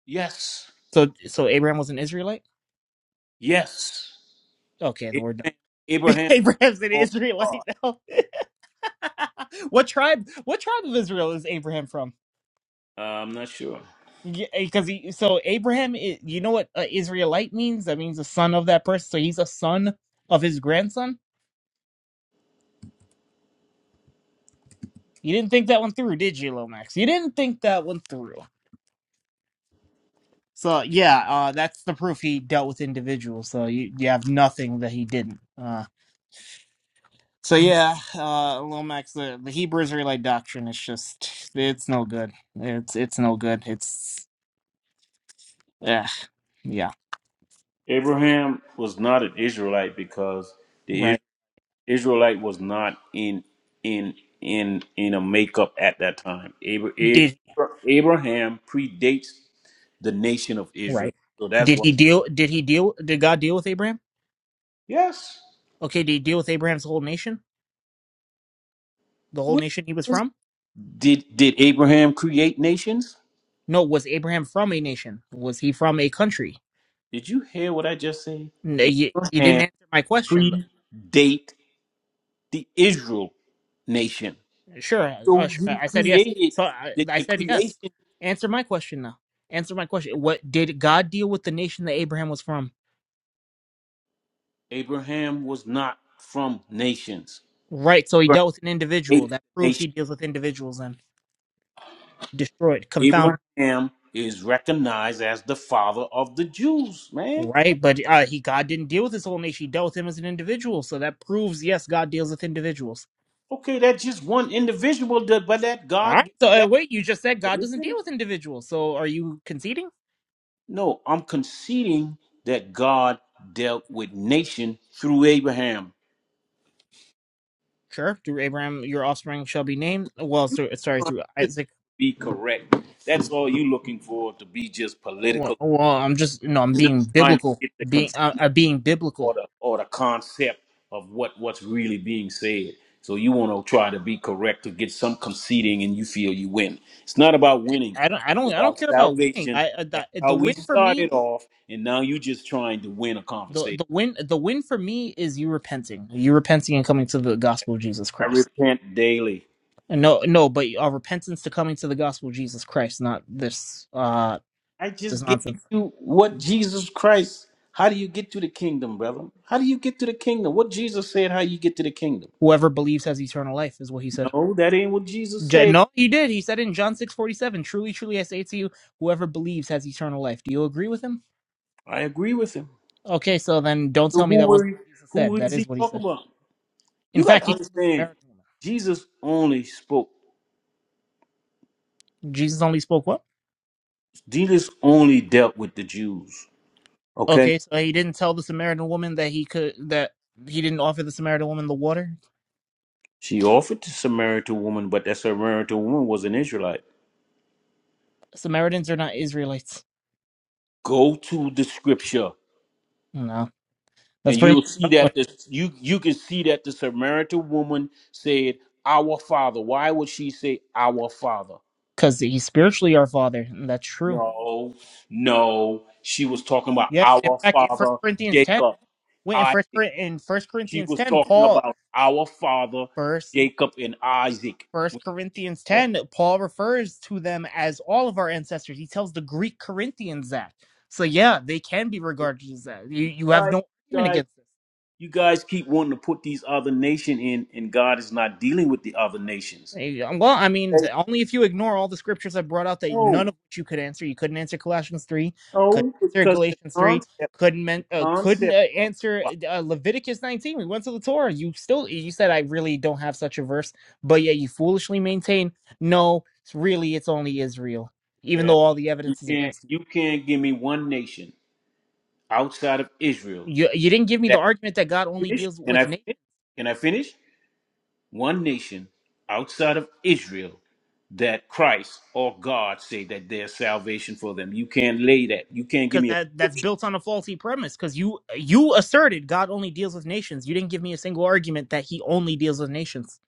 Speaker 13: Yes.
Speaker 10: So so Abraham was an Israelite.
Speaker 13: Yes.
Speaker 10: Okay, the word.
Speaker 13: Abraham, Abraham
Speaker 10: Abraham's an
Speaker 13: called God.
Speaker 10: Israelite now. what tribe? What tribe of Israel is Abraham from?
Speaker 13: Uh, I'm not sure.
Speaker 10: Because he, so Abraham, i- you know what uh, Israelite means? That means the son of that person. So he's a son of his grandson. You didn't think that one through, did you, Lomax? You didn't think that one through. So yeah, uh, that's the proof he dealt with individuals. So you, you have nothing that he didn't. Uh, so yeah, uh, Lomax, the, the Hebrew Israelite doctrine is just it's no good. It's it's no good. It's yeah. Yeah.
Speaker 13: Abraham was not an Israelite because the Israelites
Speaker 10: Right.
Speaker 13: Israelite was not in in in in a makeup at that time. Abra- A-
Speaker 10: Did
Speaker 13: Abraham predates the nation of Israel,
Speaker 10: right.
Speaker 13: so that's
Speaker 10: Did
Speaker 13: why.
Speaker 10: he deal did he deal did God deal with Abraham?
Speaker 13: Yes.
Speaker 10: Okay, did he deal with Abraham's whole nation? The whole
Speaker 13: What
Speaker 10: nation he was
Speaker 13: is-
Speaker 10: from?
Speaker 13: Did did Abraham create nations?
Speaker 10: No, was Abraham from a nation? Was he from a country?
Speaker 13: Did you hear what I just said?
Speaker 10: No, you, you didn't
Speaker 13: Abraham
Speaker 10: answer my question though.
Speaker 13: predate the Israel nation,
Speaker 10: Sure, uh,
Speaker 13: so
Speaker 10: sure.
Speaker 13: he
Speaker 10: I said yes.
Speaker 13: created
Speaker 10: So I,
Speaker 13: the,
Speaker 10: I
Speaker 13: the
Speaker 10: said yes.
Speaker 13: creation.
Speaker 10: Answer my question now. Answer my question. What did God deal with the nation that Abraham was from?
Speaker 13: Abraham was not from nations.
Speaker 10: Right. So he
Speaker 13: Abraham
Speaker 10: dealt with an individual.
Speaker 13: ate
Speaker 10: That proves
Speaker 13: nations.
Speaker 10: he deals with individuals and destroyed, confounded.
Speaker 13: Abraham is recognized as the father of the Jews, man.
Speaker 10: Right, but uh, he God didn't deal with his whole nation; he dealt with him as an individual. So that proves, yes, God deals with individuals.
Speaker 13: Okay, that's just one individual, that- but that
Speaker 10: All
Speaker 13: God
Speaker 10: right.
Speaker 13: gave
Speaker 10: So uh,
Speaker 13: that
Speaker 10: wait, you just said
Speaker 13: let
Speaker 10: God
Speaker 13: me
Speaker 10: doesn't deal
Speaker 13: finish.
Speaker 10: with individuals. So are you conceding?
Speaker 13: No, I'm conceding that God dealt with nation through Abraham.
Speaker 10: Sure. Through Abraham, your offspring shall be named. Well, so, sorry, through
Speaker 13: Just
Speaker 10: Isaac.
Speaker 13: be correct. That's all you looking for to be just
Speaker 10: Well,
Speaker 13: political.
Speaker 10: well, I'm just no, I'm
Speaker 13: You're not
Speaker 10: being
Speaker 13: trying to
Speaker 10: biblical.
Speaker 13: get the
Speaker 10: Being, uh,
Speaker 13: consensus.
Speaker 10: uh, being
Speaker 13: or
Speaker 10: biblical.
Speaker 13: the or the concept of what what's really being said. So you want to try to be correct to get some conceding, and you feel you win. It's not about
Speaker 10: I,
Speaker 13: winning;
Speaker 10: I don't, I
Speaker 13: it's
Speaker 10: don't, I don't
Speaker 13: about
Speaker 10: care about winning.
Speaker 13: salvation.
Speaker 10: I uh,
Speaker 13: That's
Speaker 10: the,
Speaker 13: how
Speaker 10: the
Speaker 13: we
Speaker 10: win for me,
Speaker 13: started off, and now you're just trying to win a
Speaker 10: the
Speaker 13: conversation.
Speaker 10: the win, the win for me is you repenting, you repenting and coming to the gospel of Jesus
Speaker 13: I
Speaker 10: Christ.
Speaker 13: repent daily.
Speaker 10: No, no, but uh, repentance to coming to the gospel of Jesus Christ, not this uh
Speaker 13: I
Speaker 10: this
Speaker 13: just gave
Speaker 10: nonsense.
Speaker 13: you what Jesus Christ. How do you get to the kingdom, brother? How do you get to the kingdom? What Jesus said, how you get to the kingdom?
Speaker 10: Whoever believes has eternal life, is what he said.
Speaker 13: No, that ain't what Jesus
Speaker 10: J-
Speaker 13: said.
Speaker 10: no, he did. He said in John six forty seven, "Truly, truly, I say to you, whoever believes has eternal life." Do you agree with him?
Speaker 13: I agree with him.
Speaker 10: Okay, so then don't
Speaker 13: So
Speaker 10: tell me
Speaker 13: who
Speaker 10: that wasn't
Speaker 13: were
Speaker 10: what Jesus
Speaker 13: who
Speaker 10: said. That
Speaker 13: is he
Speaker 10: is what he
Speaker 13: talking
Speaker 10: said.
Speaker 13: about?
Speaker 10: In
Speaker 13: You got
Speaker 10: fact,
Speaker 13: to
Speaker 10: he told the
Speaker 13: understand,
Speaker 10: Samaritan woman.
Speaker 13: Jesus only spoke,
Speaker 10: Jesus only spoke what?
Speaker 13: Jesus only dealt with the Jews. Okay?
Speaker 10: Okay, so he didn't tell the Samaritan woman that he could that he didn't offer the Samaritan woman the water.
Speaker 13: She offered to Samaritan woman, but that Samaritan woman was an Israelite.
Speaker 10: Samaritans are not Israelites.
Speaker 13: Go to the scripture
Speaker 10: No, that's
Speaker 13: and
Speaker 10: pretty
Speaker 13: you'll see
Speaker 10: much.
Speaker 13: that this you you can see that the Samaritan woman said, Our father. Why would she say our father?
Speaker 10: because he's spiritually our father. and that's true.
Speaker 13: No, no. She was talking about
Speaker 10: Yeah. In
Speaker 13: our
Speaker 10: fact, in First
Speaker 13: father,
Speaker 10: Corinthians ten,
Speaker 13: Jacob.
Speaker 10: wait in
Speaker 13: Isaac.
Speaker 10: First in First
Speaker 13: She
Speaker 10: Corinthians
Speaker 13: was
Speaker 10: ten,
Speaker 13: talking
Speaker 10: Paul
Speaker 13: about our father,
Speaker 10: first
Speaker 13: Jacob and Isaac. When
Speaker 10: First Corinthians
Speaker 13: she talking.
Speaker 10: ten, Paul refers to them as all of our ancestors. He tells the Greek Corinthians that. So yeah, they can be regarded as that. You
Speaker 13: You
Speaker 10: you have
Speaker 13: guys,
Speaker 10: no
Speaker 13: you
Speaker 10: argument
Speaker 13: guys,
Speaker 10: against. That.
Speaker 13: you guys keep wanting to put these other nation in, and God is not dealing with the other nations.
Speaker 10: Eh, Well, I mean,
Speaker 13: Okay.
Speaker 10: the, only if you ignore all the scriptures I brought out that none
Speaker 13: No,
Speaker 10: of which you could answer. You couldn't answer Colossians three, couldn't
Speaker 13: no,
Speaker 10: answer
Speaker 13: because the
Speaker 10: Galatians three,
Speaker 13: concept,
Speaker 10: couldn't
Speaker 13: the
Speaker 10: men, uh, couldn't
Speaker 13: concept.
Speaker 10: uh, answer uh, Leviticus nineteen. We went to the Torah. You still you said I really don't have such a verse, but yet you foolishly maintain no. It's really, it's only Israel, even
Speaker 13: Yeah,
Speaker 10: though all the
Speaker 13: you
Speaker 10: evidence is
Speaker 13: can't,
Speaker 10: against you.
Speaker 13: you can't give me one nation outside of Israel.
Speaker 10: You you didn't give me the
Speaker 13: That
Speaker 10: argument that God only
Speaker 13: finish?
Speaker 10: deals
Speaker 13: Can I
Speaker 10: with nations.
Speaker 13: finish? Can I finish? one nation outside of Israel that Christ or God say that there's salvation for them. You can't lay that. You can't give
Speaker 10: because
Speaker 13: me a
Speaker 10: that that's
Speaker 13: scripture.
Speaker 10: built on a faulty premise. Because you you asserted God only deals with nations. You didn't give me a single argument that He only deals with nations.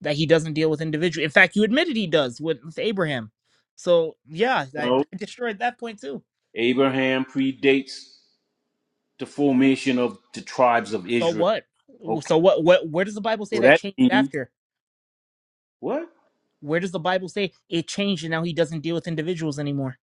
Speaker 10: That He doesn't deal with individuals. In fact, you admitted He does with, with Abraham. So yeah,
Speaker 13: no.
Speaker 10: I destroyed that point too.
Speaker 13: Abraham predates the formation of the tribes of
Speaker 10: So
Speaker 13: Israel.
Speaker 10: what?
Speaker 13: Okay.
Speaker 10: So what? What? Where does the Bible say
Speaker 13: So
Speaker 10: that
Speaker 13: that
Speaker 10: changed
Speaker 13: means
Speaker 10: after?
Speaker 13: what?
Speaker 10: Where does the Bible say it changed and now He doesn't deal with individuals anymore?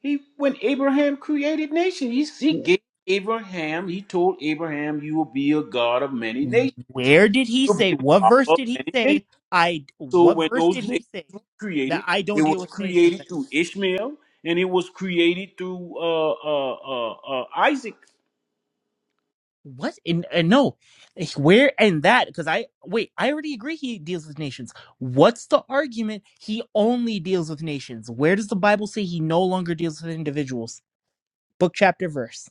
Speaker 13: He when Abraham created nation, he, he gave Abraham, he told Abraham, you will be a God of many nations.
Speaker 10: Where did He
Speaker 13: You'll be
Speaker 10: say?
Speaker 13: a
Speaker 10: What
Speaker 13: father
Speaker 10: verse
Speaker 13: of
Speaker 10: did He
Speaker 13: many nations.
Speaker 10: say? I.
Speaker 13: So
Speaker 10: What
Speaker 13: when
Speaker 10: verse
Speaker 13: those
Speaker 10: did
Speaker 13: nations
Speaker 10: He say
Speaker 13: were
Speaker 10: that
Speaker 13: created,
Speaker 10: I
Speaker 13: it
Speaker 10: don't deal
Speaker 13: was
Speaker 10: with nations
Speaker 13: created through Ishmael, and it was created through uh, uh, uh, uh, Isaac.
Speaker 10: What? And, and no, eh, where and that? Because I wait, I already agree he deals with nations. What's the argument? He only deals with nations. Where does the Bible say he no longer deals with individuals? Book, chapter, verse.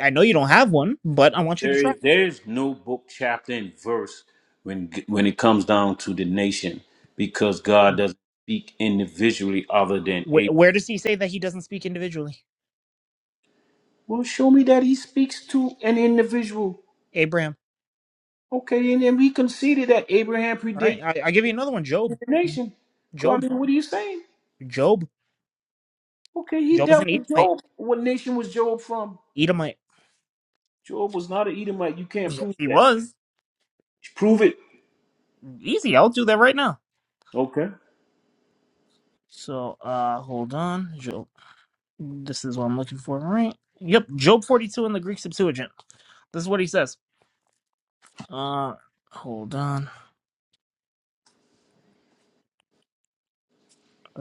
Speaker 10: I know you don't have one, but I want you to
Speaker 13: There
Speaker 10: try.
Speaker 13: is there is no book, chapter, and verse when when it comes down to the nation, because God doesn't speak individually other than
Speaker 10: Where,
Speaker 13: Abraham.
Speaker 10: where does he say that he doesn't speak individually?
Speaker 13: Well, show me that He speaks to an individual.
Speaker 10: Abraham.
Speaker 13: Okay, and then we conceded that Abraham
Speaker 10: All right,
Speaker 13: predates
Speaker 10: I, I give you another one. Job.
Speaker 13: the nation. God,
Speaker 10: Job.
Speaker 13: I mean, what are you saying?
Speaker 10: Job.
Speaker 13: Okay, he
Speaker 10: Job was
Speaker 13: dealt
Speaker 10: an
Speaker 13: with
Speaker 10: Edomite.
Speaker 13: Job. What nation was Job from?
Speaker 10: Edomite.
Speaker 13: Job was not an Edomite. You can't
Speaker 10: Yes,
Speaker 13: prove
Speaker 10: he
Speaker 13: that.
Speaker 10: was.
Speaker 13: Prove it.
Speaker 10: Easy. I'll do that right now.
Speaker 13: Okay.
Speaker 10: So, uh, hold on. Job. This is what I'm looking for, right? Yep, Job 42 in the Greek Septuagint. This is what he says. Uh, hold on.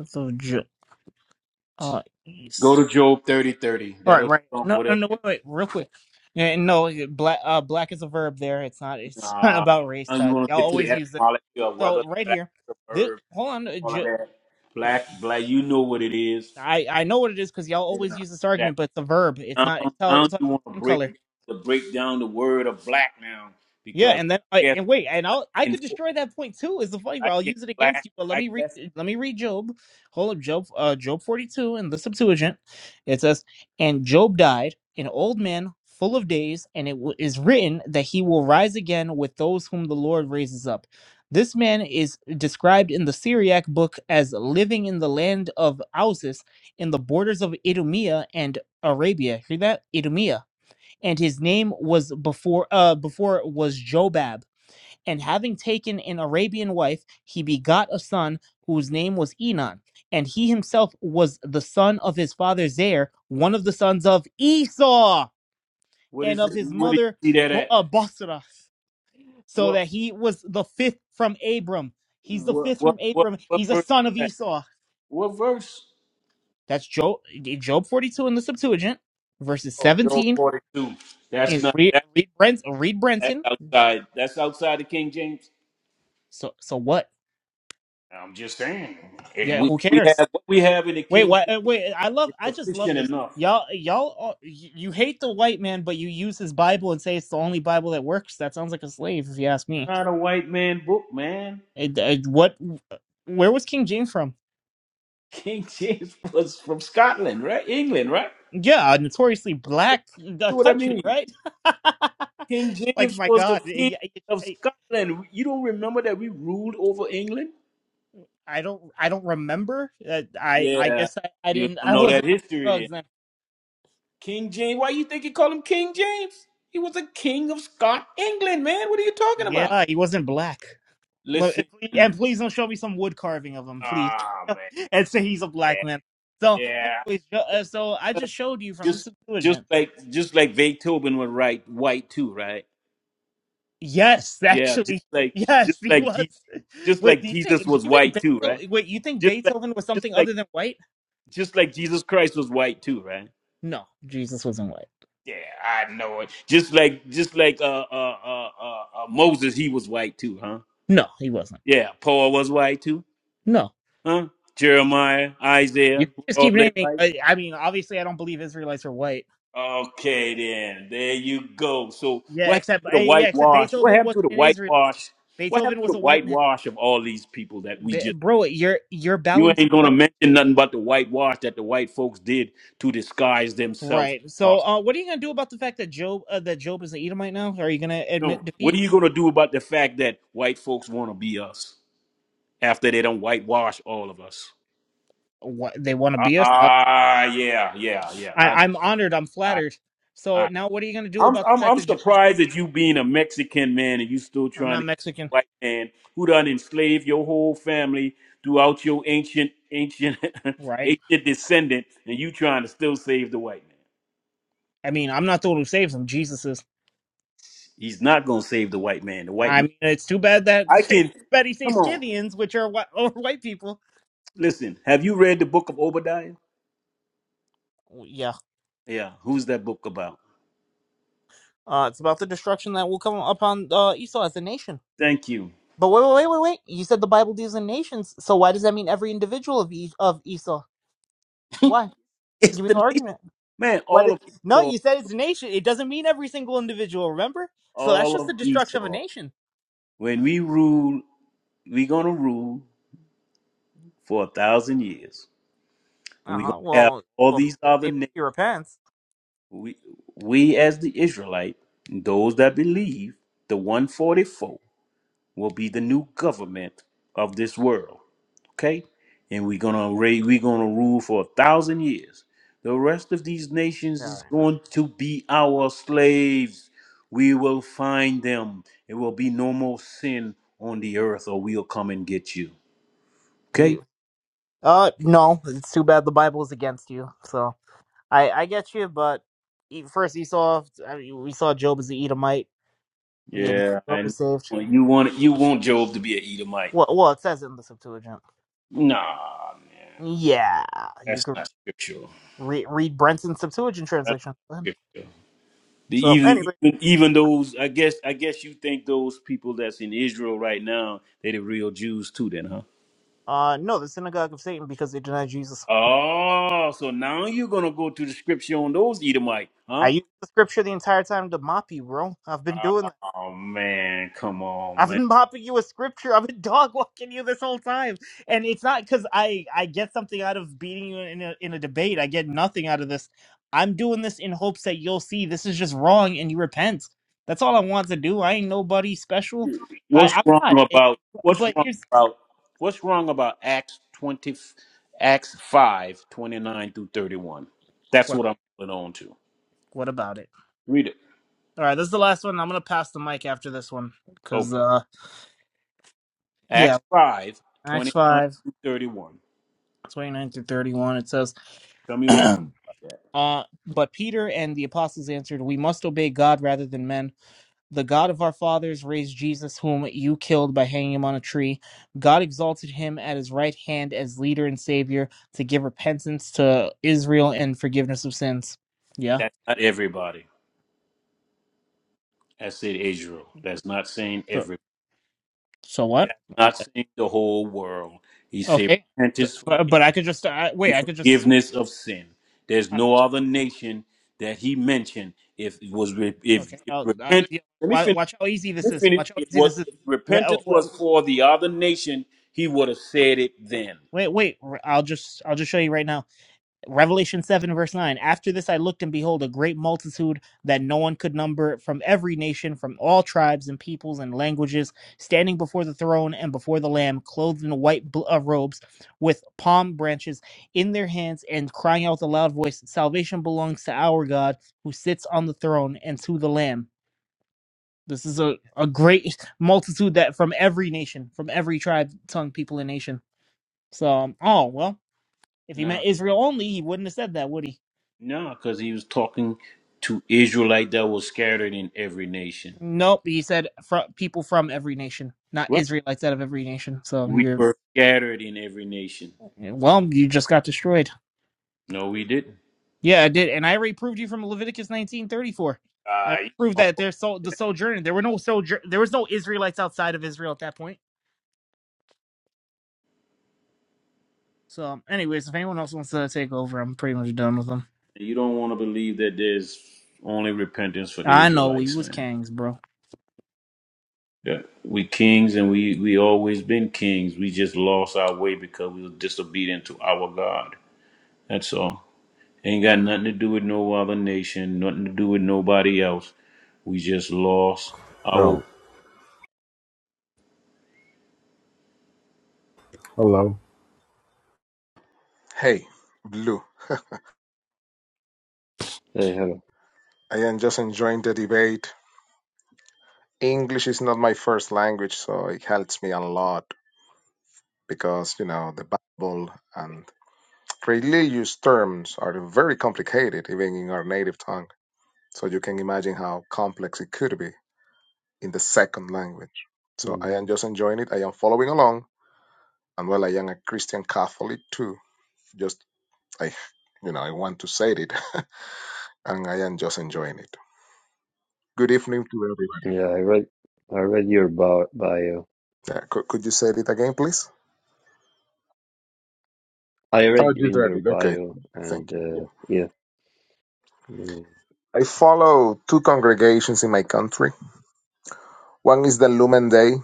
Speaker 10: So, Job, uh,
Speaker 13: Go
Speaker 10: yes.
Speaker 13: to Job thirty thirty.
Speaker 10: All right,
Speaker 13: That'll
Speaker 10: right.
Speaker 13: trump
Speaker 10: No, no,
Speaker 13: whatever.
Speaker 10: no, wait, wait, real quick. Yeah, no, black, uh, black is a verb there. It's not. It's not
Speaker 13: Nah.
Speaker 10: about race.
Speaker 13: Now you
Speaker 10: Todd.
Speaker 13: want
Speaker 10: I'll
Speaker 13: to get to the
Speaker 10: always use this.
Speaker 13: etymology of whether
Speaker 10: So,
Speaker 13: the
Speaker 10: right
Speaker 13: black
Speaker 10: here.
Speaker 13: the
Speaker 10: This,
Speaker 13: verb,
Speaker 10: hold on. uh,
Speaker 13: all of
Speaker 10: Jo-
Speaker 13: that. Black, black, you know what it is.
Speaker 10: I I know what it is because y'all
Speaker 13: Yeah.
Speaker 10: always use this
Speaker 13: That
Speaker 10: argument, but it's a verb. It's
Speaker 13: now,
Speaker 10: not. It's, all,
Speaker 13: now
Speaker 10: it's like
Speaker 13: you want to
Speaker 10: skin
Speaker 13: break
Speaker 10: color.
Speaker 13: to break down the word of black now
Speaker 10: Yeah,
Speaker 13: because
Speaker 10: and then
Speaker 13: I
Speaker 10: I
Speaker 13: guess
Speaker 10: and wait, and
Speaker 13: black
Speaker 10: I'll I
Speaker 13: and
Speaker 10: could destroy that point too. Is the funny
Speaker 13: I
Speaker 10: part? I'll
Speaker 13: guess
Speaker 10: use it against
Speaker 13: black.
Speaker 10: you. But let
Speaker 13: I
Speaker 10: me read.
Speaker 13: guess
Speaker 10: Let me read Job. Hold up, Job. Uh, Job forty two in the Septuagint. It says, "And Job died, an old man, full of days, and it w- is written that he will rise again with those whom the Lord raises up." This man is described in the Syriac book as living in the land of Ausis, in the borders of Idumea and Arabia. Hear that? Idumea and his name was before uh before it was Jobab. And having taken an Arabian wife, he begot a son whose name was Enon. And he himself was the son of his father Zair, one of the sons of Esau,
Speaker 13: what
Speaker 10: and
Speaker 13: is
Speaker 10: of
Speaker 13: it?
Speaker 10: his
Speaker 13: What do you
Speaker 10: mother
Speaker 13: see that
Speaker 10: Bo-
Speaker 13: at?
Speaker 10: uh, Bosra. So
Speaker 13: What
Speaker 10: that he was the fifth from Abram. He's the
Speaker 13: what
Speaker 10: fifth
Speaker 13: what
Speaker 10: from
Speaker 13: what
Speaker 10: Abram.
Speaker 13: what
Speaker 10: He's a
Speaker 13: verse?
Speaker 10: son of
Speaker 13: is that?
Speaker 10: Esau.
Speaker 13: What verse?
Speaker 10: That's Job, Job 42 in the Septuagint, verses
Speaker 13: Oh, Job
Speaker 10: 17.
Speaker 13: 42. That's
Speaker 10: And
Speaker 13: not
Speaker 10: read,
Speaker 13: that,
Speaker 10: read, Brent, read
Speaker 13: that's
Speaker 10: Brenton.
Speaker 13: outside. That's outside the King James.
Speaker 10: So, so what?
Speaker 13: I'm just saying. It-
Speaker 10: Yeah,
Speaker 13: we,
Speaker 10: who
Speaker 13: we
Speaker 10: cares?
Speaker 13: have what we have in the
Speaker 10: Wait,
Speaker 13: King
Speaker 10: what?
Speaker 13: James
Speaker 10: uh, Wait, I love.
Speaker 13: is
Speaker 10: I just love
Speaker 13: sufficient
Speaker 10: this.
Speaker 13: enough.
Speaker 10: Y'all, y'all, uh, y- you hate the white man, but you use his Bible and say it's the only Bible that works. That sounds like a slave, if you ask me.
Speaker 13: Not a white man book, man.
Speaker 10: It, it- what? Where was King James from?
Speaker 13: King James was from Scotland, right? England, right?
Speaker 10: Yeah, a notoriously
Speaker 13: Yeah,
Speaker 10: black uh,
Speaker 13: See what I
Speaker 10: country,
Speaker 13: mean?
Speaker 10: right?
Speaker 13: King
Speaker 10: like
Speaker 13: James
Speaker 10: my
Speaker 13: was the
Speaker 10: God,
Speaker 13: king
Speaker 10: I,
Speaker 13: of
Speaker 10: I
Speaker 13: Scotland. You don't remember that we ruled over England?
Speaker 10: I don't, I don't remember. Uh, I, I
Speaker 13: Yeah.
Speaker 10: guess I, I
Speaker 13: You
Speaker 10: didn't.
Speaker 13: don't
Speaker 10: I
Speaker 13: know that
Speaker 10: wasn't on
Speaker 13: history
Speaker 10: drugs then.
Speaker 13: King James. Why you think he called him King James? He was a king of Scott England, man. What are you talking about?
Speaker 10: Yeah, he wasn't black. Let-
Speaker 13: Listen,
Speaker 10: and please and please don't show me some wood carving of him, please,
Speaker 13: ah man,
Speaker 10: and say he's a black man.
Speaker 13: yeah,
Speaker 10: So,
Speaker 13: yeah.
Speaker 10: anyways, jo- uh, so I just showed you from the
Speaker 13: Just just
Speaker 10: Septuagint.
Speaker 13: like just like Beethoven was right, white too, right?
Speaker 10: Yes,
Speaker 13: Yeah, just
Speaker 10: actually,
Speaker 13: like
Speaker 10: yes,
Speaker 13: just
Speaker 10: he
Speaker 13: like
Speaker 10: was.
Speaker 13: Jesus, just
Speaker 10: Wait,
Speaker 13: like
Speaker 10: do you
Speaker 13: Jesus
Speaker 10: think? Do
Speaker 13: was
Speaker 10: you think
Speaker 13: white too, right?
Speaker 10: Beethoven? Wait, you think
Speaker 13: Just like
Speaker 10: Beethoven was
Speaker 13: just
Speaker 10: something
Speaker 13: like
Speaker 10: other than white?
Speaker 13: just like Jesus Christ was white too, right?
Speaker 10: No, Jesus wasn't white.
Speaker 13: Yeah, I know it. Just like just like uh uh uh uh, uh Moses, he was white too, huh?
Speaker 10: No, he wasn't.
Speaker 13: Yeah, Paul was white too.
Speaker 10: No,
Speaker 13: Huh? Jeremiah,
Speaker 10: you
Speaker 13: Isaiah,
Speaker 10: can just
Speaker 13: all
Speaker 10: keep
Speaker 13: they
Speaker 10: naming.
Speaker 13: right?
Speaker 10: I, I mean, obviously, I don't believe Israelites are white.
Speaker 13: Okay, then. There you go. So, what
Speaker 10: Yeah,
Speaker 13: happened
Speaker 10: except
Speaker 13: to
Speaker 10: uh,
Speaker 13: the
Speaker 10: yeah, except
Speaker 13: whitewash? What
Speaker 10: Beethoven
Speaker 13: happened to
Speaker 10: wasn't
Speaker 13: the
Speaker 10: an Israelite.
Speaker 13: whitewash? What
Speaker 10: Beethoven
Speaker 13: happened to
Speaker 10: was
Speaker 13: the
Speaker 10: a white man.
Speaker 13: whitewash of all these people that we
Speaker 10: Be-
Speaker 13: just.
Speaker 10: bro, you're you're
Speaker 13: You
Speaker 10: bowing to
Speaker 13: ain't
Speaker 10: the
Speaker 13: going to
Speaker 10: white.
Speaker 13: mention nothing about the whitewash that the white folks did to disguise themselves
Speaker 10: Right.
Speaker 13: as
Speaker 10: So,
Speaker 13: us.
Speaker 10: uh, what are you gonna do about the fact that Job uh, that Job is an Edomite now? Are you gonna
Speaker 13: No.
Speaker 10: admit
Speaker 13: What are
Speaker 10: defeat?
Speaker 13: you going to do about the fact that white folks want to be us after they don't whitewash all of us?
Speaker 10: What they want to be us? Uh,
Speaker 13: Ah, yeah, yeah, yeah. I,
Speaker 10: I, I'm honored. I'm
Speaker 13: I,
Speaker 10: flattered.
Speaker 13: I.
Speaker 10: So now, what are you gonna do
Speaker 13: I'm,
Speaker 10: about the
Speaker 13: I'm
Speaker 10: fact
Speaker 13: I'm
Speaker 10: that Job? You know,
Speaker 13: surprised at you being a Mexican man and you still
Speaker 10: I'm
Speaker 13: trying to
Speaker 10: not
Speaker 13: get a
Speaker 10: Mexican,
Speaker 13: white man who done enslaved your whole family throughout your ancient ancient
Speaker 10: right?
Speaker 13: ancient descendant and you trying to still save the white man.
Speaker 10: I mean, I'm not the one who saves him. Jesus is.
Speaker 13: He's not gonna save the white man. The white
Speaker 10: I
Speaker 13: man
Speaker 10: mean, it's too bad that
Speaker 13: I
Speaker 10: it's too
Speaker 13: can
Speaker 10: bad he
Speaker 13: come
Speaker 10: saves
Speaker 13: on.
Speaker 10: Scythians, which are white, or white people.
Speaker 13: Listen, have you read the book of Obadiah?
Speaker 10: Oh, Yeah.
Speaker 13: Yeah, who's that book about?
Speaker 10: Uh, it's about the destruction that will come upon uh, Esau as a nation.
Speaker 13: Thank you.
Speaker 10: But wait, wait, wait, wait, wait. You said the Bible deals in nations, so why does that mean every individual of e- of Esau? Why?
Speaker 13: It's
Speaker 10: Give me
Speaker 13: the
Speaker 10: the
Speaker 13: nation
Speaker 10: argument.
Speaker 13: man,
Speaker 10: What?
Speaker 13: all
Speaker 10: It,
Speaker 13: of
Speaker 10: no,
Speaker 13: Esau,
Speaker 10: you said it's a nation. It doesn't mean every single individual. Remember? So that's
Speaker 13: all
Speaker 10: just
Speaker 13: of
Speaker 10: the destruction of a
Speaker 13: Esau.
Speaker 10: nation.
Speaker 13: When we rule, we gonna rule for a thousand years. and
Speaker 10: Uh
Speaker 13: we're going
Speaker 10: huh.
Speaker 13: to have
Speaker 10: Well,
Speaker 13: all
Speaker 10: well,
Speaker 13: these other
Speaker 10: maybe
Speaker 13: nations.
Speaker 10: he repents.
Speaker 13: We, we as the Israelite, those that believe, the 144 will be the new government of this world. Okay, and we're gonna raise, we're gonna rule for a thousand years. The rest of these nations
Speaker 10: Yeah. all
Speaker 13: is
Speaker 10: right.
Speaker 13: going to be our slaves. We will find them. It will be no more sin on the earth, or we'll come and get you. Okay.
Speaker 10: We. Uh, no. It's too bad the Bible is against you. So I, I get you, but e- first Esau. I mean, we saw Job as the Edomite. He had
Speaker 13: Yeah,
Speaker 10: Job
Speaker 13: and
Speaker 10: was saved.
Speaker 13: you want you want Job to be an Edomite.
Speaker 10: Well, well, it says it in the Septuagint.
Speaker 13: Nah, man,
Speaker 10: Yeah, you
Speaker 13: that's
Speaker 10: could
Speaker 13: not scriptural.
Speaker 10: re- read Brenton's Septuagint
Speaker 13: That's not
Speaker 10: translation.
Speaker 13: scriptural. The
Speaker 10: So
Speaker 13: even
Speaker 10: anyway,
Speaker 13: even even those I guess I guess you think those people that's in Israel right now they the real Jews too then, huh?
Speaker 10: uh, no, the synagogue of Satan because they denied Jesus.
Speaker 13: Oh, so now you're gonna go to the scripture on those Edomite,
Speaker 10: I
Speaker 13: huh?
Speaker 10: use the scripture the entire time to mop you, bro. I've been doing that.
Speaker 13: Oh man, come on,
Speaker 10: I've
Speaker 13: man.
Speaker 10: been mopping you with scripture. I've been dog walking you this whole time, and it's not because I I get something out of beating you in a in a debate. I get nothing out of this. I'm doing this in hopes that you'll see this is just wrong and you repent. That's all I want to do. I ain't nobody special. I
Speaker 13: What's
Speaker 10: I'm
Speaker 13: wrong
Speaker 10: not. It,
Speaker 13: about what's
Speaker 10: but
Speaker 13: wrong
Speaker 10: here's
Speaker 13: about what's wrong about Acts twenty Acts five twenty nine through thirty one? That's
Speaker 10: what
Speaker 13: what I'm putting on to.
Speaker 10: what about it?
Speaker 13: Read it.
Speaker 10: All right, this is the last one. I'm gonna pass the mic after this one
Speaker 13: Okay.
Speaker 10: because uh
Speaker 13: Acts
Speaker 10: yeah,
Speaker 13: 5
Speaker 10: Acts
Speaker 13: 29
Speaker 10: five
Speaker 13: through 31.
Speaker 10: twenty nine through 31, it says,
Speaker 13: Tell me what's wrong about that.
Speaker 10: Uh, but Peter and the apostles answered, We must obey God rather than men. The God of our fathers raised Jesus, whom you killed by hanging him on a tree. God exalted him at his right hand as leader and savior to give repentance to Israel and forgiveness of sins. Yeah.
Speaker 13: That's not everybody. That's in Israel. That's not saying
Speaker 10: So,
Speaker 13: every.
Speaker 10: so what? I,
Speaker 13: Not saying the whole world. He said
Speaker 10: okay. So-
Speaker 13: repentance
Speaker 10: But, but I could just, I, wait,
Speaker 13: and
Speaker 10: I could just,
Speaker 13: forgiveness of sin. There's
Speaker 10: I,
Speaker 13: no other nation that he mentioned. If it was re- if,
Speaker 10: okay.
Speaker 13: if
Speaker 10: I'll, I,
Speaker 13: repent,
Speaker 10: yeah,
Speaker 13: let me
Speaker 10: wa-
Speaker 13: finish.
Speaker 10: watch how easy this
Speaker 13: Let me
Speaker 10: is.
Speaker 13: finish.
Speaker 10: Watch how
Speaker 13: If
Speaker 10: easy
Speaker 13: what
Speaker 10: this is.
Speaker 13: if
Speaker 10: Re-
Speaker 13: repentance
Speaker 10: oh,
Speaker 13: was for the other nation, he would have said it then.
Speaker 10: Wait, wait, wait. I'll just, I'll just show you right now Revelation 7, verse 9. After this, I looked and behold a great multitude that no one could number from every nation, from all tribes and peoples and languages, standing before the throne and before the Lamb, clothed in white bl- uh, robes with palm branches in their hands, and crying out with a loud voice, Salvation belongs to our God who sits on the throne and to the Lamb. This is a, a great multitude that from every nation, from every tribe, tongue, people, and nation. So, um, oh, well, if he meant Israel only, he wouldn't have said that, would he?
Speaker 13: No, because he was talking to Israelite that was scattered in every nation.
Speaker 10: Nope, he said fr people from every nation, not
Speaker 13: Right.
Speaker 10: Israelites out of every nation. So
Speaker 13: We
Speaker 10: you're
Speaker 13: were scattered in every nation.
Speaker 10: well, you just got destroyed.
Speaker 13: No, we didn't.
Speaker 10: Yeah, I did, and I already proved you from Leviticus nineteen thirty four. I
Speaker 13: Uh,
Speaker 10: already
Speaker 13: you
Speaker 10: proved
Speaker 13: don't
Speaker 10: that there's so the sojourner. There were no sojour. There was no Israelites outside of Israel at that point. So, anyways, if anyone else wants to take over, I'm pretty much done with them.
Speaker 13: you don't want to believe that there's only repentance for the
Speaker 10: I know we
Speaker 13: Israelites,
Speaker 10: was
Speaker 13: man.
Speaker 10: kings, bro.
Speaker 13: Yeah. We kings and we we always been kings. We just lost our way because we were disobedient to our God. That's all. Ain't got nothing to do with no other nation, nothing to do with nobody else. We just lost our way
Speaker 15: Oh, hello.
Speaker 16: Hey, Blue.
Speaker 1: Hey, hello.
Speaker 16: I am just enjoying the debate. English is not my first language, so it helps me a lot because, you know, the Bible and religious terms are very complicated, even in our native tongue. So you can imagine how complex it could be in the second language. So I am
Speaker 1: Mm,
Speaker 16: just enjoying it. I am following along. And well, I am a Christian Catholic too. Just, I, you know, I want to say it, and I am just enjoying it. Good evening to everybody.
Speaker 1: Yeah, I read I read your bio, bio.
Speaker 16: Yeah, could, could you say it again, please?
Speaker 1: I
Speaker 16: Oh,
Speaker 1: read
Speaker 16: just
Speaker 1: in your
Speaker 16: added. Okay.
Speaker 1: bio and
Speaker 16: Thank you.
Speaker 1: uh,
Speaker 16: Yeah.
Speaker 1: yeah.
Speaker 16: I follow two congregations in my country. One is the Lumen Day.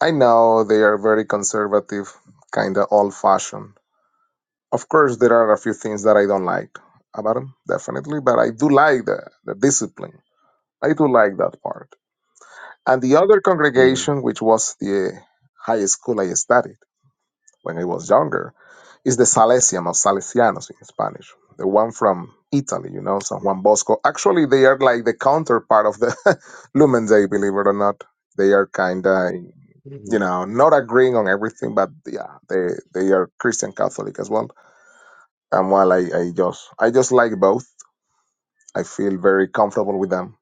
Speaker 16: I know they are very conservative, kind of old fashioned. Of course, there are a few things that I don't like about them, definitely, but I do like the, the discipline. I do like that part. And the other
Speaker 1: yeah.
Speaker 16: congregation, which was the high school I studied, when I was younger, is the Salesian or Salesianos in Spanish, the one from Italy, you know, San Juan Bosco. Actually, they are like the counterpart of the Lumen Day, believe it or not. They are kind of, you
Speaker 1: Mhm.
Speaker 16: know, not agreeing on everything, but yeah, they they are Christian Catholic as well. And while I, I just I just like both, I feel very comfortable with them,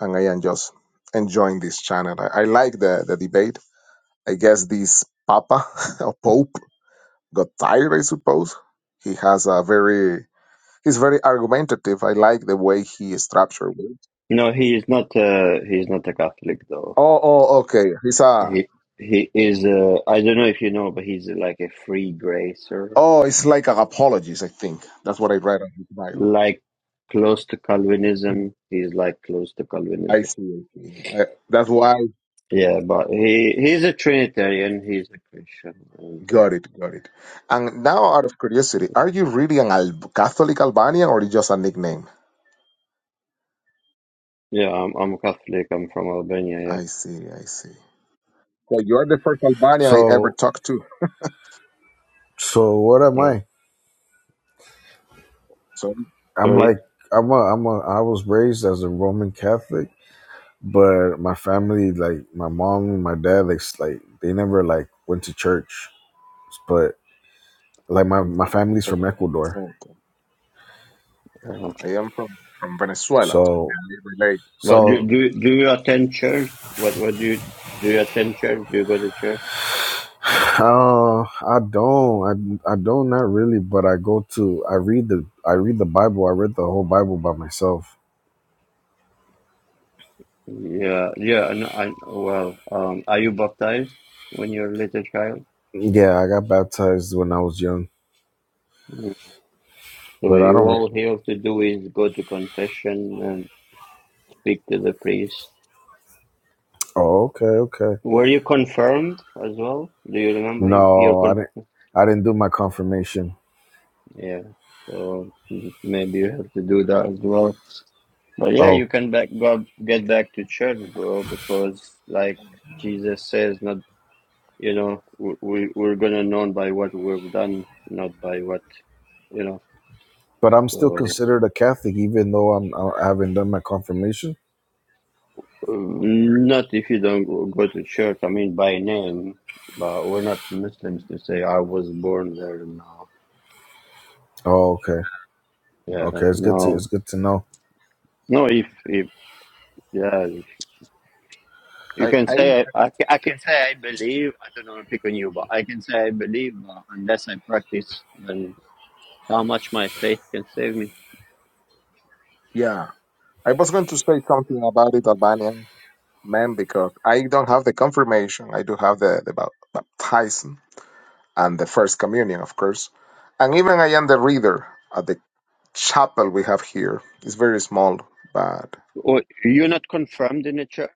Speaker 16: and I am just enjoying this channel. I, I like the the debate. I guess this Papa or Pope got tired, I suppose. He has a very he's very argumentative. I like the way he structured it.
Speaker 1: No, he is not. Uh, he is not a Catholic, though.
Speaker 16: Oh, oh, okay. He's a
Speaker 1: He he is. Uh, I don't know if you know, but he's like a free gracer,
Speaker 16: oh, it's like an apologist. I think that's what I read on his bio.
Speaker 1: like close to
Speaker 16: Hmm.
Speaker 1: Calvinism. He's like close to
Speaker 16: I
Speaker 1: Calvinism.
Speaker 16: see. I see. I, that's why
Speaker 1: Yeah, but he he's a Trinitarian. He's a Christian, and
Speaker 16: got
Speaker 1: uh,
Speaker 16: it, got it. And now, out of curiosity, are you really an Al- Catholic Albanian or is just a nickname?
Speaker 1: yeah, I'm I'm Catholic. I'm from Albania. Yeah,
Speaker 16: I see. I see. So you are the first Albanian I ever
Speaker 15: So,
Speaker 16: talked to.
Speaker 15: so what am
Speaker 1: yeah.
Speaker 15: I?
Speaker 16: So
Speaker 15: I'm
Speaker 1: sorry.
Speaker 15: like, I'm a, I'm a, I was raised as a Roman Catholic, but my family, like my mom and my dad, like, s- like they never like went to church. But like my my family's from
Speaker 16: okay.
Speaker 15: Ecuador,
Speaker 16: okay.
Speaker 1: Uh,
Speaker 16: I am from from Venezuela. So,
Speaker 15: so
Speaker 16: I relate.
Speaker 1: but do
Speaker 15: so
Speaker 1: do do you attend church? What what do you do? You attend church? Do you go to church?
Speaker 15: uh, I don't, I I don't not really, but I go to, I read the, I read the Bible. I read the whole Bible by myself.
Speaker 1: Yeah, yeah, and I well, um, are you baptized when you're a little child?
Speaker 15: Yeah, I got baptized when I was young,
Speaker 1: Mm. So
Speaker 15: but I
Speaker 1: you
Speaker 15: don't.
Speaker 1: all
Speaker 15: Re-
Speaker 1: you have to do is go to confession and speak to the priest.
Speaker 15: oh, okay, okay.
Speaker 1: Were you confirmed as well? Do you remember you- your
Speaker 15: No, I
Speaker 1: con?
Speaker 15: didn't. I didn't do my confirmation.
Speaker 1: Yeah, so mm, maybe you have to do that as well. But yeah,
Speaker 15: Oh,
Speaker 1: you can back go get back to church, bro, because like Jesus says, not you know, we we- we're gonna known by what we've done, not by what you know.
Speaker 15: but I'm still
Speaker 1: So.
Speaker 15: considered a Catholic, even though I'm I haven't done my confirmation.
Speaker 1: Uh, Not if you don't go go to church. I mean, by name, but we're not Muslims to say I was born there. No,
Speaker 15: Oh, okay,
Speaker 1: yeah,
Speaker 15: okay. It's good to
Speaker 1: no,
Speaker 15: it's good to know.
Speaker 1: no. If if yeah, if you
Speaker 16: I,
Speaker 1: can
Speaker 16: I
Speaker 1: say I, I ca- I can say I believe. I don't know to pick on you, but I can say I believe. But unless I practice, then how much my faith can save me?
Speaker 16: Yeah, I was going to say something about it, Albanian man, because I don't have the confirmation. I do have the, the bap- baptism and the first communion, of course. And even I am the reader at the chapel we have here. It's very small, but
Speaker 1: Or you're not confirmed in the church?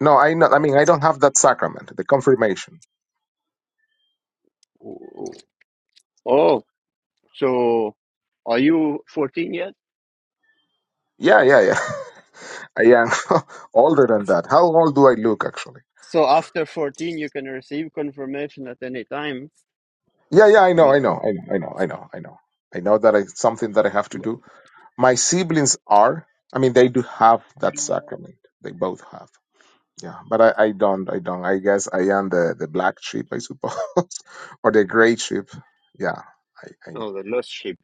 Speaker 16: no, I not. I mean, I don't have that sacrament, the confirmation.
Speaker 1: What? Oh, so are you 14 yet?
Speaker 16: Yeah, yeah, yeah. I am older than that. How old do I look, actually?
Speaker 1: So after 14, you can receive confirmation at any time.
Speaker 16: Yeah, yeah, I know, I
Speaker 1: But,
Speaker 16: know, I know, I know, I know, I know. I know that it's something that I have to
Speaker 1: but
Speaker 16: do My siblings are. I mean, they do have that sacrament. They both have. Yeah, but I, I don't. I don't. I guess I am the, the black sheep, I suppose, or the gray sheep. Yeah. I, I
Speaker 1: no, the lost sheep.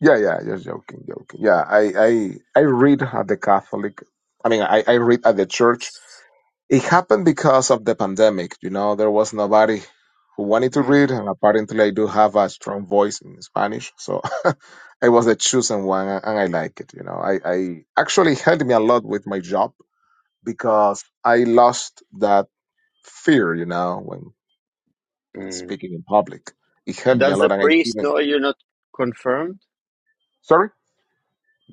Speaker 16: yeah yeah. Just joking, joking. Yeah. I I I read at the Catholic. I mean, I I read at the church, it happened because of the pandemic. You know, there was nobody who wanted to read,
Speaker 1: Mm.
Speaker 16: and apparently I do have a strong voice in Spanish, so I was the chosen one, and I like it. You know, I, I actually helped me a lot with my job because I lost that fear. You know, when
Speaker 1: Mm.
Speaker 16: speaking in public, it helped me a
Speaker 1: Does the
Speaker 16: lot, and I
Speaker 1: priest
Speaker 16: even
Speaker 1: know you're not confirmed?
Speaker 16: sorry,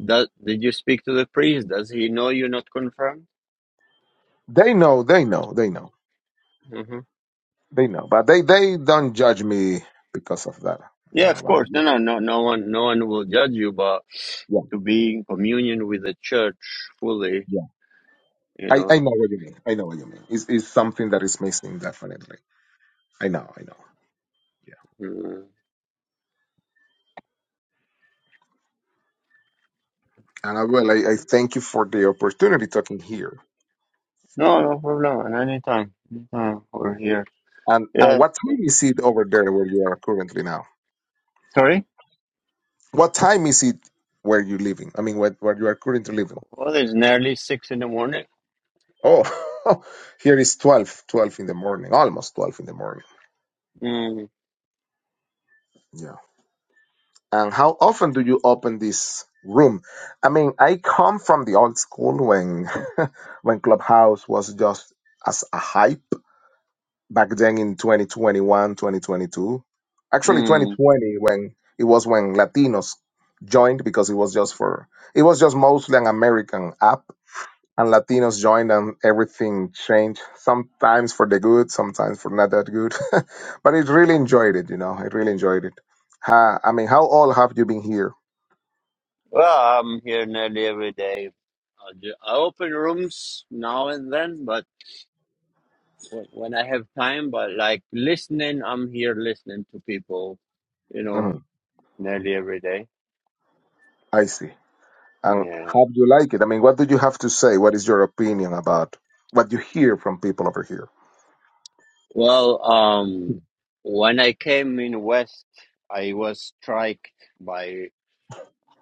Speaker 1: Does, did you speak to the priest? Does he know you're not confirmed?
Speaker 16: they know, they know, they know,
Speaker 1: hmm
Speaker 16: they know, but they they don't judge me because of that. You
Speaker 1: Yeah,
Speaker 16: know,
Speaker 1: of
Speaker 16: but
Speaker 1: course.
Speaker 16: yeah,
Speaker 1: No, no, no, no one, no one will judge you. But
Speaker 16: yeah.
Speaker 1: to be in communion with the church fully, you
Speaker 16: I, I
Speaker 1: know.
Speaker 16: know what you mean. I know what you mean. It's, it's something that is missing, definitely. I know, I know. Yeah.
Speaker 1: Mm.
Speaker 16: And I will, I, I thank you for the opportunity talking here.
Speaker 1: No, no problem. At any time, anytime Mm-hmm. we're here.
Speaker 16: And and
Speaker 1: Yeah.
Speaker 16: what time is it over there where you are currently now?
Speaker 1: Sorry.
Speaker 16: What time is it where you living? I mean, where, where you are currently living?
Speaker 1: Well, it's nearly six in the morning.
Speaker 16: Oh, here is 12, 12 in the morning, almost 12 in the morning.
Speaker 1: Mm.
Speaker 16: Yeah. And how often do you open this room? I mean, I come from the old school when when Clubhouse was just as a hype back then in 2021, 2022. Actually,
Speaker 1: Mm.
Speaker 16: 2020 when it was when Latinos joined because it was just for it was just mostly an American app and Latinos joined and everything changed. Sometimes for the good, sometimes for not that good. but I really enjoyed it, you know. I really enjoyed it. Ha, I mean, how old have you been here?
Speaker 1: Well, I'm here nearly every day. I, do, I open rooms now and then, but w- when I have time, but like listening, I'm here listening to people, you know,
Speaker 16: Mhm,
Speaker 1: nearly every day.
Speaker 16: I see. And
Speaker 1: Yeah.
Speaker 16: how do you like it? I mean, what do you have to say? What is your opinion about what you hear from people over here?
Speaker 1: Well, um, when I came in West, I was struck by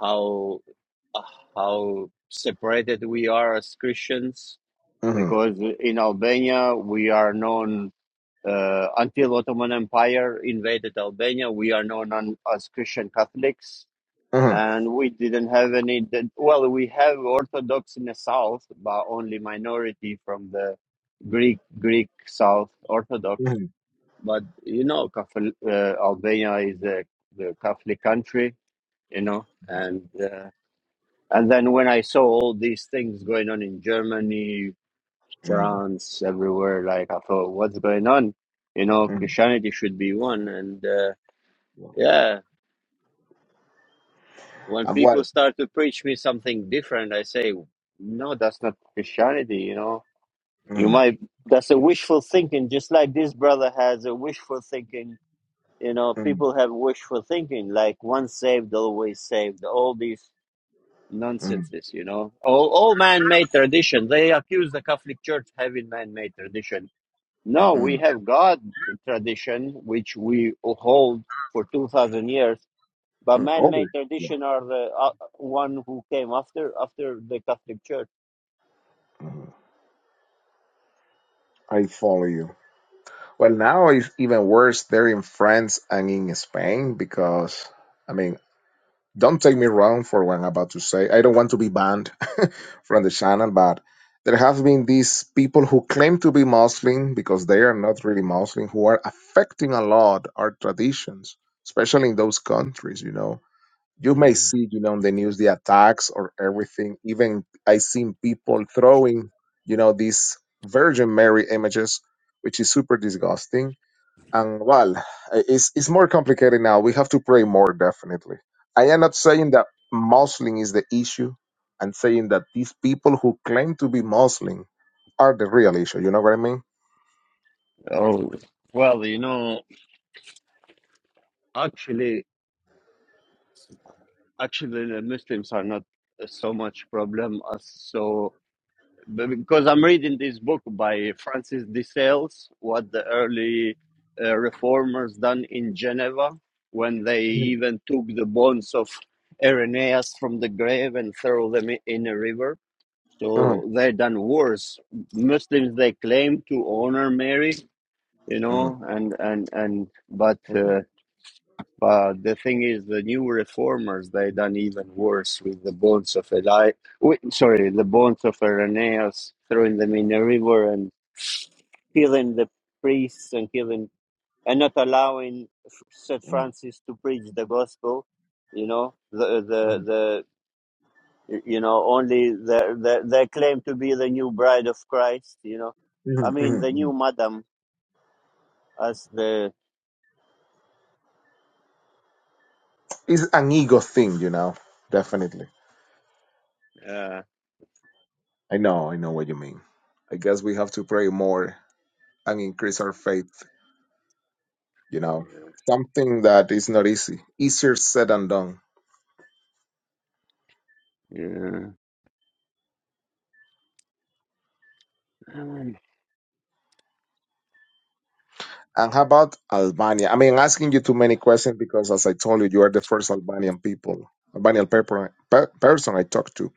Speaker 1: how how separated we are as Christians
Speaker 16: hmm
Speaker 1: because in Albania we are known. Uh, until Ottoman Empire invaded Albania, we are known as Christian Catholics,
Speaker 16: hmm
Speaker 1: and we didn't have any. Well, we have Orthodox in the south, but only minority from the Greek Greek South Orthodox. But you know, Catholic, uh, Albania is a, the Catholic country, you know, and uh, and then when I saw all these things going on in Germany,
Speaker 16: hmm
Speaker 1: France, everywhere. Like I thought, what's going on? You know,
Speaker 16: Mm.
Speaker 1: Christianity should be one. And uh,
Speaker 16: Yeah.
Speaker 1: yeah, when
Speaker 16: I've watched.
Speaker 1: people start to preach me something different, I say, no, that's not Christianity. You know, you
Speaker 16: Mm,
Speaker 1: might that's a wishful thinking, just like this brother has a wishful thinking. You know,
Speaker 16: mm,
Speaker 1: people have wishful thinking, like once saved, always saved. All these
Speaker 16: mm,
Speaker 1: nonsenses, you know, all all man-made tradition. They accuse the Catholic Church having man-made tradition No,
Speaker 16: mm,
Speaker 1: we have God tradition, which we hold for 2,000 years, but
Speaker 16: mm. Okay.
Speaker 1: man-made
Speaker 16: Yeah.
Speaker 1: tradition are the uh, one who came after after the Catholic Church.
Speaker 16: mhm. I follow you. Well, now it's even worse. They're in France and in Spain because, I mean, don't take me wrong for what I'm about to say. I don't want to be banned from the channel, but there have been these people who claim to be Muslim because they are not really Muslim, who are affecting a lot our traditions, especially in those countries, you know you may
Speaker 1: Mm.
Speaker 16: see, you know, on the news the attacks or everything. Even I seen people throwing, you know, these Virgin Mary images, which is super disgusting. And well, it's it's more complicated now. We have to pray more, definitely. I am not saying that Muslim is the issue. I'm saying that these people who claim to be Muslim are the real issue. You know what I mean?
Speaker 1: Oh, well, you know, actually, actually, the Muslims are not so much problem as so. because I'm reading this book by Francis de Sales, what the early uh, reformers done in Geneva when they
Speaker 16: Mhm,
Speaker 1: even took the bones of Irenaeus from the grave and throw them in a river.
Speaker 16: mhm,
Speaker 1: So they done worse. Muslims they claim to honor Mary, you
Speaker 16: mhm,
Speaker 1: know, and and and but.
Speaker 16: mhm,
Speaker 1: uh, but the thing is, the new reformers they done even worse with the bones of Eli. Wait, sorry, the bones of Irenaeus, throwing them in a river and killing the priests and killing and not allowing F- Saint
Speaker 16: mhm,
Speaker 1: Francis to preach the gospel. You know the
Speaker 16: mhm,
Speaker 1: the the you know only the the they claim to be the new bride of Christ. You know, I
Speaker 16: mhm,
Speaker 1: mean the new
Speaker 16: mhm.
Speaker 1: madam as the
Speaker 16: It's an ego thing, you know, definitely.
Speaker 1: uh,
Speaker 16: I know, I know what you mean. I guess we have to pray more and increase our faith, you know.
Speaker 1: yeah
Speaker 16: Something that is not easy. Easier said than done.
Speaker 1: yeah
Speaker 16: And how about Albania? I mean, asking you too many questions because, as I told you, you are the first Albanian people, Albanian paper, per, person I talked to.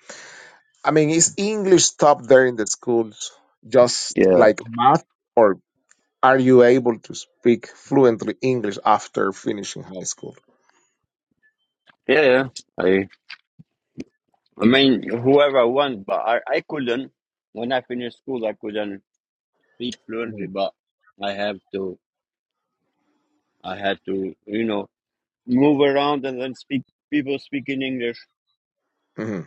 Speaker 16: I mean, is English top there in the schools just
Speaker 1: yeah.
Speaker 16: like math, or are you able to speak fluently English after finishing high school?
Speaker 1: yeah. I I mean, whoever wants, but I, I couldn't. When I finished school, I couldn't speak fluently,
Speaker 16: hmm
Speaker 1: but I have to, I had to, you know, move around and then speak, people speak in English,
Speaker 16: hmm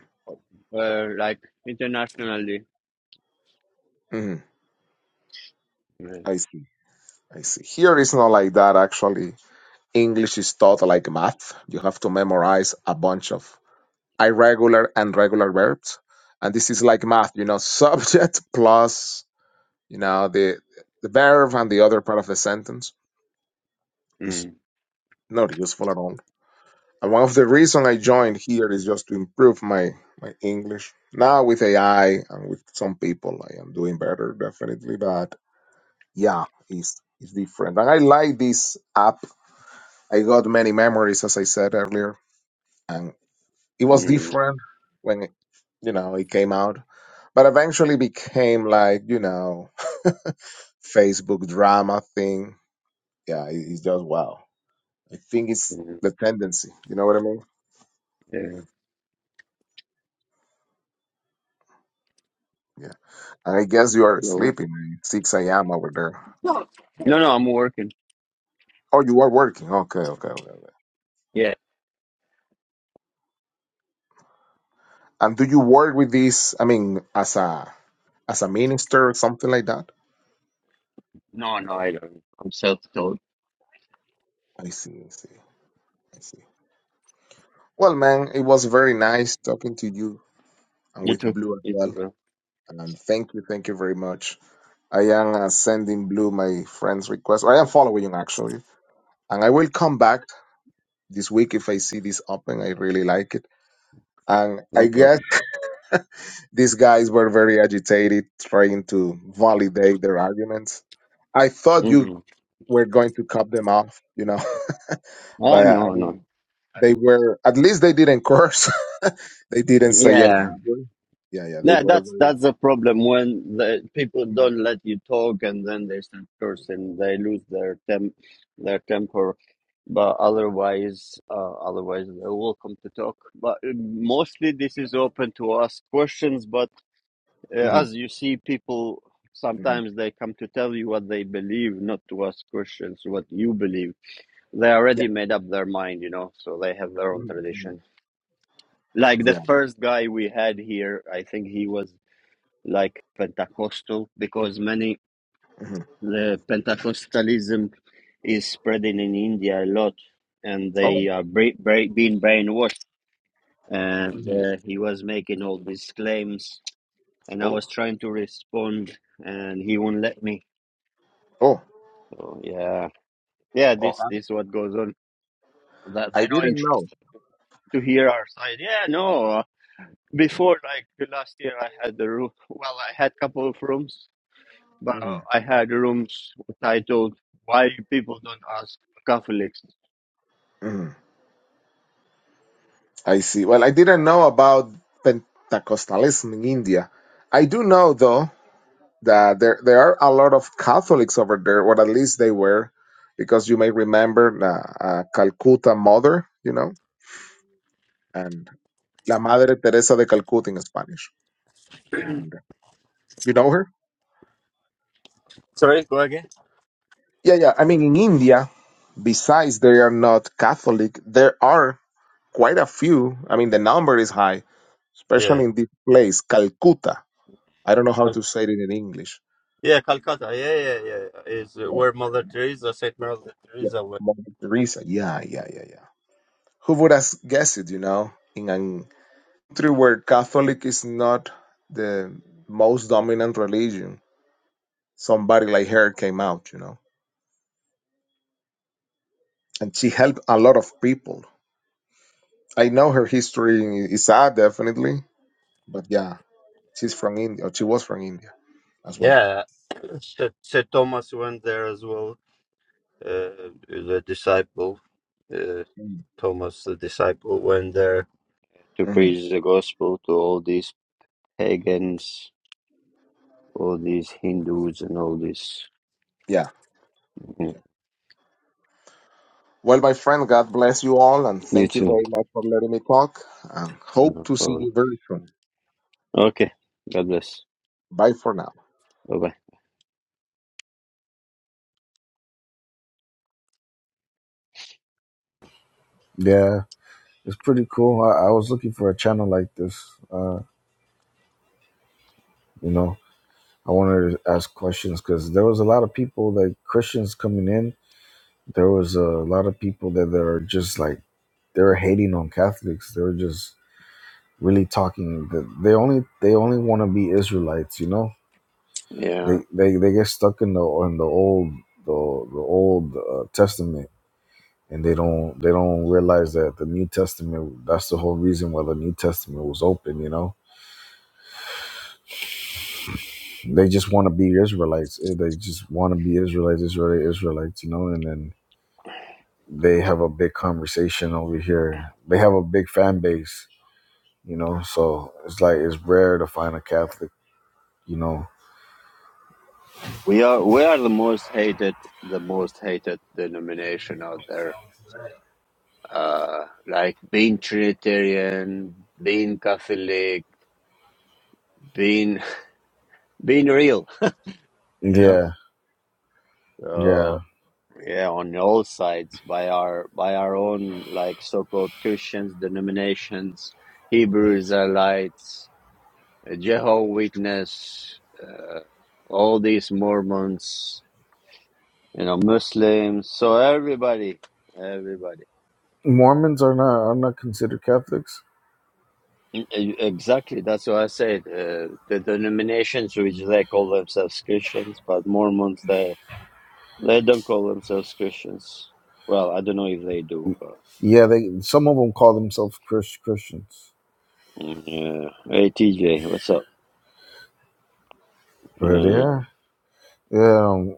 Speaker 1: uh, like internationally.
Speaker 16: hmm
Speaker 1: Yeah.
Speaker 16: I see. Here it's not like that actually. English is taught like math. You have to memorize a bunch of irregular and regular verbs. And this is like math, you know, subject plus, you know, the the verb and the other part of the sentence is
Speaker 1: Mm,
Speaker 16: not useful at all. And one of the reason I joined here is just to improve my my English. Now with AI and with some people I am doing better definitely, but yeah, it's it's different. And I like this app I got many memories, as I said earlier, and it was
Speaker 1: mm,
Speaker 16: different when it, you know it came out, but eventually became like you know Facebook drama thing. Yeah, it- it's just wow. I think it's
Speaker 1: mm,
Speaker 16: the tendency. You know what I mean?
Speaker 1: yeah.
Speaker 16: Yeah. And I guess you are
Speaker 1: No.
Speaker 16: sleeping, man. Six a.m. over there.
Speaker 1: no, no, I'm working.
Speaker 16: Oh, you are working. Okay, okay, okay. okay.
Speaker 1: Yeah.
Speaker 16: And do you work with this? I mean, as a as a minister or something like that?
Speaker 1: No, no, I don't. I'm self-taught.
Speaker 16: I see. I see. I see. Well, man, it was very nice talking to you and
Speaker 1: You
Speaker 16: with
Speaker 1: too.
Speaker 16: Blue as
Speaker 1: You too,
Speaker 16: well.
Speaker 1: bro.
Speaker 16: And thank you, thank you very much. I am uh, sending Blue my friend's request. I am following you actually, and I will come back this week if I see this open. I really like it, and I
Speaker 1: No
Speaker 16: guess
Speaker 1: problem.
Speaker 16: these guys were very agitated trying to validate their arguments. I thought you
Speaker 1: Mm.
Speaker 16: were going to cut them off, you know,
Speaker 1: Oh,
Speaker 16: but uh, I
Speaker 1: no, no.
Speaker 16: mean they were at least they didn't curse. they didn't say any
Speaker 1: Yeah.
Speaker 16: bad word. Yeah, yeah, they
Speaker 1: Yeah,
Speaker 16: were
Speaker 1: that's
Speaker 16: very.
Speaker 1: that's the problem when the people
Speaker 16: Mhm,
Speaker 1: don't let you talk and then they start cursing, they lose their tem their temper. But otherwise, uh, otherwise they're welcome to talk. But uh, mostly this is open to ask questions. But uh,
Speaker 16: mhm,
Speaker 1: as you see, people
Speaker 16: mhm.
Speaker 1: sometimes they come to tell you what they believe, not to ask questions what you believe. They already
Speaker 16: Yeah.
Speaker 1: made up their mind, you know, so they have their own
Speaker 16: Mhm, mhm.
Speaker 1: tradition. Like the
Speaker 16: Yeah.
Speaker 1: first guy we had here, I think he was like Pentecostal, because many
Speaker 16: hmm
Speaker 1: the Pentecostalism is spreading in India a lot, and
Speaker 16: Oh.
Speaker 1: they are bra- bra- being brainwashed. And
Speaker 16: hmm
Speaker 1: uh, he was making all these claims, and I
Speaker 16: Oh.
Speaker 1: was trying to respond, and he won't let me.
Speaker 16: Oh.
Speaker 1: So yeah, yeah,
Speaker 16: Oh.
Speaker 1: this this what goes on. That
Speaker 16: I I
Speaker 1: I know
Speaker 16: didn't know.
Speaker 1: interested to hear our side. Yeah, no. uh, Before, like last year, I had the room. Well, I had couple of rooms But
Speaker 16: hmm
Speaker 1: I had rooms titled "Why People Don't Ask Catholics."
Speaker 16: hmm I see. Well, I didn't know about Pentecostalism in India. I do know though that there there are a lot of Catholics over there, or at least they were, because you may remember uh, uh, Calcutta Mother, you know, and La Madre Teresa de Calcuta in Spanish. And you know her?
Speaker 1: Sorry, go again.
Speaker 16: Yeah, yeah. I mean, in India, besides they are not Catholic, there are quite a few. I mean, the number is high,
Speaker 1: Yeah.
Speaker 16: especially in this place, Calcutta. I don't know how
Speaker 1: Cal-
Speaker 16: to say it in English.
Speaker 1: Yeah, Calcutta. Yeah, yeah, yeah. Is
Speaker 16: Yeah,
Speaker 1: where Mother Teresa, Saint Mother
Speaker 16: yeah.
Speaker 1: Teresa went.
Speaker 16: Mother Teresa. Yeah, yeah, yeah, yeah. Who would have guessed it, you know, in a country where Catholic is not the most dominant religion, somebody like her came out, you know, and she helped a lot of people. I know her history is sad, definitely, but yeah, she's from India. Or she was from India as well.
Speaker 1: Yeah. Saint, Saint Thomas went there as well. Uh, the disciple, uh,
Speaker 16: Mm.
Speaker 1: Thomas the disciple, went there to
Speaker 16: Mhm.
Speaker 1: preach the gospel to all these pagans, all these Hindus, and all this.
Speaker 16: Yeah.
Speaker 1: Mm.
Speaker 16: Well, my friend, God bless you all, and
Speaker 1: You
Speaker 16: thank you
Speaker 1: too.
Speaker 16: very much for letting me talk. And hope
Speaker 1: No
Speaker 16: to see
Speaker 1: problem.
Speaker 16: you very soon.
Speaker 1: Okay. God bless.
Speaker 16: Bye for now.
Speaker 1: Okay.
Speaker 15: Yeah, it's pretty cool. I, I was looking for a channel like this. Uh, you know, I wanted to ask questions because there was a lot of people like Christians coming in. There was a lot of people that that are just like they were hating on Catholics. They were just really talking. They they only they only want to be Israelites. You know
Speaker 1: Yeah.
Speaker 15: They they they get stuck in the in the old the the old uh, testament, and they don't they don't realize that the New Testament. That's the whole reason why the New Testament was open. You know, they just want to be Israelites. Eh, They just want to be Israelites, Israeli Israelites. You know, and then they have a big conversation over here. They have a big fan base. You know, so it's like it's rare to find a Catholic. You know,
Speaker 1: We are we are the most hated the most hated denomination out there. Uh like being Trinitarian, being Catholic, being being real, you know.
Speaker 15: yeah, yeah.
Speaker 1: So yeah, on all sides by our by our own like so called Christians, denominations, Hebrew Israelites, Jehovah Witness, uh, all these Mormons you know, Muslims. So everybody, everybody.
Speaker 15: Mormons are not are not considered Catholics.
Speaker 1: E- e- Exactly. That's what I said. Uh, the denominations which they call themselves Christians, but Mormons, they they don't call themselves Christians. Well, I don't know if they do, but
Speaker 15: Yeah, they some of them call themselves Chris, Christians,
Speaker 1: mm, yeah. Hey, TJ, what's up?
Speaker 15: but
Speaker 1: Yeah.
Speaker 15: yeah, yeah, um,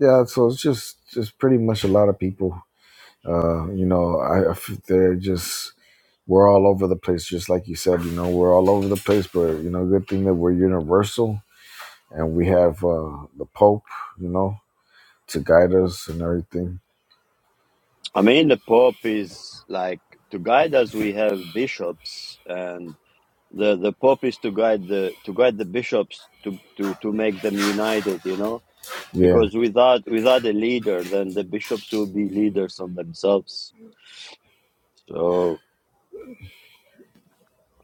Speaker 15: yeah. So it's just just pretty much a lot of people. Uh, you know, I, I f- they're just we're all over the place, just like you said. You know, we're all over the place, but you know, good thing that we're universal and we have uh, the Pope, you know, to guide us and everything.
Speaker 1: I mean, the Pope is like to guide us. We have bishops, and the the Pope is to guide the to guide the bishops to to to make them united. You know
Speaker 15: Yeah.
Speaker 1: Because without without a leader, then the bishops will be leaders on themselves. So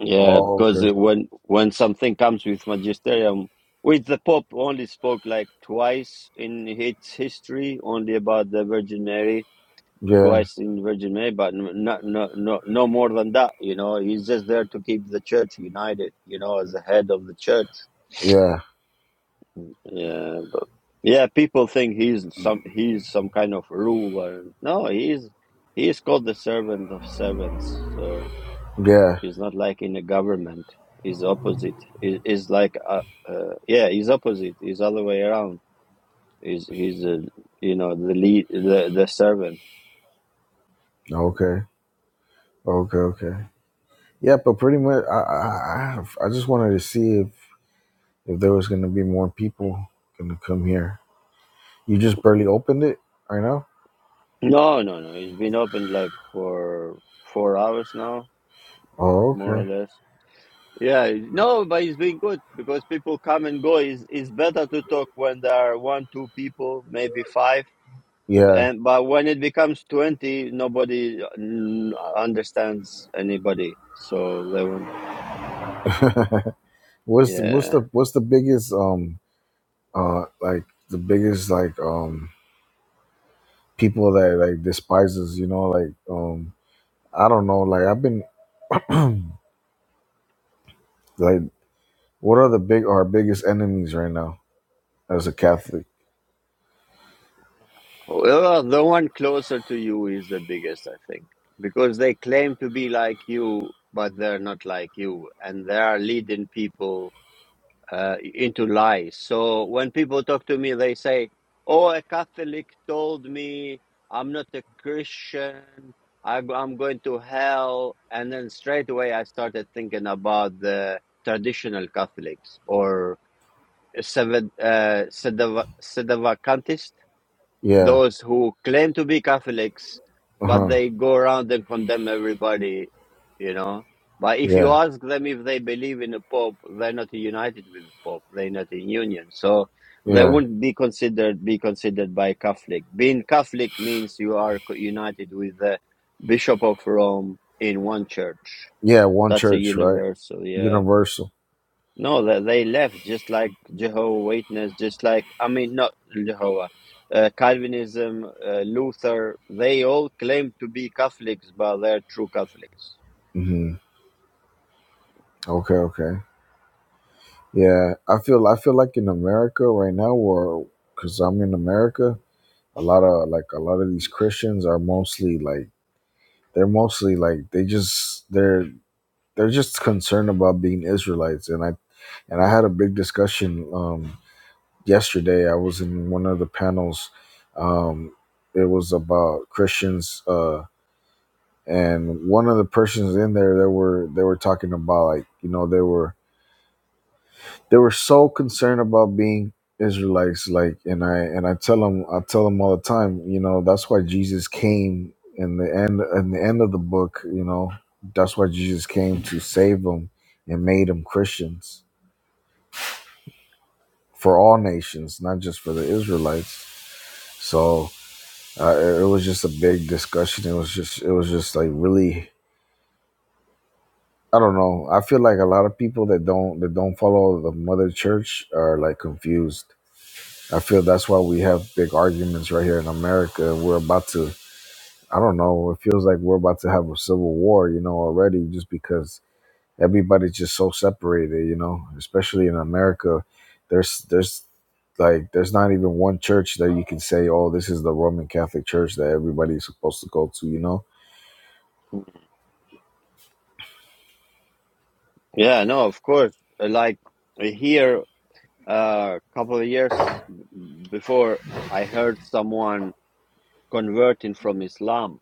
Speaker 1: yeah,
Speaker 15: Oh,
Speaker 1: because
Speaker 15: okay.
Speaker 1: when when something comes with magisterium, which the Pope only spoke like twice in its history, only about the Virgin Mary,
Speaker 15: Yeah.
Speaker 1: twice in Virgin Mary, but not no no no no more than that. You know, he's just there to keep the church united. You know, as the head of the church
Speaker 15: Yeah.
Speaker 1: Yeah, but yeah, people think he's some he's some kind of ruler. No, he's he's called the servant of servants. So
Speaker 15: Yeah.
Speaker 1: he's not like in a government. He's opposite. He, he's like uh, uh, yeah, he's opposite. He's other way around. He's he's uh, you know the lead the the servant. You know.
Speaker 15: Okay. Okay. Okay. Yeah, but pretty much, I I I I just wanted to see if if there was going to be more people going to come here. You just barely opened it right now.
Speaker 1: No, no, no. He's been open like for four hours now,
Speaker 15: Oh,
Speaker 1: more or
Speaker 15: okay.
Speaker 1: less. Yeah, no, but it's been good because people come and go. It's, it's better to talk when there are one, two people, maybe five.
Speaker 15: Yeah.
Speaker 1: And but when it becomes twenty, nobody mm, understands anybody. So they won't.
Speaker 15: what's the, what's
Speaker 1: Yeah,
Speaker 15: the what's the biggest um uh like the biggest like um people that like despises you know like um I don't know like I've been like what are the big our biggest enemies right now as a Catholic?
Speaker 1: well, well, the one closer to you is the biggest, I think, because they claim to be like you, but they're not like you, and they are leading people uh, into lies. So when people talk to me, they say, "Oh, a Catholic told me I'm not a Christian. I, go- I'm going to hell." And then straight away, I started thinking about the traditional Catholics or seven uh, Sedeva, Sedevacantist
Speaker 15: Yeah.
Speaker 1: those who claim to be Catholics,
Speaker 15: Uh
Speaker 1: but
Speaker 15: huh.
Speaker 1: they go around and condemn everybody, you know. But if you
Speaker 15: Yeah.
Speaker 1: ask them if they believe in a Pope, they're not united with the Pope. They're not in union, so they
Speaker 15: Yeah.
Speaker 1: wouldn't be considered be considered by Catholic. Being Catholic means you are co- united with the Bishop of Rome in one church.
Speaker 15: Yeah. One
Speaker 1: That's a
Speaker 15: church, right?
Speaker 1: universal, yeah.
Speaker 15: Universal.
Speaker 1: No, they, they left just like Jehovah Witness, just like I mean, not Jehovah, uh, Calvinism, uh, Luther. They all claim to be Catholics, but they're true Catholics.
Speaker 15: Mm-hmm. Okay. Okay. Yeah, I feel I feel like in America right now, or because I'm in America, a lot of like a lot of these Christians are mostly like they're mostly like they just they're they're just concerned about being Israelites, and I and I had a big discussion um, yesterday. I was in one of the panels. Um, it was about Christians, uh, and one of the persons in there they were they were talking about like you know they were They were so concerned about being Israelites, like, and I and I tell them, I tell them all the time, you know, that's why Jesus came in the end, in the end of the book, you know, that's why Jesus came to save them and made them Christians for all nations, not just for the Israelites. So uh, it it was just a big discussion. It was just, it was just like really I don't know. I feel like a lot of people that don't that don't follow the mother church are like confused. I feel that's why we have big arguments right here in America. We're about to, I don't know, it feels like we're about to have a civil war, you know, already just because everybody's just so separated, you know, especially in America. There's, there's, like there's not even one church that you can say, "Oh, this is the Roman Catholic Church that everybody's supposed to go to," you know?
Speaker 1: Yeah, no, of course. Uh, Like uh, here, a couple of years b- before, I heard someone converting from Islam.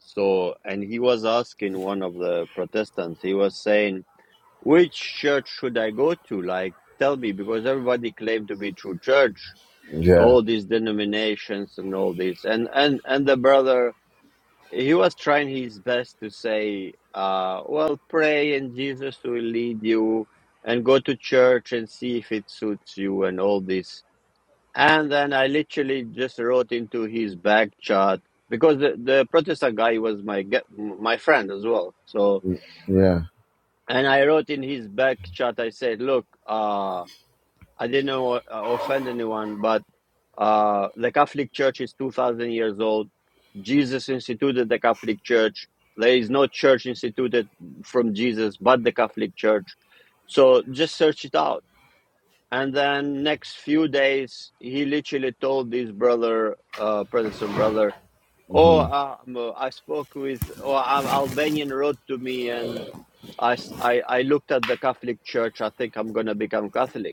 Speaker 1: So, and he was asking one of the Protestants. He was saying Which church should I go to? Like, tell me, because everybody claimed to be true church,
Speaker 15: Yeah,
Speaker 1: all these denominations and all this. And and and the brother, he was trying his best to say, uh, well, pray and Jesus will lead you, and go to church and see if it suits you and all this. And then I literally just wrote into his back chat because the, the Protestant guy was my ge- my friend as well. So
Speaker 15: yeah,
Speaker 1: and I wrote in his back chat, I said, look, uh, I didn't know, uh, offend anyone, but uh, the Catholic Church is 2,000 years old. Jesus instituted the Catholic Church. There is no church instituted from Jesus but the Catholic Church. So just search it out. And then next few days, he literally told this brother, uh, Protestant brother, "Oh,
Speaker 15: hmm
Speaker 1: um, uh, I spoke with, or Al Albanian wrote to me, and I I I looked at the Catholic Church. I think I'm gonna become Catholic."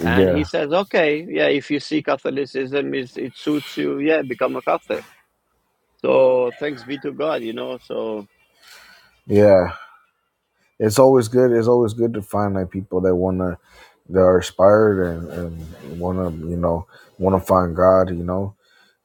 Speaker 1: And he says, okay, yeah, if you see Catholicism is it suits you, yeah, become a Catholic. So thanks be to God, you know. So
Speaker 15: yeah. it's always good. It's always good to find like people that wanna that are inspired and, and wanna you know wanna find God. You know,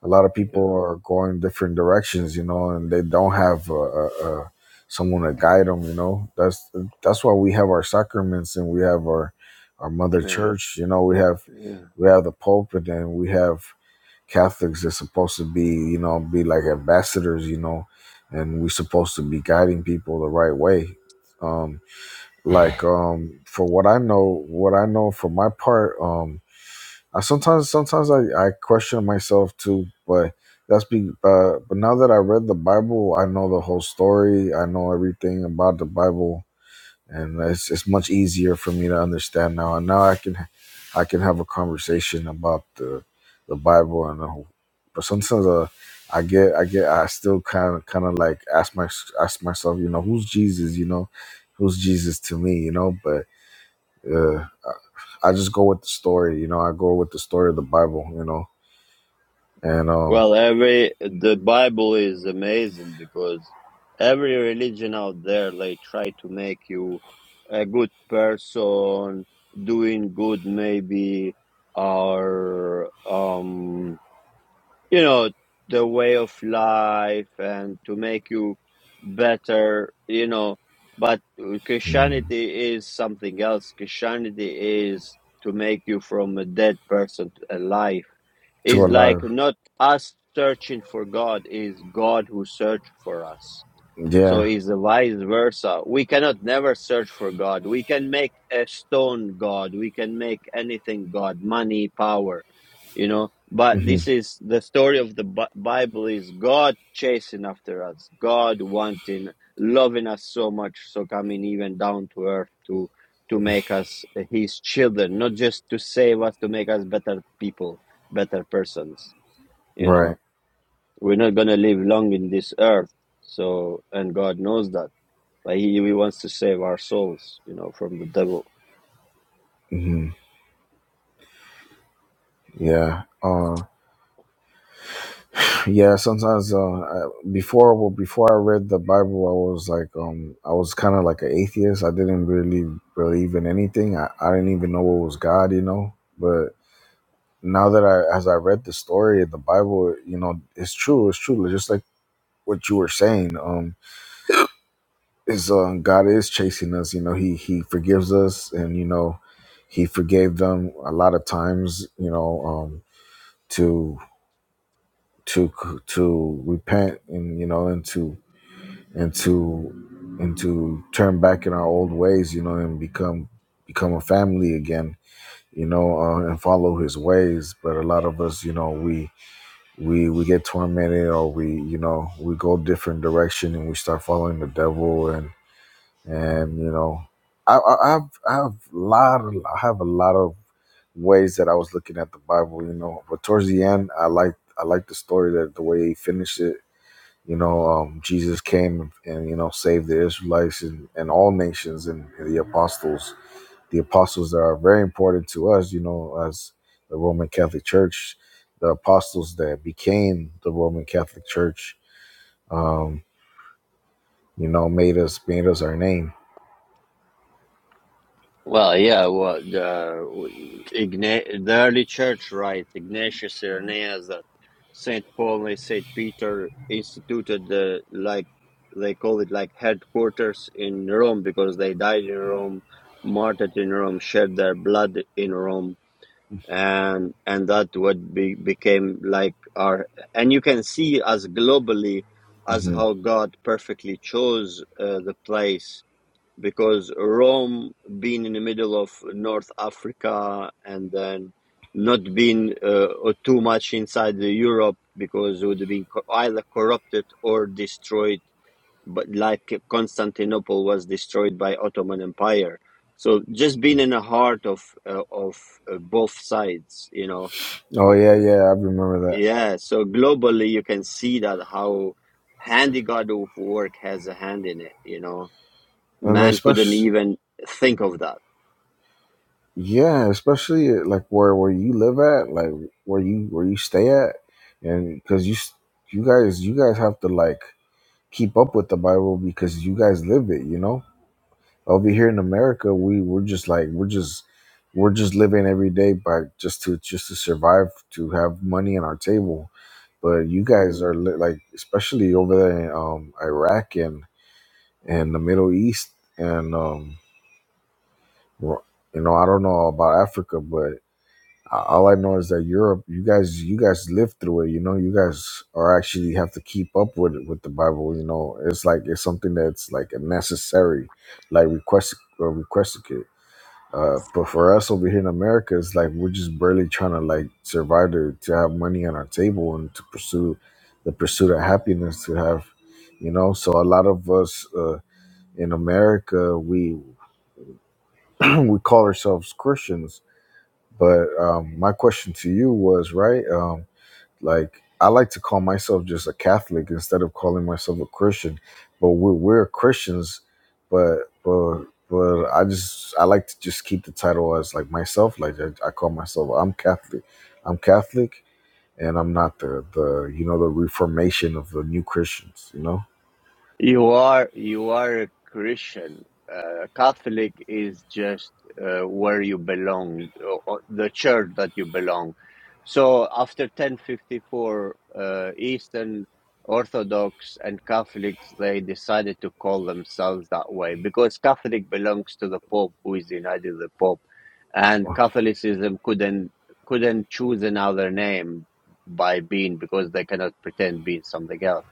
Speaker 15: a lot of people
Speaker 1: yeah,
Speaker 15: are going different directions. You know, and they don't have a, a, a someone to guide them. You know, that's that's why we have our sacraments and we have our our mother
Speaker 1: yeah,
Speaker 15: church. You know, we have
Speaker 1: yeah.
Speaker 15: we have the Pope and then we have Catholics that's supposed to be you know be like ambassadors. You know, and we're supposed to be guiding people the right way. Um, like um for what i know what i know for my part um i sometimes sometimes i i question myself too but that's be uh, but now that i read the bible i know the whole story i know everything about the bible and it's it's much easier for me to understand now. And now I can I can have a conversation about the the Bible and the whole. But sometimes uh, I get I get I still kind of kind of like ask my ask myself, you know, who's Jesus? You know, who's Jesus to me? You know, but uh, I just go with the story. You know, I go with the story of the Bible. You know, and um,
Speaker 1: Well, every the Bible is amazing because every religion out there they try to make you a good person, doing good maybe, or um you know the way of life and to make you better you know but christianity is something else christianity is to make you from a dead person to alive
Speaker 15: to
Speaker 1: is like
Speaker 15: alive,
Speaker 1: not us searching for god is god who search for us so
Speaker 15: yeah,
Speaker 1: is the vice versa. We cannot never search for God. We can make a stone God. We can make anything God, money, power, you know. But
Speaker 15: hmm
Speaker 1: this is the story of the Bi- Bible is God chasing after us, God wanting, loving us so much, so coming even down to earth to to make us His children, not just to save us, to make us better people, better persons. You
Speaker 15: right,
Speaker 1: know, we're not gonna live long in this earth. So, and God knows that like he, he wants to save our souls, you know, from the devil.
Speaker 15: hmm yeah. Uh, Yeah, sometimes uh, I, before well, before I read the Bible, I was like, um, I was kind of like an atheist. I didn't really believe in anything. I, I didn't even know what was God, you know. But now that I, as I read the story of the Bible, you know, it's true. It's true. Like, Just like what you were saying, um, is uh, God is chasing us. You know, he he forgives us, and you know, he forgave them a lot of times. You know, um, to to to repent and you know and to and to and to turn back in our old ways, you know, and become become a family again, you know, uh, and follow His ways. But a lot of us, you know, we we we get tormented, or we you know we go different direction, and we start following the devil, and and you know, I, I I've I've lot of, I have a lot of ways that I was looking at the Bible, you know, but towards the end, I like I like the story that the way he finished it you know, um, Jesus came and you know saved the Israelites and, and all nations and and the apostles. The apostles that are very important to us. You know, as the Roman Catholic Church, the apostles that became the Roman Catholic Church, um, you know, made us made us our name.
Speaker 1: Well, yeah, well, the, Igna- the early church, right? Ignatius, Irenaeus, that Saint Paul, and Saint Peter instituted the like they call it like headquarters in Rome because they died in Rome, martyred in Rome, shed their blood in Rome. and and that would be became like our and you can see as globally as
Speaker 15: hmm
Speaker 1: how god perfectly chose uh, the place because rome being in the middle of north africa and then not being uh, or too much inside the europe because it would have been co- either corrupted or destroyed but like Constantinople was destroyed by Ottoman Empire. So just being in the heart of uh, of uh, both sides, you know,
Speaker 15: Oh
Speaker 1: Eh,
Speaker 15: yeah, yeah, I remember that.
Speaker 1: yeah. So globally, you can see that how handy God of work has a hand in it, you know
Speaker 15: And
Speaker 1: Man couldn't
Speaker 15: especially,
Speaker 1: even think of that.
Speaker 15: yeah, especially like where where you live at, like where you where you stay at, and because you s- you guys you guys have to like keep up with the Bible because you guys live it, you know? Over here in America, we we're just like we're just we're just living every day by just to just to survive, to have money on our table. But you guys
Speaker 1: Mm.
Speaker 15: are li- like especially over there in um, Iraq and and the Middle East and um, ro- you know, I don't know about Africa, but A- All I know is that Europe, you guys, you guys live through it. You know, you guys are actually have to keep up with it, with the Bible. You know, it's like it's something that's like a necessary, like request or requested it. Uh, but for us over here in America, it's like we're just barely trying to like survive to, to have money on our table and to pursue the pursuit of happiness to have, you know. So a lot of us uh, in America, we we call ourselves Christians, but um, my question to you was right. um, like I like to call myself just a Catholic instead of calling myself a Christian. But we're, we're Christians, but but but I just I like to just keep the title as like myself. Like I, I call myself I'm Catholic. I'm Catholic, and I'm not the the you know the Reformation of the new Christians. You know.
Speaker 1: You are you are a Christian. Uh, Catholic is just uh, where you belong, or, or the church that you belong. So after 1054, uh, Eastern Orthodox and Catholics they decided to call themselves that way because Catholic belongs to the Pope, who is united with the Pope, and Catholicism couldn't couldn't choose another name by being because they cannot pretend being something else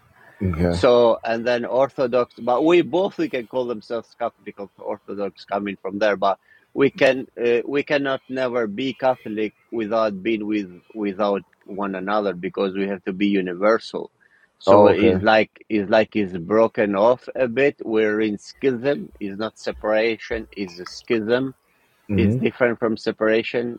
Speaker 15: Okay.
Speaker 1: so, and then Orthodox, but we both we can call themselves Catholic or Orthodox coming from there, but we can uh, we cannot never be Catholic without being with without one another because we have to be universal. So
Speaker 15: Oh,
Speaker 1: it's
Speaker 15: okay.
Speaker 1: like it's like it's broken off a bit. We're in schism. It's not separation. It's a schism. It's
Speaker 15: Mhm.
Speaker 1: different from separation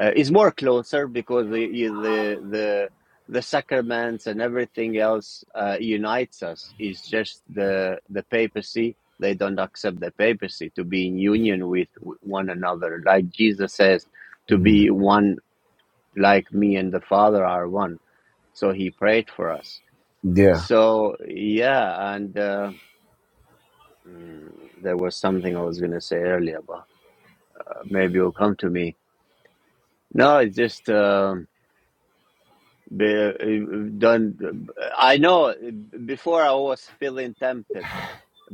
Speaker 1: uh, is more closer because the the the the sacraments and everything else uh, unites us. It's just the the papacy. They don't accept the papacy to be in union with one another, like Jesus says, to
Speaker 15: Mhm.
Speaker 1: be one like me and the Father are one. So he prayed for us.
Speaker 15: Yeah.
Speaker 1: So yeah, and uh, mm, there was something I was gonna say earlier, but uh, maybe it'll come to me. No, it's just. um Be- Don't. I know. Before I was feeling tempted.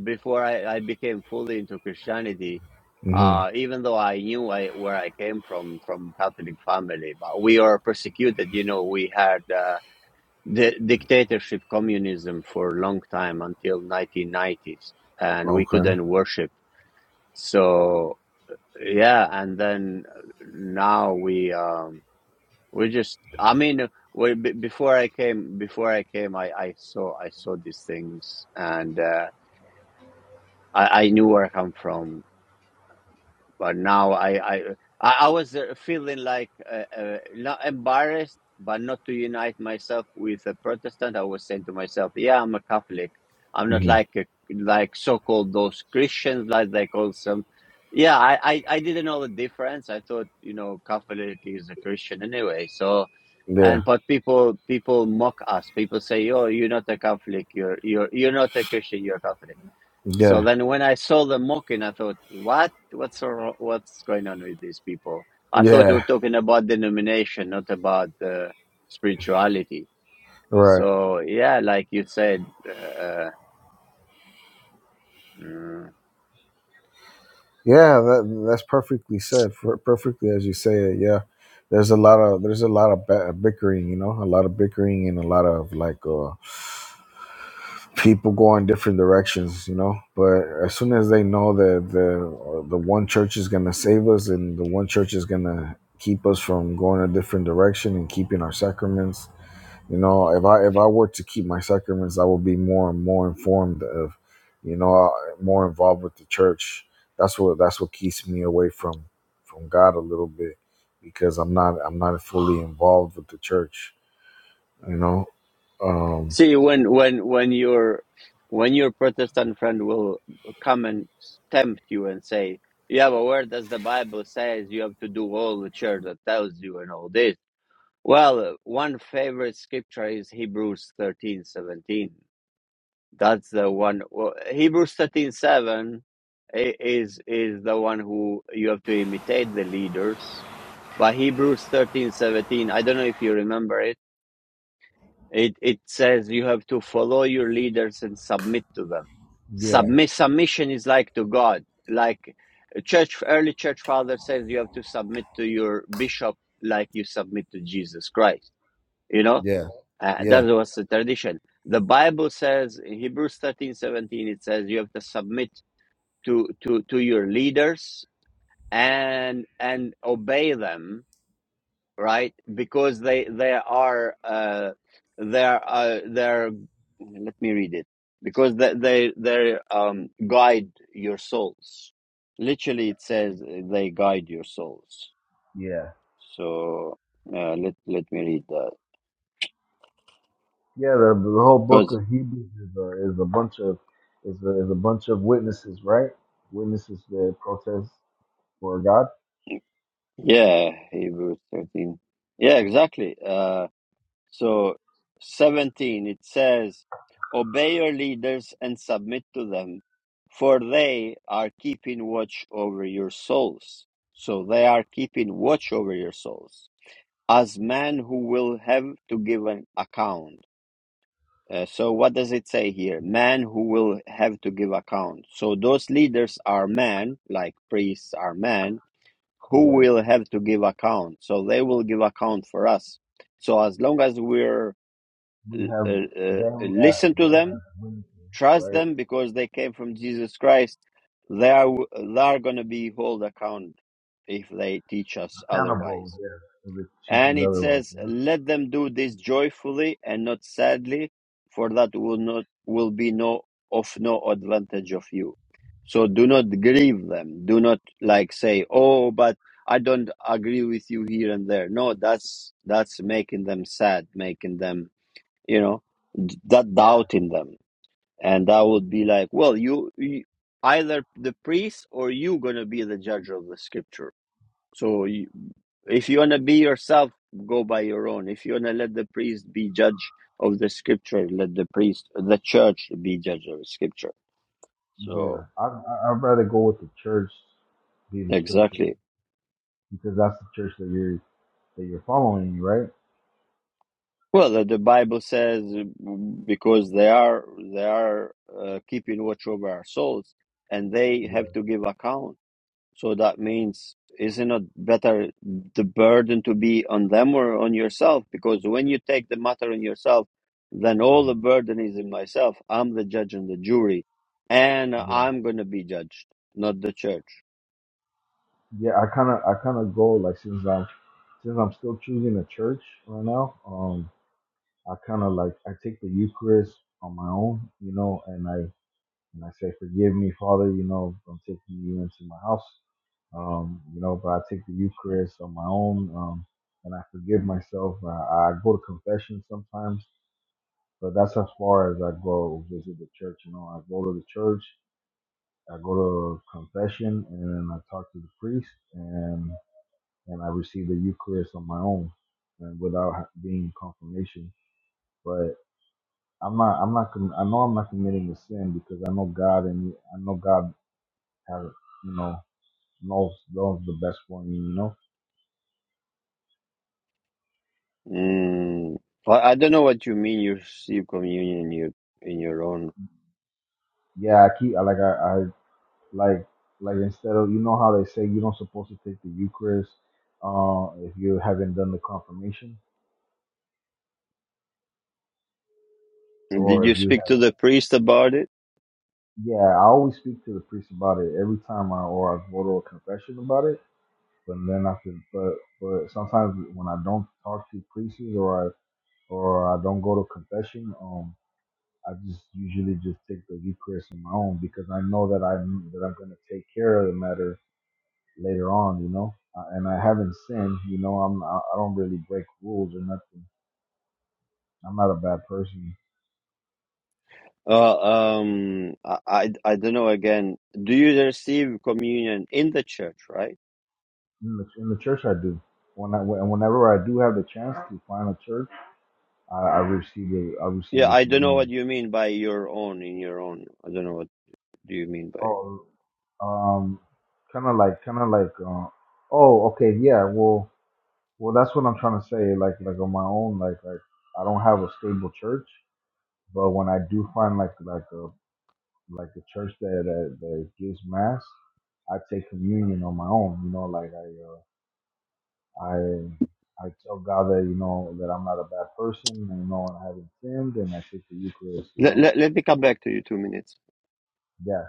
Speaker 1: Before I, I became fully into Christianity,
Speaker 15: Mhm.
Speaker 1: uh, even though I knew I, where I came from, from Catholic family, but we are persecuted. You know, we had uh, the dictatorship, communism for a long time until 1990s, and we
Speaker 15: Okay.
Speaker 1: couldn't worship. So yeah, and then uh, now we. Um, we just, I mean, we, b- before I came, before I came, I, I saw, I saw these things, and uh, I, I knew where I come from but now I I I I was uh, feeling like uh, uh, not embarrassed, but not to unite myself with a Protestant. I was saying to myself, "Yeah, I'm a Catholic. I'm not
Speaker 15: Mhm.
Speaker 1: like a, like so-called those Christians, like they call some." Yeah, I, I I didn't know the difference. I thought you know Catholic is a Christian anyway. So, and
Speaker 15: Yeah.
Speaker 1: but people people mock us. People say, "Oh, you're not a Catholic. You're you're you're not a Christian. You're a Catholic." So
Speaker 15: Yeah.
Speaker 1: then when I saw them mocking, I thought, what? What's so wrong- what's going on with these people? I thought we were
Speaker 15: Yeah.
Speaker 1: talking about denomination, not about uh, spirituality.
Speaker 15: Right.
Speaker 1: So yeah, like you said, uh, mm,
Speaker 15: Yeah, that, that's perfectly said. per- Perfectly as you say it. Yeah, there's a lot of there's a lot of ba- bickering. You know, a lot of bickering and a lot of like uh, people going different directions. You know, but as soon as they know that the the one church is gonna save us and the one church is gonna keep us from going a different direction and keeping our sacraments you know, if I if I were to keep my sacraments, I would be more and more informed of, you know, uh, more involved with the church. That's what that's what keeps me away from from God a little bit because I'm not I'm not fully involved with the church. You know, um,
Speaker 1: see when when when your when your Protestant friend will come and tempt you and say, yeah, but where does the Bible says you have to do all the church that tells you and all this? Well, one favorite scripture is Hebrews thirteen seventeen That's the one. Well, Hebrews thirteen seven is is the one who you have to imitate the leaders. But Hebrews thirteen seventeen, I don't know if you remember it. It it says you have to follow your leaders and submit to them.
Speaker 15: Yeah,
Speaker 1: Submit submission is like to God. Like church early church father says you have to submit to your bishop like you submit to Jesus Christ. You know?
Speaker 15: yeah,
Speaker 1: Uh, that
Speaker 15: yeah,
Speaker 1: was the tradition. The Bible says in Hebrews thirteen seventeen. it says you have to submit to, to, to your leaders and and obey them, right? Because they they are uh they're uh they're let me read it. Because they they they um guide your souls. Literally it says they guide your souls.
Speaker 15: yeah,
Speaker 1: So uh, let let me read that.
Speaker 15: yeah. The, the whole book of Hebrews is a, is a bunch of is a, is a bunch of witnesses, right? Witnesses that protest for God.
Speaker 1: Yeah, Hebrews 13. Yeah, exactly. Uh, so 17, it says, Obey your leaders and submit to them, for they are keeping watch over your souls. So they are keeping watch over your souls as men who will have to give an account. Uh, so what does it say here? Men who will have to give account. So those leaders are men, like priests are men, who
Speaker 15: yeah.
Speaker 1: will have to give account. So they will give account for us. So as long as we're
Speaker 15: we
Speaker 1: uh,
Speaker 15: have
Speaker 1: uh,
Speaker 15: them as
Speaker 1: listen to
Speaker 15: them
Speaker 1: them,
Speaker 15: as witnesses,
Speaker 1: trust
Speaker 15: right?
Speaker 1: them because they came from Jesus Christ, they are they are going to be held account if they teach us otherwise.
Speaker 15: Accountable, yes. If it
Speaker 1: And
Speaker 15: teaches
Speaker 1: it
Speaker 15: otherwise,
Speaker 1: says, Let them do this joyfully and not sadly, for that will not will be no of no advantage of you. So do not grieve them. Do not like say, Oh, but I don't agree with you here and there. No, that's that's making them sad, making them you know d- that
Speaker 15: yeah.
Speaker 1: doubt in them, and that would be like, well, you, you either the priest or you gonna be the judge of the scripture so you, if you want to be yourself, go by your own. If you want to let the priest be judge of the scripture, let the priest, the church be judge of the scripture.
Speaker 15: Yeah. yeah.
Speaker 1: So
Speaker 15: I, I I'd rather go with the church be the scripture
Speaker 1: exactly.
Speaker 15: because that's the church that you're that you're following, right?
Speaker 1: Well, the the Bible says mm, because they are they are uh, keeping watch over our souls, and they
Speaker 15: Yeah.
Speaker 1: have to give account. So that means, isn't it better the burden to be on them or on yourself? Because when you take the matter on yourself, then all the
Speaker 15: mhm,
Speaker 1: burden is in myself. I'm the judge and the jury, and
Speaker 15: Yeah.
Speaker 1: I'm going to be judged, not the church.
Speaker 15: Yeah, I kinda I kinda go like since I'm since I'm still choosing a church right now, um I kinda like I take the Eucharist on my own, you know, and I And I say, Forgive me, Father, you know, I'm taking you into my house. Um, you know, but I take the Eucharist on my own, um, and I forgive myself. I, I go to confession sometimes, but that's as far as I go visit the church. You know, I go to the church, I go to confession, and then I talk to the priest, and and I receive the Eucharist on my own, and without ha- being confirmation. But I'm not, I'm not, com- I know I'm not committing a sin because I know God, and I know God has, you know. Those those the best one, you know.
Speaker 1: Mm. I I don't know what you mean. You receive communion in your in your own.
Speaker 15: Yeah, I keep I like I, I like like instead of you know how they say you don't supposed to take the Eucharist uh if you haven't done the confirmation
Speaker 1: Did
Speaker 15: or
Speaker 1: you
Speaker 15: if you have
Speaker 1: speak to the priest about it?
Speaker 15: yeah, I always speak to the priest about it every time I or I go to a confession about it. But then I can but but sometimes when I don't talk to priests or I or I don't go to confession, um I just usually just take the Eucharist on my own because I know that I am that I'm gonna take care of the matter later on, you know. Uh, and I haven't sinned, you know. I'm I, I don't really break rules or nothing. I'm not a bad person.
Speaker 1: Uh, um, I, I I don't know. Again, do you receive communion in the church, right?
Speaker 15: In the, in the church, I do. When I when- whenever I do have the chance to find a church, I, I receive the I receive
Speaker 1: Yeah,
Speaker 15: the
Speaker 1: I don't know
Speaker 15: communion.
Speaker 1: what you mean by your own in your own. I don't know what do you mean by it.
Speaker 15: Oh, um, kind of like kind of like uh, oh okay yeah well well that's what I'm trying to say like like on my own like like I don't have a stable church, but when I do find like like a like the church that that, that gives mass, I take communion on my own. You know, like I uh, I I tell God that you know that I'm not a bad person, and you know, and I haven't sinned, and I take the Eucharist. You
Speaker 1: Let,
Speaker 15: know,
Speaker 1: let, let me come back to you two minutes.
Speaker 15: yeah.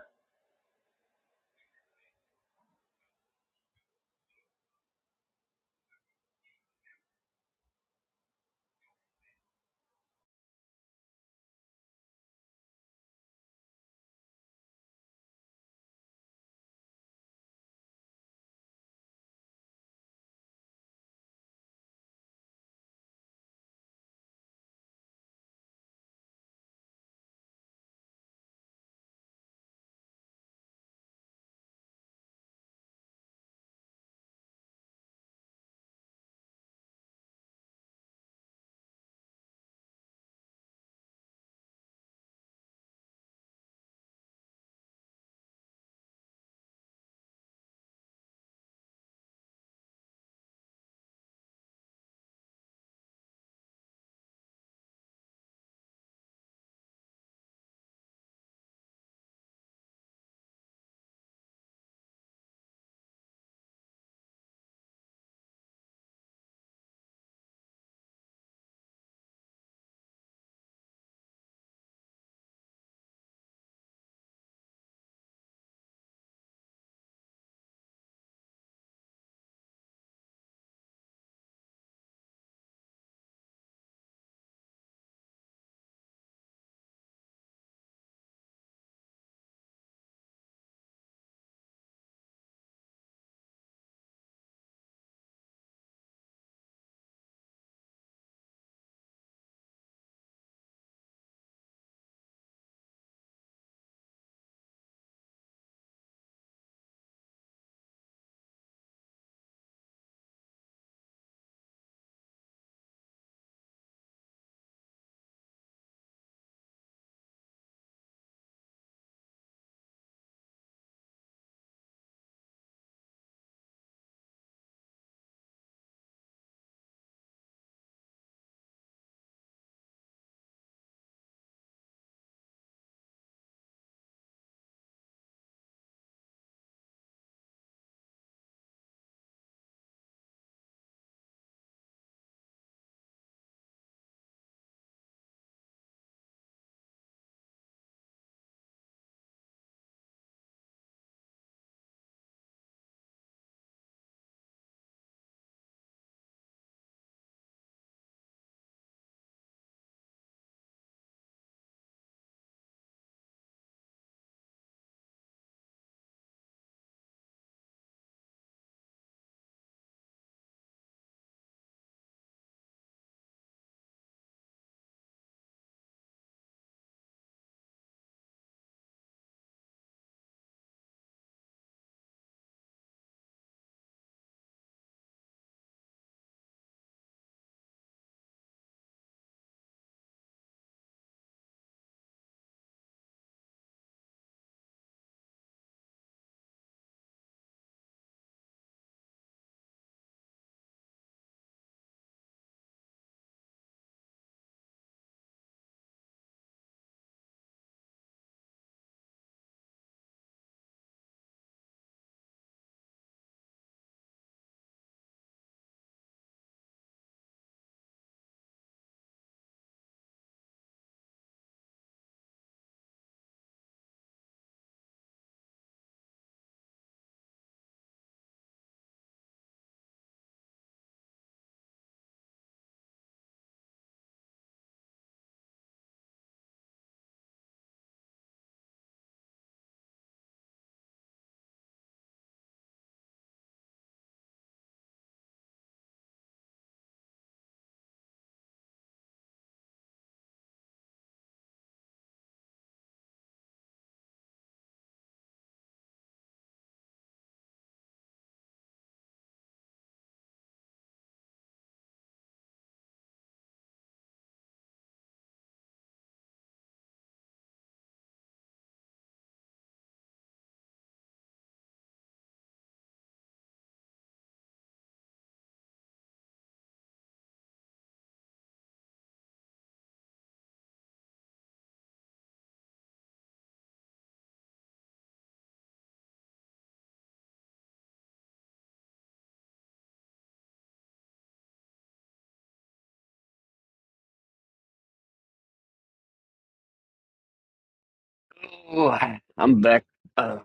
Speaker 1: Oh, I'm back uh,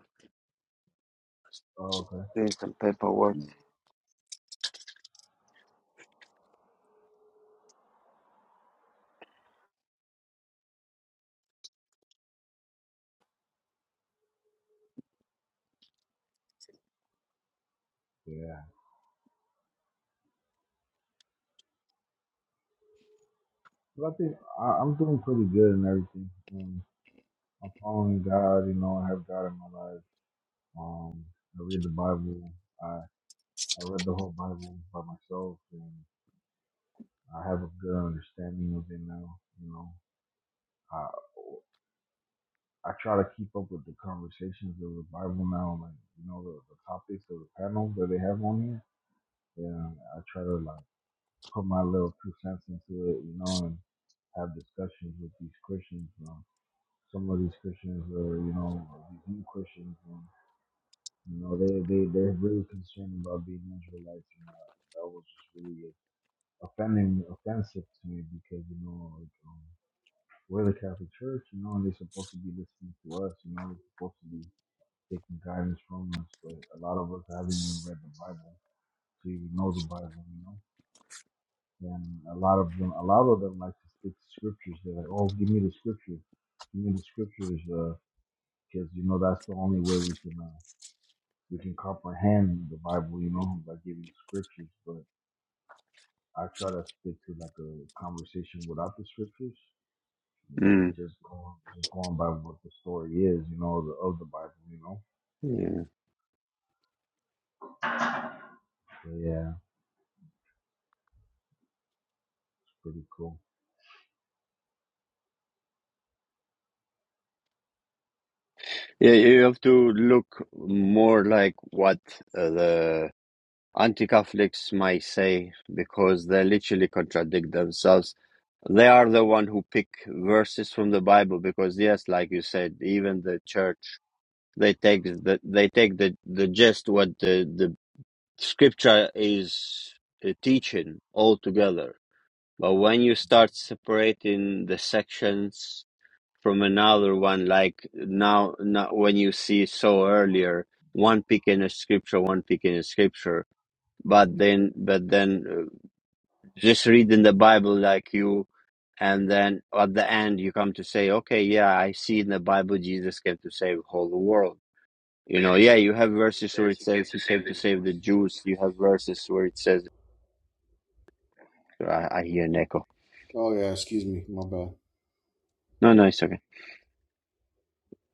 Speaker 15: Oh, okay.
Speaker 1: doing some paperwork.
Speaker 15: Yeah. But I think I, I'm doing pretty good and everything. Um, I'm following God. You know, I have God in my life. Um, I read the Bible. I I read the whole Bible by myself, and I have a good understanding of it now. You know, I, I try to keep up with the conversations of the Bible now, like you know the, the topics of the panel that they have on here, and I try to like put my little two cents into it, you know, and have discussions with these Christians. Um, some of these Christians are, you know, these new Christians, um, you know, they they they're really concerned about being Israelites, and uh, that was just really offending, offensive to me because you know, like, um, we're the Catholic Church, you know, and they're supposed to be listening to us, you know, they're supposed to be taking guidance from us, but a lot of us haven't even read the Bible to even know the Bible, you know. And a lot of them, a lot of them like to stick to scriptures. They're like, "Oh, give me the scripture, give me the scriptures," because you know that's the only way we can uh, we can comprehend the Bible, you know, by giving scriptures. But I try to stick to like a conversation without the scriptures, like
Speaker 1: Mm.
Speaker 15: just going just going by what the story is, you know, the, of the Bible, you know.
Speaker 1: Yeah.
Speaker 15: But yeah, it's pretty cool.
Speaker 1: yeah, you have to look more like what uh, the anti-Catholics might say because they literally contradict themselves. They are the one who pick verses from the Bible because yes, like you said, even the church they take the they take the the gist what the the Scripture is a teaching altogether. But when you start separating the sections from another one, like now, now when you see so earlier, one picking a scripture, one picking a scripture, but then, but then uh, just reading the Bible like you, and then at the end you come to say, okay, yeah, I see in the Bible Jesus came to save whole the world. You know, yeah, you have verses where it says he came to save the Jews. You have verses where it says I, I hear an echo. No, no, it's okay.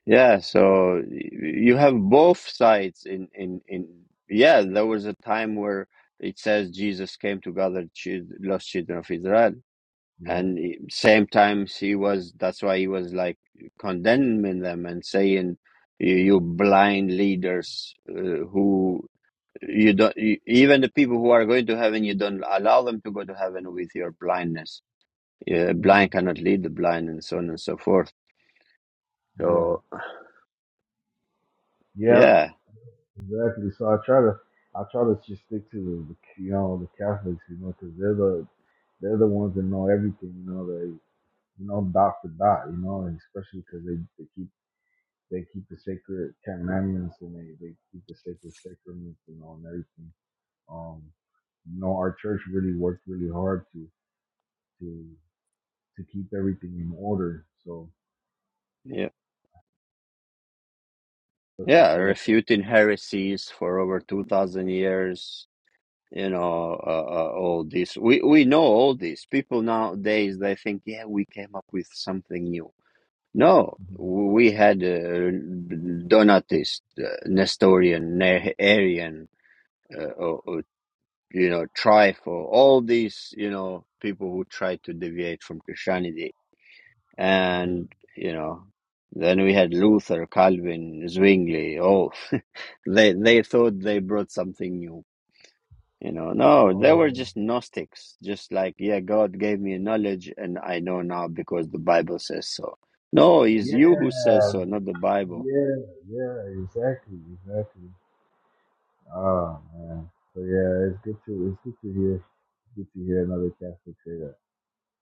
Speaker 1: Yeah, so y- you have both sides in in in. Yeah, there was a time where it says Jesus came to gather chil- lost children of Israel,
Speaker 15: Yeah.
Speaker 1: and i- same times he was. That's why he was like condemning them and saying, "You, you blind leaders uh, who." You don't you, even the people who are going to heaven. You don't allow them to go to heaven with your blindness. Yeah,
Speaker 15: hmm
Speaker 1: blind cannot lead the blind, and so on and so forth.
Speaker 15: yeah.
Speaker 1: So.
Speaker 15: Yeah,
Speaker 1: Yeah,
Speaker 15: exactly. So I try to, I try to just stick to the, the you know, the Catholics, you know, 'cause they're the, they're the ones that know everything, you know, they, you know, dot to dot, you know, and especially 'cause they, they keep, they keep the sacred commandments and they, they keep the sacred sacraments, you know, and everything. Um, you know, our church really worked really hard to, to, to keep everything in order. So,
Speaker 1: yeah,
Speaker 15: that's for
Speaker 1: yeah.
Speaker 15: fellow Catholics.
Speaker 1: Refuting heresies for over two thousand years. You know, uh, uh, all this. We we know all this. People nowadays they think, yeah, we came up with something new. No, we had uh, Donatist, uh, Nestorian, Ne- Arian, uh, or, or, you know, Trifle. All these, you know, people who try to deviate from Christianity.
Speaker 15: Mhm.
Speaker 1: and you know then we had Luther, Calvin, Zwingli. Oh, they they thought they brought something new. You know, no, they
Speaker 15: Oh
Speaker 1: were just Gnostics. Just like, yeah, God gave me knowledge, and I know now because the Bible says so. No, it's
Speaker 15: yeah.
Speaker 1: you who says
Speaker 15: Yeah.
Speaker 1: so, not the Bible.
Speaker 15: Yeah, yeah, exactly, exactly. Oh man. So yeah, it's good to it's good to hear it's good to hear another Catholic say that.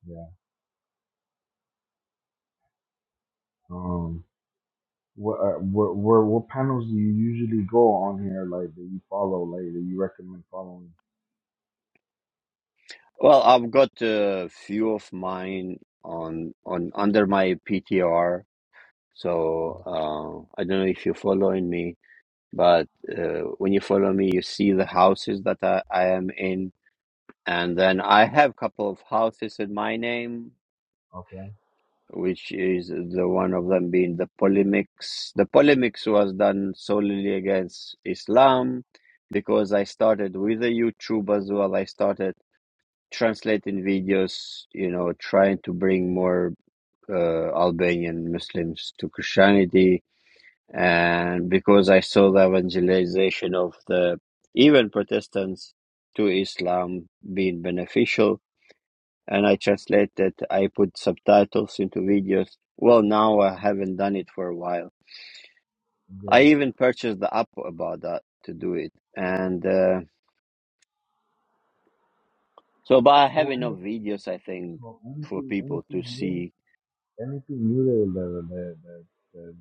Speaker 15: Yeah. Um what uh, what what what panels do you usually go on here like that you follow, like that you recommend following?
Speaker 1: Well, I've got a few of mine on on under my PTR. So uh, I don't know if you're following me But uh, when you follow me, you see the houses that I, I am in. And then I have a couple of houses in my name,
Speaker 15: Okay.
Speaker 1: which is the one of them being the polemics. The polemics was done solely against Islam because I started with a YouTube as well. I started translating videos, you know, trying to bring more uh, Albanian Muslims to Christianity and because I saw the evangelization of the even Protestants to Islam being beneficial, and I translated, I put subtitles into videos. Well, now I haven't done it for a while. I
Speaker 15: Yeah.
Speaker 1: even purchased the app about that to do it, and uh, so but I
Speaker 15: So
Speaker 1: have
Speaker 15: what do
Speaker 1: enough
Speaker 15: you-
Speaker 1: videos, I think,
Speaker 15: so
Speaker 1: for
Speaker 15: anything
Speaker 1: people to
Speaker 15: anything new?
Speaker 1: see.
Speaker 15: anything new that that that that, that,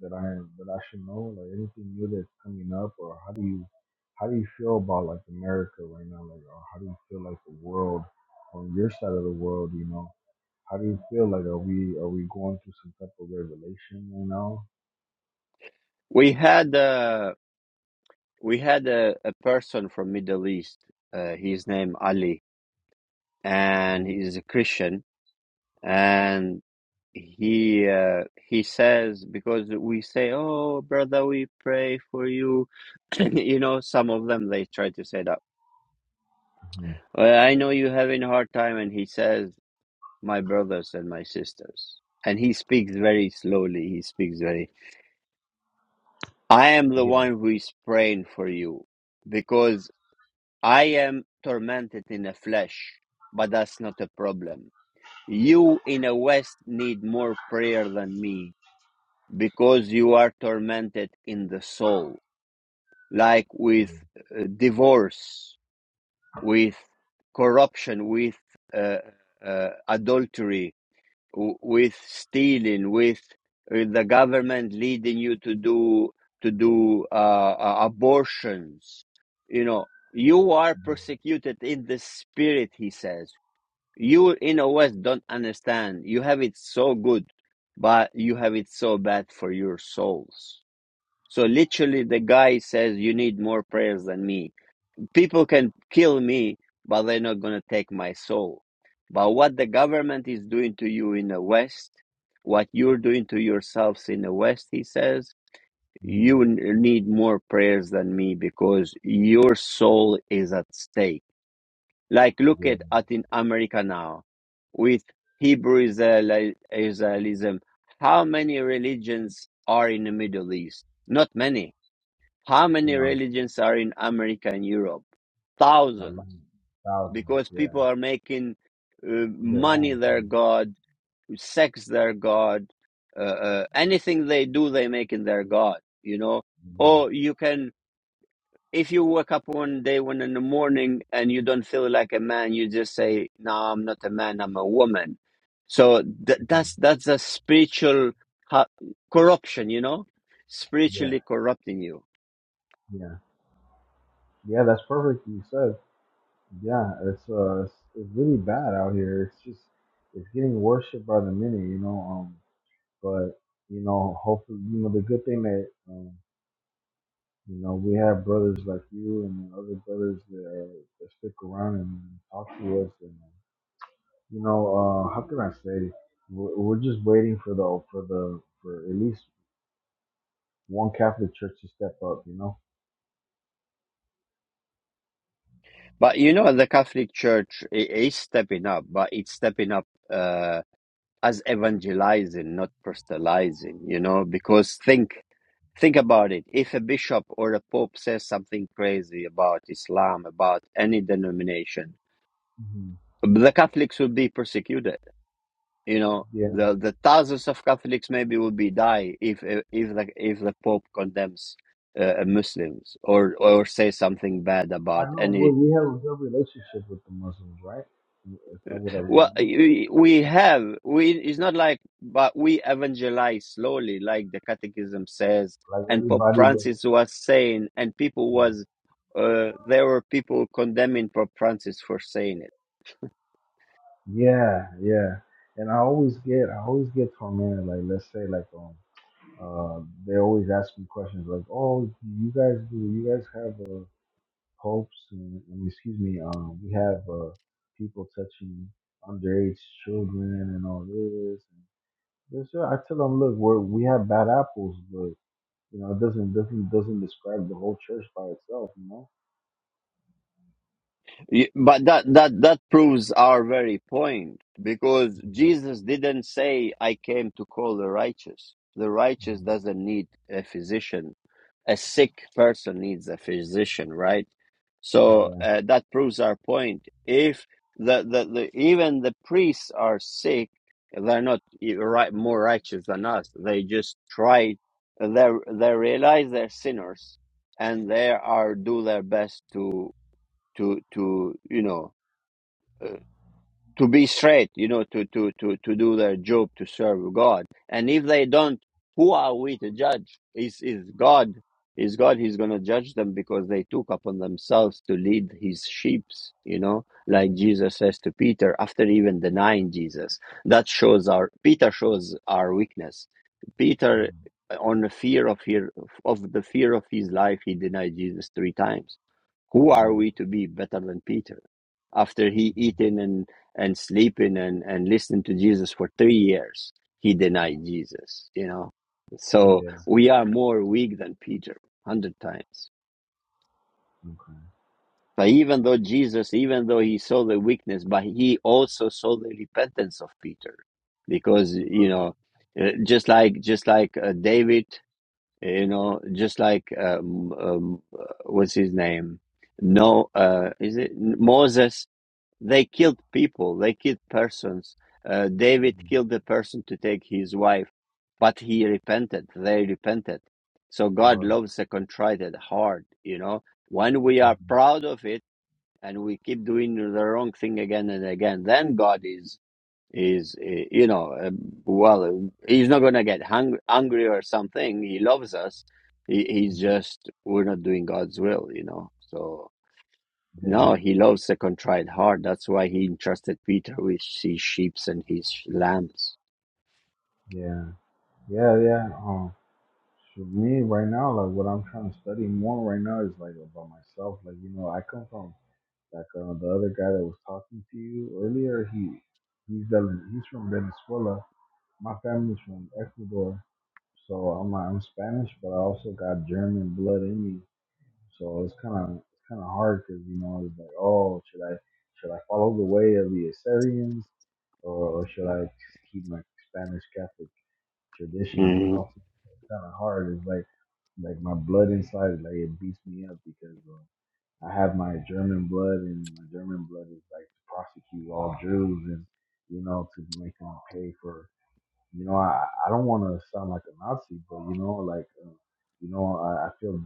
Speaker 15: that I that I should know, like anything new that's coming up, or how do you how do you feel about like America right now, like or how do you feel like the world on your side of the world, you know? How do you feel like are we are we going through some type of revelation right now?
Speaker 1: We had uh, we had a, a person from Middle East. Uh, his name Ali, and
Speaker 15: Mm-hmm.
Speaker 1: he's a Christian and he uh, he says because we say oh brother we pray for you you know some of them they try to say that well, i know you're having a hard time and he says my brothers and my sisters and he speaks very slowly he speaks very i am the
Speaker 15: Yeah,
Speaker 1: one who is praying for you because i am tormented in the flesh but that's not a problem you in the west need more prayer than me because you are tormented in the soul, like with uh, divorce, with corruption, with uh, uh, adultery, w- with stealing, with uh, the government leading you to do to do uh, uh, abortions. You know, you are persecuted in the spirit. He says you in a West don't understand. You have it so good, but you have it so bad for your souls so literally, the guy says, "You need more prayers than me. People can kill me, but they're not gonna take my soul." But what the government is doing to you in the West, what you're doing to yourselves in the West, he says,
Speaker 15: mm-hmm.
Speaker 1: you need more prayers than me because your soul is at stake. Like look
Speaker 15: yeah,
Speaker 1: at at in America now, with Hebrew Israel, Israelism. How many religions are in the Middle East? Not many how
Speaker 15: you
Speaker 1: many
Speaker 15: know,
Speaker 1: religions are in America and Europe?
Speaker 15: a lot,
Speaker 1: Thousands.
Speaker 15: thousands,
Speaker 1: Because people
Speaker 15: yeah,
Speaker 1: are making uh,
Speaker 15: their
Speaker 1: money
Speaker 15: own
Speaker 1: their
Speaker 15: thing,
Speaker 1: god, sex their god, uh, uh, anything they do, they make in their god, you know?
Speaker 15: yeah,
Speaker 1: Or you can, if you wake up one day, one in the morning, and you don't feel like a man, you just say, no, I'm not a man, I'm a woman. So th- that's,
Speaker 15: hmm
Speaker 1: that's a spiritual ha- corruption, you know?
Speaker 15: yeah,
Speaker 1: Spiritually corrupting you.
Speaker 15: yeah, yeah. That's perfect. You said. Yeah, it's uh, it's, it's really bad out here. It's just it's getting worse by the minute, you know. Um, but you know, hopefully, you know, the good thing that um, you know, we have brothers like you and other brothers that, are, that stick around and talk to us, and you know, uh, how can I say? We're, we're just waiting for the for the for at least one Catholic church to step up, you know.
Speaker 1: But you know, the Catholic Church i- is stepping up, but it's stepping up uh, as evangelizing, not proselytizing. You know, because think think about it: if a bishop or a pope says something crazy about Islam, about any denomination,
Speaker 15: hmm
Speaker 1: the Catholics will be persecuted. You know,
Speaker 15: Yeah,
Speaker 1: the the thousands of Catholics maybe will be die if if the if the pope condemns uh, Muslims or or say something bad
Speaker 15: I
Speaker 1: about
Speaker 15: know. We
Speaker 1: any
Speaker 15: we have a good relationship with the Muslims, right? Is that what I
Speaker 1: Well,
Speaker 15: remember?
Speaker 1: we have we. It's not like, but we evangelize slowly, like the Catechism says,
Speaker 15: Like
Speaker 1: and Pope
Speaker 15: everybody was,
Speaker 1: Francis was saying, and people
Speaker 15: yeah,
Speaker 1: was, uh, there were people condemning Pope Francis for saying it.
Speaker 15: yeah, yeah. And I always get, I always get tormented. Like let's say, like um, uh, they always ask me questions like, oh, do you guys do, you guys have uh, popes and, and excuse me, um, we have uh, people touching underage children and all this. And this yeah, I tell them, look, we're, we have bad apples, but you know, it doesn't doesn't doesn't describe the whole church by itself, you know.
Speaker 1: But that that that proves our very point because Jesus didn't say, "I came to call the righteous." The righteous doesn't need a physician a sick person needs a physician, right? So
Speaker 15: Yeah,
Speaker 1: uh, that proves our point. If the, the, the even the priests are sick, they're not e- right, more righteous than us. They just try. They they realize they're sinners, and they are do their best to to to you know. uh, to be straight, you know, to, to, to, to do their job to serve God. And if they don't, who are we to judge? Is is God is God he's gonna judge them because they took upon themselves to lead his sheep, you know, like Jesus says to Peter after even denying Jesus. That shows our Peter shows our weakness. Peter
Speaker 15: mhm,
Speaker 1: on the fear of fear of the fear of his life, he denied Jesus three times who are we to be better than Peter? After he eating and, and sleeping and, and listening to Jesus for three years, he denied Jesus, you know.
Speaker 15: yeah,
Speaker 1: So
Speaker 15: yeah.
Speaker 1: we are more weak than Peter, hundred times.
Speaker 15: Okay.
Speaker 1: But even though Jesus, even though he saw the weakness, but he also saw the repentance of Peter, because you know, uh, just like just like uh, David, you know, just like um, um, uh, what's his name? No, uh, is it Moses? They killed people, they killed persons. Uh, David
Speaker 15: hmm
Speaker 1: killed a person to take his wife, but he repented, they repented. So God loves a contrite heart, you know. When we are
Speaker 15: Mhm,
Speaker 1: proud of it and we keep doing the wrong thing again and again, then God is is uh, you know uh, well he's not gonna get hung- angry or something he loves us he, he's
Speaker 15: mhm.
Speaker 1: just we're not doing god's will you know so
Speaker 15: Yeah,
Speaker 1: no, he loves a contrite heart. That's why he entrusted Peter with his sheep and his lambs.
Speaker 15: yeah, yeah, yeah. Um, for me right now, like what I'm trying to study more right now is like about myself. Like you know, I come from like uh, the other guy that was talking to you earlier. He he's Velen- he's from Venezuela. My family's from Ecuador, so I'm I'm Spanish, but I also got German blood in me. So it's kind of it's kind of hard because you know it's like, oh, should I should I follow the way of the Assyrians or, or should I just keep my Spanish Catholic traditions? You
Speaker 1: Mm,
Speaker 15: know, so it's kind of hard. It's like like my blood inside, like it beats me up because uh, I have my German blood, and my German blood is like to prosecute all Jews and you know to make them pay for. You know, I I don't want to sound like a Nazi, but you know, like uh, you know, I, I feel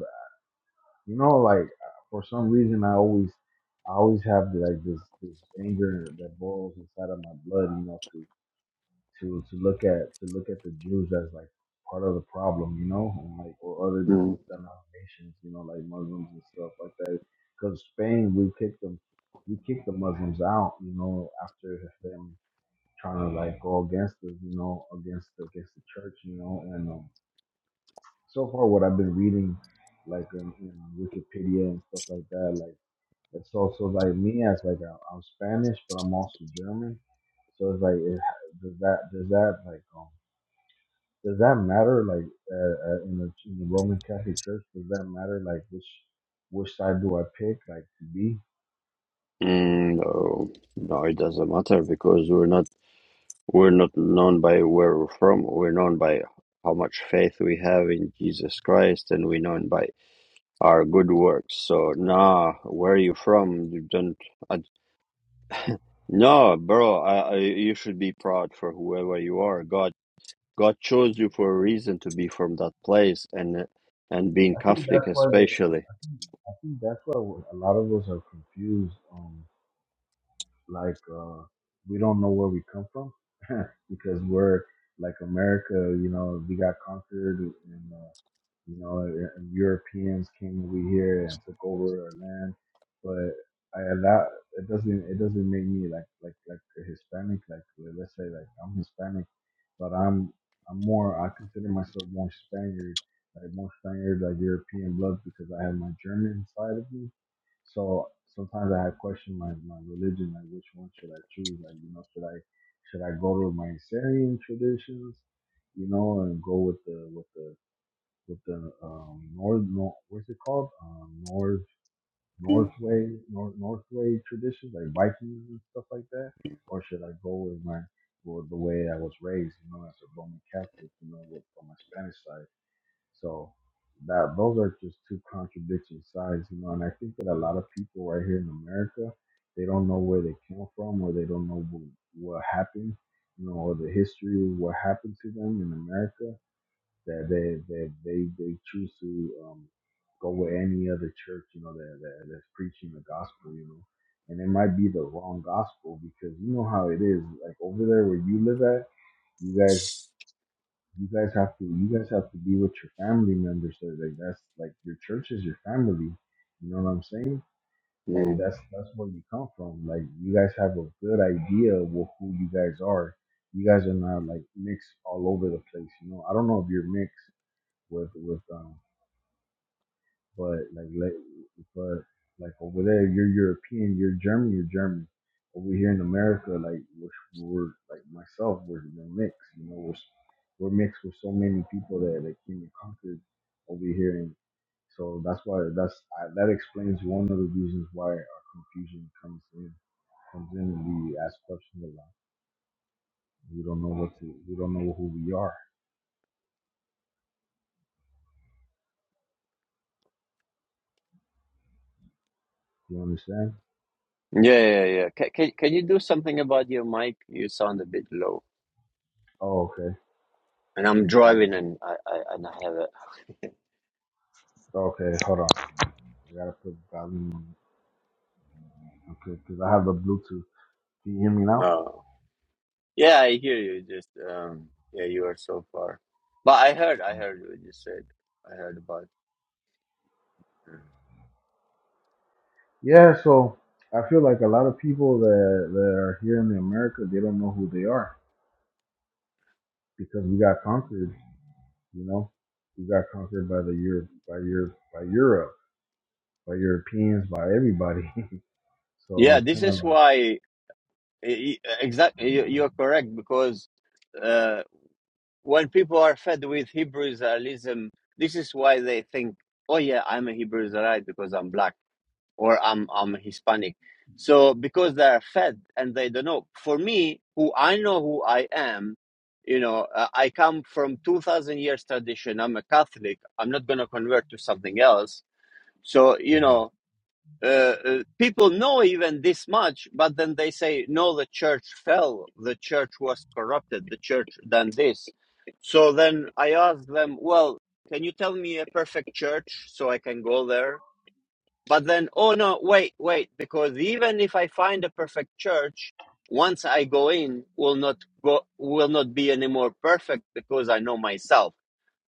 Speaker 15: you know, like uh, for some reason, I always, I always have like this this anger that boils inside of my blood. You know, to to to look at to look at the Jews as like part of the problem. You know, and like or other
Speaker 1: mm,
Speaker 15: denominations. You know, like Muslims and stuff like that. Because Spain, we kicked them, we kicked the Muslims out. You know, after them trying to like go against us. You know, against against the church. You know, and um, so far what I've been reading, like in, in Wikipedia and stuff like that, like it's also like me as like I'm, I'm Spanish, but I'm also German. So it's like, it, does that does that like um, does that matter like uh, uh, in the in the Roman Catholic Church? Does that matter like which which side do I pick like to be?
Speaker 1: mm, no, no, it doesn't matter because we're not we're not known by where we're from. We're known by how much faith we have in Jesus Christ, and we're known by our good works. So, nah, where are you from? You don't. I, no, bro, I, I, you should be proud for whoever you are. God God chose you for a reason to be from that place and and being
Speaker 15: I think that's
Speaker 1: Catholic
Speaker 15: why the,
Speaker 1: especially.
Speaker 15: I think I think that's why a lot of us are confused. Um, Like uh, we don't know where we come from because we're like America. You know, we got conquered, and uh, you know, and Europeans came over here and took over our land. But I that it doesn't it doesn't make me like like like a Hispanic. Like like, let's say like I'm Hispanic, but I'm I'm more I consider myself more Spaniard like more Spaniard, like European blood because I have my German side of me so sometimes I question my, my religion, like which one should I choose? Like, you know, should I should I go to my Syrian traditions, you know, and go with the with the with the um north no what's it called? Um north north north north traditions like Vikings and stuff like that? Or should I go with my well, the way I was raised, you know, as a Roman Catholic, you know, with, on my Spanish side so that those are just two contradicting sides, you know. And I think that a lot of people right here in America, they don't know where they came from, or they don't know what, what happened, you know, or the history of what happened to them in America. That they that they they choose to um, go with any other church, you know, that, that that's preaching the gospel, you know. And it might be the wrong gospel because you know how it is. Like over there where you live at, you guys. You guys have to you guys have to be with your family members. So like that's like your church is your family. You know what I'm saying? Like
Speaker 1: Mm.
Speaker 15: that's that's where you come from. Like you guys have a good idea of wh- who you guys are. You guys are not like mixed all over the place. You know, I don't know if you're mixed with with um but like, like but like over there, you're European, you're German, you're German. Over here in America, like we're, we're like myself, we're, we're mixed. You know, we're we're mixed with so many people that that came and conquered over here, and so that's why that's I, that explains one of the reasons why our confusion comes in comes in and we ask questions a lot. We don't know what to we don't know who we are. You understand?
Speaker 1: Yeah, yeah, yeah. Can, can can you do something about your mic? You sound a bit low.
Speaker 15: Oh, okay.
Speaker 1: And I'm
Speaker 15: Yeah.
Speaker 1: driving and I, I and I have it.
Speaker 15: Okay. Hold on. I gotta put volume on. Okay, because I have the Bluetooth. Can you hear me now?
Speaker 1: Oh. Yeah, I hear you. Just um yeah, you are so far. But I heard I heard what you said. I heard about uh,
Speaker 15: Yeah, so I feel like a lot of people that, that are here in America, they don't know who they are because we got conquered, you know? We got conquered by the Europe, by Europe, by Europe, by Europeans, by everybody. so
Speaker 1: Yeah,
Speaker 15: it's
Speaker 1: this
Speaker 15: kind of
Speaker 1: is
Speaker 15: like,
Speaker 1: why e- e- exactly you, you're correct because uh, when people are fed with Hebrew Israelism, this is why they think, "Oh yeah, I'm a Hebrew Israelite because I'm black or I'm I'm Hispanic." So because they are fed and they don't know. For me, who I know who I am, you know, uh, I come from two thousand years tradition. I'm a Catholic. I'm not gonna convert to something else. So you
Speaker 15: mhm,
Speaker 1: know, uh, uh, people know even this much, but then they say, no, the church fell, the church was corrupted, the church done this. So then I ask them, well, can you tell me a perfect church so I can go there? But then, oh no, wait, wait, because even if I find a perfect church, once I go in, will not go, will not be any more perfect because I know myself.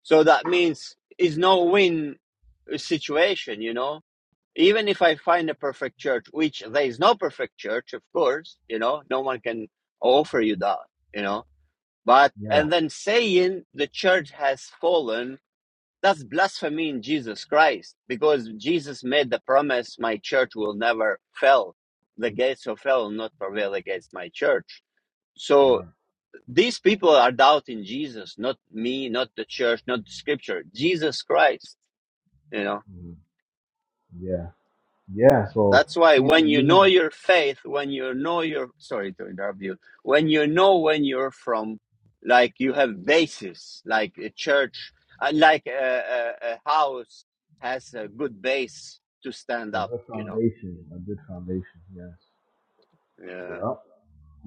Speaker 1: So that means it's no win situation, you know even if I find a perfect church, which there is no perfect church, of course, you know, no one can offer you that, you know. But
Speaker 15: yeah,
Speaker 1: and then saying the church has fallen, that's blasphemy in Jesus Christ, because Jesus made the promise, my church will never fail. The gates of hell will not prevail against my church. So
Speaker 15: right,
Speaker 1: these people are doubting Jesus, not me, not the church, not the scripture, Jesus Christ, you know
Speaker 15: mhm, yeah, yeah. So
Speaker 1: That's why
Speaker 15: see, so
Speaker 1: when you
Speaker 15: you
Speaker 1: know your faith, when you know your sorry to interrupt you, when you know when you're from, like you have basis, like a church, uh, like a, a, a house has a good base to stand
Speaker 15: have a
Speaker 1: up.
Speaker 15: good
Speaker 1: You know,
Speaker 15: foundation, a good foundation, yes,
Speaker 1: yeah.
Speaker 15: yeah,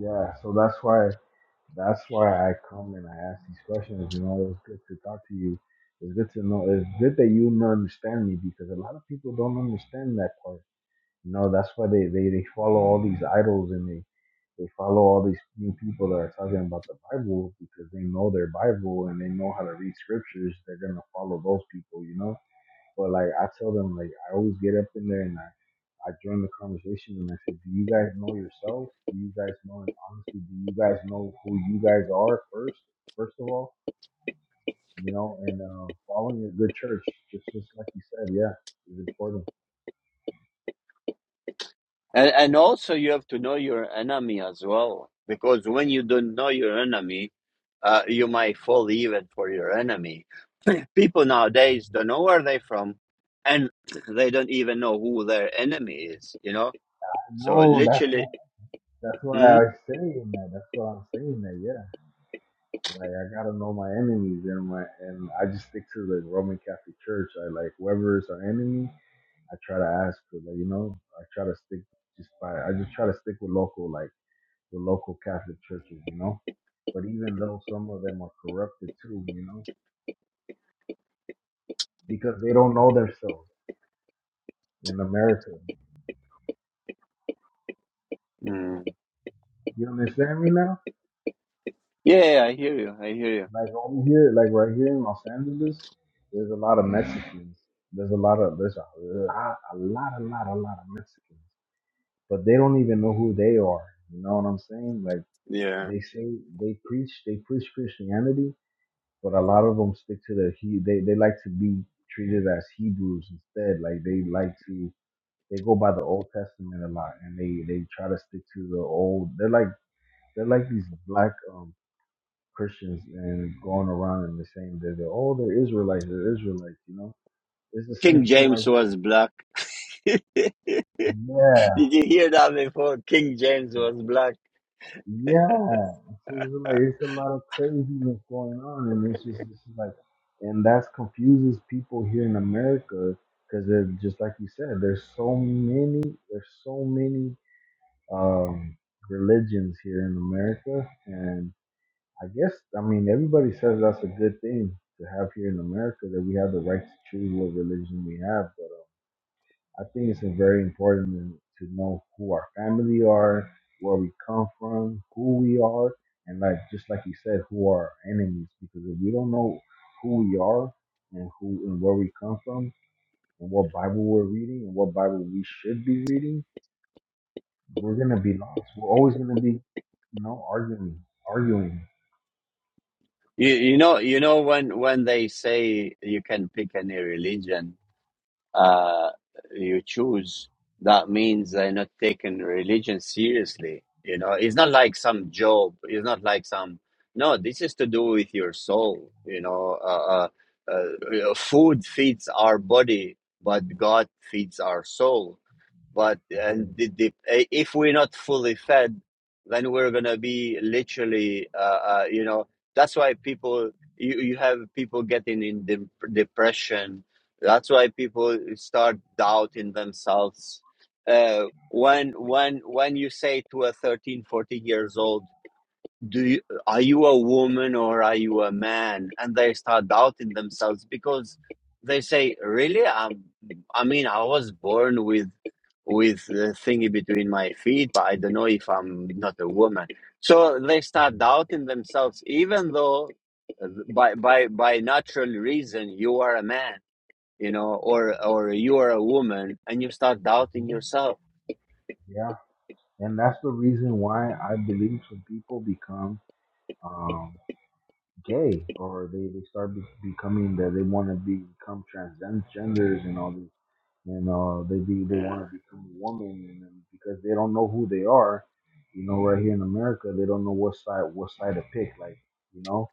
Speaker 15: yeah. So that's why That's why I come and I ask these questions. You know, it's good to talk to you. It's good to know. It's good that you know- understand me because a lot of people don't understand that part. You know, that's why they, they, they follow all these idols and they, they follow all these new people that are talking about the Bible because they know their Bible and they know how to read scriptures. They're going to follow those people, you know? But like I tell them, like I always get up in there and I, I join the conversation and I say, Do you guys know yourselves? Do you guys know honestly? Do you guys know who you guys are first? First of all, you know, and uh, following a good church, just just like you said, yeah, is important.
Speaker 1: And, and also, you have to know your enemy as well, because when you don't know your enemy, uh, you might fall even for your enemy. People nowadays don't know where they're from, and they don't even know who their enemy is. You know, so
Speaker 15: No, that's
Speaker 1: literally,
Speaker 15: that's why
Speaker 1: hmm?
Speaker 15: I'm saying that. That's why I'm saying that. Yeah, like I gotta know my enemies and my and I just stick to the Roman Catholic Church. I like whoever is our enemy. I try to ask for like, you know, I try to stick just by I just try to stick with local like the local Catholic churches, you know. But even though some of them are corrupted too, you know, because they don't know themselves in America.
Speaker 1: Mm.
Speaker 15: You understand me now?
Speaker 1: yeah, I hear you. I hear you.
Speaker 15: Like over here, like right here in Los Angeles, there's a lot of Mexicans. There's a lot of there's a lot, a lot, a lot, a lot of Mexicans. But they don't even know who they are. You know what I'm saying? Like
Speaker 1: Yeah,
Speaker 15: they say they preach they preach Christianity, but a lot of them stick to their he they, they like to be treated as hebrews instead like they like to they go by the old testament a lot and they they try to stick to the old they're like they're like these black um christians and going around and they're saying that they're oh they're israelites they're israelites you know it's the
Speaker 1: King
Speaker 15: same thing right
Speaker 1: James was black. Did
Speaker 15: here Yeah.
Speaker 1: you hear that before? King James was black.
Speaker 15: Yeah, so it's like it's a lot of craziness going on, and it's just it's just like, and that's confuses people here in America because they're just like you said, there's so many, there's so many um religions here in America, and I guess I mean everybody says that's a good thing to have here in America that we have the right to choose what religion we have, I think it's very important to to know who our family are, where we come from, who we are, and like just like you said, who are our enemies. Because if we don't know who we are and who and where we come from and what Bible we're reading and what Bible we should be reading, we're gonna be lost. We're always gonna be, you know, arguing, arguing.
Speaker 1: You, you know, you know when when they say you can pick any religion uh, you choose, that means they're not taking religion seriously. You know, it's not like some job. It's not like some. No, this is to do with your soul. You know, uh, uh, uh, food feeds our body, but God feeds our soul but and
Speaker 15: Again.
Speaker 1: the, the, eh, if we're not fully fed then we're gonna be literally uh, uh, you know that's why people you, you have people getting in de- depression that's why people start doubting themselves uh, when when when you say to a 13 fourteen years old do you, are you a woman or are you a man and they start doubting themselves because they say really I'm, i mean i was born with with the thingy between my feet but i don't know if i'm not a woman so they start doubting themselves even though uh, by by by natural reason you are a man you know or or you are a woman and you start doubting
Speaker 15: Mm-hmm.
Speaker 1: yourself
Speaker 15: Yeah, and that's the reason why I believe some people become. um, gay or they they start be- becoming that they want to become transgenders and all these and uh they be they
Speaker 1: yeah.
Speaker 15: want to become a woman and then because they don't know who they are you know right here in america they don't know what side what side to pick like you know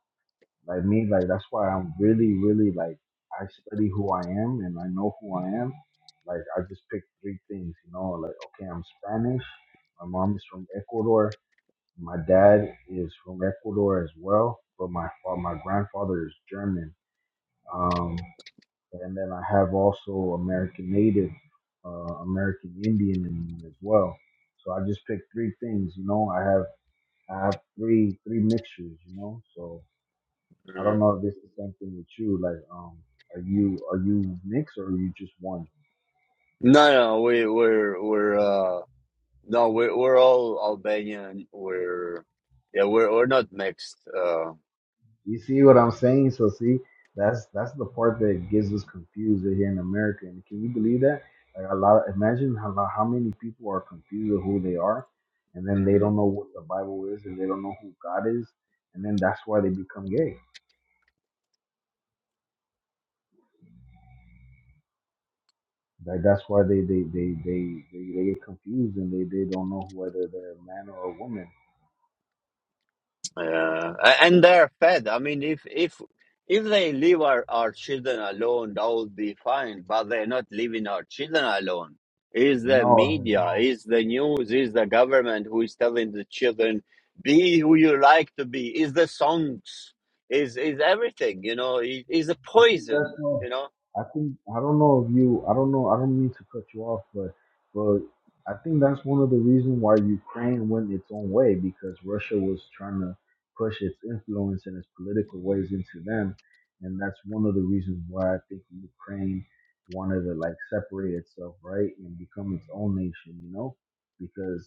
Speaker 15: like me like that's why i'm really really like i study who i am and i know who i am like i just picked three things you know like okay i'm spanish my mom is from ecuador my dad is from Ecuador as well, but my fa- my grandfather is German. Um, and then I have also American Native, uh, American Indian in me as well. So I just picked three things, you know. I have I have three three mixtures, you know. So I don't
Speaker 1: Mm.
Speaker 15: know if this is the same thing with you. Like, um, are you are you mixed or are you just one?
Speaker 1: no no we we're we're uh No, we're we're all Albanian. We're yeah, we're we're not mixed. Uh,
Speaker 15: You see what I'm saying? So see, that's that's the part that gets us confused here in America. And can you believe that? Like a lot. imagine how how many people are confused of who they are, and then they
Speaker 1: mm,
Speaker 15: don't know what the Bible is, and they don't know who God is, and then that's why they become gay. Like that's why they they they they they, they get confused and they they don't know whether they're a man or a woman.
Speaker 1: uh, a- and they're fed. I mean, if if if they leave our, our children alone, that would be fine. But they're not leaving our children alone. Is the
Speaker 15: No,
Speaker 1: media?
Speaker 15: no.
Speaker 1: Is the news? Is the government who is telling the children be who you like to be? Is the songs? Is is everything? You know, is is a
Speaker 15: I think that's
Speaker 1: poison.
Speaker 15: not.
Speaker 1: You know.
Speaker 15: I think I don't know if you. I don't know. I don't mean to cut you off, but but I think that's one of the reasons why Ukraine went its own way because Russia was trying to push its influence and its political ways into them, and that's one of the reasons why I think Ukraine wanted to like separate itself, right, and become its own nation. You know, because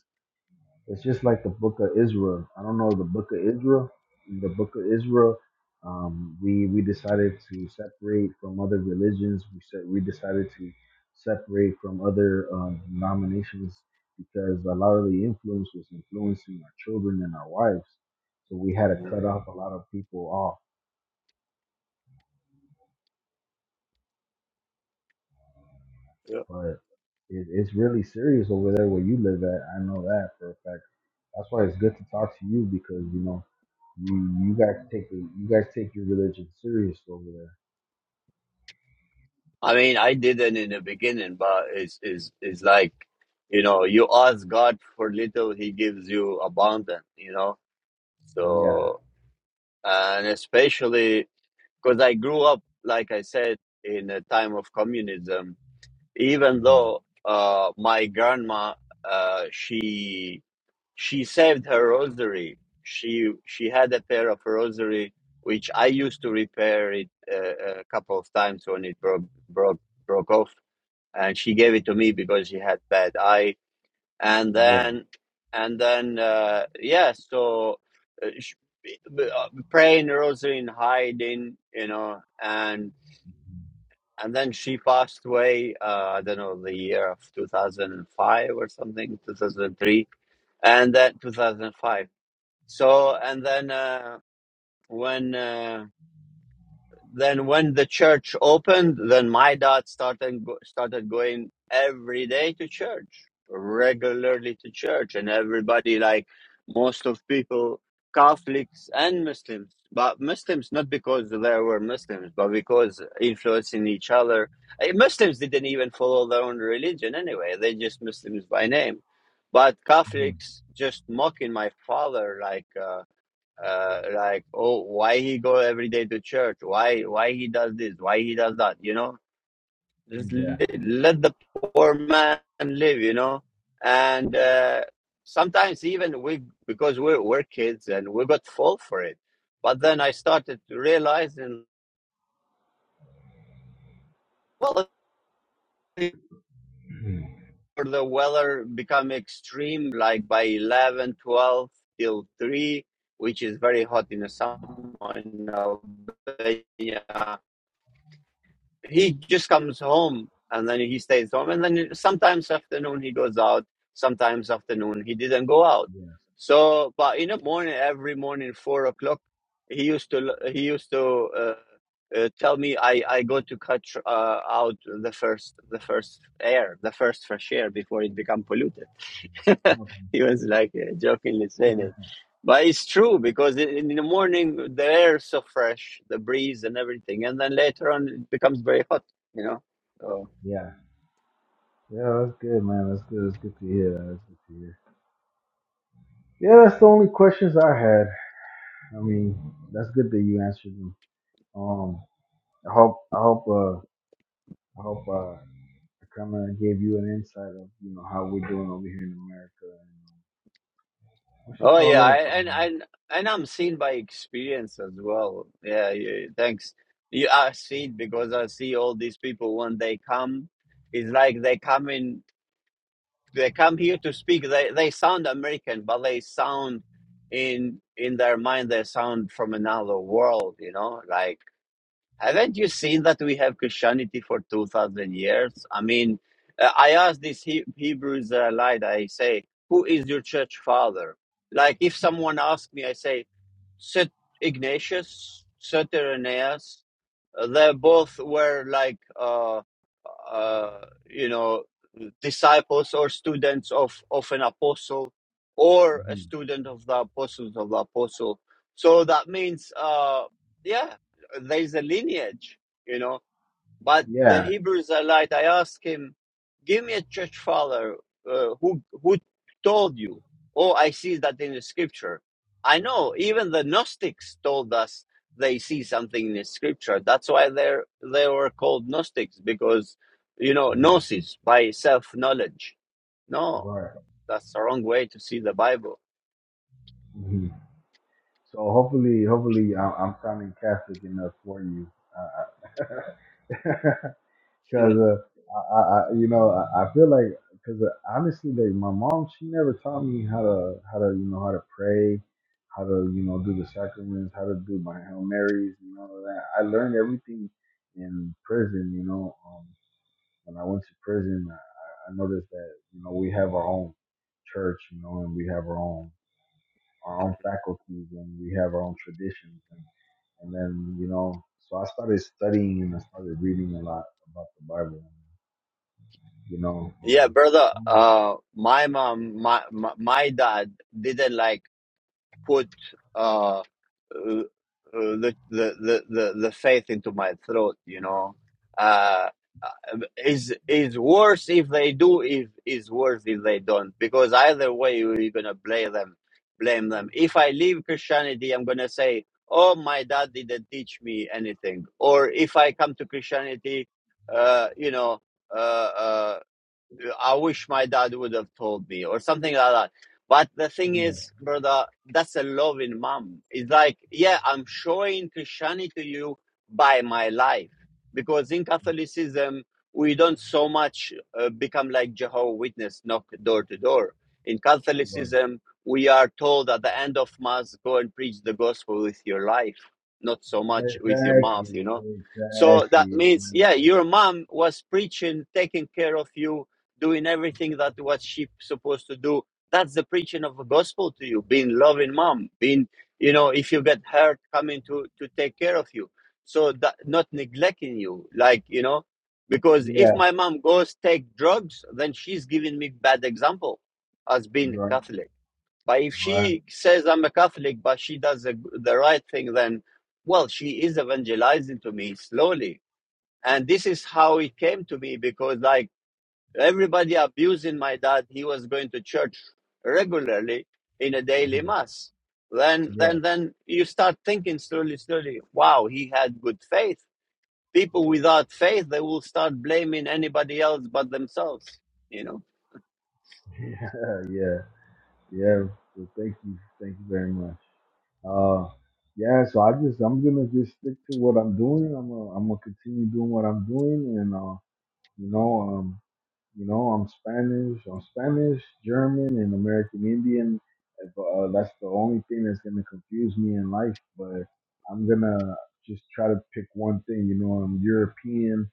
Speaker 15: it's just like the Book of Israel. I don't know the Book of Israel. In the Book of Israel, um, we we decided to separate from other religions. We said we decided to separate from other um, denominations because a lot of the influence was influencing our children and our wives. So we had to
Speaker 1: Mhm.
Speaker 15: cut off a lot of people off. But it, it's really serious over there where you live at. I know that for a fact. That's why it's good to talk to you because you know You you guys take the, you guys take your religion serious over there.
Speaker 1: I mean, I didn't in the beginning, but it's is is like, you know, you ask God for little, He gives you abundant, you know.
Speaker 15: Yeah.
Speaker 1: So, and especially because I grew up, like I said, in a time of communism. Even
Speaker 15: hmm
Speaker 1: though uh, my grandma, uh, she she saved her rosary. She she had a pair of rosary which I used to repair it uh, a couple of times when it broke broke broke off and she gave it to me because she had bad eye and
Speaker 15: Yeah.
Speaker 1: then and then uh yeah so uh, sh- uh, praying the rosary and hiding you know and and then she passed away uh i don't know the year of 2005 or something 2003 and then 2005 so and then uh when uh then when the church opened, then my dad started started going every day to church, regularly to church, and everybody like most of people, Catholics and Muslims, but Muslims not because there were Muslims, but because influencing each other. Eh, Muslims didn't even follow their own religion anyway; they just Muslims by name. But
Speaker 15: hmm
Speaker 1: Catholics just mocking my father, like. Uh, uh, like oh why he go every day to church why why he does this why he does that you know just
Speaker 15: Yeah. Yes.
Speaker 1: let the poor man live you know and uh, sometimes even we because we're, we're kids and we got fall for it but then i started to realize and well
Speaker 15: Mhm.
Speaker 1: for the weather become extreme like by 11 12 till 3 which is very hot in the summer in Albania he just comes home and then he stays home and then sometimes afternoon he goes out sometimes afternoon he didn't go out
Speaker 15: Yeah.
Speaker 1: so but in the morning every morning four o'clock he used to he used to uh, uh, tell me i i go to cut uh, out the first the first air the first fresh air before it become polluted
Speaker 15: Mm-hmm.
Speaker 1: he was like uh, jokingly saying it but it's true because in in the morning the air is so fresh the breeze and everything and then later on it becomes very hot you know so,
Speaker 15: Yeah, Yeah. that's good, man. That's good. That's good to hear. That's good to hear. Yeah, that's the only questions I had. I mean, that's good that you answered them. Um, I hope, I hope, uh, I hope, uh, I kind of gave you an insight of, you know, how we're doing over here in America. And, um, what you
Speaker 1: oh
Speaker 15: call
Speaker 1: yeah
Speaker 15: it?
Speaker 1: I, and
Speaker 15: Um,
Speaker 1: and and i'm seen by experience as well yeah you, thanks you i see it because i see all these people when they come it's like they come in they come here to speak they, they sound american but they sound in in their mind they sound from another world you know like haven't you seen that we have christianity for 2000 years i mean uh, i asked this he- hebrew israelite i say who is your church father like if someone asks me i say St. ignatius St. Sotereneus, they both were like uh, uh, you know, disciples or students of, of an apostle or a
Speaker 15: mhm.
Speaker 1: student of the apostles of the apostle. So that means, uh, yeah, there's a lineage, you know, but the
Speaker 15: Yeah.
Speaker 1: Hebrew Israelite, I asked him, give me a church father uh, who who told you. Oh, I see that in the scripture. I know even the Gnostics told us they see something in the scripture. That's why they are they were called Gnostics because you know
Speaker 15: Mhm.
Speaker 1: gnosis by self knowledge. No,
Speaker 15: Right.
Speaker 1: that's the wrong way to see the Bible.
Speaker 15: Mhm. So hopefully, hopefully, I'm, I'm sounding Catholic enough for you, because
Speaker 1: Hmm.
Speaker 15: uh, I, I, I- you know, I, I feel like because uh, honestly, like my mom, she never taught me how to how to you know how to pray, how to you know do the sacraments, how to do my hail marys and all of that. I learned everything in prison. You know, um, when I went to prison, I, I I noticed that you know we have our own church, you know, and we have our own our own faculties and we have our own traditions. And, and then, you know, so I started studying and I started reading a lot about the Bible. You know,
Speaker 1: Yeah,
Speaker 15: um,
Speaker 1: brother.
Speaker 15: um,
Speaker 1: Uh, my mom, my my my dad didn't like put uh, uh, uh, the, the the the the faith into my throat. You know, uh, uh, is is worse if they do. Is is worse if they don't. Because either way, you're gonna blame them. Blame them. If I leave Christianity, I'm gonna say, "Oh, my dad didn't teach me anything." Or if I come to Christianity, uh, you know. uh, uh, I wish my dad would have told me or something like that. But the thing
Speaker 15: yeah,
Speaker 1: is, brother, that's a loving mom. It's like, yeah, I'm showing Christianity to you by my life. Because in Catholicism, we don't so much uh, become like Jehovah Witness, knock door to door. In
Speaker 15: right.
Speaker 1: Catholicism, we are told at the end of Mass, go and preach the gospel with your life, not so much with your mouth, you
Speaker 15: exactly,
Speaker 1: know? So that
Speaker 15: exactly,
Speaker 1: means, yeah,
Speaker 15: exactly.
Speaker 1: your mom was preaching, taking care of you, doing everything that what she's supposed to do. That's the preaching of the gospel to you, being loving mom, being you know, if you get hurt, coming to to take care of you. So that not neglecting you, like you know, because if
Speaker 15: Yeah,
Speaker 1: my mom goes take drugs, then she's giving me bad example as being a
Speaker 15: right,
Speaker 1: Catholic. But if
Speaker 15: right.
Speaker 1: she says I'm a Catholic, but she does the, the right thing, then well, she is evangelizing to me slowly. And this is how it came to me because, like Everybody abusing my dad. He was going to church regularly in a daily
Speaker 15: mhm.
Speaker 1: mass. Then,
Speaker 15: Yeah,
Speaker 1: then, then you start thinking slowly, slowly. Wow, he had good faith. People without faith, they will start blaming anybody else but themselves. You know.
Speaker 15: yeah, yeah, yeah. So thank you, thank you very much. Uh, yeah, so I just I'm gonna just stick to what I'm doing. I'm gonna, I'm gonna continue doing what I'm doing, and uh, you know. um, You know, I'm Spanish. I'm Spanish, German, and American Indian. If, uh, that's the only thing that's gonna confuse me in life. But I'm gonna just try to pick one thing. You know, I'm European.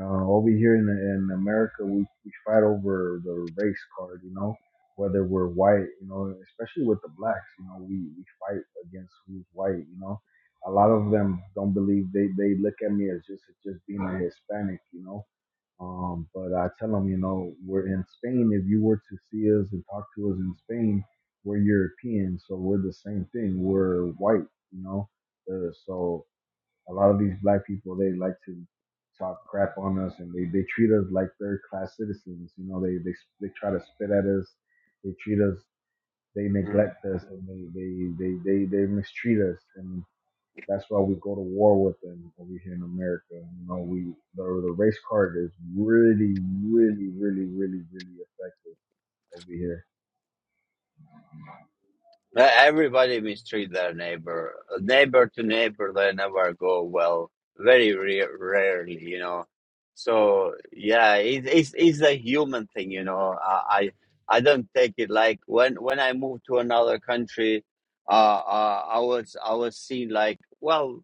Speaker 15: Uh, over here in, in America, we, we fight over the race card. You know, whether we're white. You know, especially with the blacks. You know, we we fight against who's white. You know, a lot of them don't believe they they look at me as just just being a Hispanic. You know um, but I tell them, you know, we're in Spain. If you were to see us and talk to us in Spain, we're European, so we're the same thing. We're white, you know. Uh, so a lot of these black people, they like to talk crap on us, and they, they treat us like third class citizens. You know, they they they try to spit at us. They treat us. They
Speaker 1: Mm.
Speaker 15: neglect us, and they they they they, they mistreat us. And that's why we go to war with them over here in America. You know, we the, the race card is really, really, really, really, really effective over here.
Speaker 1: Uh, Everybody mistreat their neighbor. Uh, Neighbor to neighbor, they never go well. Very rare, rarely, you know. So yeah, it, it's it's a human thing, you know. I I I don't take it like when when I moved to another country, uh, uh I was I was seen like well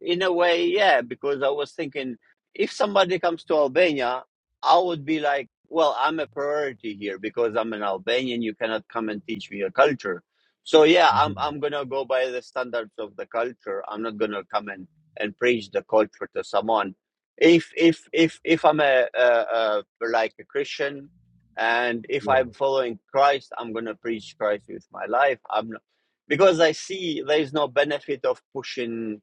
Speaker 1: in a way, yeah, because I was thinking if somebody comes to Albania, I would be like, well, I'm a priority here because I'm an Albanian. You cannot come and teach me your culture. So yeah,
Speaker 15: hmm
Speaker 1: I'm I'm gonna go by the standards of the culture. I'm not gonna come and and preach the culture to someone. If if if if I'm a, a, a like a Christian, and if
Speaker 15: Yeah.
Speaker 1: I'm following Christ, I'm gonna preach Christ with my life. I'm not because I see there is no benefit of pushing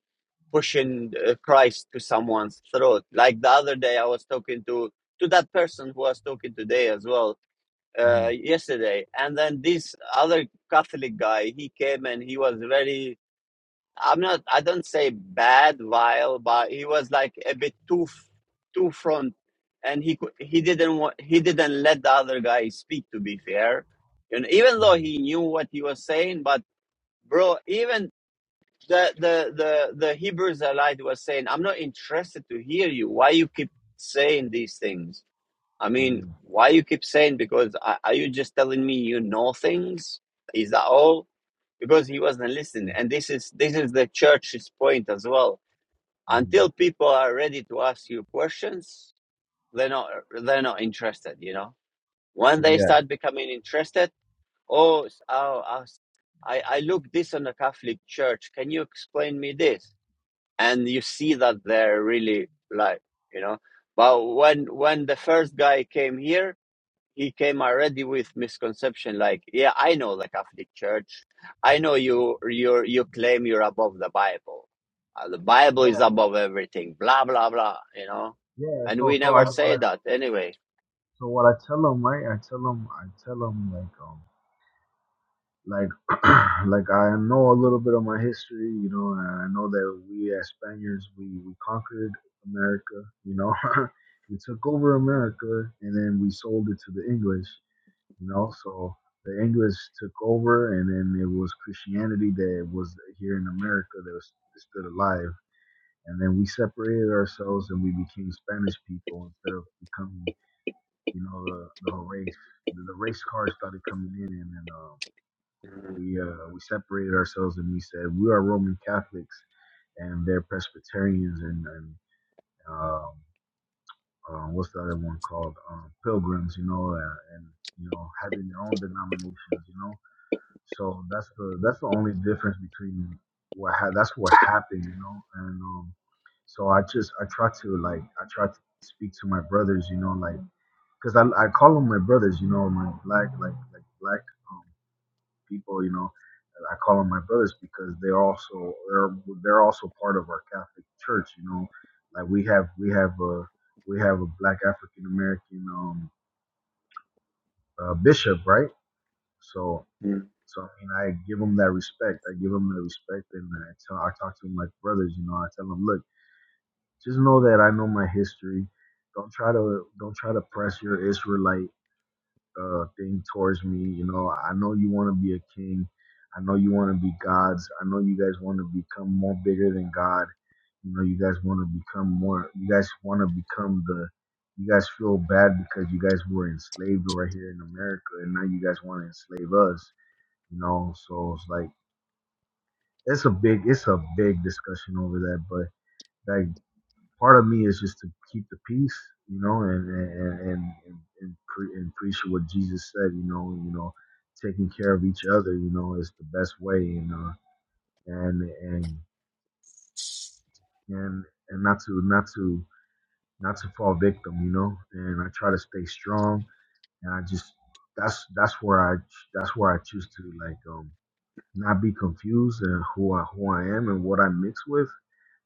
Speaker 1: pushing uh, Christ to someone's throat. Like the other day, I was talking to to that person who I was talking today as well
Speaker 15: hmm
Speaker 1: uh, yesterday, and then this other Catholic guy he came and he was very I'm not I don't say bad vile, but he was like a bit too f- too front, and he cou- he didn't want he didn't let the other guy speak. To be fair, you know, even though he knew what he was saying, but bro, even the the the the Hebrew Israelite was saying, "I'm not interested to hear you. Why you keep saying these things? I mean,
Speaker 15: hmm
Speaker 1: why you keep saying? Because are you just telling me you know things? Is that all? Because he wasn't listening. And this is this is the church's point as well.
Speaker 15: hmm
Speaker 1: Until people are ready to ask you questions, they're not they're not interested. You know, when they
Speaker 15: Yeah.
Speaker 1: start becoming interested, oh, oh, I I look this on the Catholic Church. Can you explain me this? and you see that they're really like you know but when when the first guy came here he came already with misconception like yeah i know the catholic church i know you you you claim you're above the bible uh, the bible is
Speaker 15: Yeah.
Speaker 1: above everything blah blah blah you know
Speaker 15: Yeah.
Speaker 1: and we
Speaker 15: So, so I
Speaker 1: never say
Speaker 15: what I
Speaker 1: that anyway
Speaker 15: so what I tell them, right? I tell them, I tell them like um. like like I know a little bit of my history, you know, and I know that we as Spaniards we, we conquered America, you know. we took over America and then we sold it to the English, you know, so the English took over and then it was Christianity that was here in America that was that stood alive. And then we separated ourselves and we became Spanish people instead of becoming, you know, the, the race. The race cars started coming in and then uh,
Speaker 1: Mhm.
Speaker 15: we uh, we separated ourselves and we said we are Roman Catholics and they're Presbyterians and, and um, uh, what's the other one called? Um, Pilgrims, you know, uh, and you know having their own denominations, you know. So that's the that's the only difference between what ha- that's what happened, you know. And um, so I just I try to like I try to speak to my brothers, you know, like because I I call them my brothers, you know, my black like like black. um, people, you know, I call them my brothers because they're also they're they're also part of our Catholic Church. You know, like we have we have a we have a Black African American um, uh, bishop, right? So
Speaker 1: Mm.
Speaker 15: so I mean, I give them that respect. I give them that respect, and I tell I talk to them like brothers. You know, I tell them, look, just know that I know my history. Don't try to don't try to press your Israelite uh, thing towards me. You know, I know you want to be a king. I know you want to be gods. I know you guys want to become more bigger than God. You know, you guys want to become more. You guys want to become the. You guys feel bad because you guys were enslaved right here in America, and now you guys want to enslave us. You know, so it's like it's a big, it's a big discussion over that, but. like part of me is just to keep the peace, you know, and and and and, and, pre- and preach what Jesus said, you know, you know, taking care of each other, you know, is the best way, you know, and and and and not to not to not to fall victim, you know, and I try to stay strong, and I just that's that's where I that's where I choose to like um not be confused and who I who I am and what I mix with,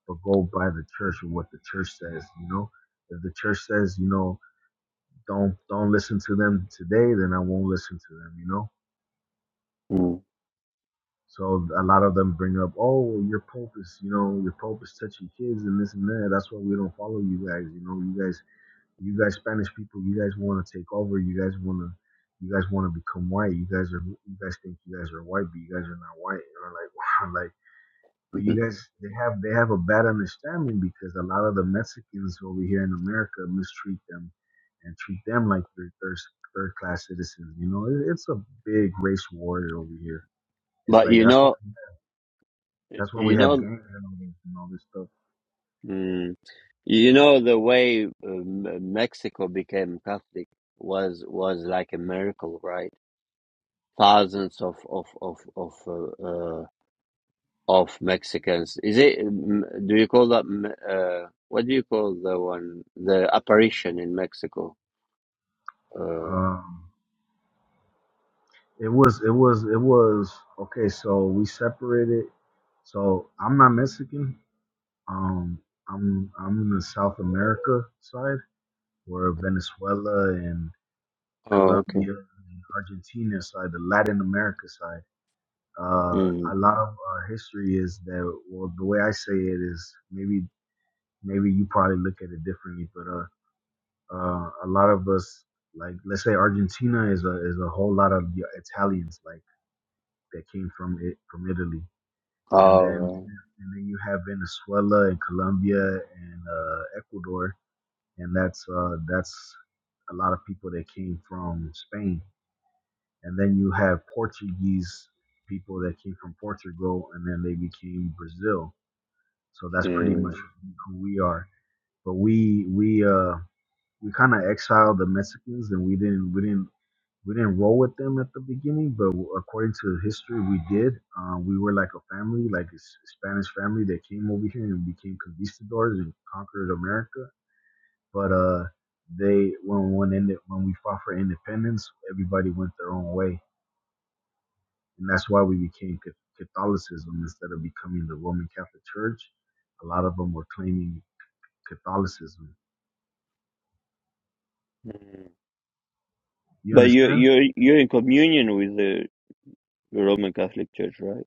Speaker 15: but go by the church and what the church says, you know. If the church says, you know, don't don't listen to them today, then I won't listen to them, you know.
Speaker 1: Mm.
Speaker 15: So a lot of them bring up, oh, your pope is, you know, your pope is touching kids and this and that. That's why we don't follow you guys. You know, you guys, you guys Spanish people, you guys want to take over. You guys want to, you guys want to become white. You guys are, you guys think you guys are white, but you guys are not white. And I'm like, wow, like. But you guys, they have they have a bad understanding because a lot of the Mexicans over here in America mistreat them and treat them like they're third third class citizens. You know, it, it's a big race war over here. It's
Speaker 1: but
Speaker 15: like
Speaker 1: you
Speaker 15: that's what
Speaker 1: know
Speaker 15: that's why
Speaker 1: you
Speaker 15: we have
Speaker 1: know
Speaker 15: gangs and all this and all this stuff.
Speaker 1: mm, You know, the way um, Mexico became Catholic was was like a miracle, right? Thousands of of of of uh, uh, of Mexicans. Is it? um, Do you call that? m- Uh, what do you call the one? The apparition in Mexico. Uh,
Speaker 15: Um, it was it was it was okay. So we separated. So I'm not Mexican. Um, I'm I'm in the South America side, where Venezuela and
Speaker 1: oh,
Speaker 15: Colombia,
Speaker 1: okay.
Speaker 15: and Argentina side, the Latin America side. Uh, a
Speaker 1: Mm.
Speaker 15: lot of our history is that. Well, the way I say it is maybe maybe you probably look at it differently, but uh, uh, a lot of us, like let's say Argentina is a is a whole lot of the Italians like that came from it from Italy, and then
Speaker 1: Oh,
Speaker 15: and then you have Venezuela and Colombia and uh, Ecuador, and that's uh, that's a lot of people that came from Spain and then you have Portuguese people that came from Portugal, and then they became Brazil. So
Speaker 1: right.
Speaker 15: that's pretty much
Speaker 1: Mm.
Speaker 15: who we are. But we we uh we kind of exiled the Mexicans, and we didn't we didn't we didn't roll with them at the beginning. But according to history, we did. Uh, we were like a family, like a S- Spanish family that came over here and became conquistadors and conquered America. But uh, they when when, inde- when we fought for independence, everybody went their own way and that's why we became Ca- Catholicism instead of becoming the Roman Catholic Church. A lot of them were claiming Catholicism.
Speaker 1: Mm.
Speaker 15: You
Speaker 1: But you
Speaker 15: understand?
Speaker 1: you're you're in communion with the Roman Catholic Church, right?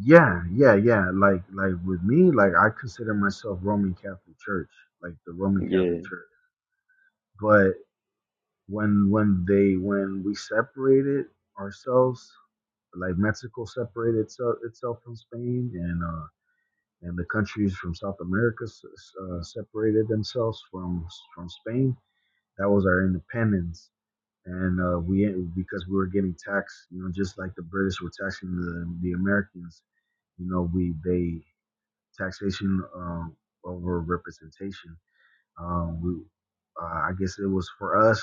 Speaker 15: Yeah, yeah, yeah. Like, like with me, like I consider myself Roman Catholic Church, like the Roman Catholic
Speaker 1: Yeah.
Speaker 15: Church. But when when they when we separated ourselves, like Mexico separated itself, itself from Spain, and uh, and the countries from South America s- s- uh, separated themselves from from Spain That was our independence, and uh, we because we were getting taxed, you know, just like the British were taxing the the Americans. You know, we they taxation um, over representation. Um, we, uh, I guess it was for us.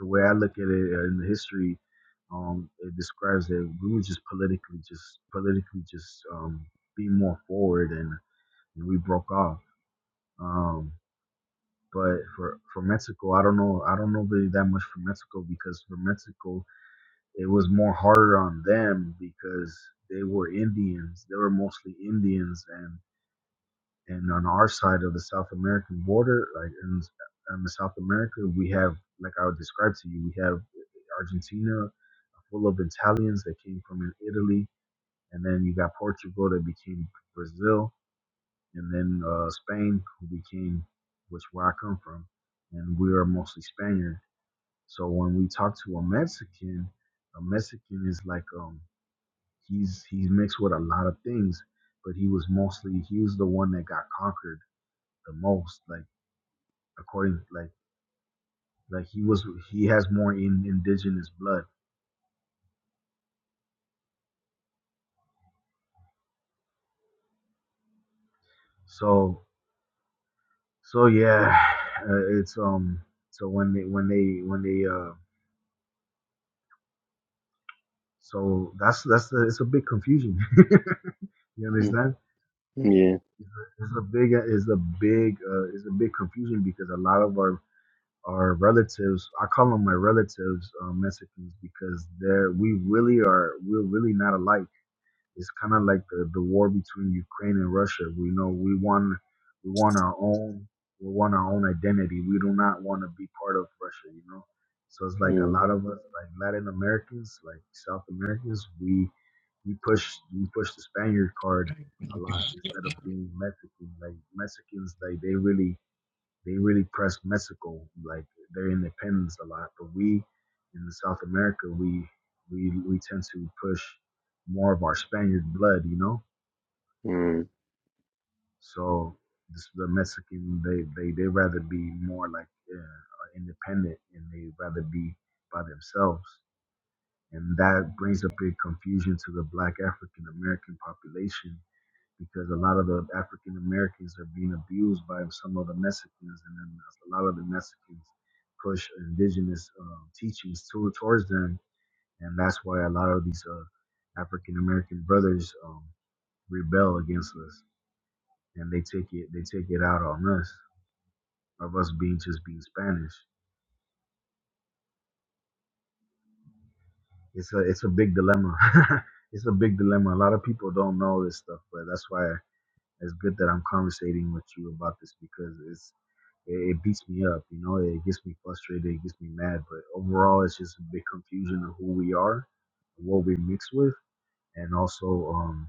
Speaker 15: The way I look at it uh, in the history, um, it describes that we were just politically, just politically, just um, being more forward, and, and we broke off. Um, but for for Mexico, I don't know. I don't know really that much for Mexico because for Mexico, it was more harder on them because they were Indians. They were mostly Indians, and and on our side of the South American border, like in, in the South America, we have like I would describe to you, we have Argentina full of Italians that came from Italy, and then you got Portugal that became Brazil, and then uh, Spain, who became, which where I come from, and we are mostly Spaniard. So when we talk to a Mexican, a Mexican is like um he's he's mixed with a lot of things, but he was mostly he was the one that got conquered the most, like according like like he was he has more in indigenous blood. So so yeah, uh, it's um so when they when they when they uh so that's that's the, it's a big confusion. you
Speaker 1: Mm.
Speaker 15: understand?
Speaker 1: Yeah.
Speaker 15: It's a big is a big uh, is a big confusion because a lot of our our relatives I call them my relatives uh, Mexicans because they're we really are we're really not alike. It's kind of like the, the war between Ukraine and Russia. We know we want we want our own we want our own identity. We do not want to be part of Russia, you know. So it's like a
Speaker 1: Mm.
Speaker 15: lot of us, like Latin Americans, like South Americans, we we push we push the Spaniard card a lot instead of being Mexican. Like Mexicans, like they really they really press Mexico, like their independence a lot. But we in South America, we we we tend to push more of our Spaniard blood, you know.
Speaker 1: Mm.
Speaker 15: So this, the Mexican, they they they rather be more like uh, independent, and they rather be by themselves, and that brings a big confusion to the Black African American population because a lot of the African Americans are being abused by some of the Mexicans, and then a lot of the Mexicans push indigenous uh, teachings to, towards them, and that's why a lot of these uh, African American brothers um, rebel against us, and they take it they take it out on us of us being just being Spanish. It's a it's a big dilemma. it's a big dilemma. A lot of people don't know this stuff, but that's why it's good that I'm conversating with you about this because it's. It, it beats me up, you know. It gets me frustrated. It gets me mad. But overall, it's just a big confusion of who we are, what we mix with, and also um,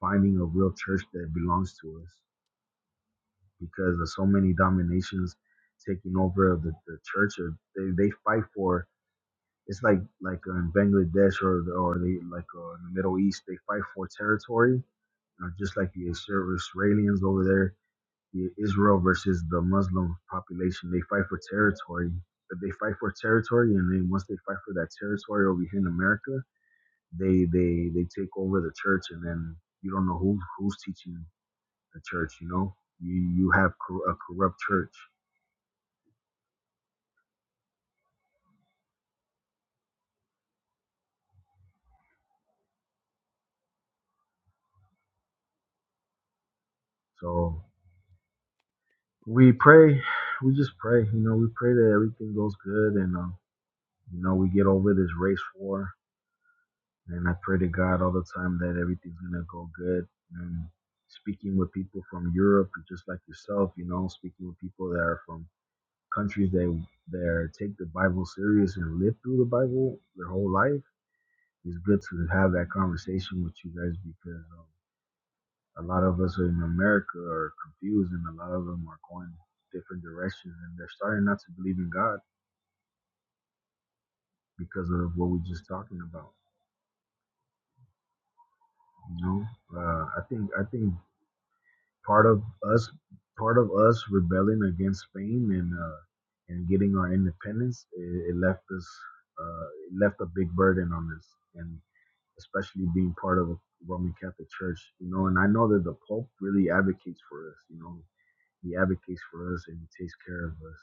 Speaker 15: finding a real church that belongs to us. Because of so many dominations taking over of the, the church, or they they fight for. It's like like uh, in Bangladesh or the- or they like uh, in the Middle East, they fight for territory. You know, just like the Isra- Israelis over there, Yeah, Israel versus the Muslim population. They fight for territory. But they fight for territory, and then once they fight for that territory over here in America, they they they take over the church, and then you don't know who who's teaching the church. You know, you you have cor- a corrupt church. So we pray, we just pray. You know, we pray that everything goes good, and uh, you know we get over this race war And I pray to God all the time that everything's gonna go good. And speaking with people from Europe, just like yourself, you know, speaking with people that are from countries that that take the Bible serious and live through the Bible their whole life, it's good to have that conversation with you guys because um, a lot of us in America are confused, and a lot of them are going different directions, and they're starting not to believe in God because of what we're just talking about. You know, uh, I think I think part of us part of us rebelling against Spain and uh, and getting our independence, it, it left us uh, it left a big burden on us, and especially being part of a Roman Catholic Church, you know. And I know that the Pope really advocates for us, you know. He advocates for us and he takes care of us,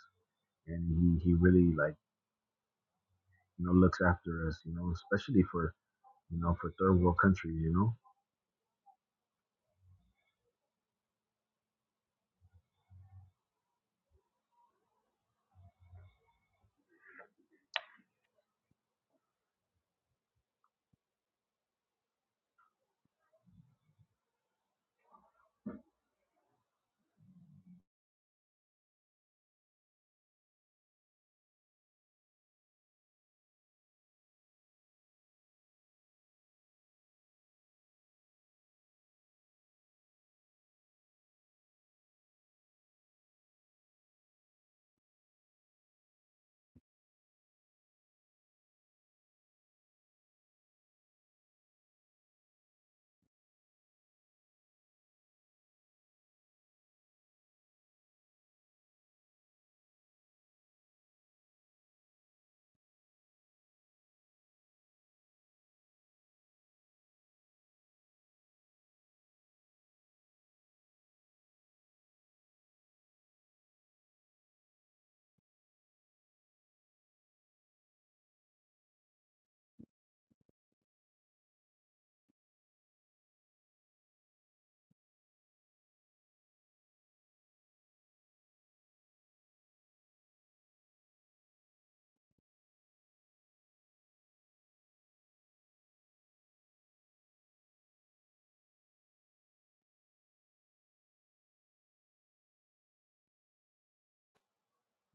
Speaker 15: and he he really like you know looks after us, you know, especially for you know for third world countries, you know.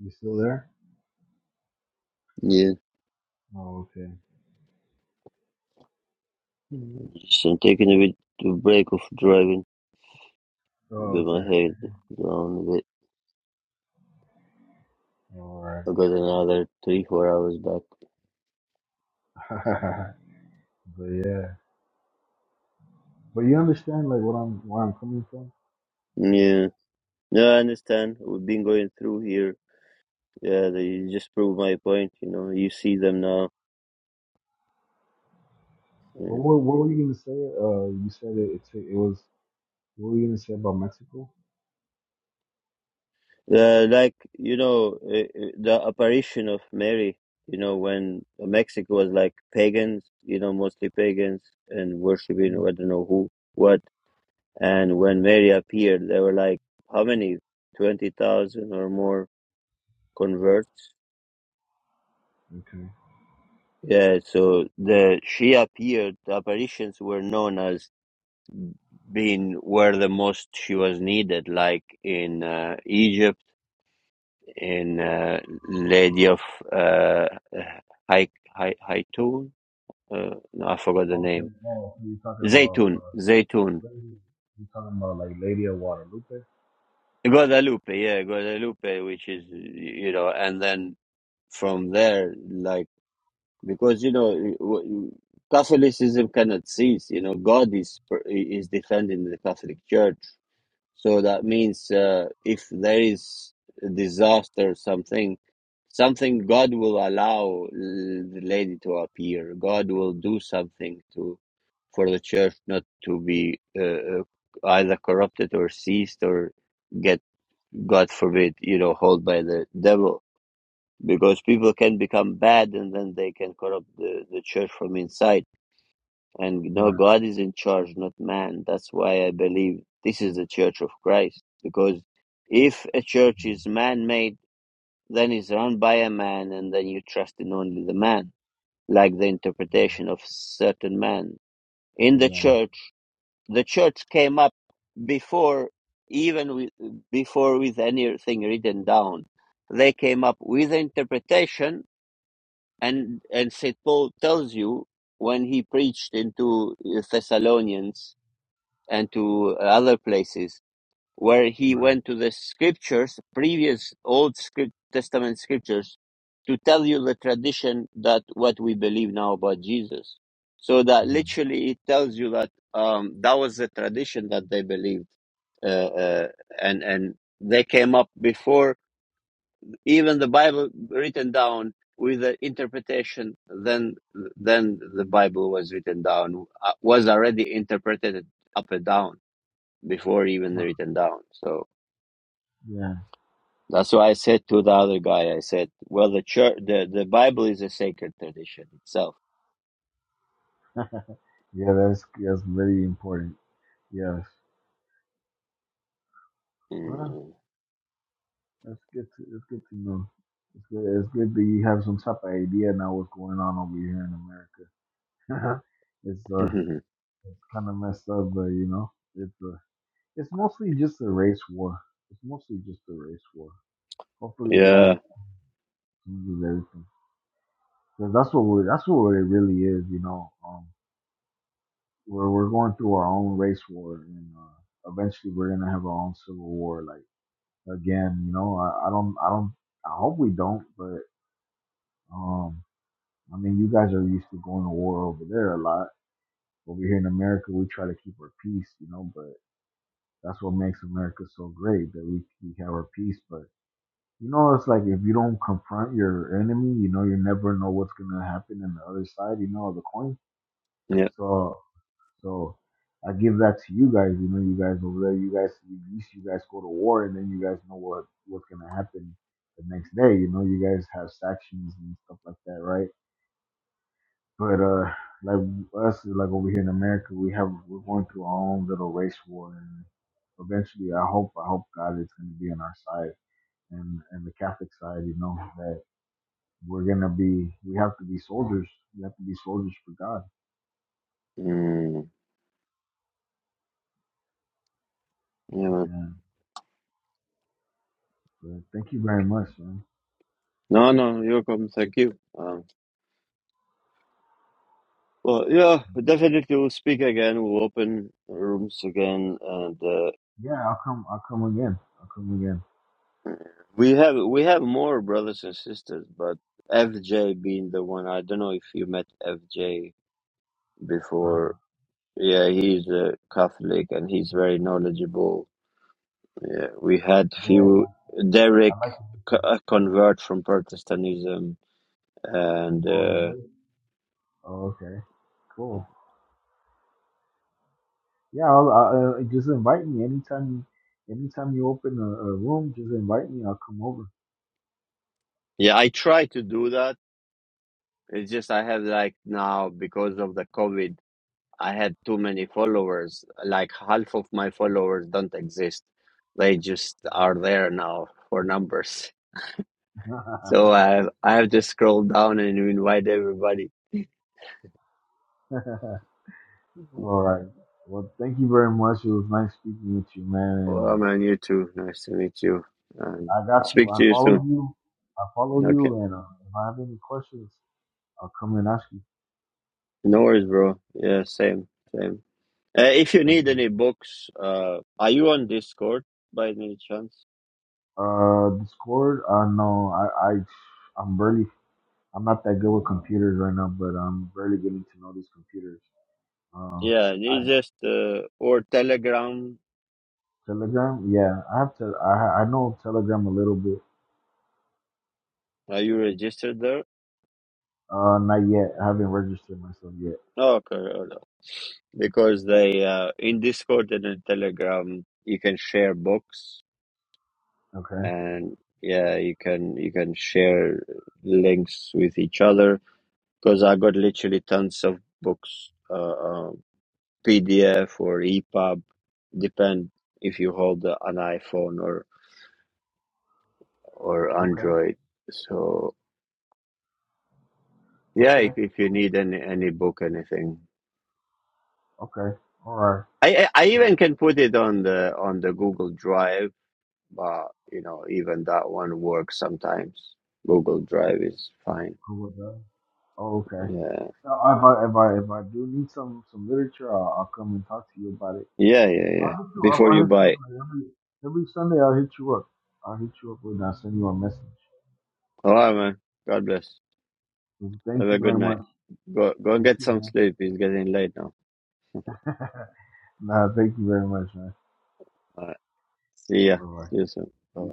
Speaker 15: You still there? Oh okay.
Speaker 1: Just I'm taking a bit of break of driving.
Speaker 15: Oh
Speaker 1: Got my
Speaker 15: okay.
Speaker 1: head down a bit.
Speaker 15: All right.
Speaker 1: I got another three, four hours back.
Speaker 15: but yeah. But you understand like what I'm where I'm coming from.
Speaker 1: Yeah. No, I understand. We've been going through here. Yeah, they just prove my point, you know. You see them now.
Speaker 15: But
Speaker 1: Yeah.
Speaker 15: what what were you gonna say? Uh, you said it. It, it was. What were you gonna say about Mexico?
Speaker 1: Uh, like, you know, uh, uh, the apparition of Mary, you know, when Mexico was like pagans, you know, mostly pagans and worshipping,
Speaker 15: mm
Speaker 1: I don't know who. what. And
Speaker 15: mm,
Speaker 1: when Mary appeared, there were like how many? Twenty thousand or more converts.
Speaker 15: Okay.
Speaker 1: Yeah, so the she appeared. The apparitions were known as being where the most she was needed, like in uh, Egypt, in uh, Lady of uh, Hai Hai Haitun. Uh, no, I forgot the
Speaker 15: Okay.
Speaker 1: name.
Speaker 15: Oh, so you're talking about
Speaker 1: Zaytun, Zaytun,
Speaker 15: uh, lady. You're talking about like Lady of Guadalupe.
Speaker 1: Guadalupe. Yeah, Guadalupe, which is you know, and then from there, like. because you know w- Catholicism cannot cease. You know, God is is defending the Catholic Church, so that means uh, if there is a disaster, or something, something God will allow uh, the lady to appear. God will do something to for the church not to be uh, uh, either corrupted or seized or get, God forbid, you know, hold by the devil because people can become bad and then they can corrupt the, the church from inside. And you know,
Speaker 15: Right.
Speaker 1: God is in charge, not man. That's why I believe this is the church of Christ. Because if a church is man made, then it's run by a man and then you trust in only the man, like the interpretation of certain man. In the
Speaker 15: Yeah.
Speaker 1: church, the church came up before even with, before with anything written down. They came up with interpretation and and St. Paul tells you when he preached into Thessalonians and to other places where he
Speaker 15: Right.
Speaker 1: went to the scriptures, previous Old script, Testament scriptures, to tell you the tradition that what we believe now about Jesus. So that
Speaker 15: hmm
Speaker 1: literally it tells you that um, that was the tradition that they believed, uh, uh, and and they came up before even the Bible written down with the interpretation, then then the Bible was written down uh, was already interpreted up and down before even
Speaker 15: Huh.
Speaker 1: written down. So
Speaker 15: Yeah.
Speaker 1: that's why I said to the other guy, I said, well, the church, the the Bible is a sacred tradition itself.
Speaker 15: Yeah. That's that's very important. Yes. Well,
Speaker 1: Mm.
Speaker 15: that's good. To, that's good to know. It's good. It's good that you have some type of idea now what's going on over here in America. it's uh. It's kind of messed up, but you know, it's a, it's mostly just a race war. It's mostly just a race war. Hopefully,
Speaker 1: yeah,
Speaker 15: God changes everything because that's what we're, that's what it really is. You know, um, we're we're going through our own race war, and uh, eventually, we're gonna have our own civil war. Like again, you know, I, I don't, I don't, I hope we don't, but um, I mean, you guys are used to going to war over there a lot. Over here in America, we try to keep our peace, you know, but That's what makes America so great that we, we have our peace. But you know, it's like if you don't confront your enemy, you know, you never know what's gonna happen on the other side, you know, of the coin.
Speaker 1: yeah.
Speaker 15: So, so I give that to you guys. You know, you guys over there, you guys, at least you guys go to war, and then you guys know what what's gonna happen the next day. You know, you guys have factions and stuff like that, right? But uh, like us, like over here in America, we have we're going through our own little race war, and eventually, I hope I hope God is going to be on our side and and the Catholic side. You know that we're gonna be we have to be soldiers. We have to be soldiers for God.
Speaker 1: Mm. Yeah. man.
Speaker 15: Yeah. But thank you very much, man.
Speaker 1: No, no, you're welcome. Thank you. Um, well, yeah, definitely we'll speak again. We'll open rooms again, and uh,
Speaker 15: Yeah, I'll come. I'll come again. I'll come again.
Speaker 1: We have we have more brothers and sisters, but FJ being the one. I don't know if you met FJ
Speaker 15: Uh-huh.
Speaker 1: before. Yeah, he's a Catholic and he's very knowledgeable. Yeah, we had
Speaker 15: Yeah,
Speaker 1: few Derek
Speaker 15: I like
Speaker 1: c- uh, convert from Protestantism, and
Speaker 15: all of
Speaker 1: uh,
Speaker 15: this. Oh, okay. Cool. Yeah, I'll, I, uh, just invite me anytime. You, anytime you open a, a room, just invite me. I'll come over.
Speaker 1: yeah, I try to do that. It's just I have like now because of the COVID. I had too many followers. Like half of my followers don't exist. They just are there now for numbers. So I I have to scroll down and invite everybody. Well,
Speaker 15: All right. Well, thank you very much. It was nice speaking with you, man. And uh,
Speaker 1: I'm on YouTube. Nice to meet you. And
Speaker 15: I got you.
Speaker 1: speak
Speaker 15: I
Speaker 1: to you soon.
Speaker 15: follow you. I follow
Speaker 1: Okay.
Speaker 15: you. And uh, if I have any questions, I'll come and ask you.
Speaker 1: No worries, bro. Yeah, same, same. Uh, if you
Speaker 15: Thank
Speaker 1: need
Speaker 15: you.
Speaker 1: any books, uh, are you on Discord by any chance?
Speaker 15: Uh, Discord. Uh, no, I, I, I'm barely. I'm not that good with computers right now, but I'm barely getting to know these computers. Uh,
Speaker 1: Yeah,
Speaker 15: I.
Speaker 1: it's just uh, or Telegram.
Speaker 15: Telegram? Yeah, I have to. I ha- I know Telegram a little bit.
Speaker 1: Are you registered there?
Speaker 15: Uh, not yet. I haven't registered myself yet.
Speaker 1: Oh, okay. because they uh, in Discord and in Telegram you can share books
Speaker 15: Okay.
Speaker 1: and yeah you can you can share links with each other because I got literally tons of books uh, uh, PDF or EPUB depend if you hold uh, an iPhone or or
Speaker 15: Okay.
Speaker 1: Android so yeah
Speaker 15: Okay.
Speaker 1: if, if you need any any book anything
Speaker 15: Okay. All right.
Speaker 1: I I I even can put it on the on the Google Drive but you know, even that one works sometimes. Google Drive is fine.
Speaker 15: Cool with that. Oh, okay.
Speaker 1: Yeah.
Speaker 15: Now, if I if I if I do need some some literature, I'll, I'll come and talk to you about it.
Speaker 1: Yeah, yeah, yeah.
Speaker 15: I'll hit you up.
Speaker 1: Before
Speaker 15: I'll
Speaker 1: you
Speaker 15: hit you up
Speaker 1: buy.
Speaker 15: like every every Sunday. I'll hit you up. I'll hit you up with. I'll send you a message.
Speaker 1: All right, man. God bless.
Speaker 15: Thank
Speaker 1: Have
Speaker 15: you
Speaker 1: a good
Speaker 15: very
Speaker 1: night.
Speaker 15: much.
Speaker 1: Go go
Speaker 15: You
Speaker 1: get
Speaker 15: too,
Speaker 1: some
Speaker 15: man.
Speaker 1: sleep. It's getting late now.
Speaker 15: nah, thank you very much, man.
Speaker 1: All right. See ya.
Speaker 15: Bye bye.
Speaker 1: See you soon. Bye bye.